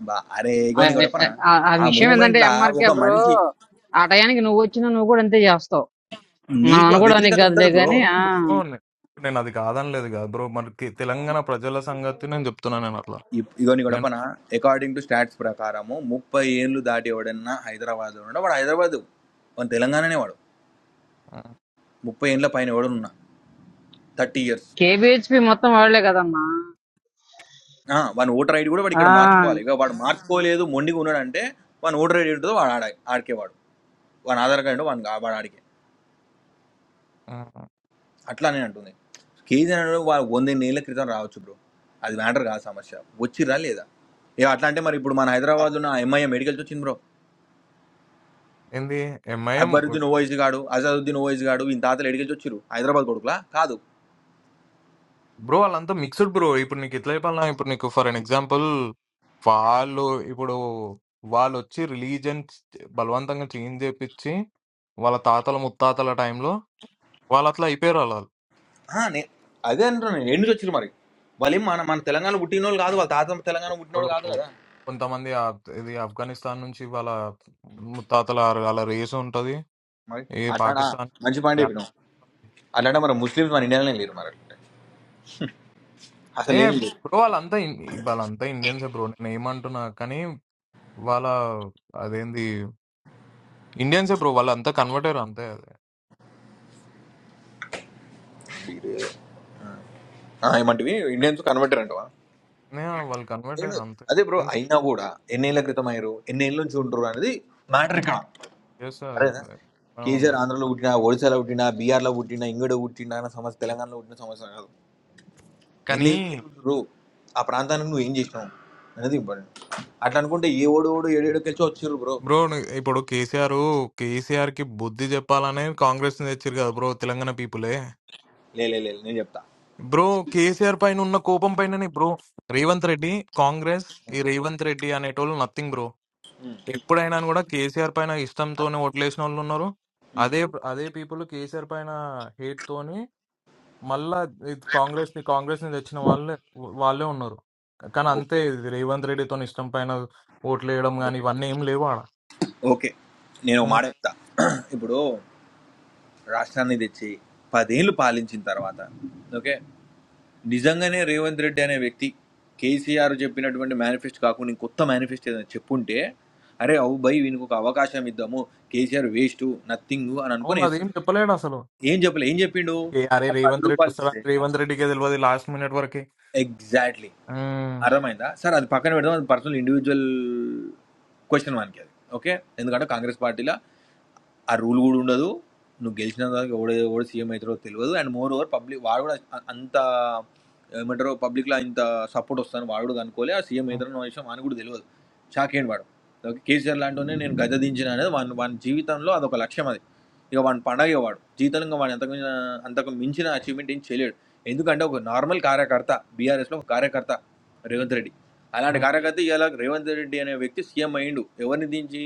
బా అరే ఆ ఇగో నీ కూడా చెప్పనా ఆ- ఆ ఆ విషయం మూమెంట్ ఏంటంటే లా ఎంఆర్కే ఒక బ్రో మనిషి ఆ టయానికి నువ్వు వచ్చినా నువ్వు కూడా అంతే చేస్తావు మనం నీకు ఆ అనుకోవడానికి వ్యతిరేకత కాదులే ఉంటది బ్రో గాని అవును ఆ బ్రో నేను అది కాదనలేదు కదా బ్రో మరి కి- తెలంగాణ ప్రజల సంగతి నేను చెప్తున్నా నేను అట్లా ఇప్- ఇగో నీ నేను గొడపన అకార్డింగ్ టు స్టాట్స్ ప్రకారము ముప్పై ఏళ్ళు దాటి ఎవడన్నా హైదరాబాద్ ఉన్నాడు వాడు హైదరాబాద్ వాడు తెలంగాణనే వాడు ఆ, ముప్పై ఏళ్ళ పైన ఎవడన్నా థర్టీ ఇయర్స్ కేబిహెచ్పి మొత్తం వాళ్లే కదమ్మా ఆ, వాని ఓటర్ ఐడి కూడా వాడు ఆ ఇక్కడ మార్చుకోవాలి ఇక వాడు మార్చుకోలేదు మొండిగా ఉన్నాడంటే వాని ఓటర్ ఐడి ఉంటుందో వాడు ఆడ ఆడికేవాడు వాని ఆధార్ కార్డు వాని వాడు ఆడికే ఆ, అట్లా నేను అంటుంది కేజీఆర్ అనేది వాడు వందేళ్ళ క్రితం రావచ్చు బ్రో అది మ్యాటర్ కాదు సమస్య వచ్చిరా లేదా ఇక అట్లా అంటే మరి ఇప్పుడు మన హైదరాబాద్ ఉన్న ఎంఐఏ మెడికల్ వచ్చింది బ్రో ఏంది ఎంఐఎం అక్బరుద్దీన్ ఓవైసీ గాడు అజాదుద్దీన్ ఓవైసీ గాడు ఇంత తాతలు ఎడికెళ్ళి వచ్చిరు హైదరాబాద్ కొడుకులా కాదు బ్రో వాళ్ళంతా మిక్స్డ్ బ్రో ఇప్పుడు నీకు ఎట్లా చెప్పాలన్నా ఇప్పుడు నీకు ఫర్ అన్ ఎగ్జాంపుల్ వాళ్ళు ఇప్పుడు వాళ్ళు వచ్చి రిలీజన్ బలవంతంగా చేంజ్ చేపించి వాళ్ళ తాతల ముత్తాతల టైంలో వాళ్ళు అట్లా అయిపోయారు వాళ్ళు ఆ, నే- అదే అంటారు నేను ఎన్ని వచ్చిరు మరి వాళ్ళు ఏం మన మన తెలంగాణ పుట్టిన వాళ్ళు కాదు వాళ్ళ తాత తెలంగాణ పుట్టిన వాళ్ళు వాళ్ళు కాదు కదా కొంతమంది ఆ- ఇది ఆఫ్ఘనిస్తాన్ నుంచి వాళ్ళ ముత్తాతల వాళ్ళ రేస్ ఉంటది మరి ఏ అట్లా పాకిస్తాన్ మంచి పాయింట్ చెప్పినావు అట్లాంటి మరి ముస్లిమ్స్ మన ఇండియాలోనే లేరు మరి అట్లా ఏ అసలు ఏమి లేదు బ్రో వాళ్ళంతా ఇన్- వాళ్ళంతా ఇండియన్సే బ్రో నేను ఏమంటున్నా కానీ వాళ్ళ అదేంది ఇండియన్సే బ్రో వాళ్ళంతా కన్వర్టర్ అంతే ఆ, ఏమంటివి ఇండియన్స్ కన్వర్టర్ అంటవా యాహ్! వాళ్ళు కన్వర్ట్ నేను అయ్యారు అంతే. అదే బ్రో గేమ్స్ అయినా కూడా ఎన్నేళ్ల క్రితం అయ్యారు ఎన్నేళ్ళ నుంచి ఉంటారు అనేది మ్యాటర్ ఇక్కడ ఫైవ్ ఇయర్స్ అరేనా అలా కేజీఆర్ ఉండదు. ఆంధ్రలో పుట్టినా ఒడిశాలో పుట్టినా బీహార్లో పుట్టినా ఇంగడ పుట్టినా అన్న సమస్య తెలంగాణలో పుట్టిన సమస్య కాదు కానీ ఎన్ని రో ఆ ప్రాంతానికి నువ్వు ఏం చేసినావు అనేది ఇంపార్టెంట్ అట్లా అనుకుంటే ఏ ఓడు ఓడు ఏడేడు కలిసి వచ్చిర్రు బ్రో బ్రో ను ఇప్పుడు కేసీఆర్, కేసీఆర్‌కి బుద్ధి జెప్పాలనే కాంగ్రెస్‌ని తెచ్చిర్రు గదా బ్రో! తెలంగాణ పీపులే. లే లే లే, లే, నేను చెప్తా బ్రో కేసీఆర్ పైన ఉన్న కోపం పైననే బ్రో రేవంత్ రెడ్డి, కాంగ్రెస్, ఈ రేవంత్ రెడ్డి అనేటోళ్ళు నథింగ్ బ్రో. ఎప్పుడైనా గూడా కేసీఆర్ పైన ఇష్టంతోనే ఓట్లేసినోళ్ళున్నారు. అదే అదే పీపుల్ కేసీఆర్ పైన హేట్‌తోని మళ్ళా ఇది కాంగ్రెస్ ని కాంగ్రెస్ ని తెచ్చిన వాళ్ళే వాళ్ళే ఉన్నారు కానీ ఓకే అంతే ఇది రేవంత్ రెడ్డితో ఇష్టం పైన ఓట్లు వేయడం కానీ ఓకే ఇవన్నీ ఏం లేవు ఆడ ఓకే నేను ఒక ఉమ్. మాట చెప్తా [clears throat] ఇప్పుడు రాష్ట్రాన్ని తెచ్చి పదేళ్ళు పాలించిన తర్వాత ఓకే నిజంగానే రేవంత్ రెడ్డి అనే వ్యక్తి కేసీఆర్ చెప్పినటువంటి మేనిఫెస్ట్ కాకుండా ఇంకొత్త మేనిఫెస్ట్ ఏదైనా చెప్పుంటే అరే అవు బై వీనికి ఒక అవకాశం ఇద్దాము కేసీఆర్ వేస్ట్ నథింగ్ అని అనుకుని అవును అదేం వేస్తుండే చెప్పలేడు అసలు ఏం చెప్పలే ఏం చెప్పిండు ఏ అరే ఆయన పది రేవంత్ రెడ్డి రూపాయలు వస్తాడా ఇస్తే రేవంత్ రెడ్డికే తెలియదు లాస్ట్ మినిట్ వరకి ఎగ్జాక్ట్లీ ఉమ్, అర్థమైందా? సరే అది పక్కన పెడదాం. అది పర్సనల్ ఇండివిడ్యుయల్ క్వెషన్ మనకి అది. ఓకే. ఎందుకంటే కాంగ్రెస్ పార్టీ‌ల ఆ రూల్ కూడా ఉండదు నువ్వు గెలిచిన దాకా ఎవడ ఎవడు సీఎం అవుతారో తెలియదు అండ్ మోర్ ఓవర్ పబ్లిక్ వాడు కూడా అ- అంత ఏమంటారో పబ్లిక్లో ఇంత సపోర్ట్ వస్తాను వాడు కూడా అనుకోలే ఆ సీఎం ఉమ్, అవుతారన్న విషయం అని కూడా తెలియదు షాక్ అయ్యాడు వాడు ఓకే కేసీఆర్ లాంటివనే నేను గద్ద దించిన అనేది వాని వాని జీవితంలో అదొక లక్ష్యం అది ఇక వాని పండగే వాడు జీవితంలో ఇంకా వాడు ఎంతకు మించిన అంతకు మించిన అచీవ్మెంట్ ఏం చేయలేడు ఎందుకంటే ఒక నార్మల్ కార్యకర్త బీఆర్ఎస్లో ఒక కార్యకర్త రేవంత్ రెడ్డి అలాంటి ఉమ్. కార్యకర్త ఇలా రేవంత్ రెడ్డి అనే వ్యక్తి సీఎం అయ్యిండు ఎవరిని దించి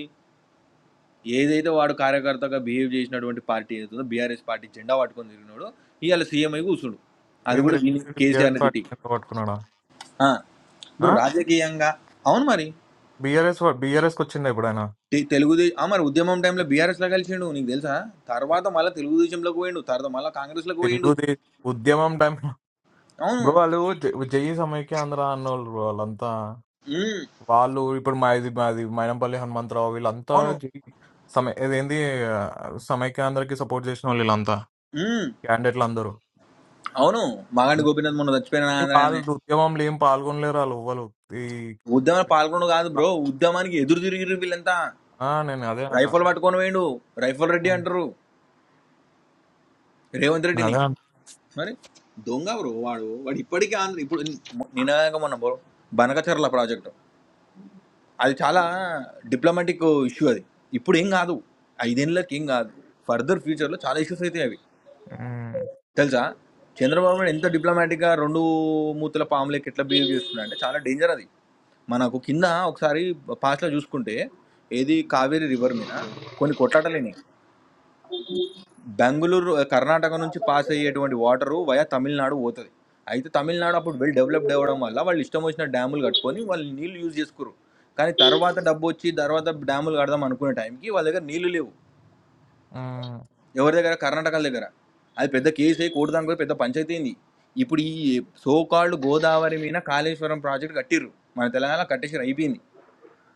ఏదైతే వాడు కార్యకర్తగా బిహేవ్ చేసినటువంటి పార్టీ ఏదైతుందో బీఆర్ఎస్ పార్టీ జెండా పట్టుకొని తిరిగినాడు ఇవాళ సీఎం అయి కూర్చుడు అది ఏంది కూడా విని రేవంత్ రెడ్డి బీఆర్ఎస్ కేసీఆర్ తిట్టి పార్టీ పట్టుకున్నాడా ఆ, ఆ? ఇప్పుడు రాజకీయంగా అవును మరి బీఆర్ఎస్ వా- బీఆర్ఎస్ కి వచ్చిందా ఇప్పుడు ఆయన తే- తెలుగుదేశం ఆ, మరి ఉద్యమం టైంలో బీఆర్ఎస్ లో కలిసిండు నీకు తెలుసా తర్వాత మళ్ళీ తెలుగుదేశంలోకి పోయిండు తర్వాత మళ్ళీ కాంగ్రెస్ లోకి పోయిండు తెలుగుది ఉద్యమం టైం అవును బ్రో వాళ్ళు జై జై సమైక్య ఆంధ్ర అన్నోళ్ళు బ్రో వాళ్ళంతా ఉమ్, వాళ్ళు ఇప్పుడు మా ఇది మాది మైనంపల్లి హనుమంతరావు వీళ్ళంతా అవును జి- సమ ఇదేంది ఆ, సమైక్యాంధ్రకి సపోర్ట్ చేసిన వాళ్ళు వీళ్ళంతా క్యాండిడేట్లు అందరూ అవును మగాండి ఉమ్, గోపీనాథ్ మొన్న చచ్చిపోయిన కానీ వాళ్ళు ఆంధ్రానే ఉద్యమంలో ఏం పాల్గొనలేరు వాళ్ళు ఎవ్వరు ఈ ఉద్యమం పాల్గొనడు కాదు బ్రో ఉద్యమానికి ఎదురు తిరిగిరు వీళ్ళంతా ఆ, నేను అదే రైఫల్ పట్టుకొని పోయిండు రైఫల్ రెడ్డి అంటారు రేవంత్ రెడ్డిని అదే అన్- దొంగ బ్రో వాడు వాడు ఇప్పటికీ ఆంధ్ర ఇప్పుడు నినాక మొన్న బ్రో బనకచర్ల ప్రాజెక్టు అది చాలా డిప్లొమాటిక్ ఇష్యూ అది ఇప్పుడు ఏం కాదు ఐదేళ్ళకి ఏం కాదు ఫర్దర్ ఫ్యూచర్లో చాలా ఇష్యూస్ అవుతాయి అవి ఉమ్, తెలుసా చంద్రబాబు నాయుడు ఎంత డిప్లొమాటిక్గా రెండు మూతుల పాములకి ఎట్లా బిహేవ్ చేస్తున్నా అంటే చాలా డేంజర్ అది మనకు కింద ఒకసారి past లో చూసుకుంటే ఏది కావేరీ రివర్ మీద కొన్ని కొట్లాటలేని బెంగళూరు కర్ణాటక నుంచి పాస్ అయ్యేటువంటి వాటరు వయా తమిళనాడు పోతుంది అయితే తమిళనాడు అప్పుడు వెల్ డెవలప్డ్ అవ్వడం వల్ల వాళ్ళు ఇష్టం వచ్చిన డ్యాములు కట్టుకొని వాళ్ళు నీళ్ళు యూజ్ చేసుకురు కానీ తర్వాత డబ్బు వచ్చి తర్వాత డ్యాములు కడదాం అనుకునే టైంకి వాళ్ళ దగ్గర నీళ్లు లేవు ఉమ్, ఎవరి దగ్గర కర్ణాటక దగ్గర అది పెద్ద కేసు అయ్యి కోర్టు దానికి పోయి పెద్ద పంచాయతీ అయింది ఇప్పుడు ఈ సోకాళ్ళు గోదావరి మీద కాళేశ్వరం ప్రాజెక్ట్ కట్టిర్రు మన తెలంగాణ కట్టేసారు అయిపోయింది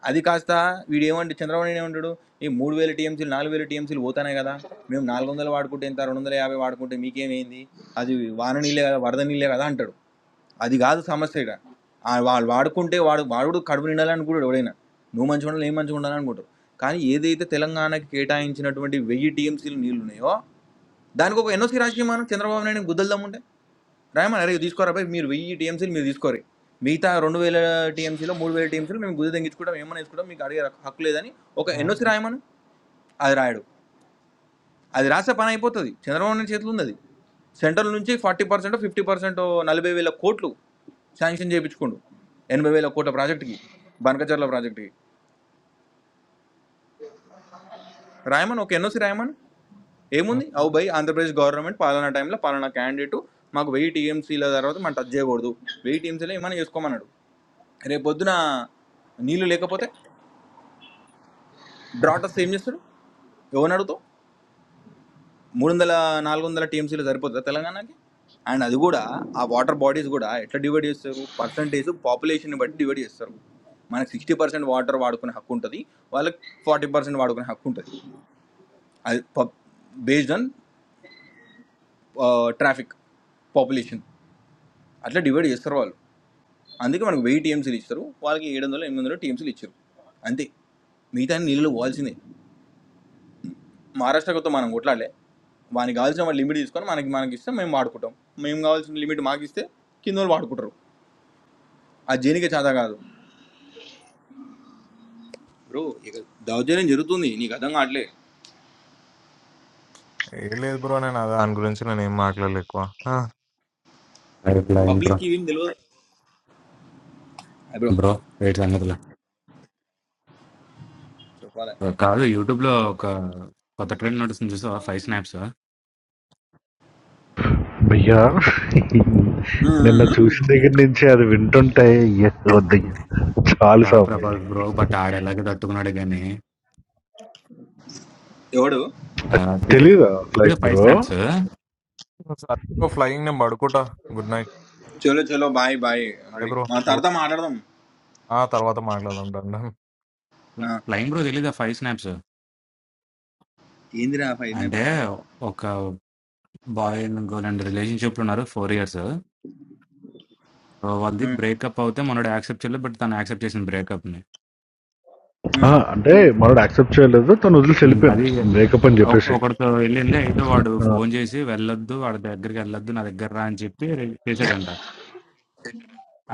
అది కాస్త వీడు ఏమంటే చంద్రబాబు నాయుడు ఏమంటాడు ఈ మూడు వేల టీఎంసీలు నాలుగు వేల టీఎంసీలు పోతానే కదా మేము నాలుగు వందలు వాడుకుంటే ఇంత రెండు వందల యాభై వాడుకుంటే మీకేమైంది అది వాన నీళ్ళే కదా వరద నీళ్ళే కదా అంటాడు అది కాదు సమస్య ఇక్కడ ఆ వాళ్ళు వాడుకుంటే వాడు వాడు కడుపు నిండాలనుకుంటాడు ఎవడైనా నువ్వు మంచిగా ఉండాలి నేను మంచిగా ఉండాలి అనుకుంటాడు కానీ ఏదైతే తెలంగాణకి కేటాయించినటువంటి వెయ్యి టీఎంసీలు నీళ్ళు ఉన్నాయో దానికి ఒక ఎన్ఓసీ రాజకీయం మనం చంద్రబాబు నాయుడు గుద్దలు దమ్ముంటే రాయమని అరే తీసుకోరా భయ్ మీరు వెయ్యి టీఎంసీలు మీరు తీసుకోరు మిగతా రెండు వేల టీఎంసీలో మూడు వేల టీఎంసీలో మేము గుది తెగించుకుంటాం ఏమైనా వేసుకుంటాం మీకు అడిగే హక్కు హక్కు లేదని ఒక ఉమ్, ఎన్ఓసి రాయమని అది రాయడు అది రాసే పని అయిపోతుంది చంద్రబాబు నాయుడు చేతిలో ఉంది అది సెంట్రల్ నుంచి ఫార్టీ పర్సెంట్ ఫిఫ్టీ పర్సెంట్ నలభై వేల కోట్లు శాంక్షన్ చేయించుకోండు ఎనభై వేల కోట్ల ప్రాజెక్టుకి బనకచర్ల ప్రాజెక్టుకి రాయమన్ ఒక ఎన్ఓసి రాయమన్ ఉమ్, ఏముంది అవు బై ఆంధ్రప్రదేశ్ గవర్నమెంట్ పాలనా టైంలో పాలనా క్యాండిడేట్ మాకు వెయ్యి టీఎంసీల తర్వాత మనం టచ్ చేయకూడదు వెయ్యి టీఎంసీలో ఏమైనా చేసుకోమన్నాడు రేపు పొద్దున నీళ్లు లేకపోతే డ్రాట్ ఉమ్. వస్తే ఏం చేస్తాడు ఎవరిని అడుగుతావు మూడు వందల నాలుగు వందల టీఎంసీలో సరిపోతుందా తెలంగాణకి అండ్ అది కూడా ఆ వాటర్ బాడీస్ కూడా ఎట్లా డివైడ్ చేస్తారు పర్సంటేజ్ పాపులేషన్ బట్టి డివైడ్ చేస్తారు మనకి సిక్స్టీ పర్సెంట్ వాటర్ వాడుకునే హక్కు ఉంటుంది వాళ్ళకి ఫార్టీ పర్సెంట్ వాడుకునే హక్కు ఉంటుంది అది బేస్డ్ ఆన్ ట్రాఫిక్ పాపులేషన్ అట్లా డివైడ్ చేస్తారు వాళ్ళు అందుకే మనకు వెయ్యి టీఎంసీలు ఇస్తారు వాళ్ళకి ఏడు వందలు ఎనిమిది వందలు టీఎంసీలు ఇచ్చారు అంతే మిగతా నీళ్ళు పోవాల్సిందే మహారాష్ట్రతో మనం కొట్లాడలే వానికి కావాల్సిన వాళ్ళు లిమిట్ తీసుకొని మనకి మనకి ఇస్తే మేము వాడుకుంటాం మేము కావాల్సిన లిమిట్ మాకు ఇస్తే కింద వాళ్ళు వాడుకుంటారు ఆ జేనికే చేత కాదు బ్రో ఇక దౌర్జన్యం జరుగుతుంది నీకు అర్థం కావట్లే ఏం లేదు బ్రో నేను అదే దాని గురించి నేను ఏం మాట్లాడలేదు ఎక్కువ ఆ, బ్రో పబ్లిక్ కి ఏం తెలియదు అయ్ బ్రో బ్రో వెయిట్ సంగతులు చెప్పాలి కాదు యూట్యూబ్ లో ఒక కొత్త ట్రెండ్ నడుస్తుంది చూసావా ఫైవ్ స్నాప్స్ భయ్యా ఉమ్, నిన్న ఉమ్, ఉమ్. చూసిన దగ్గర నుంచి అది వింటుంటే అయ్యో, వద్దయ్యా చాలు కాదు స్వామి ఇది ప్రభాస్ బ్రో బట్ ఆడు ఎలాగే తట్టుకున్నాడు కానీ ఎవడు ఆ, తెలీదు తెలియదా లైక్ తెలీదు ఫైవ్ బ్రో స్నాప్స్ సరే బ్రో ఫ్లయింగ్ నేను పడుకుంటా గుడ్ నైట్ చలో చలో bye bye bye ready bro మా ఓ- తర్వాత మాట్లాడదాం ఆ తర్వాత మాట్లాడుకుంటా ఆ, ఫ్లయింగ్ బ్రో తెలీదా ఫైవ్ స్నాప్స్ ఏందిరా ఫైవ్ అంటే మినిట్స్ ఒక boy and girl and relationship లో ఉన్నారు ఫోర్ ఇయర్స్ వాళ్ళది బ్రేకప్ అవుతే మనోడు యాక్సెప్ట్ చేయలేదు బట్ తను యాక్సెప్ట్ చేసిన బ్రేకప్ ని అంటే మనోడు యాక్సెప్ట్ చేయలేదు తను వదిలేసి ఉమ్, వెళ్ళిపోయింది అది బ్రేకప్ అని ఒక- చెప్పేసి ఒకరితో వెళ్ళింది అయితే వాడు ఆ, ఫోన్ చేసి వెళ్ళొద్దు వాడి దగ్గరికి వెళ్ళొద్దు నా దగ్గర రా అని చెప్పి రే- చేశాడంట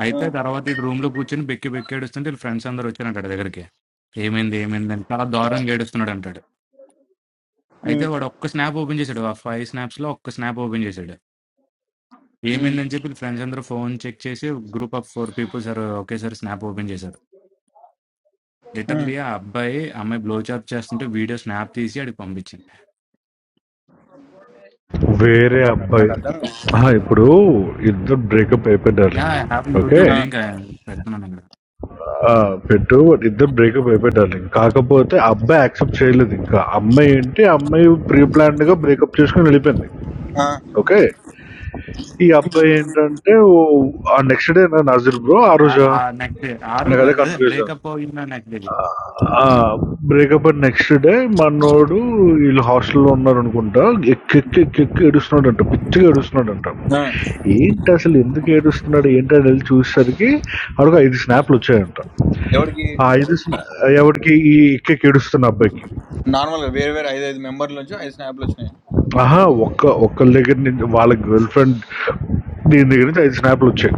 అయితే తర్వాత ఇటు రూమ్ లో కూర్చొని బెక్కి బెక్కి ఏడుస్తుంటే ఫ్రెండ్స్ అందరు వచ్చారంట వాడి దగ్గరికి ఏమైంది ఏమైంది అని చాలా దారుణంగా ఏడుస్తున్నాడు అంటాడు అయితే వాడు ఒక్క స్నాప్ ఓపెన్ చేశాడు ఆ ఫైవ్ స్నాప్స్ లో ఒక్క స్నాప్ ఓపెన్ చేశాడు ఏమైందని చెప్పి ఫ్రెండ్స్ అందరూ ఫోన్ చెక్ చేసి group of four peoples sir ఒకేసారి స్నాప్ ఓపెన్ చేశారు లిటర్లీ ఆ అబ్బాయి అమ్మాయి బ్లో చాప్ చేస్తుంటే వీడియో స్నాప్ తీసి అడిగి పంపించింది వేరే అబ్బాయి ఆ, ఇప్పుడు ఇద్దరు బ్రేకప్ అయిపోయి yeah darling I have okay YouTube link పెడుతున్నాను ఇక్కడ ఆ, పెట్టు but ఇద్దరు బ్రేకప్ అయిపోయి డార్లింగ్ కాకపోతే ఆ అబ్బాయి యాక్సెప్ట్ చేయలేదు ఇంకా అమ్మాయి ఏంటి ఆ అమ్మాయి ప్రీ ప్లాన్డ్ గా బ్రేకప్ చేసుకుని వెళ్ళిపోయింది ఓకే ఈ అబ్బాయి ఏంటంటే ఓ- ఆ నెక్స్ట్ డే నా నజర్ బ్రో ఆ రోజు నెక్స్ట్ డే ఆ నాకు రోజు అదే అదే కన్ఫ్యూజన్ బ్రేకప్ అయిందా నెక్స్ట్ డే బ్రేకప్ అయిన నెక్స్ట్ డే మనోడు వీళ్ళు హాస్టల్లో ఉన్నారనుకుంటా ఎక్కెక్కి ఎక్కెక్కి ఏడుస్తున్నాడంట పిచ్చిగా ఏడుస్తున్నాడంట ఏంటి అసలు ఎందుకు ఏడుస్తున్నాడు ఏంటని వెళ్ళి చూసేసరికి అడుగు ఐదు స్నాప్లు వచ్చాయంట ఎవరికి ఆ ఐదు స్నా ఎవరికి ఈ ఎక్కెక్కి ఏడుస్తున్న అబ్బాయికి నార్మల్ గా వేరే వేరే ఐదు ఐదు మెంబర్ల నుంచి ఐదు స్నాప్లు వచ్చినాయి ఆహా ఒక్క ఒక్కళ్ళ దగ్గర నుంచి వాళ్ళ గర్ల్ ఫ్రెండ్ దీని దగ్గర నుంచి ఐదు స్నాప్లు వచ్చాయి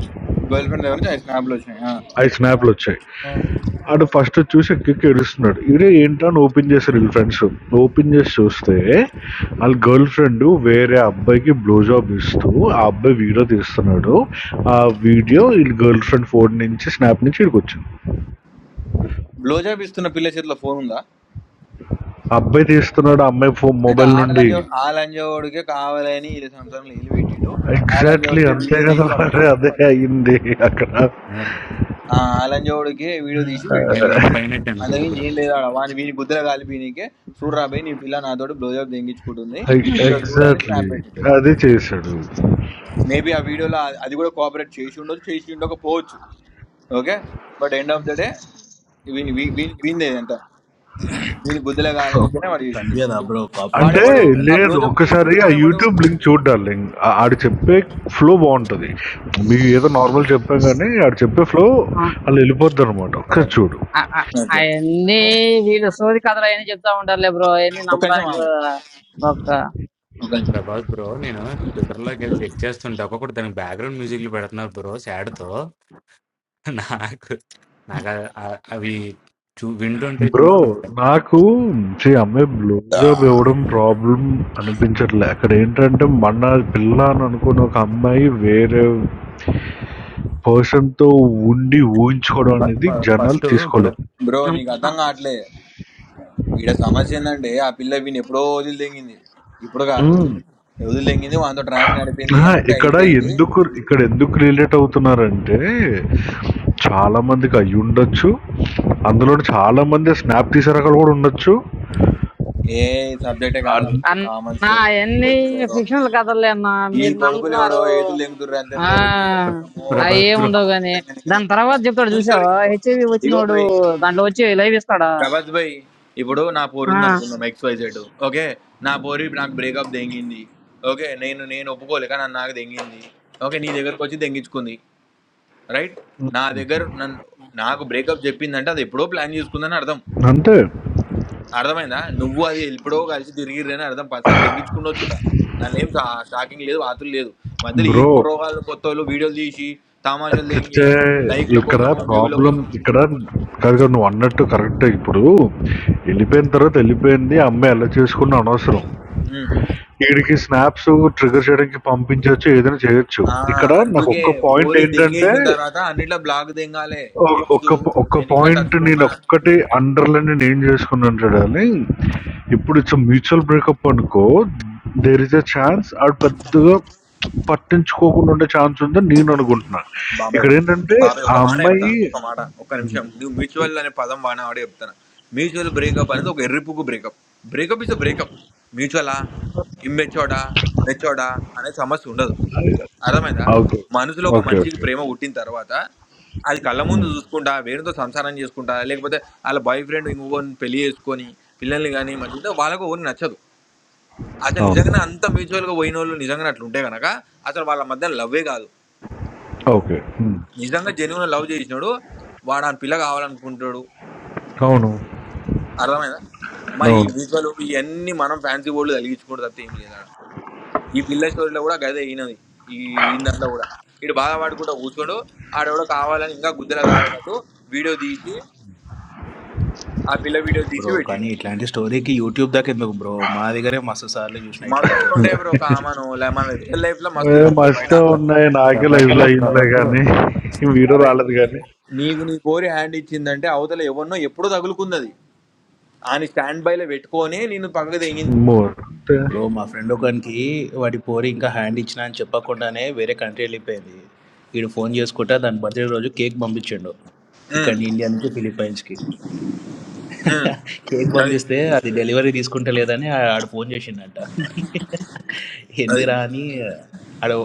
గర్ల్ ఫ్రెండ్ దగ్గర నుంచి ఐదు స్నాప్లు వచ్చినాయి ఐదు స్నాప్లు వచ్చాయి ఆడు ఫస్ట్ చూసి ఎక్కెక్కి ఏడుస్తున్నాడు ఈడే ఏంటా అని ఓపెన్ చేశారు వీళ్ళ ఫ్రెండ్స్ ఓపెన్ చేసి చూస్తే వాళ్ళ గర్ల్ ఫ్రెండ్ వేరే అబ్బాయికి బ్లో జాబ్ ఇస్తూ ఆ అబ్బాయి వీడియో తీస్తున్నాడు ఆ వీడియో వీళ్ళ గర్ల్ ఫ్రెండ్ ఫోన్ నుంచి స్నాప్ నుంచి ఇక్కడికి వచ్చింది బ్లోజాబ్ ఇస్తున్న పిల్ల చేతిలో ఫోన్ ఉందా ఆ అబ్బాయి తీస్తున్నాడు ఆ అమ్మాయి ఫోన్ అయితే మొబైల్ నుండి ఆడలంజో ఆ లంజోడికే కావాలని ఈ సంవత్సరం నీళ్ళు పెట్టిండు ఆ ఎగ్జాక్ట్లీ లంజోడికే అంతే వీడియో కదా తీసి మరి పంపించిండు అదే అయింది అక్కడ ఆ ఆ లంజోడికే వీడియో తీసి నేను పెట్టింటాడు లింక్ పైన పెట్టాను అంతకుమించి చూడుకున్నా ఏం లేదు ఆడ వాని వీని బుద్ధుల కాలిపోయినకే చూడరా పోయి నీ పిల్ల నాతోటి బ్లోజాబ్ తెంగించుకుంటుంది ఇక చూడని ఎగ్జాక్ట్లీ స్నాప్ పెట్టిండు అదే చేశాడు మేబీ ఆ వీడియోలో ఆ- అది కూడా కోఆపరేట్ చేసి ఉండొచ్చు చేసి ఉండకపోవచ్చు okay but end of the day వీని వీ- వీ- వీనిదే అంట వీని బుద్ధులే కాలనికనే వాడు కనిపించదా చేసింటాడు బ్రో కాపరేట్ అంటే వాడెవడు చేస్తున్నట్ట ఆ లేదా లేదు. అన్నట్టు బ్లోజప్ అందరూ ఒక్కసారి ఆ తీసుకుంటున్నాడు ఎవడు యూట్యూబ్ లింక్ చూడు డార్లింగ్. ఆ ఆడు చెప్పే ఫ్లో బావుంటది. మీకు ఏదో నార్మల్ చెప్పాం గానీ, ఆడు చెప్పే ఫ్లో ఆ, అలా వెళ్ళిపోద్దనమాట. ఒకసారి చూడు. ఆ, ఆ, అవన్నీ వీళ్ళు సోది కథలు అవన్నీ చెప్తా ఉంటారులే బ్రో అవన్నీ నమ్మడానికి కూడా ఒక ప్రభాస్ బ్రో నేను ట్విట్టర్ లోకి వెళ్ళి చెక్ చేస్తుంటే ఒక్కొక్కటి దానికి బ్యాక్గ్రౌండ్ మ్యూజిక్లు పెడుతున్నారు బ్రో సాడ్ తో నాకు నాకు ఆ- ఆ- అవి చూ వింటుంటే బ్రో చూస్తుంటే నాకు ఛీ, అమ్మాయి బ్లో జాబ్ ఇవ్వడం ప్రాబ్లం అనిపించట్లే. అక్కడ ఏంటంటే మన పిల్ల అని అనుకున్న ఒక అమ్మాయి వేరే పర్సన్‌తో ఉండి ఊహించుకోవడం అనేది జనాలు ఫస్ట్ బ్రో తీసుకోలేదు. బ్రో అమ్, నీకు అర్థం అ- కావట్లే వీడ సమస్య ఏంటంటే ఆ పిల్ల వీని ఎప్పుడో వదిలిదెంగింది ఇప్పుడు కాదు హ్మ్. వదిలిదెంగింది వాంతో ట్రాక్ నడిపింది ఆహా! అంత ఇక్కడ అయిపోయింది ఎందుకు ఇక్కడ ఎందుకు రిలేట్ అవుతున్నారంటే చాలా మందికి అయ్యుండొచ్చు. అందులోను చాలా మంది స్నాప్ తీసే రకాలు కూడా ఉండొచ్చు. ఏ సబ్జెక్టే కాదు అన్ కామన్ అన్నా స్టోరీ ఇది ఈ అవన్నీ కొడుకులు ఎవడో ఫిక్షనల్ కథలే అన్నా ఈ మీరు కొడుకులు ఎవడో నమ్ముతున్నారు ఏదులు దెంగుతుర్రు అంతే ఆ బ్రో రివ్యూల కోసము అవి ప్రభాస్ ఏం బ్రో ఉండవు సమాజం గాని తెంగుతున్నారు. దాని తర్వాత అది చెప్తాడు కామన్ స్టోరీ చూసావా బ్రో హెచ్ఐవి ఇగో వచ్చినోడు బై దాంట్లో వచ్చి లైవ్ ఇస్తాడా ప్రభాస్ బై ఇప్పుడు నా పోరు ఆ ఉంది అనుకుందాం ఎక్స్ వై జెడ్ ఓకే నా పోరు ఇప్పుడు నాకు బ్రేకప్ దెంగింది ఓకే నేను నేను ఒప్పుకోలే కానీ అది నాకు దెంగింది ఓకే నీ దగ్గరకు వచ్చి దెంగించుకుంది రైట్ నా దగ్గర నన్ను నాకు బ్రేకప్ చెప్పిందంటే అది ఎప్పుడో ప్లాన్ చేసుకుందని అర్థం అంతే అర్థమైందా నువ్వు అది ఎప్పుడో కలిసి తిరిగిరని అర్థం పర్సనల్ దెంగించుకుండొచ్చు కూడా. దానిలో ఏం షా- షాకింగ్ లేదు ఆతులు లేదు మధ్యలో ఈ బ్రో. పూర్వకాలు కొత్త వాళ్ళు వీడియోలు తీసి తమాషాలు దెంగి అచ్చచ్చే! లైక్ల ఇక్కడ కోసం వ్యూల ప్రాబ్లమ్ కోసం ఇక్కడ కాదు కాదు నువ్వు అన్నట్టు కరెక్టే ఇప్పుడు. ఎళ్ళిపోయిన తర్వాత వెళ్ళిపోయింది. ఆ అమ్మాయి అల్లరి చేసుకున్న అనవసరం. ఉమ్. ఈడికి స్నాప్స్ ట్రిగ్గర్ చేయడానికి పంపించొచ్చు. ఏదైనా చేయొచ్చు. ఆ, ఇక్కడ నాకు అందుకే ఒక్క పాయింట్ పోరి ఏంటంటే దెంగేసిన తర్వాత అన్నిట్లో బ్లాగ్ దెంగాలే ఒ- ఎక్స్ ఒక్క ప- ఒక్క నేను ఇంకా పాయింట్ టచ్లో నేను ఉన్నా ఒక్కటే అండర్లైన్ నేను ఏం చేసుకున్నాను చూడాలి ఇప్పుడు ఇట్స్ మ్యూచువల్ బ్రేకప్ అనుకో దేర్ ఇస్ ఎ ఛాన్స్ ఆడు పెద్దగా పట్టించుకోకుండా ఉండే ఛాన్స్ ఉందని నేను అనుకుంటున్నాను బాబాయ్ ఇక్కడ ఏంటంటే బాబాయ్ ఆ ఒక మాట చెప్తా అమ్మాయి ఒక మాట ఒక్క నిమిషం నువ్వు మ్యూచువల్ అనే పదం వాడిన ఆడే చెప్తాను మ్యూచువల్ బ్రేకప్ అనేది ఒక ఎర్రిపుకు బ్రేకప్ బ్రేకప్ ఇస్ బ్రేకప్ మ్యూచువలా ఇమ్మెచ్చోడా మెచ్చోడా అనే సమస్య ఉండదు అర్థమైందా ఓకే మనసులో ఒక ఓకే మనిషికి ఓకే ప్రేమ పుట్టిన తర్వాత అది కళ్ళ ముందు చూసుకుంటా వేరేతో సంసారం చేసుకుంటా లేకపోతే వాళ్ళ బాయ్ ఫ్రెండ్ ఇంకొకరిని పెళ్లి చేసుకొని పిల్లల్ని కానీ మంచిగా వాళ్ళకు ఎవరు నచ్చదు అసలు అవును నిజంగానే అంత మ్యూచువల్గా పోయిన వాళ్ళు నిజంగానే అట్లా ఉంటే కనుక అసలు వాళ్ళ మధ్య లవ్వే కాదు ఓకే నిజంగా జెన్యున్ లవ్ చేసినాడు వాడు ఆ పిల్ల కావాలనుకుంటాడు అవును అర్థమైందా మరి ఈ అవును విజువల్ ఇవన్నీ మనం ఫ్యాన్సీ బోర్డులు కలిగించుకుంటూ తప్ప ఏం లేదా ఈ పిల్ల స్టోరీలో కూడా గదే అయినది ఈ ఈ- బ్రో కానీ ఇట్లాంటి స్టోరీకి యూట్యూబ్ దాకా ఎందుకు బ్రో మా దగ్గరే మస్తు సార్లు చూసిన ఇట్లాంటి స్టోరీలు నేను ఏ మస్తు ఉన్నాయి నాకే ప్రభాస్ లైవ్ లో బ్రో అయిందిలే ప్రభాస్ బ్రో కానీ వీడియో అబ్బాయి, రాలేదు కానీ నీకు నీ కోరి హ్యాండ్ ఇచ్చిందంటే అవతల ఎవరినో ఎప్పుడో తగులుకుంది అది ఆయన స్టాండ్ బై లో పెట్టుకొని నేను పక్కకు తెగింది మోర్ బ్రో మా ఫ్రెండ్ ఒకనికి వాడి పోరి ఇంకా హ్యాండ్ ఇచ్చిన అని చెప్పకుండానే వేరే కంట్రీ వెళ్ళిపోయింది వీడు ఫోన్ చేసుకుంటా దాని బర్త్డే రోజు కేక్ పంపించిండు ఇక్కడ ఉమ్, ఇండియా నుంచి ఫిలిప్పైన్స్కి [laughs] ఉమ్, కేక్ అది పంపిస్తే అది డెలివరీ తీసుకుంటలేదని ఆ- ఆడు ఫోన్ చేసిండంట [laughs] అది ఎందుకురా అని ఆడు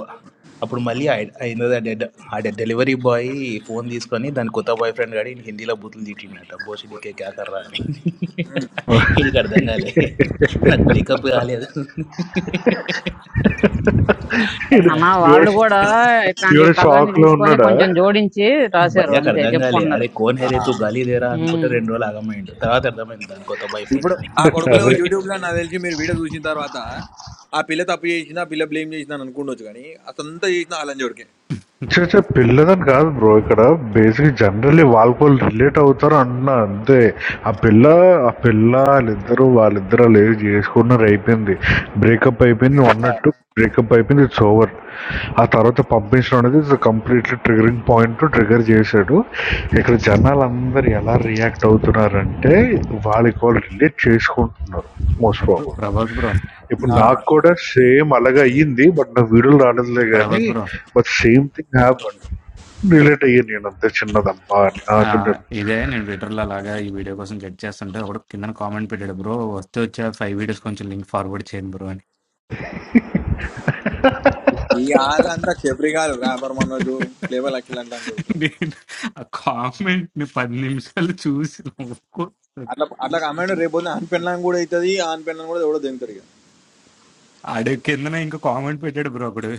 అప్పుడు మళ్ళీ ఆయ- అయినది ఆ డెడ్ ఆ డెలివరీ బాయ్ ఫోన్ తీసుకొని దాని కొత్త బాయ్ ఫ్రెండ్ గాడి ఈయన హిందీలో బూతులు తిట్టిండట బోసిడికే క్యాకర్రా అని వీడికి అర్థం కాలే నాకు బ్రేకప్ కాలేదు అన్న వీడు వాళ్ళు కూడా ఇట్లాంటి వీడు కథలన్నీ షాక్ లో తీసుకొని ఉన్నాడా కొంచెం జోడించి రాశారు భయ్యాకి అంతే అర్థం కాలే చెప్పుకుంటున్నారు అరే కోన్ హేరే తూ గాలి దేరా అనుకుంటే ఉమ్. రెండు రోజులు ఆగమైండు తర్వాత అర్థమైంది దాని కొత్త బాయ్ ఫ్రెండ్ అని ఆ కొడుకులు అదే యూట్యూబ్ లో నాకు తెలిసి మీరు వీడియో చూసిన తర్వాత ఆ పిల్ల తప్పు చేసిన ఆ పిల్ల బ్లేమ్ చేసిన అని అనుకుండొచ్చు కానీ అసంతా చేసిన అలంజోడికే చే చే, పిల్లదని కాదు బ్రో ఇక్కడ బేసిక్ జనరల్లీ వాళ్ళకోళ్ళు రిలేట్ అవుతారు అంటున్నా అంతే ఆ పిల్ల ఆ పిల్ల వాళ్ళిద్దరూ వాళ్ళిద్దరు లేదు చేసుకున్నారు అయిపోయింది బ్రేకప్ అయిపోయింది అన్నట్టు బ్రేకప్ అయిపోయింది ఇట్స్ ఓవర్ ఆ తర్వాత పంపించడం అనేది it's completely triggering point trigger చేశాడు ఇక్కడ జనాలందరూ ఎలా రియాక్ట్ అవుతున్నారంటే వాళ్ళకి వాళ్ళు రిలేట్ చేసుకుంటున్నారు మోస్ట్ అబ్బో, ప్రాబ్లం ప్రభాస్ బ్రో ఇప్పుడు నాకు కూడా సేమ్ అలాగే అయ్యింది. బట్ నాకు వీడియోలు రాలేదులే గానీ, Prabhas bro but same thing happened. Relate అయ్యాను నేనంతే చిన్నదబ్బా అని. ఆ! ఆ, చెప్పారు. ఇదే నేను ట్విట్టర్లో అలాగా ఈ వీడియో కోసం గెట్ చేస్తుంటే ఒకడు కింద కామెంట్ పెట్టాడు బ్రో వస్తే వచ్చే ఫైవ్ వీడియోస్ కొంచెం లింక్ ఫార్వర్డ్ చేయండి బ్రో అని ఈ వాళ్ళంతా చెప్రిగాలు రాబర్ మనోజు ప్లేబల్ అఖిల్ అంటే అని చూడుకుంటా నేను ఆ కామెంట్ ని పది నిమిషాలు చూసి నవ్వుకో- అట్లా అట్లా కమాండ్ రేపు ఆన్ పెళ్ళం కూడా అవుతుంది ఆన్ పెళ్ళం కూడా ఎవడో దిగుతారు ఇక ఆడు కిందన ఇంకా కామెంట్ పెట్టాడు బ్రో ఒకడు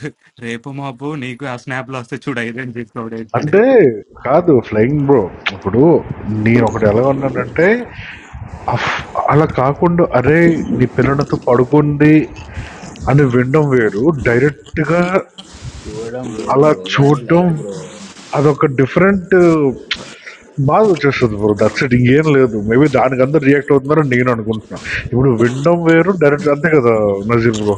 రేపు మాపు నీకు ఆ స్నాప్ లో వస్తే చూడు ఐదని చెప్పి ఒకడు పెట్టాడు అంటే కాదు ఫ్లయింగ్ బ్రో. ఇప్పుడు నేనొకటి ఎలా ఉన్నానంటే అఫ్ అలా కాకుండా "అరేయ్! నీ పిల్లలతో పడుకోండి" అని వినడం వేరు. డైరెక్ట్‌గా చూడడం వేరు అలా బ్రో కానీ చూడడం లైట్ బ్రో అదొక డిఫరెంట్ బాధ వచ్చేస్తుంది బ్రో దట్స్ ఇట్ ఇంకేం లేదు మేబీ దానికి అందరు రియాక్ట్ అవుతున్నారని నేను అనుకుంటున్నా ఇప్పుడు వినడం వేరు డైరెక్ట్ అంతే కదా నజీర్ బ్రో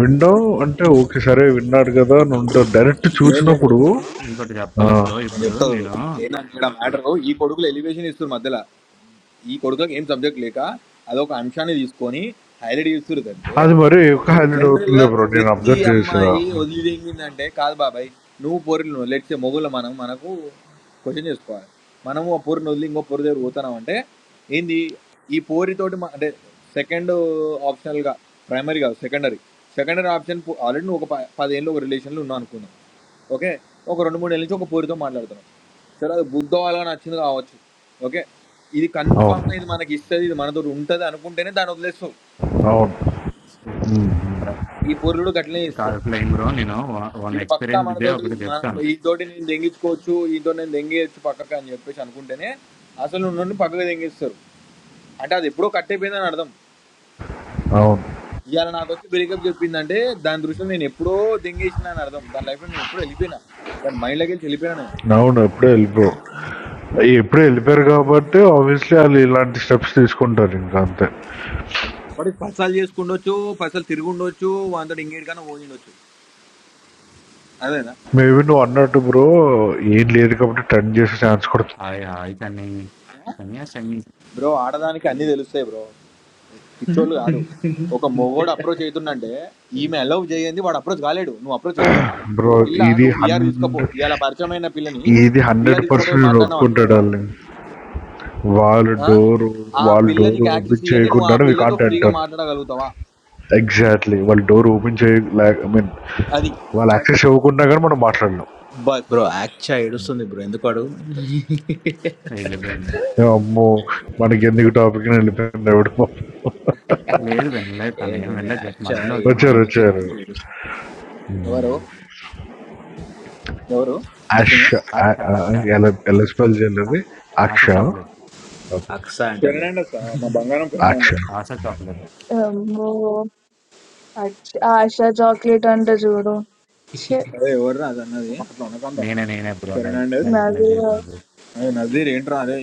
వినడం అంటే ఓకే సరే విన్నాడు కదా అని ఉంటుంది డైరెక్ట్ చూసినప్పుడు ఇ- ఇంకోటి ఆ, చెప్పాలా బ్రో నేను ఇప్పుడు చెప్తా చూడు నేను ఏంటంటే ఇక్కడ మ్యాటర్ ఈ కొడుకులు ఎలివేషన్ ఇస్తారు మధ్యలో ఈ కొడుకులకు ఏం సబ్జెక్ట్ లేక అదొక అంశాన్ని తీసుకొని హైలైట్ చేస్తారు అంటే అది మరి ఎక్కువ హైలైట్ జనరల్ గా అవుతుందిలే బ్రో నేను ప్రతి అబ్జర్వ్ చేసా అమ్మాయి వదిలిందంటే కాదు బాబాయ్ నువ్వు పొరులు లెట్సే మొగుల మనం మనకు క్వశ్చన్ చేసుకోవాలి మనము ఆ పొరిని వదిలి ఇంకో పొరి దగ్గర పోతున్నాం అంటే ఏంది ఈ పోరితోటి మ- అంటే సెకండ్ ఆప్షనల్ గా ప్రైమరీ కాదు సెకండరీ సెకండరీ ఆప్షన్ ఆల్రెడీ నువ్వు ఒక ప- పదేళ్ళు ఒక రిలేషన్లో ఉన్నావు అనుకుందాం ఓకే ఒక రెండు మూడు ఏళ్ళ నుంచి ఒక పోరితో మాట్లాడుతున్నాం సరే అది బుద్ధ వాళ్ళని నచ్చింది కావచ్చు ఓకే ఇది అవును కన్ఫామ్గా ఇది మనకి ఇస్తుంది ఇది మనతో ఉంటుంది అనుకుంటేనే దాన్ని వదిలేస్తావు అవును ఉమ్, ఉమ్, ప్ర- ఈ పొరుడు గట్లనే ఇస్తాడు కాదు ఫ్లయింగ్ బ్రో నేను వన్ వీడు పక్కా ఎక్స్పీరియన్స్ డే మనతోటి ఒకటి మన- చెప్తాను వీటితోటి నేను దెంగించుకోవచ్చు వీటితో నేను దెంగేయచ్చు పక్కకు అని చెప్పేసి అనుకుంటేనే అసలు నువ్వు నుండి పక్కకు దెంగిస్తారు అంటే అది ఎప్పుడో కట్టయిపోయిందని అర్థం అవును ఇవాళ నాకు వచ్చి బ్రేకప్ చెప్పిందంటే దాని దృష్టిలో నేను ఎప్పుడో దెంగేసిన అని అర్థం దాని లైఫ్లో నేను ఎప్పుడో వెళ్ళిపోయినా దాని మైండ్లోకి వెళ్ళి వెళ్ళిపోయినా నేను అవును ఎప్పుడే వెళ్ళిపో ఎప్పుడే వెళ్ళిపోయారు కాబట్టి ఆబ్వియస్లీ వాళ్ళు ఇలాంటి స్టెప్స్ తీసుకుంటారు ఇంకా అంతే అప్పటికి పైసలు చేసుకుండొచ్చు పైసలు తిరుగుండొచ్చు వాంతో ఇంకేటికన్నా పోయిండొచ్చు అదేనా మేబీ నువ్వు అన్నట్టు బ్రో ఏం లేదు కాబట్టి టర్న్ చేసే ఛాన్స్ కూడా హాయ్ హాయ్ కానీ కానీ ఆ శని బ్రో ఆడదానికి అన్ని తెలుస్తాయి బ్రో పిచ్చోళ్ళు కాదు ఒక మొగోడు అప్రోచ్ అవుతుందంటే ఈమె అలౌ చేయండి వాడు అప్రోచ్ కాలేడు నువ్వు అప్రోచ్ అవుతావా ఒక బ్రో పిల్ల ఇది నువ్వు పిఆర్ తీసుకోపో హండ్రెడ్ ఇలా పరిచయమైన పిల్లని ఇది హండ్రెడ్ పిఆర్ తీసుకోపోయి పర్సెంట్ నేను మాట్లాడినావు అనుకో ఒప్పుకుంటాడు డార్లింగ్ వాళ్ళ ఆ? డోర్ ఆ వాళ్ళ పిల్ల డోర్ నీకు యాక్సెస్ ఓపెన్ ఇవ్వండి నువ్వు చేయకుండా ఆ వి పిల్లతో కాంట్ ఫ్రీగా ఎంటర్ మాట్లాడగలుగుతావా ఎగ్జాక్ట్లీ వాళ్ళ డోర్ ఓపెన్ చేయ ఐ మీన్ అది వాళ్ళు యాక్సెస్ ఇవ్వకుండా కానీ మనం మాట్లాడలేం బస్ బ్రో యాక్చా ఏడుస్తుంది బ్రో ఎందుకు అడుగు [laughs] వెళ్ళిపోయింది ఏ అమ్మో మనకి ఎందుకు టాపిక్ వెళ్ళిపోయింది ఎవడు లేదు వెళ్ళలేదు ఏ తను ఏం లేలే వెళ్ళలేదు జస్ట్ యాక్చా మధ్యలో ఏమో వచ్చింది వచ్చారు అనిపించింది వచ్చారు అమ్మకి ఏడుస్తుంది ఎవరు ఎవరు అష్ వచ్చింది ఆశ ఆశ ఆశ ఎలా స్పెల్ చేయలేదు ఆ- ఆశ అక్ష చాక్లెట్ [laughs] ఓకే అక్సా అంటలే ఫెర్నాండెస్ ఆ, మా బంగారం అక్ష ఫెర్నాండెస్ ఆశ చాక్లెట్ అమ్మో! అచ్ ఆష చాక్లేట్ అంట చూడు. షిట్. అదే ఎవరు అది అన్నది అట్లా అనకుండా నేనే నేనే బ్రో ఫెర్నాండెస్ నాది నజీర్ నజీర్ అదే నజీర్ ఏంట్రా అదే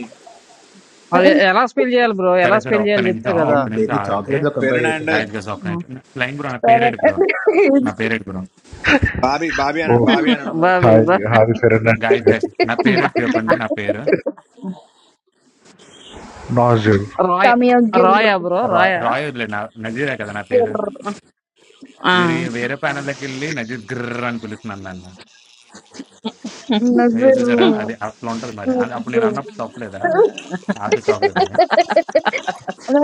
అది ఎలా స్పెల్ చేయాలి బ్రో ఎలా సరే సరే స్పెల్ ఒక్క చేయాలి చెప్తే నిమిషం కదా ఏం ఒక్క నిమిషం పెన్ని ఆగండి చాక్లెట్తో కంపేర్ చేసిండ్రు ఫెర్నాండెస్ గాయస్ గస్ అక్సా ఒక్క ఉమ్. నిమిషం ఫ్లయింగ్ బ్రో నా పేరేడు బ్రో నా పేరేడు బ్రో బాబీ బాబీ ఓ అనండి బాబీ అనండి అందరు బాబీ హాయ్ బా హాయ్ ఫెర్నాండెస్ గాయస్ గస్ గారు నా పేరేడు బా- చెప్పండి నా పేరు నాజు రాయ తమియా రాయా గిర్ర్ బ్రో రాయ్ రాయా రాయ్ వదిలే నా నజీరే కదా నా పేరు గిర్ర్ ఆ. వీరు వేరే ప్యానెల్లోకి వెళ్ళి నజీద్ గ్రర్ అని పిలుస్తున్నాను నన్ను అయ్యో నజర్ చూసారా అది అట్లా ఉంటుంది మరి అ- అప్పుడు నేను అన్నప్పుడు తప్పలేదా నజర్ ఆఫీ చాక్లెట్ అని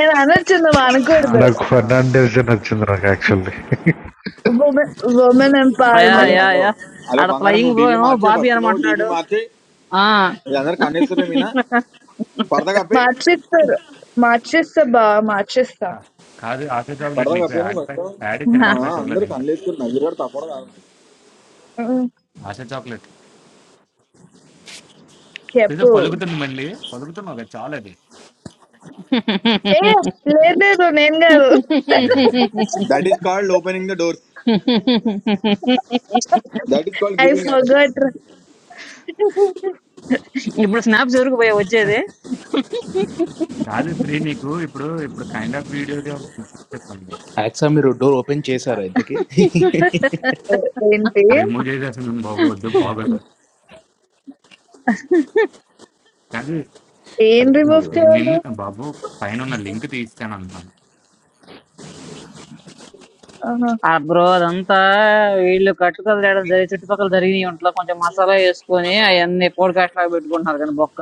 నేను అనొచ్చుందాం ఆ, అనకూడదు నాకు న- ఫెర్నాండెస్ అని నచ్చింది నాకు actually women women ya hello empowerment ya hello ya hello ఆడ బంగారం ఫ్లయింగ్ నువ్వు బ్రో డీబీ ఏమో మార్చే బాబీ ఫస్ట్ నువ్వు డీబీ అనమంటున్నాడు మార్చి ఆ ఇది అందరు కన్నేస్తున్నారు మీనా పరద కప్పి మార్చిస్తారు మార్చిస్తా బా మార్చిస్తా కా- కాదు ఆశ చాక్లెట్ పరద నీకు కప్పి యాడ్ నువ్వు ఫస్ట్ బ్యాక్ యాడ్ ఇచ్చాను అమ్మా యాడ్ బ్యాక్ ఇవ్వలేదు అందరు ఇంకా కన్నేస్తున్నారు నవ్వురాడు తప్పడం కాదు ఉమ్, ఆశ చాక్లెట్ ఇది చెప్పు పలుకుతుంది మళ్ళీ పలుకుతున్నావు కదా చాలా అది ఏ [laughs] లేదు లేదు నేను కాదు that is called opening the doors that is called I giving access forgot ఇప్పుడు స్నాప్స్ ఎవరికి పోయా వచ్చేది కాదు ఫ్రీ నీకు ఇప్పుడు ఇప్పుడు కైండ్ ఆఫ్ వీడియో చెప్పండి యాక్సా మీరు డోర్ ఓపెన్ చేశారా ఇంతకీ [laughs] ఏంటి రిమూవ్ చేసేస్తుంది బాబు వద్దు బాగోదు కాదు ఏం అడుగుతున్నా రిమూవ్ ఏ, బ్రో చేయాలి నిన్ను బాబు పైన ఉన్న లింక్ తీస్తాను అంటున్నాను ఆహా. ఆ బ్రో అదంతా వీళ్ళు కట్టుకలు తేడం జరిగి చుట్టుపక్కల జరిగినాయి ఇంట్లో కొంచెం మసాలా వేసుకొని అవన్నీ పోడ్కాస్ట్ లాగా పెట్టుకుంటున్నారు కానీ బొక్క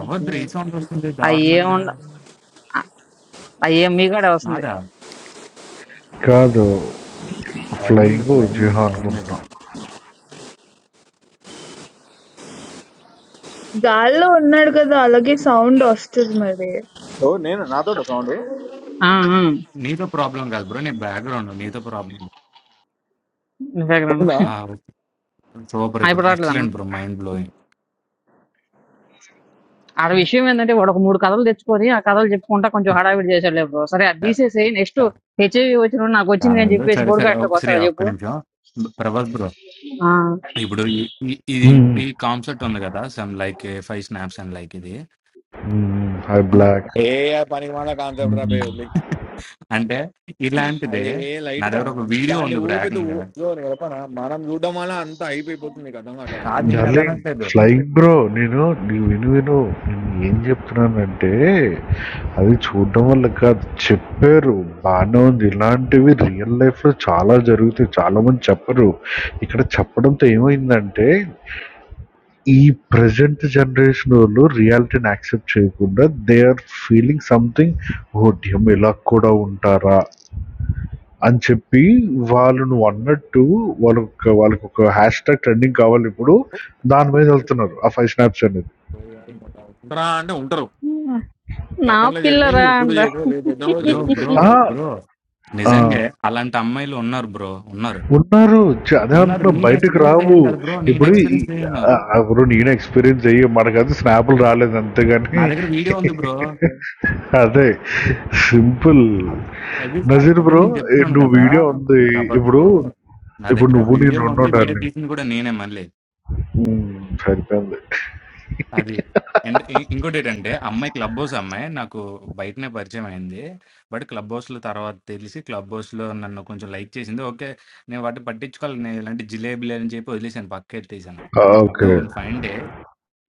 ఎవరిది రీసౌండ్ ఉంటుంది అవి దారుణంగా ఏముండ అవి ఏం మీకాడే వస్తుంది నాదా కాదు ఫ్లయింగ్ ఫ్లయింగ్ ఫ్లయింగ్ జిహా ఫ్లయింగ్ అనుకుంటున్నా దగ్గర గాల్లో ఉన్నాడు కదా అలాగే సౌండ్ వస్తుంది మరి ఓ నేను నాతో సౌండ్ ఆ, ఆ, నీతో ప్రాబ్లం కాదు బ్రో నీ బ్యాక్గ్రౌండ్ నీతో ప్రాబ్లం మీ దగ్గర ఉన్న. ఉందా? సూపర్ ఆ, ఇప్పుడు ఇప్పుడు రావట్లేదన్న ఎక్సలెంట్ బ్రో మైండ్ బ్లోయింగ్ ఆడ విషయం ఏంటంటే వాడు ఒక మూడు కథలు తెచ్చుకొని ఆ కథలు చెప్పుకుంటా కొంచెం హడావిడి చేశాడు లేదు బ్రో సరే అది కాదు తీసేసి నెక్స్ట్ హెచ్ఐవి వచ్చిన నాకు వచ్చింది అని చెప్పేసి సరే సరే పోడ్కాస్ట్లోకి ఒక- శ్రీ వస్తాడా ఒక్క చెప్పు నిమిషం ప్రభాస్ బ్రో ఆ, ఇప్పుడు ఈ ఈ- ఇది ఈ కాన్సెప్ట్ ఉంది కదా some like five snaps and like ఇది హై అవునా బ్లాక్ ఏ పనికి మన కాన్సెప్ట్ రా బే వదిలే. అంటే ఇలాంటిదే అదే నా లైట్ రా దగ్గర ఒక వీడియో దాన్ని ఉంది బ్రో ఊపి ఏకంగా కాదు నేను డార్లింగ్ అదనట్లేదు ఫ్లయింగ్ బ్రో నేను నీవు విను విను నేను ఏం చెప్తున్నానంటే అది చూడడం వల్ల కాదు చెప్పారు బాగానే ఉంది ఇలాంటివి రియల్ లైఫ్ లో చాలా జరుగుతాయి చాలా మంది చెప్పరు ఇక్కడ చెప్పడంతో ఏమైందంటే ఈ ప్రజెంట్ జనరేషన్ వాళ్ళు రియాలిటీని యాక్సెప్ట్ చేయకుండా they are feeling something oh damn ఇలా కూడా ఉంటారా అని చెప్పి వాళ్ళు నువ్వు అన్నట్టు వాళ్ళొక వాళ్ళకొక హ్యాష్ ట్యాగ్ ట్రెండింగ్ కావాలి ఇప్పుడు. దాని మీద వెళ్తున్నారు. ఆ 5 స్నాప్స్ అనేది. నా పిల్లరా అంట బ్రో బ్రో ఆ! బ్రో ఆ! నిజంగా అలాంటి అమ్మాయిలు ఉన్నారు బ్రో ఉన్నారు ఉన్నారు. చ అదే ఉన్నారు అంటున్నా నేను బయటకి ఎక్స్పీరియన్స్ రావు. అయ్యాను కదా బ్రో నేను ఇప్పుడు ఈ ఎక్స్పీరియన్స్ అయ్యాను ఆహ్, ఆహ్, ఇప్పుడు నేను ఎక్స్‌పీరియన్స్ అయ్యి మనకైతే స్నాప్‌లు రాలేదు అంతే నా గాని దగ్గర వీడియో ఉంది బ్రో [laughs] అదే. సింపుల్. అవి నజీర్ అదే బ్రో నేను చెప్తున్నాను నువ్వు కదా వీడియో ఉంది. ప్రభాస్ ఇప్పుడు బ్రో నా ఇప్పుడు దగ్గర నువ్వు నేను వీడియో ఉన్నాం ఉంది వీడియో డార్లింగ్. తీసింది కూడా నేనే మళ్ళీ హ్మ్. సరిపోయింది. అది అండ్ ఇ- ఇంకోటి ఏంటంటే అమ్మాయి క్లబ్ హౌస్ అమ్మాయి నాకు బయటనే పరిచయం అయింది బట్ క్లబ్ హౌస్లో తర్వాత తెలిసి క్లబ్ హౌస్లో నన్ను కొంచెం లైక్ చేసింది ఓకే నేను వాటిని పట్టించుకోవాలి నేను ఇలాంటి జిలేబీలు అని చెప్పి వదిలేసాను పక్క ఎత్తేసాను so okay. One fine day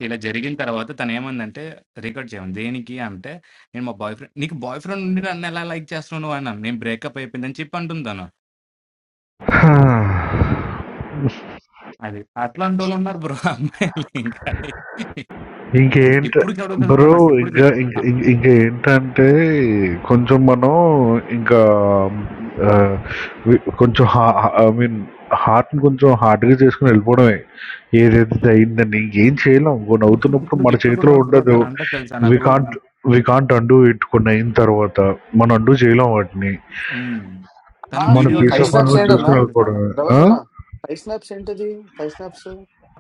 ఇలా జరిగిన తర్వాత తనేమందంటే, రిగ్రెట్ చేయమని. దేనికి అంటే, నేను మా బాయ్ ఫ్రెండ్ నీకు బాయ్ ఫ్రెండ్ ఉండి నన్నెలా లైక్ చేస్తున్నావు నువ్వన్నా? నేను బ్రేకప్ అయిపోయిందని చెప్పి అంటుంది తను. అది. అట్లాంటోళ్ళున్నారు బ్రో [laughs] అమ్మాయిలు ఇంకా. ఇంకేంట ఇప్పటికి అడుగుతది బ్రో బ్రో నాకిప్పటికి. ఇంకా ఇంక- ఆహ్, ఇంక- ఇంకా ఏంటంటే కొంచెం మనం ఇంకా ఆ, వి- కొంచెం ఐ మీన్ హార్ట్ని కొంచెం హార్డ్గా చేసుకుని వెళ్ళిపోవడమే ఏదైతే అయిందని ఇంకేం చేయలేం కొన్ని ఇప్పుడు అవుతున్నప్పుడు ఇప్పుడు మన ఇప్పుడు చేతిలో కూడా బ్రో ఉండదు తనంటది తెలుసా వి నాకు can't we can't undo it కొన్ని అయిన తర్వాత మనం అండూ చేయలేం వాటిని హ్మ్. ఆ, తను మన వీడియో ఈ పీస్ ఫైవ్ అడుగుతది ఆఫ్ బ్రో స్నాప్స్ మైండ్ నన్ను ఏంటన్నా చూసుకుని తెలుసా? వెళ్ళిపోవడమే రవస్ ఆ? అన్న ఫైవ్ స్నాప్స్ ఏంటది ఫైవ్ స్నాప్స్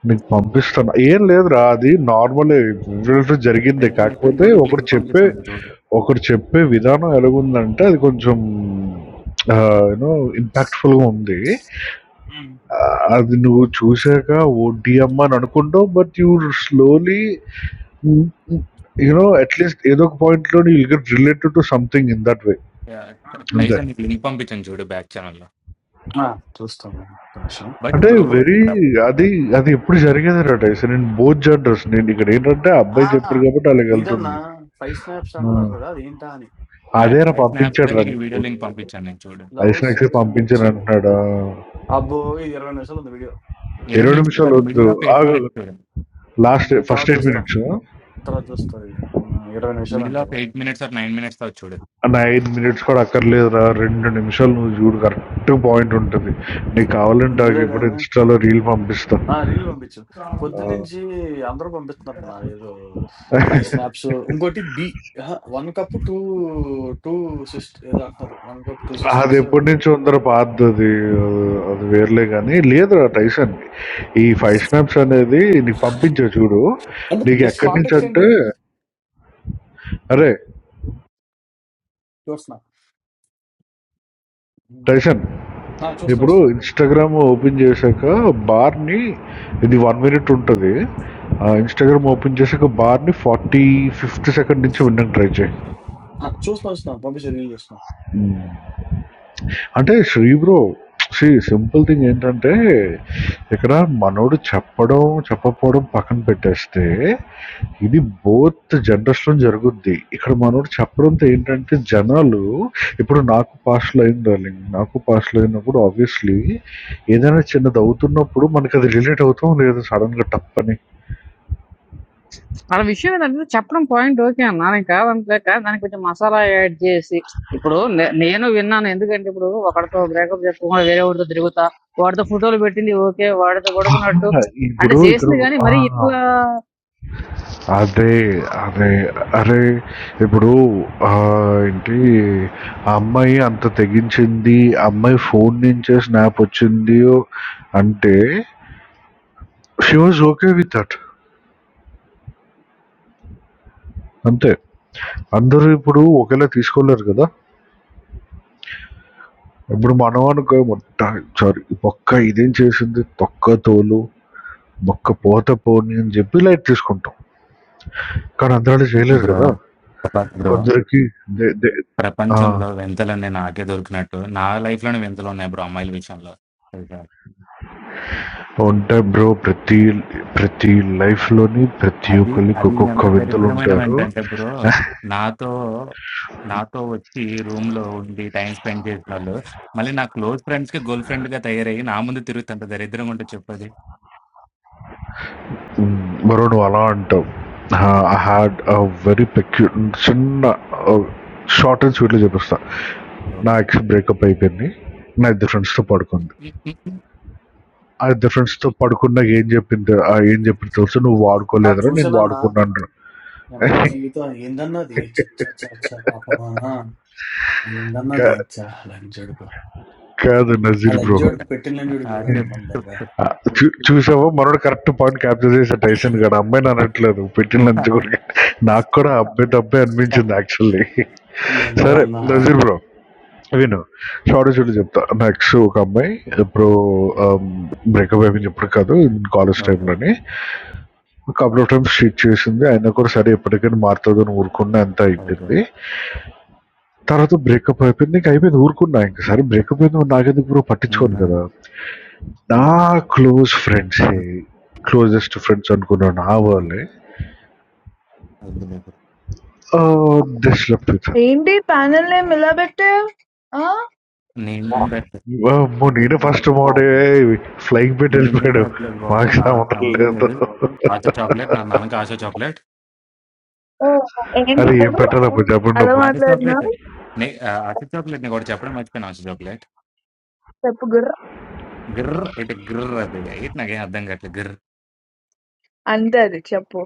మీకు పంపిస్తాను. ఏం లేదురా అది నార్మలే. రిజల్ట్ జరిగిందే. "టైసన్ నీకు కాకపోతే యూట్యూబ్ ఒకడు లింక్ చెప్పే పంపిస్తాను చూడు. ఒకడు చెప్పే విధానం ఎలాగుందంటే అది కొంచెం ఆహ్, యూ నో ఇంపాక్ట్‌ఫుల్‌గా ఉంది. ఆహ్, అది నువ్వు చూసాక ఓడియమ్మ అని అనుకుంటావు. బట్ యూ స్లోలీ హ్మ్, హ్మ్, యూ నో అట్‌లీస్ట్ ఏదో ఒక పాయింట్‌లో you'll get related to something in that way. Yah! అంతే. టైసన్ నీకు లింక్ పంపించాను చూడు బ్యాక్ చానెల్‌లో. చూస్తాం ఒక్క నిమిషం బట్ అంటే బ్రో వెరీ అది అది ఎప్పుడు జరిగేది రా డైస్. నేను బోత్ జెండర్స్. నేను ఇక్కడ ఏంటంటే ఆ ఆ, అబ్బాయి చెప్పాడు కాబట్టి ఇదన్నా అలాగెళ్తుంది. ఫైవ్ స్నాప్స్ ఆ! అంటున్నారు కదా అది ఏంటా అని స్నా అదేరా ఐ స్నాప్స్‌లో పంపించాడు రా నీకు నీకు వీడియో లింక్ పంపించాను నేను చూడు." లవ్ ఐస్నాక్స్ సెక్షన్ పంపించాను వచ్చేది అంటున్నాడు అబ్బో ఇది ఇరవై నిమిషాలు ఉంది వీడియో ఇరవై ఇరవై నిమిషాలు నిమిషాలు కాదు వద్దు మిడిల్ ఆఫ్ ఎయిట్ ఆగు మినిట్స్ చూడండి లాస్ట్ తర్వాత ఫస్ట్ ఎయిట్ చూస్తా మినిట్స్ తర్వాత చూస్తా ఇది ఉమ్, ఇరవై నిమిషాలు middle of eight minutes or nine minutes తో చూడు నా ఎయిట్ మినిట్స్ కూడా అక్కర్లేదురా రెండు నిమిషాలు నువ్వు చూడు కరెక్ట్ పాయింట్ ఉంటుంది నీకు కావాలంటే ఆగు, ఇప్పుడు అంటారు ఇన్స్టాలో రీల్ పంపిస్తా ఆ! రీల్ పంపించు. ఆ, పొద్దున్నుంచి అందరూ పంపిస్తున్నారన్న ఏదో 5 స్నాప్స్. ఇంకోటి బి అహా! 1 కప్ 2, 2 సిస్ట్ ఏదో అంటున్నారు. 1 కప్ 2 అది సిస్టర్స్ ఎప్పటి నుంచి ఉందరో పాతది అది అది వేర్లే కానీ లేదురా టైసన్ ఈ ఫైవ్ స్నాప్స్ అనేది నీకు పంపించే చూడు అంటే నీకు జస్ట్ ఎక్కడి నుంచి కాంటాక్ట్స్ అంటే ఏంటి? అరే చూస్తున్నా. హ్మ్. టైసన్ ఆ! చూస్తున్నా. ఇప్పుడు చూస్తున్నా. ఇన్స్టాగ్రామ్ ఓపెన్ చేశాక బార్ని ఇది వన్ మినిట్ ఉంటుంది ఇన్స్టాగ్రామ్ ఓపెన్ చేశాక బార్ని ఫార్టీ ఫిఫ్త్ సెకండ్ నుంచి వినడానికి ట్రై ఆ! చూస్తున్నా. చూస్తున్నా. పంపించే రీల్ చూస్తున్నా. చేయి అంటే Sri bro see simple thing ఏంటంటే, ఇక్కడ మనోడు చెప్పడం, చెప్పకపోవడం పక్కన పెట్టేస్తే, ఇది బోత్ జనరేషన్‌లో జరుగుద్ది. ఇక్కడ మనోడు చెప్పడంతో ఏంటంటే, జనాలు ఇప్పుడు నాకు పాస్‌లో అయింది డార్లింగ్. నాకు పాస్‌లో అయినప్పుడు ఆబ్వియస్‌లీ ఏదైనా చిన్నది అవుతున్నప్పుడు మనకది రిలేట్ అవుతాం లేదు సడెన్‌గా టప్పని. వాళ్ళ విషయం ఏంటంటే చెప్పడం పాయింట్ ఓకే అన్న నేను కాదనలేక దానికి కొంచెం మసాలా యాడ్ చేసి ఇప్పుడు నే- నేను విన్నాను ఎందుకంటే ఇప్పుడు ఒకడితో బ్రేకప్ చెప్పకుండా వేరే వాడితో తిరుగుతా వాడితో ఫోటోలు పెట్టింది ఓకే వాడితో పడుకున్నట్టు అంటే ఇప్పుడు ఇక్కడ చేసింది కానీ మరి ఆ! ఇట్లా అదే అదే అరే ఇప్పుడు ఆ, ఏంటి ఆ అమ్మాయి అంత తెగించింది ఆ అమ్మాయి ఫోన్ నుంచే స్నాప్ వచ్చింది అంటే she was okay with that అంతే అందరూ ఇప్పుడు ఒకేలా తీసుకోలేరు కదా ఇప్పుడు మనవానుకో మొట్ట సారీ ఒక్క ఇదేం చేసింది తొక్క తోలు ఒక్క పోత పోని అని చెప్పి లైట్ తీసుకుంటాం కానీ అందరూ అలా చేయలేరు బ్రో కదా ప్రప- బ్రో కొందరికి దే- దే- ఆ ప్రపంచంలో వింతలు నేను నాకే దొరికినట్టు నా లైఫ్ లోనే వింతలు ఉన్నాయి బ్రో అమ్మాయిల విషయంలో తెలుసా? ఉంటాయి బ్రో ప్రతి ప్రతి లైఫ్‌లోని ప్రతి అది ఒక్కళ్ళకి అది ఒక్కొక్క ఎంత దరిద్రమైన వింతలుంటారు. ఏంటంటే బ్రో నాతో నాతో వచ్చి రూమ్ లో ఉండి టైం స్పెండ్ చేసిన వాళ్ళు మళ్ళీ నా క్లోజ్ ఫ్రెండ్స్ కి గర్ల్ ఫ్రెండ్ గా తయారయ్యి నా ముందు తిరుగుతుంది అంత దరిద్రంగా ఉంటుంది చెప్పది హ్మ్. బ్రో నువ్వు అలా అంటావు. ఆహ్, ఐ హాడ్ ఎ వెరీ పెక్యు చిన్న ఆహ్, షార్ట్ అండ్ స్వీట్‌లో చెప్పేస్తా. నా ఎక్స్ బ్రేకప్ అయిపోయింది. నా ఇద్దరు ఫ్రెండ్స్‌తో పడుకుంది. ఆ ఇద్దరు ఫ్రెండ్స్‌తో పడుకున్నాక ఏం చెప్పింది ఆహ్, ఏం చెప్పింది తెలుసా? "నువ్వు అన్నా వాడుకోలేదురా నేను చూసానన్నా. వాడుకున్నానురా." యమ్మా జీవితం ఏందన్నది ఛ! ఛ! ఛ! ఛ! పాపమానా! కా ఏందన్నది ఛ! లంజోడుకు. కాదు ఆ నజీర్ బ్రో. లంజోడుకు పెట్టిన ఆ, లంజోడుకు చూడాడు చెప్పు అమ్మందంగా. ఆ, చూ- చూసావా మనోడు కరెక్ట్ పాయింట్ క్యాప్చర్ చేసా టైసన్ గడ అమ్మాయి నేను అనట్లేదు పెట్టిన లంచ్ చెప్పు. కూడా నాకు కూడా అబ్బాయి తప్పే అనిపించింది యాక్చువల్లీ ఏందో సరే అన్న. ఆ! నజీర్ బ్రో విను షార్ట్ చూడు చెప్తా నెక్స్ట్ ఒక అమ్మాయి ఇప్పుడు బ్రేకప్ అయిపోయింది ఇప్పుడు కాదు కాలేజ్ ఓకే. టైంలోని కపుల్ ఆఫ్ టైమ్స్ షీట్ చేసింది అయినా కూడా సరే ఎప్పటికైనా మారుతుంది అని ఊరుకున్నా అంత ఓకే. అయిపోయింది తర్వాత బ్రేకప్ అయిపోయింది ఇంకా అయిపోయింది ఊరుకున్నా ఇంకా సరే బ్రేకప్ అయింది నాకెందుకు బ్రో హ్మ్. పట్టించుకోను హ్మ్. కదా నా క్లోజ్ ఫ్రెండ్సే హ్మ్. క్లోజెస్ట్ ఫ్రెండ్స్ అనుకున్న నా హ్మ్. వాళ్ళే వద్దులే ఇప్పుడు. దిస్ లభిత ఏంటి ప్యానెల్ నేమ్ ఇలా నేనేం పెట్టా పెట్టలేదు. అమ్మో నేను ఫస్ట్ మోడే చాక్లెట్. ఫ్లైయింగ్ పెట్టి నేనేం వెళ్ళిపోయాడు పెట్టలేదు బాబు. మాకు నాకు సంబంధం సంబంధం లేదు లేదు. ఆశా చాక్లేట్. నా నాన్నకి ఆశా చాక్లేట్. ఏ, ఏంటి అది ఏం గుర్ర పెట్టాలి అప్పుడు చెప్పండి అలా అప్పుడు. ఆశా చాక్లేట్. మాట్లాడుతున్నావు నే ఆహ్, ఆశా చాక్లేట్ నీకు ఒకటి చెప్పడం మర్చిపోయాను ఆశా చాక్లేట్. చెప్పు గుర్ర గిర్ర్ ఇటు గిర్ర్ అది. ఏటి నాకేం అర్థం కావట్లేదు గిర్ర్. అంతే అది చెప్పు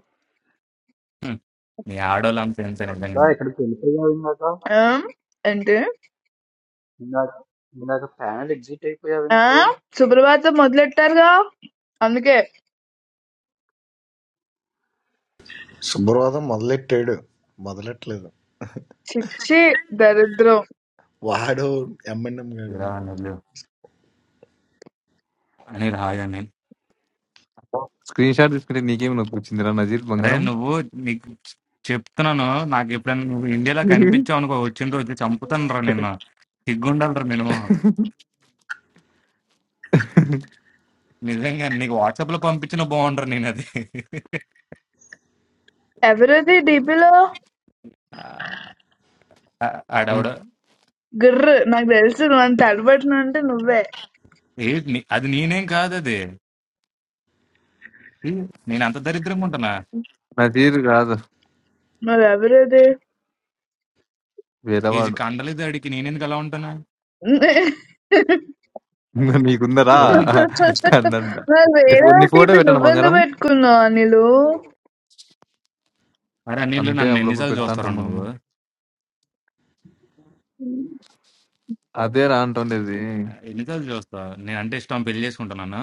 హ్మ్. మీ ఆడోళ్ళంత ఇంతే So నిజంగానే. I can't open it. I'm going to go. ఆ? అంటే I'm going to go panel exit. I ఆ go. సుప్రభాతం మొదలెట్టారుగా అందుకే శుభ్రవాదం మొదలెట్టాడు మొదలెట్టలేదు చిచ్చి దరిద్రం వాడు ఎంఎన్ఎం గాడు ఇలా నువ్వు అని రాయని. స్క్రీన్ షాట్ తీసుకుంటే నీకేమి నొప్పి వచ్చిందిరా నజీర్ అరే బంగారం నువ్వు నీకు చెప్తున్నాను నాకు ఎప్పుడైనా నువ్వు ఇండియాలో కనిపించావు అనుకో వచ్చిన రోజు చంపుతాను రా నిన్ను సిగ్గుండాలరా నేను నిజంగా నీకు వాట్సాప్ లో పంపించిన బాగుండరా నేను అది ఎవరిది డిపిలో ఆ- ఆడవిడ ఉమ్. గుర్ర నాకు తెలుసు నువ్వు అంత అడబడుతున్నా అంటే నువ్వే ఏ నీ- అది నేనేం కాదు అది ఈ, నేను అంత దరిద్రంగా ఉంటానా నజీర్ కాదు మరి ఎవరిది ఏజ్ వేరేవాడు కండలేదు అడిగి నేనెందుకు అలా ఉంటానా నీకుందరా ఎవరు నా- కందంట మరి నీ వేరే ఫో- నీ ఫోటో టీపీ పెట్టాను నువ్వెందుకు బంగారం పెట్టుకున్నావు అనిలు అరే నీళ్ళు అంతే నన్ను అప్పుడప్పుడు ఎన్నిసార్లు పెడతా చూస్తారా ఉంటాం నువ్వు మనము అదే రా అంటుండేది ఎన్నిసార్లు చూస్తావు నేను అంటే ఇష్టం పెళ్లి చేసుకుంటున్నాను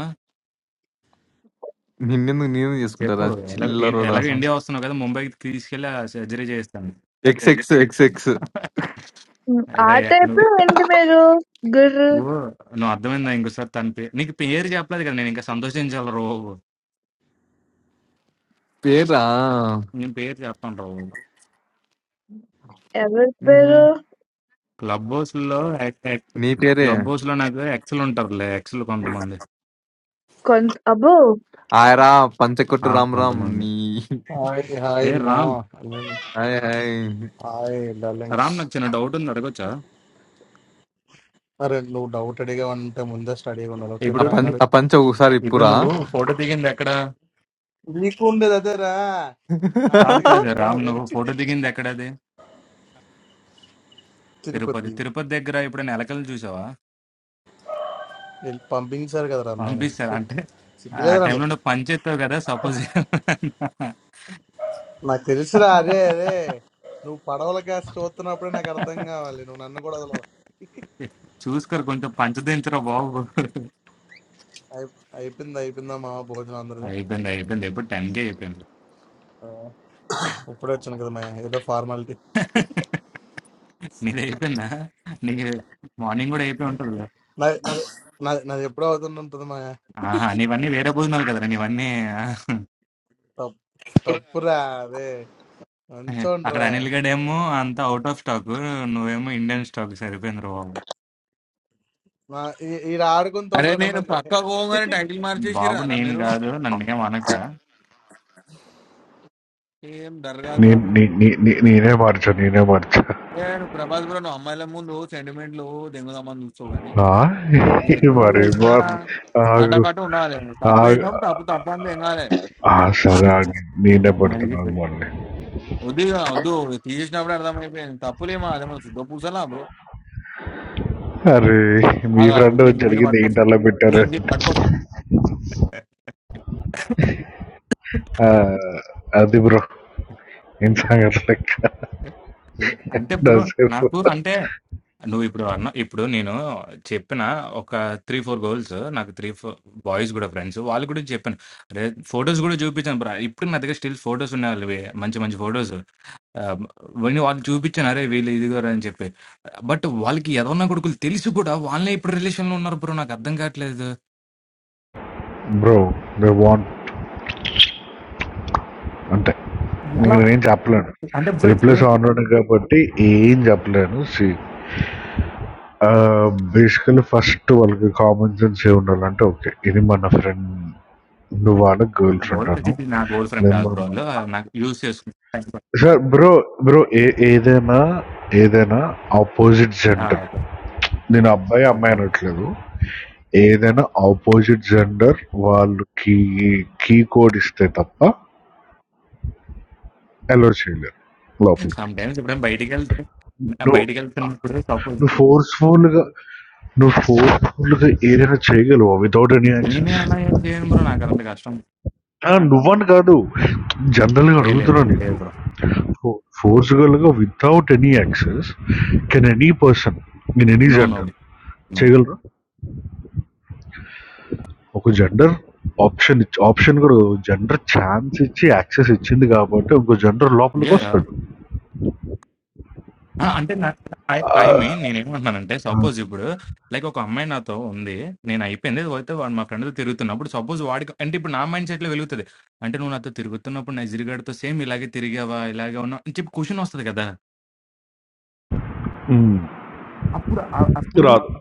నిన్నెందుకు నేను చెప్పు చేసుకుంటారా ఎలాగ చిల్లరోడా ఎలాగ ఇండియా వస్తున్నావు కదా ముంబైకి తీసుకెళ్ళి సర్జరీ చేస్తాను ఎక్స్ ఎక్స్ ఎక్స్ ఎక్స్ ఆ అరే టైప్ నువ్వు ఏంటి మీరు గుర్ర నువ్వు నువ్వు అర్థమైందా ఇంకోసారి తన పేరు నీకు పేరు చెప్పలేదు కదా నేను ఇంకా సంతోషించాలి రో పేరా నేను పేరు చెప్పాను రో ఎవరి ఉహు. పేరు క్లబ్ హౌస్ లో నీ పేరే క్లబ్ హౌస్ లో నాకు ఎక్సలు ఉంటారులే ఎక్సలు కొంతమంది కొంత అబ్బో ఆయరా పంచకొట్టు ఆ రామ్ రామ్ కొంతమంది నీ Hi, hi, ఏ Ram mom. Hi hi Hi, Ram darlings. నాకు చిన్న డౌట్ ఉంది అడగొచ్చా Are no doubtedly going to Munda study for the ఆ ఇప్పుడు fine. పంచ Arre, ని- ఆ పంచ ఒకసారి ఇప్పుడు ఇప్పురా నువ్వు ఫోటో దిగింది ఎక్కడ You come to that, then. That's కాదు why [laughs] I'm కాదు రామ్ bringing నువ్వు you. ఫోటో దిగింది ఎక్కడది Chirupati. The brain. Tirupati Tirupati. Tirupati దగ్గర ఇప్పుడు ఎలకలు చూసావా Ill pumping sir got there. Mainly. పంపిస్తారు అంటే ఆ Why టైంలో నువ్వు there? పని చేస్తావు కదా suppose My sister is there. No, Paravala caste. What's the name of the girl? No, I'm not going to that. చూసుకోరు కొంచెం పంచదించరా బాబు I, I'm in the mom. Very good. అయిపోయింది అయిపోయింది ఎప్పుడు టెన్ కే అయిపోయింది Up to that, I'm going to do. That formal thing. నీది అయిపోయిందా నీ morning కూడా అయిపోయి ఉంటుంది కదా. No, no, no, no. Up to that, I'm going to do. ఆహా నీవన్నీ వేరే భోజనాలు కదరా నీవన్నీ Top, top, pure. అక్కడ అంచోండ్రా అనిల్ గడేమో అంతా అవుట్ ఆఫ్ స్టాక్ నువ్వేమో ఇండియన్ స్టాక్ సరిపోయింది రా బాబు ఈడ ఆడుకుంటూ అరే ఉంటాడు నేను పక్క అన్న పోగానే టైటిల్ మార్చేసిరా బాబు రా నేను మీరు కాదు నన్ను ఏం అనక ఏం దరగాలు రా నే- మీరు నే- నే- నే- నేనే మార్చా నేనే మార్చా ఏ నువ్వు ప్రభాస్ కూడా నువ్వు అమ్మాయిల ముందు సెంటిమెంట్లు దెంగుదామని చూస్తావు కానీ ఆ? ఎక్కడ మరి లేదురా మా- ఆగు అటకట ఉండాలి తప్పు ఆగు. చేసాం తప్పు తప్పు అంతా ఏం కాలే ఆ, సరే ఆగు. నేనే మళ్ళీ మళ్ళీ పడుతున్నాను పెట్టు. మళ్ళీ వద్దు ఇక వద్దు తీసినప్పుడు అర్థమైపోయింది తప్పులేమో అదే మన సిద్ధ పూసలా బ్రో అరే మీ ఆగా ఫ్రెండ్ దీన్ని దీన్ని జరిగింది ఏంటి పట్టుకొస్తా అలా పెట్టారు దీన్ని దీన్ని పట్టుకొస్తా ఆ, అది బ్రో ఏం సంగతి లెక్క అంటే బ్రో నాసేపు నాకు అంటే నువ్వు ఇప్పుడు అన్న ఇప్పుడు నేను చెప్పిన ఒక త్రీ ఫోర్ గర్ల్స్ నాకు త్రీ ఫోర్ బాయ్స్ కూడా ఫ్రెండ్స్ వాళ్ళు కూడా చెప్పాను అరే ఫొటోస్ కూడా చూపించాను బ్రా ఇప్పుడు నా దగ్గర స్టిల్ ఫొటోస్ ఉన్నాయి వాళ్ళవి మంచి మంచి ఫొటోస్ వాళ్ళు వాళ్ళు చూపించాను అరే వీళ్ళు ఇదిగోరా అని చెప్పి బట్ వాళ్ళకి ఎదవన్నా కొడుకులు తెలిసి కూడా వాళ్ళే ఇప్పుడు relation లో ఉన్నారు బ్రో నాకు అర్థం కావట్లేదు బ్రో దే వాంట్ అంతే ఎలా నేను ఏం చెప్పలేను అంటే బ్రో ఇప్పుడు రిప్లేస్ ఆన్లోనే కాబట్టి ఏం చెప్పలేను సి బేసికలీ ఫస్ట్ వాళ్ళకి కామన్ సెన్స్ ఏ ఉండాలంటే ఓకే ఇది మన ఫ్రెండ్ నువ్వు వాళ్ళ గర్ల్ గోల్ ఫ్రెండ్ ఫ్రెండ్ అను ఇది నా గోల్ ఫ్రెండ్ నేను కాదు బ్రో మన వాళ్ళు నాకు యూజ్ చేసుకుంటాను సార్ బ్రో బ్రో ఏ ఏదైనా ఏదైనా ఆపోజిట్ జెండర్ ఓకే నేను అబ్బాయి ఓకే అమ్మాయి అనట్లేదు ఏదైనా ఆపోజిట్ జెండర్ వాళ్ళు కీ కీ కోడ్ ఇస్తే తప్ప అలో చేయలేరు లోపలికి సమ్ టైమ్స్ ఇప్పుడు బయటికి వెళ్తే నువ్వు బయటికి వెళ్తున్నప్పుడు నువ్వు ఫోర్స్ఫుల్గా నువ్వు ఫోర్స్ఫుల్గా ఏదైనా చేయగలవా వితౌట్ ఎనీ నేనే యాక్షన్స్ అలా ఏం చేయను బ్రో నాకు అలాంటి కష్టం నువ్వని కాదు జనరల్గా లే- లేదు అడుగుతున్నా లేదు నీకు బ్రో ఫోర్స్ఫుల్గా without any actions can any person in any no no gender no చేయగలరా ఒక జెండర్ ఆప్షన్ ఇచ్చి ఆప్షన్ కూడా జెండర్ ఛాన్స్ ఇచ్చి యాక్సెస్ ఇచ్చింది కాబట్టి ఇంకో జెండర్ లోపలికి వస్తాడు అంటే ఆ, ఐ మీన్ నేనేమంటున్నానంటే సపోజ్ ఇప్పుడు లైక్ ఒక అమ్మాయి నాతో ఉంది నేను అయిపోయింది పోతే వాడు మా ఫ్రెండ్తో తిరుగుతున్నప్పుడు సపోజ్ వాడికి అంటే ఇప్పుడు నా మైండ్ సెట్లో వెలుగుతుంది అంటే నువ్వు నాతో తిరుగుతున్నప్పుడు నైజీరియాడితో సేమ్ ఇలాగే తిరిగావా ఇలాగే ఉన్నావు అని చెప్పి క్వశ్చన్ వస్తుంది కదా మ్, అప్పుడు ఆ- అప్పుడు రాదు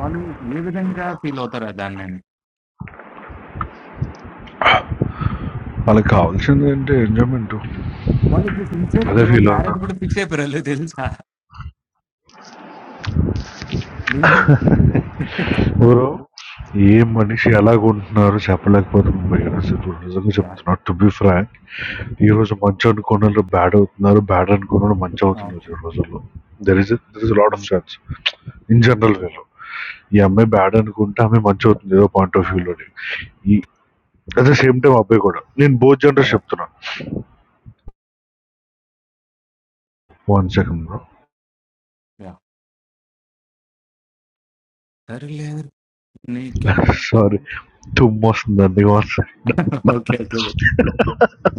వాళ్ళు ఏ విధంగా ఫీల్ అవుతారు దాన్ని అని వాళ్ళకి కావాల్సింది అంటే ఎంజాయ్మెంట్ వాళ్ళు ఇప్పుడు సిన్సియర్ అదే బ్రో ఫీల్ అవుతా మ్యారేజ్ కూడా ఫిక్స్ అయిపోయారు తెలుసా నేను- [laughs] ఎవరో ఏ మనిషి ఎలాగుంటున్నారో చెప్పలేకపోతున్నాం భయ్య. అసలు నిజంగా యా చెప్తున్నా టు బి ఫ్రాంక్ ఈ రోజు మంచి అనుకున్న వాళ్ళు బ్యాడ్ అవుతున్నారు బ్యాడ్ అనుకున్న వాళ్ళు మంచి అవుతున్నారు ఈ రోజుల్లో there is there is lot of chance in general వేలో ఈ అమ్మాయి బ్యాడ్ అనుకుంటే ఆమె మంచి అవుతుంది ఏదో పాయింట్ ఆఫ్ ఆ. వ్యూ లోని ఈ అట్ ద సేమ్ టైం అబ్బాయి కూడా నేను బోత్ జనరల్ యా చెప్తున్నా వన్ సెకండ్ యా సరేలే నీకా సారీ తుమ్ము వస్తుంది అందుకే [laughs] ఓకే ఓకే బ్రో.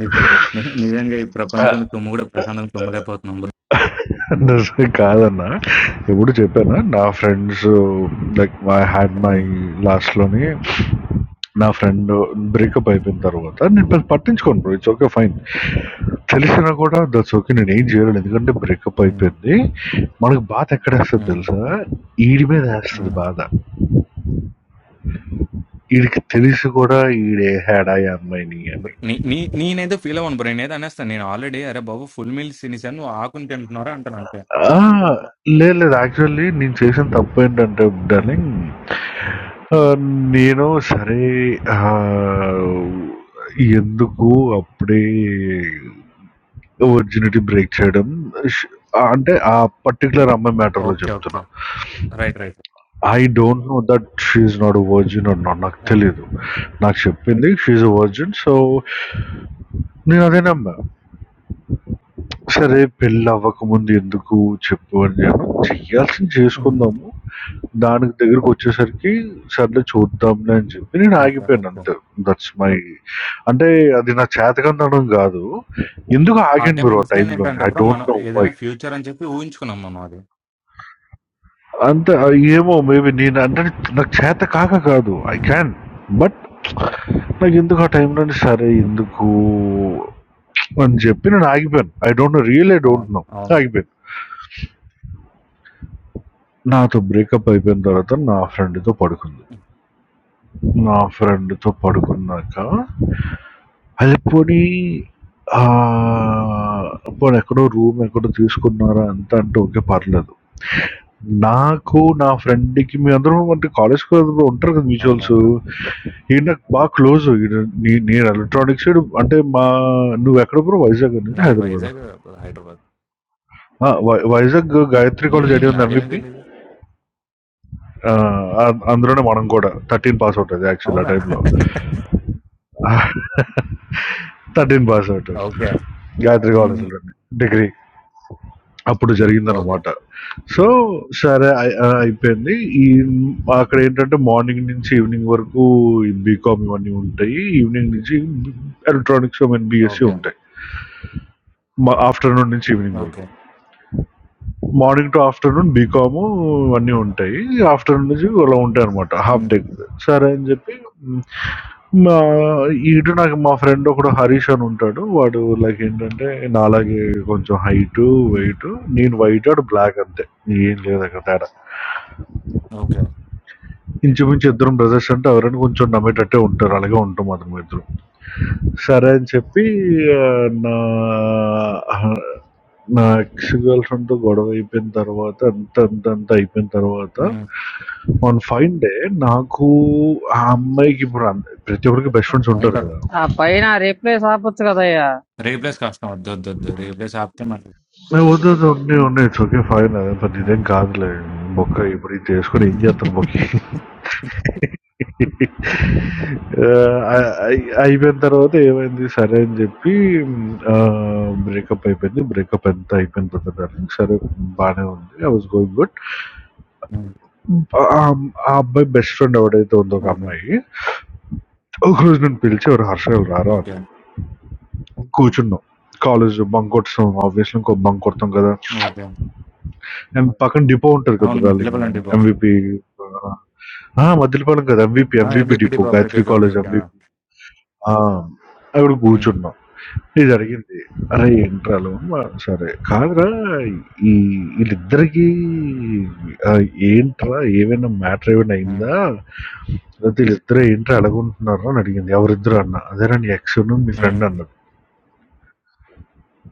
ని- ని- నిజంగా ఈ ప్రపంచంలో తుమ్ము కూడా ప్రశాంతం తుమ్మలేకపోతున్నాం బ్రో నిజమే కాదన్న. ఎప్పుడు చెప్పానా నా friends like my had my లాస్ట్‌లోని నా ఫ్రెండ్ బ్రేకప్ ఉమ్, అయిపోయిన తర్వాత నేను పెద్ద పట్టించుకోను బ్రో. It's okay fine. తెలిసినా కూడా దట్స్ ఓకే నేను ఏం చేయలేను. ఎందుకంటే బ్రేకప్ ఉమ్, అయిపోయింది. మనకు బాధ ఎక్కడేస్తది తెలుసా? ఈడి మీద ఏస్తది ఉమ్. బాధ. ఈడికి తెలిసి కూడా ఈడేసాడా ఈ అమ్మాయిని బ్రో, అని. నీ- నీ- నేనేదో ఫీల్ అవ్వను బ్రో నేనేదో అనేస్తాను నేను ఆల్రెడీ అరే బాబు ఫుల్ మీల్స్ తినేసాను నువ్వు ఆకుని తింటున్నారా అంటాను అంతే ఆ! లేదు లేదు యాక్చువల్లీ నేను చేసిన తప్పు ఏంటంటే ఉమ్, డార్లింగ్ ఆ! నేను సరే ఆహ్, ఎందుకు అప్పుడే విర్జినిటీ బ్రేక్ చేయడం ష్ అంటే ఆ పర్టిక్యులర్ అమ్మాయి మ్యాటర్‌లో ఓకే చెప్తున్నా. Okay right right I don't know that she is not a virgin or not నాకు ఓకే తెలీదు. నాకు చెప్పింది she is a virgin. So, నేను అదే నమ్మా. సరే పెళ్లి అవ్వకముందు ఎందుకు చెప్పు అన్నాను. చేయాల్సింది ఉమ్, చేసుకుందాము. దానికి దగ్గరకొచ్చేసరికి సర్లే చూద్దాంలే అని చెప్పి నేను ఓకే ఆగిపోయాను ఓకే అంతే. దట్స్ మై అంటే అది నా చేతకందనం గాదు. ఎందుకో ఆ ఆగాను టైం బ్రో ఆ ఇన్సిడెంట్ టైమ్‌లో. ఏంటంటే ఐ బ్రో డోంట్ మనం నో వై. ఏదైనా ఫ్యూచర్ అని చెప్పి ఊహించుకున్నాం మనం అది అంతే ఆహ్, ఏమో మేబీ నేను అంటే నాకు చేత కాక కాదు. I um, can. బట్ నాకెందుకు ఆ టైమ్‌లోనే సరే ఎందుకు అని చెప్పి నేను ఆగిపోయాను. I don't know. Really I అవును డోంట్ నో. అవును ఆగిపోయాను. నాతో బ్రేకప్ అయిపోయిన తర్వాత నా ఫ్రెండ్‌తో పడుకుంది. నా ఫ్రెండ్‌తో పడుకున్నాక అది పోనీ ఆ, పోనీ ఎక్కడో రూమ్ ఎక్కడో తీసుకున్నారా అంతా అంటే ఓకే ఓకే పర్లేదు. నాకు నా ఫ్రెండ్‌కి మేమందరం అంటే కాలేజ్ కదా ఉంటారు కదా అవును మ్యూచువల్స్. అంటారు ఈడు నాకు బాగా క్లోజ్. ఈడు నే నేను ఎలక్ట్రానిక్స్ ఈడు అంటే మా నువ్వెక్కడ బ్రో వైజాగ్ అనేది నాది హైదరాబాదా? వైజాగ్ హైదరాబాద్ ఆ! వై వైజాగ్ గాయత్రి కాలేజ్ హ్మ్. ఐడియా ఉందా నాకేం ఎంవిపి? తెలీదు. ఆ! అం అందులోనే మనం కూడా 13 పాస్ అవుట్ అది యాక్చువల్ ఆ అవునా? టైమ్‌లో. 13 పాస్ అవుట్ [laughs] ఓకే. గాయత్రి హ్మ్. కాలేజ్‌లోనే డిగ్రీ. అప్పుడు ఓకే. జరిగిందనమాట. సో, సరే అయి ఆహ్, అయిపోయింది. ఈ అక్కడ ఏంటంటే మార్నింగ్ నుంచి ఈవినింగ్ వరకు ఈ బీకామ్ ఇవన్నీ ఉంటాయి. ఈవినింగ్ నుంచి electronics I mean BSc okay. ఉంటాయి. మ ఆఫ్టర్‌నూన్ నుంచి ఈవినింగ్ వరకు. Okay. Morning to afternoon BCom ఇవన్నీ ఓకే. ఉంటాయి ఆఫ్టర్నూన్ నుంచి అలా ఉంటాయి అనమాట హాఫ్ హ్మ్. డే సరే అని చెప్పి మ్, మా ఇటు నాకు మా ఫ్రెండ్ ఒకడు హరీష్ అని ఉంటాడు వాడు లైక్ ఏంటంటే నాలాగే కొంచెం హైట్ హ్మ్. వెయిట్ నేను వైట్ వాడు బ్లాక్ అంతే ఏం లేదు అక్కడ తేడా ఓకే. ఇంచుమించు ఇద్దరం బ్రదర్స్ అంటే ఎవరైనా కొంచెం నమ్మేటట్టే ఉంటారు అలాగే ఉంటాం అతను ఇద్దరు సరే అని చెప్పి ఆ, నా నా ఎక్స్ గర్ల్ ఫ్రెండ్తో గొడవ అయిపోయిన తర్వాత అంత అంత అంత అయిపోయిన తర్వాత హ్మ్. వన్ ఫైన్ డే నాకు ఆ అమ్మాయికి ఇప్పుడు అంద- ప్రతి ఒక్కరికి బెస్ట్ ఫ్రెండ్స్ ఉంటారు ఉంటారు. కదా ఆ పైన రీప్లేస్ ఆపొచ్చు కదయ్యా రీప్లేస్ కష్టం. ఒద్దొద్దొద్దు. రీప్లేస్ ఆపితే మళ్ళీ నేను వద్దు వద్దు ఉన్నాయి ఉన్నాయి ఇట్స్ ఓకే ఫైన్ అదే పెద్ద ఇదేం హ్మ్. కాదులే బొక్క ఇప్పుడు ఇది చేసుకుని ఏం చేస్తారు బొక్క ఆహ్, అయి అయిపోయిన తర్వాత ఏమైంది సరే అని చెప్పి ఆహ్, బ్రేకప్ అయిపోయింది. బ్రేకప్ ఎంత అయిపోయిన తర్వాత డార్లింగ్ సరే బానే ఉంది. I was going good. హ్మ్. ఆ ఆ అబ్బాయి బెస్ట్ ఫ్రెండ్ ఎవడైతే ఉందో ఒక ఓకే. అమ్మాయి ఒకరోజు నన్ను పిలిచి ఎవరు హర్ష ఎవరు రారా ఓకే. అంది. కూర్చున్నాం. కాలేజ్ బంక్ కొట్టున్నాం ఆబ్వియస్లీ ఇంకో బంక్ కొడతాం కదా ఓకే. అండ్ పక్కన డిపో ఉంటారు కదా అవును. మధ్యలో డార్లింగ్ పల్లం డిపో. ఎంవిపి మధ్యలో పడడం కదా ఎంవిపి ఆ! MVP MBP depot depot. Okay. Okay. Gayatri okay. College okay. ఆ! ఎంవిపి అక్కడ హ్మ్. కూర్చున్నాం ఇది జరిగింది. "అరే! ఏంట్రా లోన్" సరే. కాదురా ఈ ఈళ్ళిద్దరికీ ఆహ్, "ఏంట్రా ఏమైనా మ్యాటర్ ఏమైనా హ్మ్. అయిందా? లేతే ఈళ్ళిద్దరు ఏంట్రా ఎలాగుంటున్నారు" అని అడిగింది. "ఎవరిద్దరు?" అన్నా. "అదేరా నీ ఎక్సును, మీ హ్మ్. ఫ్రెండ్" అన్నది.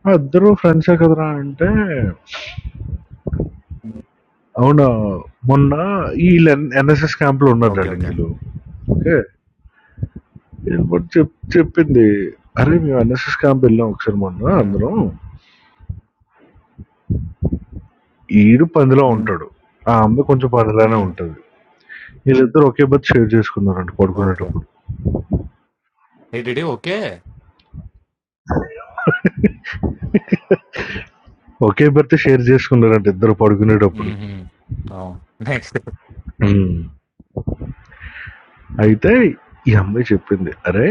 "ఆ! ఇద్దరు ఫ్రెండ్సే కదరా" అంటే, "అవునా? మొన్న ఈళ్ళు ఎన్ ఎన్ఎస్ఎస్ క్యాంప్‌లో ఉన్నారు ఓకే. ఓకే. డార్లింగ్ ఈళ్ళు. ఓకే. ఈళ్ళిప్పుడు చెప్ చెప్పింది. "అరే! మేము ఎన్ఎస్ఎస్ క్యాంప్ వెళ్ళాం ఒకసారి మొన్న హ్మ్. అందరం. ఈడు పందిలా హ్మ్. ఉంటాడు. ఆ అమ్మాయి కొంచెం పందిలానే హ్మ్. ఉంటది. వీళ్ళిద్దరూ ఒకే బెర్త్ షేర్ చేసుకున్నారంట ఓకే. పడుకునేటప్పుడు ఏడిడి ఓకే. ఒకే బెర్త్ షేర్ చేసుకున్నారంట ఇద్దరు పడుకునేటప్పుడు హుహు. అవును. నెక్స్ట్. అయితే ఈ అమ్మాయి చెప్పింది అరే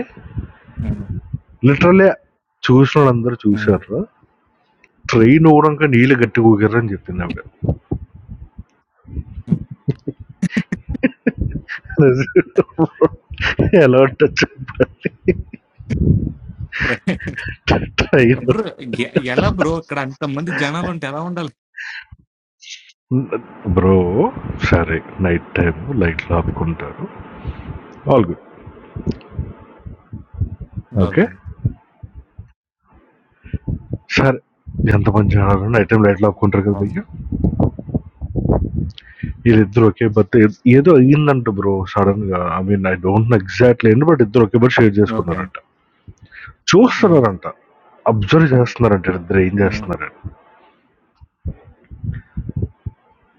లిటరల్లీ చూసిన వాళ్ళందరూ హ్మ్. చూసారు ట్రైన్ ఊరంక నీళ్ళు గట్టి ఊగారు అని చెప్పింది ఆవిడ హ్మ్. [laughs] [laughs] ఎలా ఉంటుంది రైట్. ట్రైన్ బ్రో ఎ ఎలా బ్రో ఇక్కడ అంతమంది జనాలుంటే ఎలా ఉండాలి? బ్రో సరే నైట్ టైం లైట్లు ఆపుకుంటారు ఆల్ గుడ్ ఓకే ఓకే. సరే ఎంత పని చేయాలో నైట్ టైం లైట్లు ఆపుకుంటారు కదా అవును. భయ్య వీళ్ళిద్దరు ఒకే బర్త్ ఏదో అయ్యిందంట బ్రో సడన్ గా I mean I don't know exactly ఏంటి బట్ ఇద్దరు ఒకే బర్త్ షేర్ ఓకే. చేసుకున్నారంట హ్మ్. చూస్తున్నారంట అబ్జర్వ్ చేస్తున్నారంట ఇద్దరు ఏం హ్మ్. చేస్తున్నారంట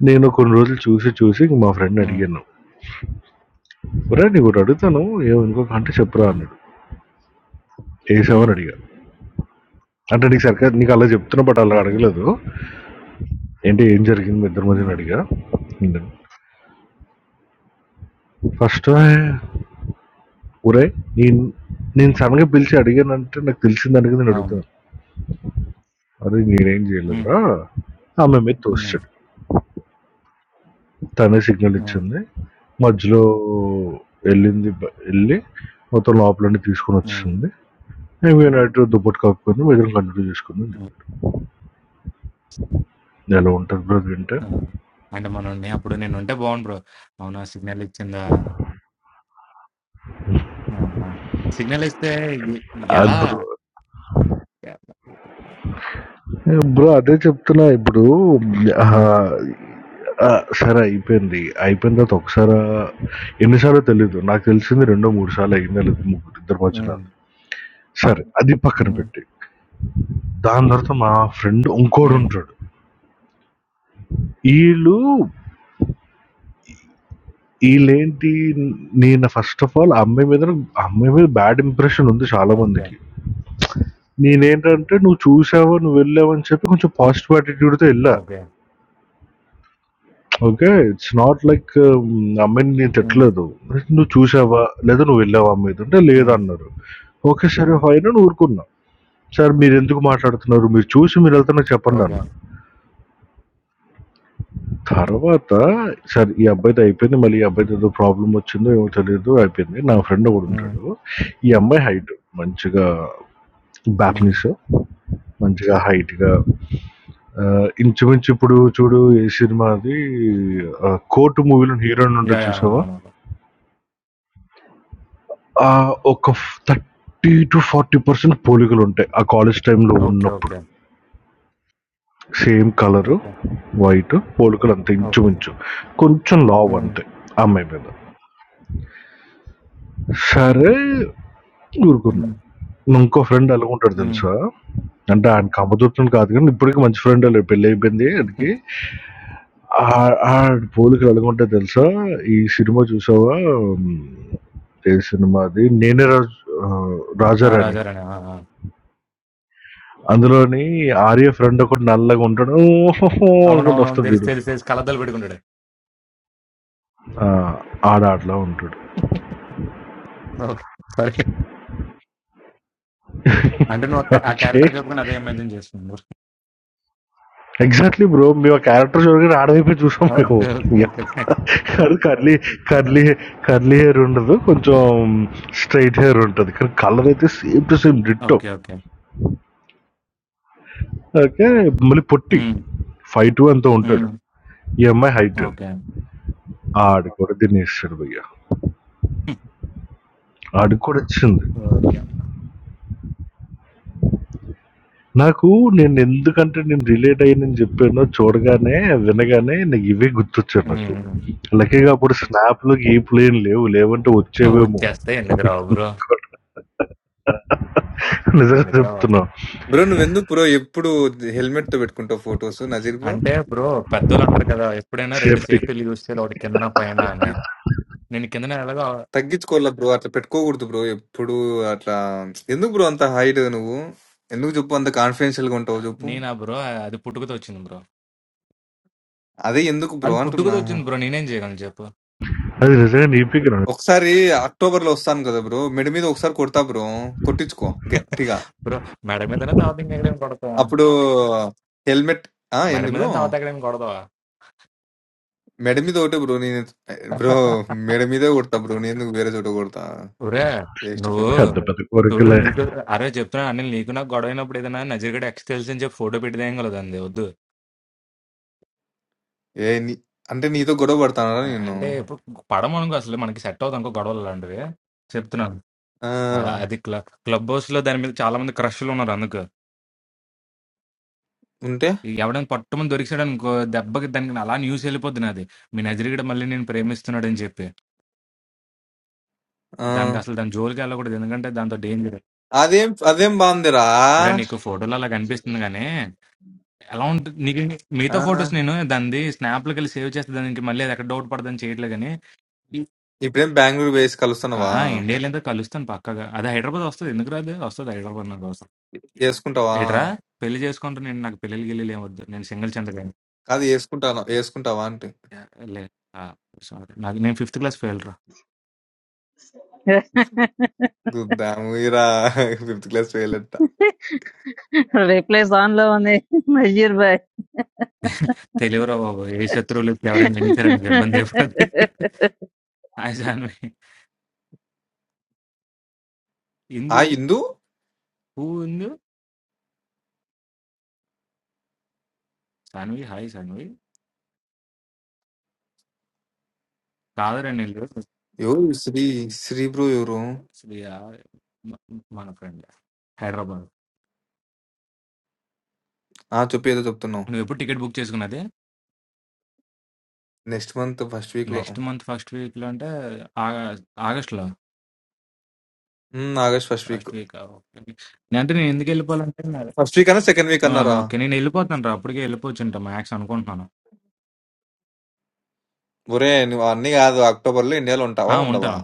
నేను కొన్ని రోజులు చూసి చూసి ఇంక మా ఫ్రెండ్ హ్మ్. అడిగాను ఒరే నీకు ఒకటి అడుగుతాను ఏమనుకోక అంటే చెప్పురా హ్మ్. అన్నాడు హ్మ్. వేసావని అడిగాను అంటే నీకు సరిగ్గా నీకు అలా చెప్తున్నా బట్ అలా ఓకే. అడగలేదు ఏంటి ఏం జరిగింది మీ ఇద్దరి మధ్యన హ్మ్. అడిగా ఫస్ట్ ఒరే నేను నేను సడన్గా పిలిచి అడిగానంటే నాకు తెలిసిందనిగా నేను అవును. అడుగుతాను అరే నేనేం హ్మ్. చేయలేదురా ఆమె మీద హ్మ్. తోస్తాడు తనే సిగ్నల్ హ్మ్. ఇచ్చింది మధ్యలో వెళ్ళింది బ- వెళ్ళి మొత్తం లోపలన్నీ తీసుకొని హ్మ్. వచ్చింది మేము నైట్ దుప్పటి కాకపోయింది మిగతా కంటిన్యూ చేసుకుంది హ్మ్. ఎలా ఉంటుంది బ్రో అంటే ఆ! అంటే మనోడిని అప్పుడు నేనుంటే బావుండు బ్రో. అవునా! సిగ్నల్ ఇచ్చిందా? యమ్మా! సిగ్నల్ ఇస్తే ఇది ఎలా? బ్రో బ్రో అదే చెప్తున్నా ఇప్పుడు ఆ, ఆ, సరే అయిపోయింది అయిపోయిన తర్వాత ఒకసారి ఎన్నిసార్లు తెలీదు నాకు తెలిసింది రెండో మూడు సార్లు అయిందా లేదు ముగ్గురు ఇద్దరు మధ్యన హ్మ్. సరే అది పక్కన హ్మ్. పెట్టి దాని తర్వాత మా ఫ్రెండ్ ఇంకోడు హ్మ్. ఉంటాడు ఈళ్ళు ఈళ్ళేంటి నేను ఫస్ట్ ఆఫ్ ఆల్ ఆ అమ్మాయి మీద ఆ అమ్మాయి మీద బ్యాడ్ ఇంప్రెషన్ ఉంది చాలా ఓకే. మందికి. నేనేంటంటే నువ్వు చూసావు, నువ్వు వెళ్ళావని చెప్పి కొంచెం పాజిటివ్ యాటిట్యూడ్‌తో ఎళ్ళా. Okay. Okay. It's not like hmm, ఆ అమ్మాయిని నేను హ్మ్. తిట్టలేదు. నువ్వు చూసావా? లేదా నువ్వు వెళ్ళావా ఆ అమ్మాయితో? అంటే హ్మ్. లేదన్నారు. ఓకే. సరే ఫైన్ అని ఊరుకున్నా. సరే మీరెందుకు మాట్లాడుతున్నారు? మీరు చూసి మీరెళ్తే నాకు ఓకే. చెప్పండన్నా. తర్వాత సరే ఈ అబ్బాయిది అయిపోయింది. మళ్ళీ ఈ అబ్బాయితో ఏదో ప్రాబ్లమ్ వచ్చిందో ఏమో తెలీదు అయిపోయింది. నా ఫ్రెండ్ హ్మ్. ఒకడుంటాడు. ఈ అమ్మాయి హైట్ మంచిగా హ్మ్. బ్యాప్‌నీస్ మంచిగా హైట్‌గా ఆహ్, ఇంచుమించు ఇప్పుడు చూడు ఏ సినిమా అది ఆహ్, 'కోర్టు' మూవీలో హీరోయిన్ యా ఉంటది యా చూసావా? అవునవును ఆ! ఒక ఫ్ 30-40% పోలికలుంటాయి. ఆ కాలేజ్ టైమ్‌లో ఓకే ఉన్నప్పుడు. Okay same colour, okay white పోలికలు అంతే ఓకే ఇంచుమించు. కొంచెం ఉమ్, లావంతే ఆ అమ్మాయి మీద. సరే ఊరుకున్నా. ఉమ్, నా ఇంకో ఫ్రెండ్ ఎలాగుంటాడో ఉమ్. తెలుసా? అంటే ఆడికి అమ్మతోటిని కాదు కానీ ఇప్పటికి మంచి ఫ్రెండే లే పెళ్లయిపోయింది ఆడికి. [laughs] ఆహ్, ఆడి పోలికలు ఎలాగుంటాయో తెలుసా? ఈ సినిమా చూసావా? హ్మ్. ఏ సినిమా అది? 'నేనే రాజు ఆహ్, ఆ, రాజారాణి'. రాజారాణి ఆ, ఆ. అందులోని ఆర్య ఫ్రెండ్ ఒకడు నల్లగుంటాడు. ఓహ్! అనుకుంటూ అవునవునవును వస్తాడు తెలిసి చూడు. తెలిసి తెలిసి కలద్దలు పెట్టుకుంటాడు ఆ! ఆడు అట్లా ఉంటాడు. [laughs] ఓకే సరే అంటే నువ్వు ఆ క్యా- ఆ ఓకే. క్యారెక్టర్ చెప్పుకుని అదే ఇమాజిన్ చేస్తున్నావు ఎగ్జాక్ట్లీ బ్రో మేము ఆ క్యారెక్టర్ చూడగానే ఆడవైపే చూసాం మేము ఓకే ఓకే ఓకే fine. కానీ కర్లీ కర్లీ కర్లీ హెయిర్ ఉండదు కొంచెం స్ట్రైట్ హెయిర్ ఉంటుంది కానీ కలర్ అయితే same to same ditto okay okay okay మళ్ళీ పొట్టి ఉమ్, ఫైవ్ టూ ఎంతో ఉమ్, ఉంటాడు ఈ అమ్మాయి హైట్ ఓకే ఆడు కూడా దీన్ని ఇస్తాడు భయ్య ఆడు కూడా వచ్చింది ఓకే అమ్మ. నాకు నేను ఎందుకంటే నేను రిలేట్ అయ్యానని చెప్పానో చూడగానే వినగానే నాకు ఇవే గుర్తొచ్చారు నాకు ఉమ్. లక్కీగా అప్పుడు స్నాప్లు గీపులు ఏం లేవు లేవంటే వచ్చేవేమో వచ్చేస్తే ఎందుకు రావు బ్రో నిజంగా ఎందుకు రావు చెప్తున్నా బ్రో నువ్వెందుకు బ్రో ఎప్పుడు హెల్మెట్ తో పెట్టుకుంటావు ఫొటోస్ నజీర్ బ్రో అంటే బ్రో పెద్దోళ్ళు అంటారు కదా ఎప్పుడైనా రెండు Safety. సేఫ్టీలు యూజ్ చేయాలి ఒకటి కిందన పైన అని నేను కిందన ఎలాగో తగ్గించుకోవాలా బ్రో అట్లా పెట్టుకోకూడదు బ్రో ఎప్పుడు అట్లా ఎందుకు బ్రో అంత హైట్ నువ్వు ఎందుకు చెప్పు అంత కాన్ఫిడెన్షియల్ గా ఉంటావు చెప్పు నేనా బ్రో అది పుట్టుకతో వచ్చింది బ్రో అదే ఎందుకు బ్రో అది అంటున్నా పుట్టుకతో వచ్చింది బ్రో నేనేం చేయగలను చెప్పు I think you need to get a ఒకసారి అక్టోబర్ లో వస్తాను కదా బ్రో మెడ మీద ఒకసారి కొడతా బ్రో కొట్టించుకో గట్టిగా బ్రో మెడ మీదనే తర్వాత ఇంకెక్కడేం కొడతావా అప్పుడు హెల్మెట్ ఆ మెడ ఏంది బ్రో మీదనే తర్వాత ఎక్కడేం కొడతావా మెడ మీద ఒకటే బ్రో నేను బ్రో మెడ మీదే కొడతా బ్రో నేను ఎందుకు వేరే చోట కొడతా ఒరే వేస్ట్ నువ్వు ఫెలో better perspective చూడు on it. up. నీకు అరే చెప్తున్నా అనిల్ నీకు నాకు గొడవ అయినప్పుడు ఏదైనా నజర్గడ ఎక్స్ తెలిసి అని చెప్పి ఫోటో పెట్టిదేం కలదండి వద్దు ఏ నీ- అంటే నీతో గొడవ పడతానా అ- నేను అంటే ఇప్పుడు పడము అనుకో అసలు మనకి సెట్ అవుతాం అనుకో గొడవలు అలాంటివి చెప్తున్నాను ఆ! ఆ, అది క్లబ్ క్లబ్ హౌస్ లో దాని మీద చాలా మంది క్రష్లు ఉన్నారు అందుకు ఉంటే ఈ ఎవడైనా పట్టుమని దొరికిసాడు అనుకో దెబ్బకి దానికి అలా న్యూస్ వెళ్ళిపోద్ది నాది మీ నజరిగడ మళ్ళీ నేను ప్రేమిస్తున్నాడని చెప్పి ఆ! దానికి అసలు దాని జోలికి వెళ్ళకూడదు ఎందుకంటే దాంతో డేంజర్ అదేం అదేం బావుందిరా! సరే నీకు ఫోటోలు అలా కనిపిస్తుంది కానీ ఎలా ఉంటుంది నీకు ఆ! మిగతా ఫొటోస్ నేను దాన్ని స్నాప్లోకి వెళ్ళి సేవ్ చేస్తే దానికి మళ్ళీ అది ఎక్కడ డౌట్ పడదని చేయట్లేదు కానీ ఈ- ఇప్పుడేం బెంగుళూరు వేసి కలుస్తున్నావా? ఆ, ఇండియాలో ఎంత కలుస్తాను పక్కగా అది హైదరాబాద్ వస్తుంది ఎందుకు రాదు వస్తుంది హైదరాబాద్ నాకు వస్తుంది యేసుకుంటావా? ఏట్రా పెళ్లి చేసుకుంటూ నేను నాకు పెళ్ళిళ్ళు గిల్లి ఏమొద్దు నేను సింగిల్ చంద్ర కాదు యేసుకుంటాను యేసుకుంటావా అంటి. లే సారీ నాకు నేను ఫిఫ్త్ క్లాస్ ఫెయిల్ రా [laughs] చూద్దామురా ఫిఫ్త్ క్లాస్ ఫెయిల్ అంట. रिप्लेस ऑन लो अने मजिर भाई తెలియరా బాబు ఏ శత్రువులు ఎవరైనా వినిచారని ఇబ్బంది అయిపోతుంది హాయ్ సాన్వి ఆ ఇందు ఇందు హూ ఇందు సాన్వి హాయ్ సాన్వి కాదు రెండు ఇల్లు ఎవరు శ్రీ శ్రీ బ్రో ఎవరు? శ్రీ మ- మన ఫ్రెండ్ హైదరాబాద్ ఆ! చెప్పు ఏదో చెప్తున్నావు. నువ్వు ఎప్పుడు టికెట్ బుక్ చేసుకున్నది నెక్స్ట్ మంత్ ఫస్ట్ వీక్‌లో నెక్స్ట్ మంత్ ఫస్ట్ వీక్ లో అంటే ఆగ- ఆగస్ట్ లో హ్మ్. August first week. First week okay నేను అంటే నేను ఎందుకు వెళ్ళిపోవాలంటే నా- ఫస్ట్ వీక్ అన్నా సెకండ్ వీక్ ఆహా, అన్నారా? ఓకే నేను వెళ్ళిపోతాను రా అప్పటికే వెళ్ళిపోవచ్చు ఉంటా మ్యాక్స్ అనుకుంటున్నాను ఒరేయ్! నువ్వు అన్నీ కాదు అక్టోబర్‌లో ఇండియాలో ఉంటావా? ఆ ఉండవా? ఉంటాను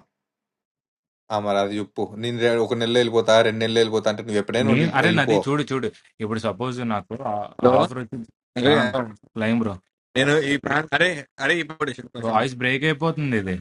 ఆ! మరి అది చెప్పు. నేను రే ఒక నెలలో వెళ్ళిపోతా, 2 నెలల్లో వెళ్ళిపోతా అంటే నువ్వు ఎప్పుడైనా నేను వెళ్ళి- అరే నాది వెళ్ళిపో. చూడు చూడు ఇప్పుడు సపోజ్ నాకు ఆఫర్ వచ్చి నేను ఫ్లైమ్ బ్రో నేను ఈ ప్రాంతం అరే అరే ఇప్పుడు కొంచెం వాయిస్ బ్రేక్ అయిపోతుంది ఇది